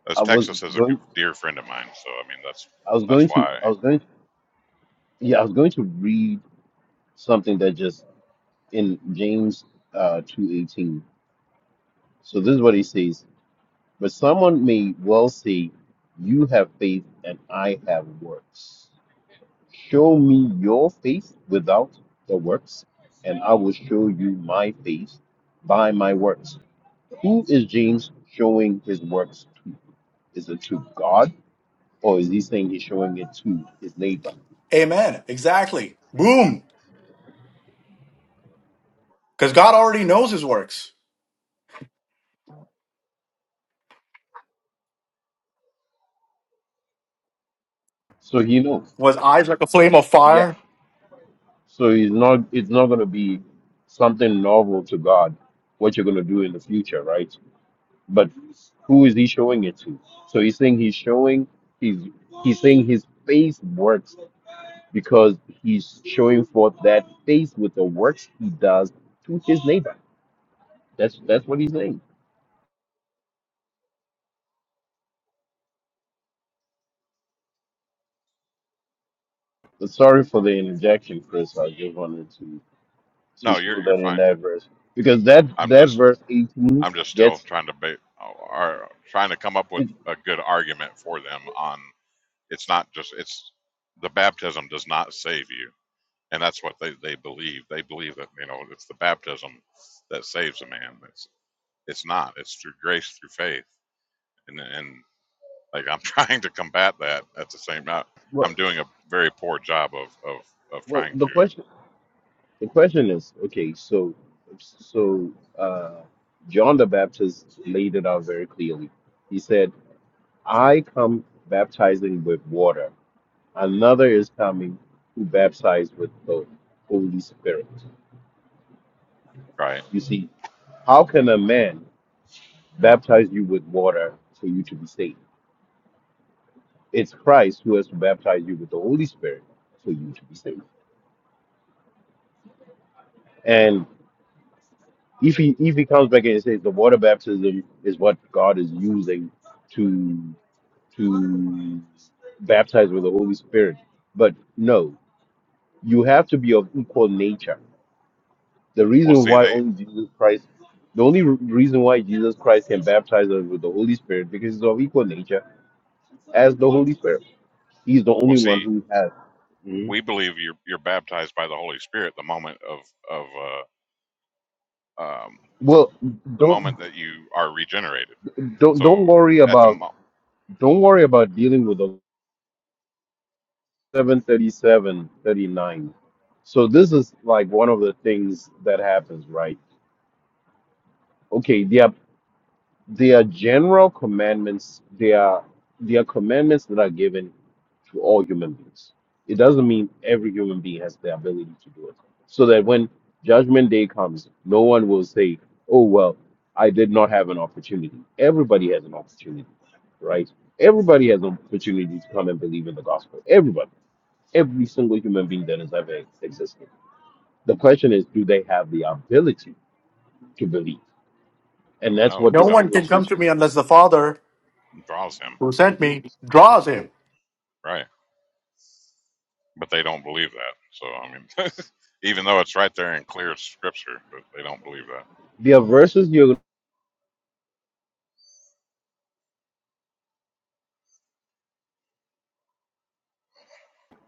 Speaker 3: as
Speaker 5: I was
Speaker 3: Texas is a good,
Speaker 5: going
Speaker 3: dear friend of mine. So I mean, that's
Speaker 5: I was
Speaker 3: that's
Speaker 5: going to
Speaker 3: why.
Speaker 5: I was going yeah I was going to read something that just in James uh two eighteen. So this is what he says. But someone may well say, "You have faith, and I have works. Show me your faith without the works, and I will show you my faith by my works." Who is James showing his works to? Is it to God or is he saying he's showing it to his neighbor?
Speaker 2: Amen. Exactly. Boom. Because God already knows his works.
Speaker 5: So he knows.
Speaker 2: Was eyes like a flame of
Speaker 5: Yeah.
Speaker 2: fire?
Speaker 5: So he's not it's not gonna be something novel to God, what you're gonna do in the future, right? But who is he showing it to? So he's saying he's showing he's he's saying his face works because he's showing forth that face with the works he does to his neighbor. That's that's what he's saying. Sorry for the interjection, Chris. I just wanted to to
Speaker 3: No, you're
Speaker 5: show
Speaker 3: you're
Speaker 5: that in
Speaker 3: fine.
Speaker 5: that verse because that
Speaker 3: I'm
Speaker 5: that
Speaker 3: just
Speaker 5: verse eighteen
Speaker 3: I'm just still
Speaker 5: gets
Speaker 3: trying to be, are trying to come up with
Speaker 5: it.
Speaker 3: a good argument for them on. It's not just it's the baptism does not save you, and that's what they they believe. They believe that you know it's the baptism that saves a man. It's it's not. It's through grace through faith, and and like I'm (laughs) trying to combat that at the same time.
Speaker 5: Well,
Speaker 3: I'm doing a very poor job of of of
Speaker 5: well,
Speaker 3: trying
Speaker 5: the
Speaker 3: to
Speaker 5: question the question is okay. So so uh, John the Baptist laid it out very clearly. He said, "I come baptizing with water. Another is coming who baptize with the Holy Spirit."
Speaker 3: right.
Speaker 5: You see, how can a man baptize you with water for you to be saved? It's Christ who has to baptize you with the Holy Spirit for you to be saved. And if he if he comes back and says the water baptism is what God is using to to baptize with the Holy Spirit, but no, you have to be of equal nature. The
Speaker 3: Well,
Speaker 5: reason
Speaker 3: see
Speaker 5: why
Speaker 3: they
Speaker 5: only Jesus Christ, the only re- reason why Jesus Christ can baptize us with the Holy Spirit because he's of equal nature as the Holy Spirit. He's the
Speaker 3: well
Speaker 5: only one
Speaker 3: see
Speaker 5: who has. Mhm.
Speaker 3: we believe you're you're baptized by the Holy Spirit the moment of of uh, um,
Speaker 5: Well,
Speaker 3: the moment
Speaker 5: don't
Speaker 3: that you are regenerated.
Speaker 5: don't
Speaker 3: So
Speaker 5: don't worry
Speaker 3: at the
Speaker 5: about.
Speaker 3: mo-
Speaker 5: Don't worry about dealing with the seven thirty-seven thirty-nine. So this is like one of the things that happens, right? Okay, they are they are general commandments, They are they are commandments that are given to all human beings. It doesn't mean every human being has the ability to do it. So that when judgment day comes, no one will say, "Oh well, I did not have an opportunity." Everybody has an opportunity, right? Everybody has an opportunity to come and believe in the gospel. Everybody every single human being that has ever existed. The question is, do they have the ability to believe? And
Speaker 3: oh
Speaker 5: that's
Speaker 3: no,
Speaker 5: what
Speaker 2: No
Speaker 3: they
Speaker 2: one
Speaker 3: don't.
Speaker 2: can come
Speaker 5: distinguishes
Speaker 2: to me unless the Father
Speaker 3: It draws him.
Speaker 2: who sent me draws him.
Speaker 3: Right. But they don't believe that. So, I mean, (laughs) even though it's right there in clear scripture, but they don't believe that.
Speaker 5: their verses you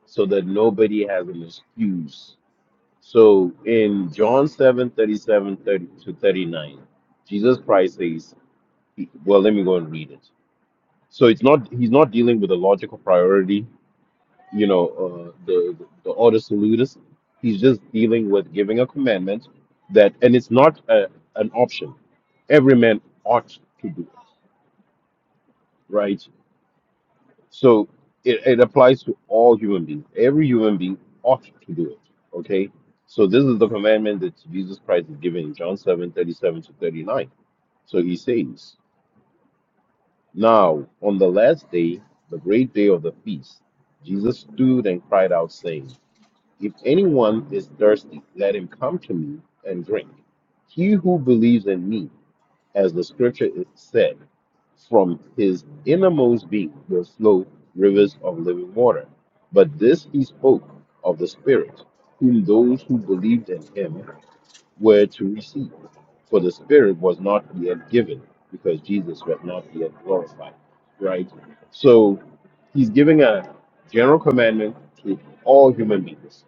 Speaker 5: so that nobody has an excuse. So in John 7 thirty-seven to 39, Jesus Christ says, Well, let me go and read it. So it's not, he's not dealing with a logical priority you know, uh, the, the order salutis. He's just dealing with giving a commandment that, and it's not a, an option. Every man ought to do it, right? So it, it applies to all human beings. Every human being ought to do it, okay? So this is the commandment that Jesus Christ is giving in John 7 37 to 39. So he says, Now, on the last day, the great day of the feast, Jesus stood and cried out, saying, If anyone is thirsty, let him come to me and drink. He who believes in me, as the scripture said, from his innermost being will flow rivers of living water. But this he spoke of the Spirit, whom those who believed in him were to receive. For the Spirit was not yet given, because Jesus was not yet glorified. Right? So he's giving a general commandment to all human beings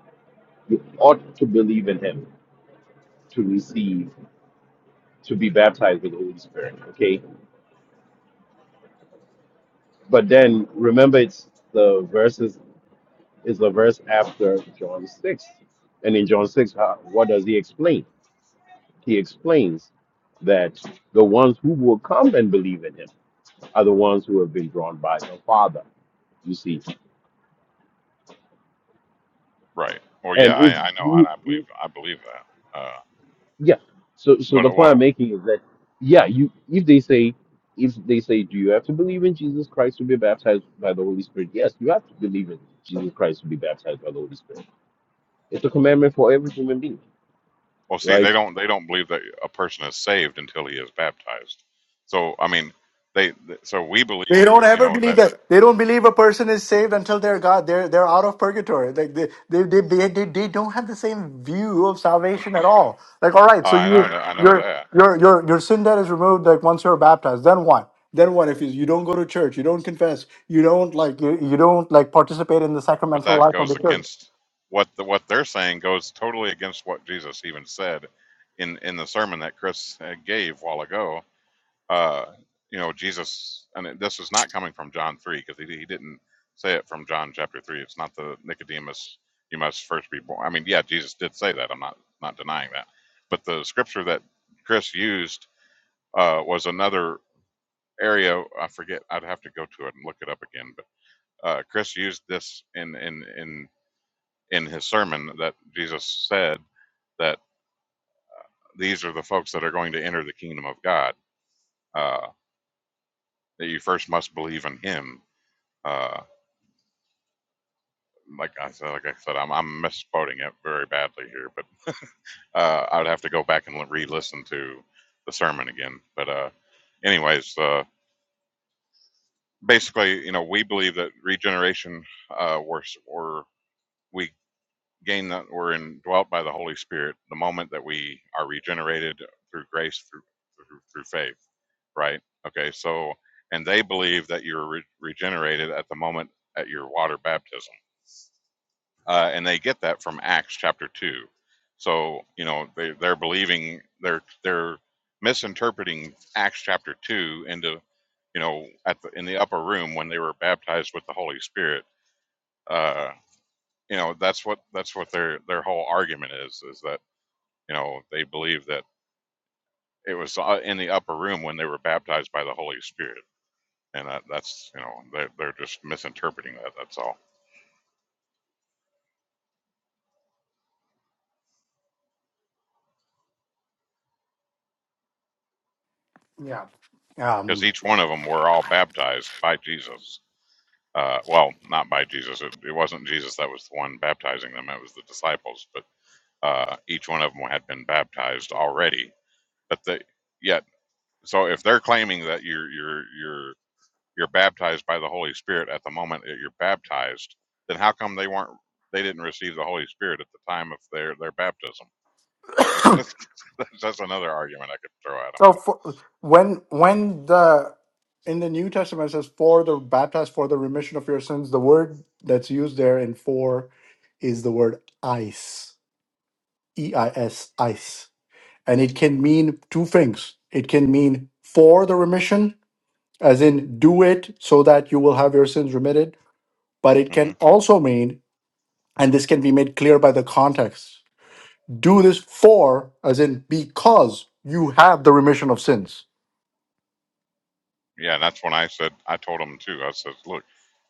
Speaker 5: you ought to believe in him, to receive, to be baptized with the Holy Spirit. Okay? But then remember it's the verses is the verse after John six. And in John six, how, what does he explain? He explains that the ones who will come and believe in him are the ones who have been drawn by the Father. You see.
Speaker 3: Right. Well, yeah,
Speaker 5: And
Speaker 3: I,
Speaker 5: if
Speaker 3: I know.
Speaker 5: he,
Speaker 3: And I believe, I believe that. Uh,
Speaker 5: Yeah. So so
Speaker 3: but
Speaker 5: the
Speaker 3: it,
Speaker 5: point I'm
Speaker 3: well,
Speaker 5: making is that yeah, you if they say if they say do you have to believe in Jesus Christ to be baptized by the Holy Spirit? Yes, you have to believe in Jesus Christ to be baptized by the Holy Spirit. It's a commandment for every human being,
Speaker 3: well, see, they
Speaker 5: right?
Speaker 3: don't, they don't believe that a person is saved until he is baptized. So, I mean, they, th- so we
Speaker 2: They
Speaker 3: believe,
Speaker 2: don't
Speaker 3: you
Speaker 2: ever
Speaker 3: know,
Speaker 2: believe
Speaker 3: that
Speaker 2: that. They don't believe a person is saved until they're God. They're they're out of purgatory. Like they they they they, they, they don't have the same view of salvation at all. Like all right, so
Speaker 3: I
Speaker 2: you
Speaker 3: know, that- I know
Speaker 2: your
Speaker 3: that,
Speaker 2: your your your sin debt is removed. Like once you're baptized, then what? Then what if you, you don't go to church, you don't confess, you don't like you, you don't like participate in the
Speaker 3: but
Speaker 2: sacramental
Speaker 3: that
Speaker 2: life of
Speaker 3: goes
Speaker 2: the church?
Speaker 3: against what the, what they're saying goes totally against what Jesus even said in, in the sermon that Chris uh, gave a while ago Uh, you know, Jesus, and this is not coming from John 3 because he, he didn't say it from John chapter 3. It's not the Nicodemus, you must first be born. I mean, yeah, Jesus did say that. I'm not, not denying that. But the scripture that Chris used uh, was another area. I forget. I'd have to go to it and look it up again. But uh, Chris used this in, in, in, in his sermon that Jesus said that these are the folks that are going to enter the kingdom of God. Uh, that you first must believe in Him. Uh, like I said, like I said, I'm I'm misquoting it very badly here, but uh, I would have to go back and re-listen to the sermon again. But uh, anyways, uh, basically, you know, we believe that regeneration, uh, we're, we're we gain that we're indwelt by the Holy Spirit the moment that we are regenerated through grace through through, through faith, right? Okay, so and they believe that you're re- regenerated at the moment at your water baptism uh, and they get that from Acts chapter two. So you know they they're believing they're they're misinterpreting Acts chapter two into you know at the in the upper room when they were baptized with the Holy Spirit. Uh, you know that's what that's what their their whole argument is is that you know they believe that it was uh, in the upper room when they were baptized by the Holy Spirit, and that, that's you know they're they're just misinterpreting that. That's all
Speaker 2: Yeah. Um.
Speaker 3: because each one of them were all baptized by Jesus Uh, well, not by Jesus. It, it wasn't Jesus that was the one baptizing them. It was the disciples. But uh, each one of them had been baptized already. But they yet. So if they're claiming that you're you're you're you're baptized by the Holy Spirit at the moment that you're baptized, then how come they weren't? They didn't receive the Holy Spirit at the time of their their baptism. (laughs) That's, that's another argument I could throw at
Speaker 2: So for, when when the in the New Testament it says for the baptized for the remission of your sins, the word that's used there in for is the word ice, e i s ice, and it can mean two things. It can mean for the remission, as in do it so that you will have your sins remitted, but it
Speaker 3: them.
Speaker 2: can also mean, and this can be made clear by the context, do this for, as in because you have the remission of sins.
Speaker 3: Yeah, that's when I said I told him too. I said, "Look,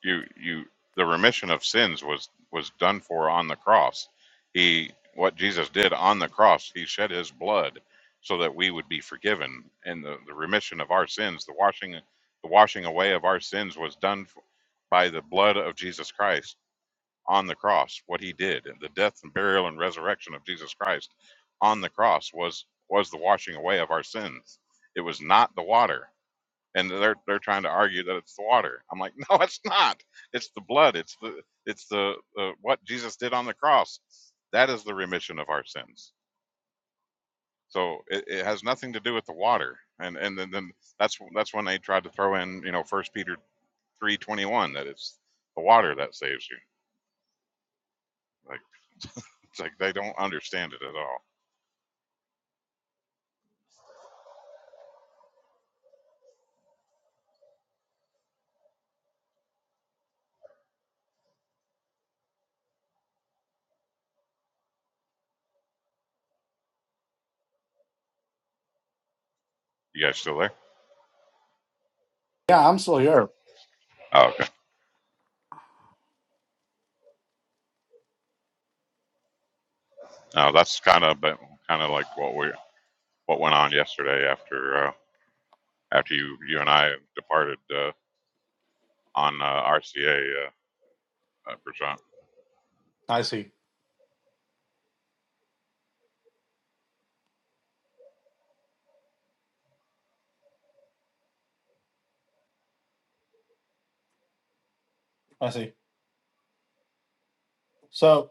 Speaker 3: you you the remission of sins was was done for on the cross. He what Jesus did on the cross, he shed his blood so that we would be forgiven, and the, the remission of our sins, the washing the washing away of our sins was done f- by the blood of Jesus Christ on the cross. What he did, the death and burial and resurrection of Jesus Christ on the cross was was the washing away of our sins. It was not the water." and they're they're trying to argue that it's the water. I'm like, no, it's not. It's the blood. It's the it's the uh, what Jesus did on the cross. That is the remission of our sins. So it, it has nothing to do with the water. And and then, then that's that's when they tried to throw in you know First Peter three twenty one that it's the water that saves you. Like it's like they don't understand it at all. You guys still there?
Speaker 2: Yeah, I'm still here.
Speaker 3: Oh, okay. No, that's kind of kind of like what we what went on yesterday after uh, after you you and I departed. uh, on uh, RCA, uh, uh, Prashant.
Speaker 2: I see. I see. So,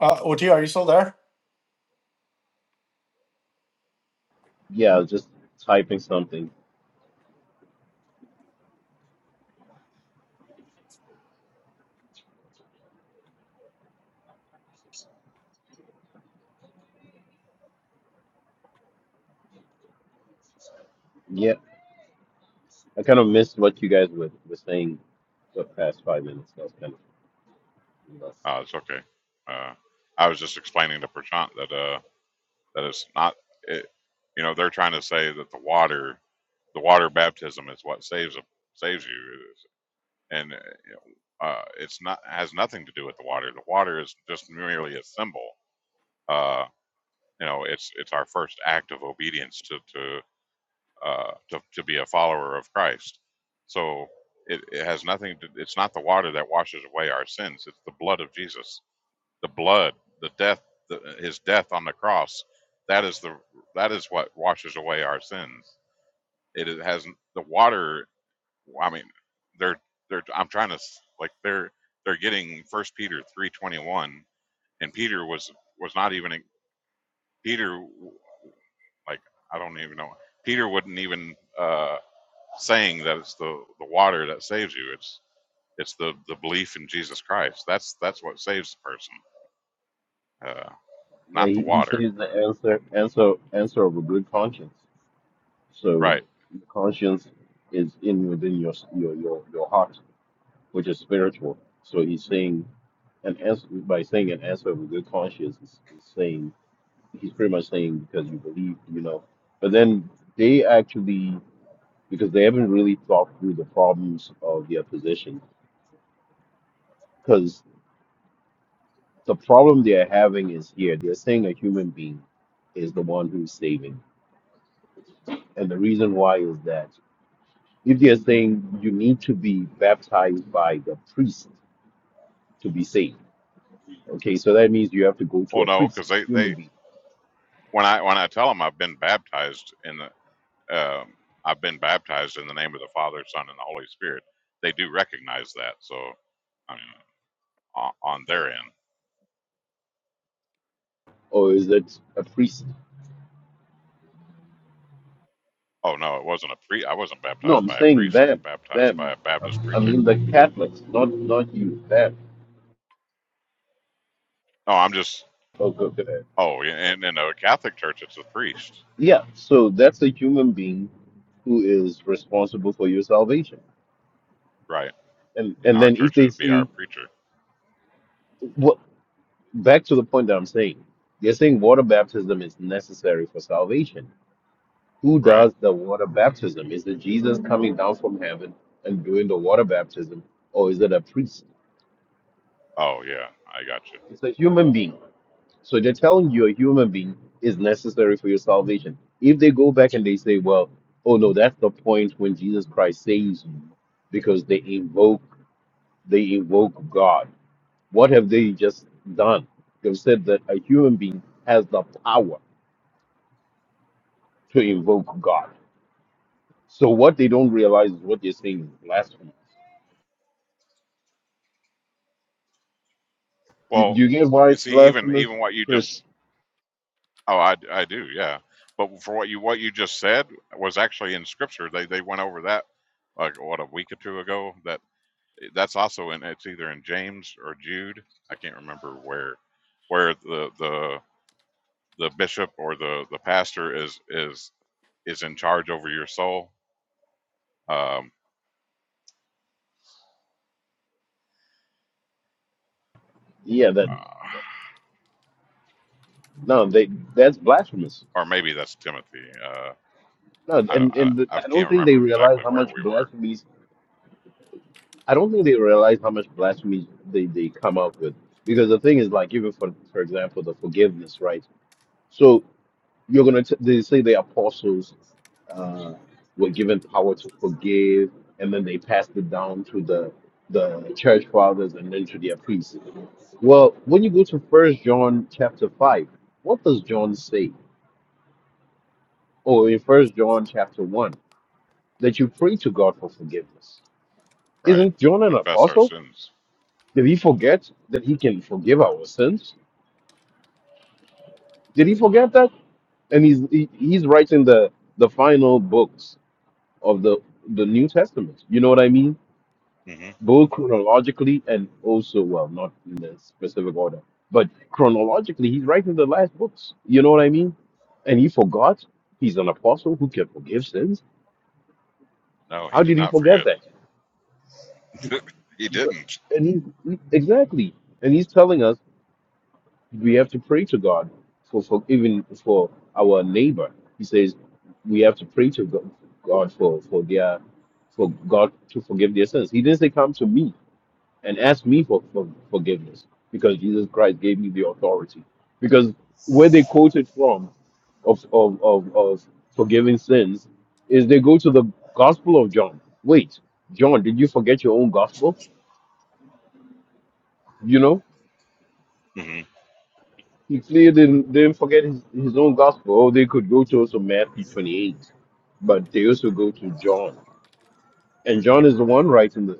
Speaker 2: uh, Oti, are you still there?
Speaker 5: Yeah, I was just typing something. Yeah. I kind of missed what you guys were, were saying the past five minutes. That was kind of nuts.
Speaker 3: Uh, it's okay. Uh, I was just explaining to Prashant that uh, that it's not. It, you know, they're trying to say that the water, the water baptism, is what saves a, saves you, and uh, you know, uh, it's not has nothing to do with the water. The water is just merely a symbol. Uh, you know, it's it's our first act of obedience to to uh, to, to be a follower of Christ. So it, it has nothing to, it's not the water that washes away our sins. It's the blood of Jesus, the blood, the death, the, his death on the cross. That is the, that is what washes away our sins. It it has the water. I mean, they're, they're, I'm trying to like, they're, they're getting first Peter 321 and Peter was, was not even, Peter like I don't even know. Peter wouldn't even uh, saying that it's the, the water that saves you. It's it's the, the belief in Jesus Christ. That's that's what saves the person, uh,
Speaker 5: Yeah,
Speaker 3: not the
Speaker 5: he, he
Speaker 3: water.
Speaker 5: says the answer answer answer of a good conscience. So
Speaker 3: Right.
Speaker 5: the conscience is in within your your your, your heart which is spiritual. So he's saying, and as by saying an answer of a good conscience, he's he's saying he's pretty much saying because you believe, you know. But then they actually because they haven't really thought through the problems of their position because the problem they are having is here they're saying a human being is the one who's saving and the reason why is that if they're saying you need to be baptized by the priest to be saved okay so that means you have to go to
Speaker 3: Well,
Speaker 5: a
Speaker 3: no,
Speaker 5: priest
Speaker 3: because
Speaker 5: a
Speaker 3: they,
Speaker 5: human
Speaker 3: they
Speaker 5: being
Speaker 3: when I when I tell them I've been baptized in the um, I've been baptized in the name of the Father, Son, and the Holy Spirit, they do recognize that. So, I mean, on, on their end.
Speaker 5: or is it a priest?
Speaker 3: Oh no, it wasn't a pre. I wasn't
Speaker 5: No,
Speaker 3: baptized
Speaker 5: I'm
Speaker 3: by a
Speaker 5: saying
Speaker 3: priest. I was
Speaker 5: them,
Speaker 3: baptized by
Speaker 5: them.
Speaker 3: a Baptist
Speaker 5: I
Speaker 3: preacher.
Speaker 5: mean the Catholics, not not you, them.
Speaker 3: No, I'm just.
Speaker 5: Okay, okay.
Speaker 3: Oh, and in a Catholic Church, it's a priest.
Speaker 5: Yeah, so that's a human being who is responsible for your salvation.
Speaker 3: Right.
Speaker 5: And
Speaker 3: in
Speaker 5: and
Speaker 3: our
Speaker 5: then if
Speaker 3: church it
Speaker 5: they
Speaker 3: would be our
Speaker 5: see
Speaker 3: preacher
Speaker 5: what back to the point that I'm saying, they're saying water baptism is necessary for salvation. Who
Speaker 3: right
Speaker 5: does the water baptism? Is it Jesus coming down from heaven and doing the water baptism, or is it a priest?
Speaker 3: oh yeah i got you
Speaker 5: It's a human being So they're telling you a human being is necessary for your salvation. If they go back and they say, well, oh no, that's the point when Jesus Christ saves you, because they invoke they invoke God. What have they just done? They've said that a human being has the power to invoke God. So what they don't realize is what they're saying is blasphemous. Do You,
Speaker 3: well
Speaker 5: you get why it's
Speaker 3: see even
Speaker 5: blasphemous,
Speaker 3: even what you
Speaker 5: Chris?
Speaker 3: just oh i, I do yeah but for what you what you just said was actually in scripture they they went over that like what a week or two ago that that's also in it's either in james or jude i can't remember where where the the the bishop or the the pastor is is is in charge over your soul um
Speaker 5: Yeah, that no, they that's blasphemous.
Speaker 3: or maybe that's timothy Uh,
Speaker 5: No,
Speaker 3: I don't,
Speaker 5: and
Speaker 3: I,
Speaker 5: and
Speaker 3: I
Speaker 5: I
Speaker 3: can't
Speaker 5: don't think they
Speaker 3: remember
Speaker 5: realize
Speaker 3: exactly
Speaker 5: how
Speaker 3: where
Speaker 5: much
Speaker 3: we were.
Speaker 5: blasphemies I don't think they realize how much blasphemy they, they come up with. Because the thing is, like, even for for example, the forgiveness, right? So you're gonna t- they say the apostles uh, were given power to forgive, and then they passed it down to the the church fathers and then to their priests. Well, when you go to First John chapter five, what does John say? Or in First John chapter one, that you pray to God for forgiveness.
Speaker 3: Right.
Speaker 5: Isn't John an
Speaker 3: Confess our
Speaker 5: apostle?
Speaker 3: sins.
Speaker 5: Did he forget that he can forgive our sins? Did he forget that? And he's he, he's writing the the final books of the the New Testament. You know what I mean?
Speaker 3: hmm
Speaker 5: Both chronologically and also well, not in a specific order, but chronologically, he's writing the last books. You know what I mean? And he forgot he's an apostle who can forgive sins.
Speaker 3: No, he
Speaker 5: How
Speaker 3: did
Speaker 5: did he
Speaker 3: not
Speaker 5: forget
Speaker 3: forget.
Speaker 5: that?
Speaker 3: (laughs) he
Speaker 5: But-
Speaker 3: didn't.
Speaker 5: And he's he- exactly, and he's telling us we have to pray to God for, for even for our neighbor. He says we have to pray to Go- God for for their for God to forgive their sins. He didn't say come to me and ask me for, for forgiveness because Jesus Christ gave me the authority. Because where they quoted from of of of, of forgiving sins is they go to the Gospel of John. Wait, John, did you forget your own gospel? You know,
Speaker 3: hmm
Speaker 5: He clearly didn't, didn't forget his, his own gospel. Oh, they could go to also Matthew 28, but they also go to John. And John is the one writing the,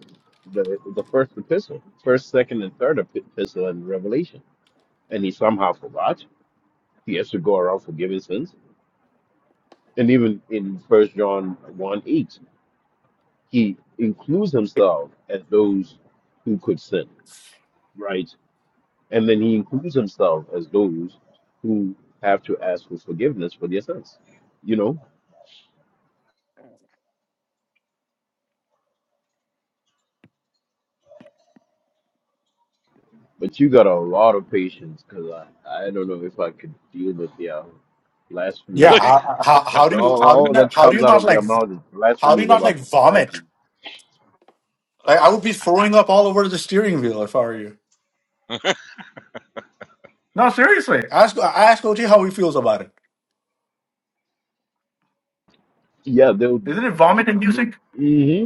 Speaker 5: the, the first epistle, first, second, and third epi- epistle and Revelation. And he somehow forgot. He has to go around forgiving sins. And even in First John 1 8, he includes himself as those who could sin, right? And then he includes himself as those who have to ask for forgiveness for their sins you know But you got a lot of patience, cause I, I don't know if I could deal with their
Speaker 2: Yeah,
Speaker 3: (laughs)
Speaker 5: blasphemous,
Speaker 2: how, how, how
Speaker 5: cause
Speaker 2: do you
Speaker 5: all,
Speaker 2: how do you
Speaker 5: all that
Speaker 2: not, how do
Speaker 5: comes
Speaker 2: you
Speaker 5: out
Speaker 2: not
Speaker 5: of their
Speaker 2: like
Speaker 5: mouth is
Speaker 2: how do you
Speaker 5: blasphemies
Speaker 2: not like
Speaker 5: about
Speaker 2: vomit?
Speaker 5: blasphemy.
Speaker 2: Like I would be throwing up all over the steering wheel if I were you. No, seriously. Ask ask OT how he feels about it.
Speaker 5: Yeah, they would,
Speaker 2: Isn't it vomit inducing?
Speaker 5: hmm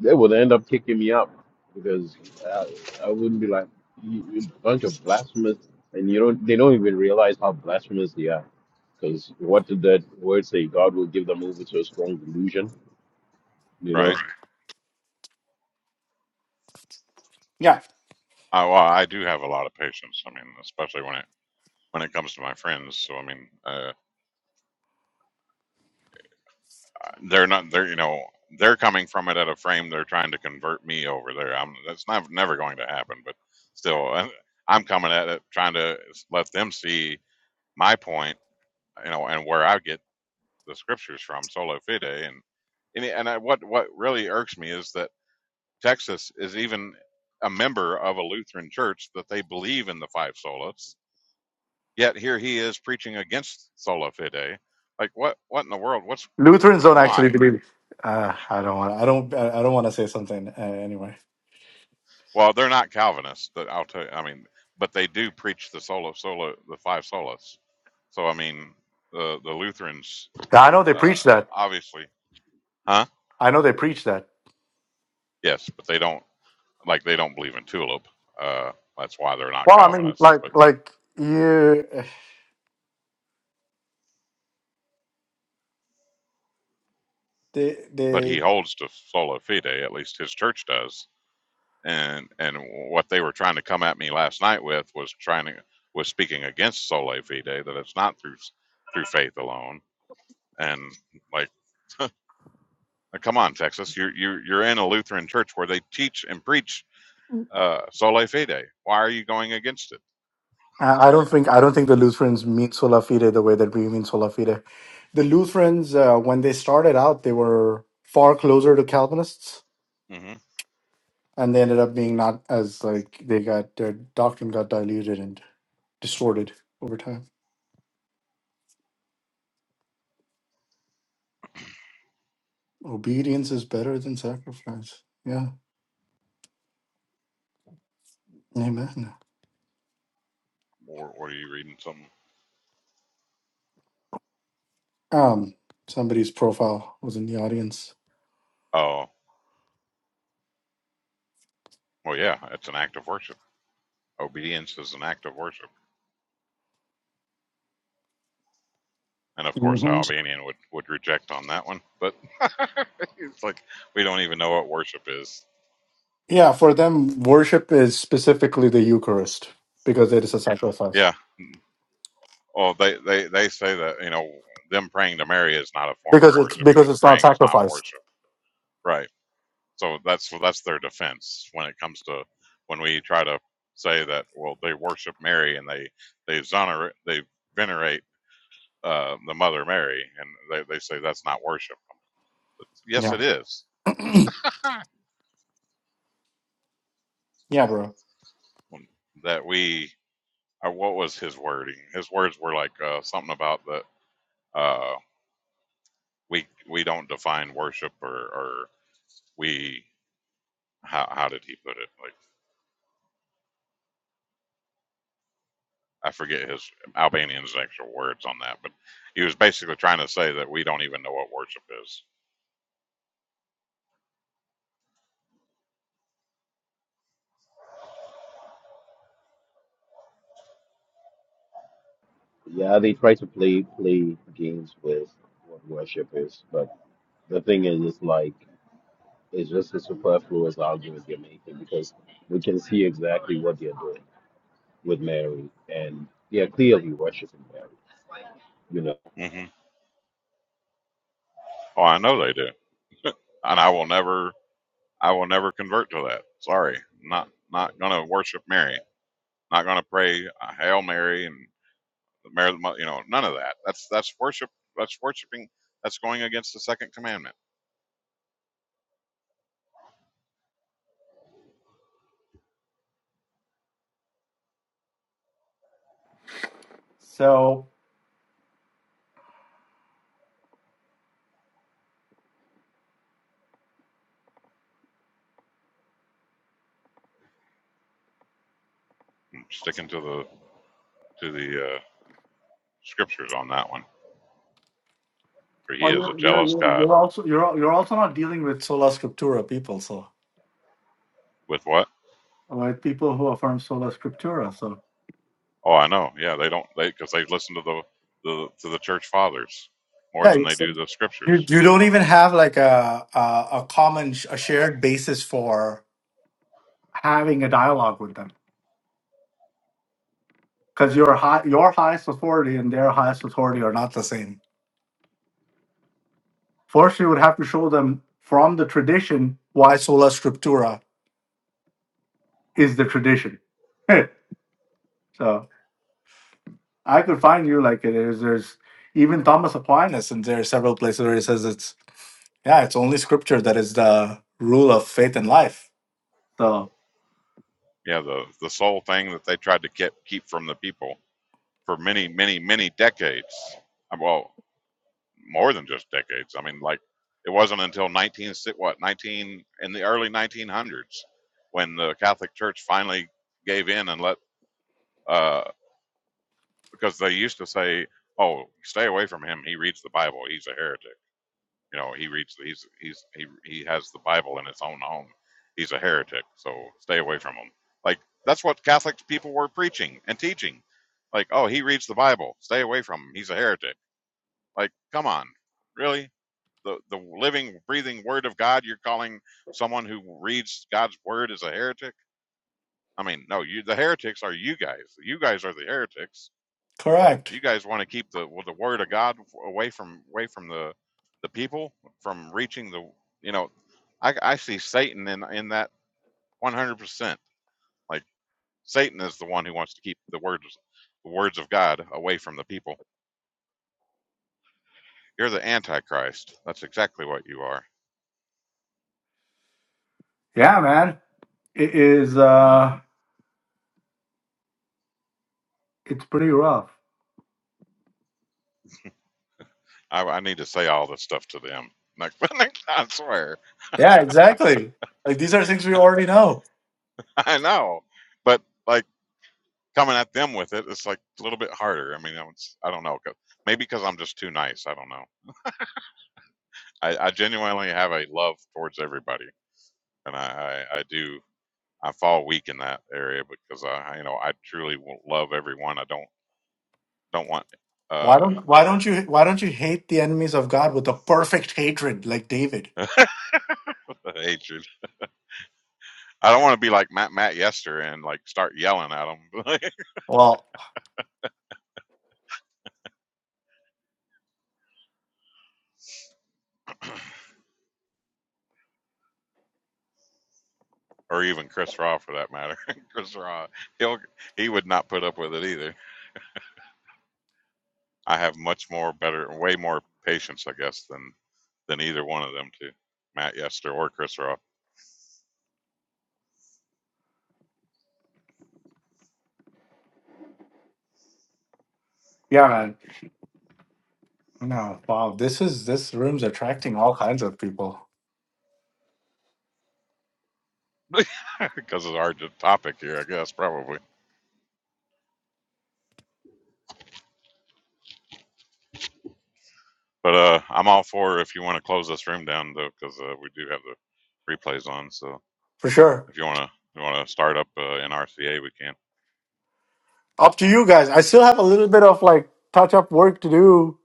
Speaker 5: they would end up kicking me out because I, I wouldn't be like you, you bunch of blasphemous, and you don't, they don't even realize how blasphemous they are. Cause what did that word say? God will give them over to a strong delusion, you know?
Speaker 3: right.
Speaker 2: Yeah,
Speaker 3: I, well, I do have a lot of patience. I mean, especially when it when it comes to my friends. So I mean, uh, they're not. They're you know they're coming from it at a frame. They're trying to convert me over there. I'm that's not never going to happen. But still, I- I'm coming at it trying to let them see my point. You know, and where I get the scriptures from solo fide and and, and I, what what really irks me is that Texas is even a member of a Lutheran church that they believe in the five solas. Yet here he is preaching against sola fide. Like what what in the world? What's
Speaker 2: Lutherans
Speaker 3: uh,
Speaker 2: don't actually
Speaker 3: why?
Speaker 2: believe. Uh, I don't want. I don't. I don't want to say something uh, anyway.
Speaker 3: Well, they're not Calvinists. But I'll tell you. I mean, but they do preach the solo solo the five solas. So I mean, the the Lutherans
Speaker 2: Yeah, I know they preach
Speaker 3: uh,
Speaker 2: that.
Speaker 3: obviously, huh?
Speaker 2: I know they preach that.
Speaker 3: Yes, but they don't. like they don't believe in tulip. Uh, that's why they're not
Speaker 2: Well, I mean,
Speaker 3: Calvinists. But
Speaker 2: like, like you, they,
Speaker 3: but he
Speaker 2: they.
Speaker 3: holds to sola fide. At least his church does. And and what they were trying to come at me last night with was trying to was speaking against sola fide that it's not through through faith alone. And like, come on, Texas, you're you're you're in a Lutheran church where they teach and preach uh, sola fide. Why are you going against it?
Speaker 2: I I don't think I don't think the Lutherans mean sola fide the way that we mean sola fide. The Lutherans, uh, when they started out, they were far closer to Calvinists,
Speaker 3: hmm
Speaker 2: and they ended up being not as like they got their doctrine got diluted and distorted over time. Obedience is better than sacrifice. Yeah, amen.
Speaker 3: Or, or are you reading some?
Speaker 2: Um, somebody's profile was in the audience.
Speaker 3: Oh, well, yeah, it's an act of worship. Obedience is an act of worship And of course,
Speaker 2: Mhm.
Speaker 3: Albanian would, would reject on that one. But (laughs) it's like, we don't even know what worship is.
Speaker 2: Yeah, for them, worship is specifically the Eucharist because it is a sacrifice.
Speaker 3: Yeah. Oh, they, they, they say that, you know, them praying to Mary is not a form of
Speaker 2: Because it's
Speaker 3: worship
Speaker 2: because
Speaker 3: because
Speaker 2: it's not
Speaker 3: praying is not
Speaker 2: sacrificed.
Speaker 3: worship. Right. So that's that's their defense when it comes to when we try to say that well they worship Mary and they they exonerate they venerate uh, the Mother Mary and they, they say that's not worship. Yes, it is
Speaker 2: Yeah, bro.
Speaker 3: (laughs) that we or what was his wording? His words were like uh, something about that uh, we we don't define worship or, or we how how did he put it? Like I forget his Albanian's actual words on that, but he was basically trying to say that we don't even know what worship is.
Speaker 5: Yeah, they try to play play games with what worship is, but. the thing is, it's like it's just as superfluous arguments you're making because we can see exactly what they're doing with Mary, and they're clearly worshiping Mary. you know.
Speaker 3: hmm Oh, I know they do, and I will never I will never convert to that. Sorry, not not gonna worship Mary, not gonna pray a Hail Mary and Mary, you know, none of that. That's that's worship. That's worshiping. That's going against the second commandment.
Speaker 2: So
Speaker 3: sticking to the to the uh, scriptures on that one. For He
Speaker 2: oh,
Speaker 3: is a
Speaker 2: you're, you're
Speaker 3: jealous
Speaker 2: you're
Speaker 3: God.
Speaker 2: you're also you're al- you're also not dealing with sola scriptura people, so
Speaker 3: With what?
Speaker 2: with people who affirm sola scriptura. So
Speaker 3: Oh, I know. Yeah, they don't they because they listen to the, the to the church fathers more
Speaker 2: yeah,
Speaker 3: than they
Speaker 2: it's,
Speaker 3: do the scriptures.
Speaker 2: you you don't even have like a a, a common sh- a shared basis for having a dialogue with them because your high your highest authority and their highest authority are not the same. First, you would have to show them from the tradition why sola scriptura is the tradition. (laughs) so. I could find you like it is. There's even Thomas Aquinas, and there are several places where he says it's yeah, it's only scripture that is the rule of faith and life. So
Speaker 3: Yeah, the the sole thing that they tried to keep keep from the people for many many many decades. Uh, Well, more than just decades. I mean, like it wasn't until 19 si- what 19 in the early 1900s when the Catholic Church finally gave in and let uh, because they used to say, "Oh, stay away from him. He reads the Bible. He's a heretic. You know, he reads. He's he's he he has the Bible in his own home. He's a heretic. So stay away from him." Like that's what Catholic people were preaching and teaching. Like, "Oh, he reads the Bible. Stay away from him. He's a heretic." Like, come on, really? The the living, breathing Word of God. You're calling someone who reads God's Word as a heretic? I mean, no. You the heretics are you guys. You guys are the heretics
Speaker 2: correct.
Speaker 3: you guys want to keep the well, the word of God away from away from the the people from reaching the you know I I see Satan in in that 100%. Like Satan is the one who wants to keep the words the words of God away from the people. You're the antichrist. That's exactly what you are.
Speaker 2: Yeah, man, it is. uh It's pretty rough.
Speaker 3: I, I need to say all this stuff to them. Like, (laughs) I swear,
Speaker 2: Yeah, exactly. Like these are things we already know.
Speaker 3: I know, but like coming at them with it, it's like a little bit harder. I mean, it's, I don't know, know, maybe because I'm just too nice. I don't know. I, I genuinely have a love towards everybody, and I, I, I do. I fall weak in that area because I, you know, I truly will love everyone. I don't don't want
Speaker 2: Why
Speaker 3: uh
Speaker 2: don't Why don't you Why don't you hate the enemies of God with a perfect hatred like David?
Speaker 3: (laughs) hatred. I don't want to be like Matt Matt Yester and like start yelling at him,
Speaker 2: Well,
Speaker 3: (laughs) or even Chris Raw for that matter. (laughs) Chris Raw, he'll he would not put up with it either. I have much more better, way more patience, I guess, than than either one of them, too, Matt Yester or Chris Raw,
Speaker 2: yeah, man. No, wow. This is this room's attracting all kinds of people
Speaker 3: (laughs) because it's our topic here, I guess, probably. But uh, I'm all for if you want to close this room down though, because uh, we do have the replays on. So
Speaker 2: for sure.
Speaker 3: if you want to you want to start up uh, an RCA, we can.
Speaker 2: Up to you guys. I still have a little bit of like touch up work to do.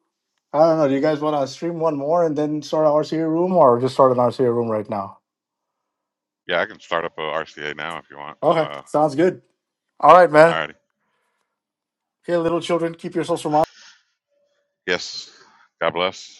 Speaker 2: I don't know. Do you guys want to stream one more and then start an RCA room or just start an RCA room right now?
Speaker 3: Yeah, I can start up a RCA now if you want.
Speaker 2: Okay.
Speaker 3: Uh,
Speaker 2: Sounds good. All right, man.
Speaker 3: all righty.
Speaker 2: Okay, little children, keep yourselves from
Speaker 3: Yes. God bless.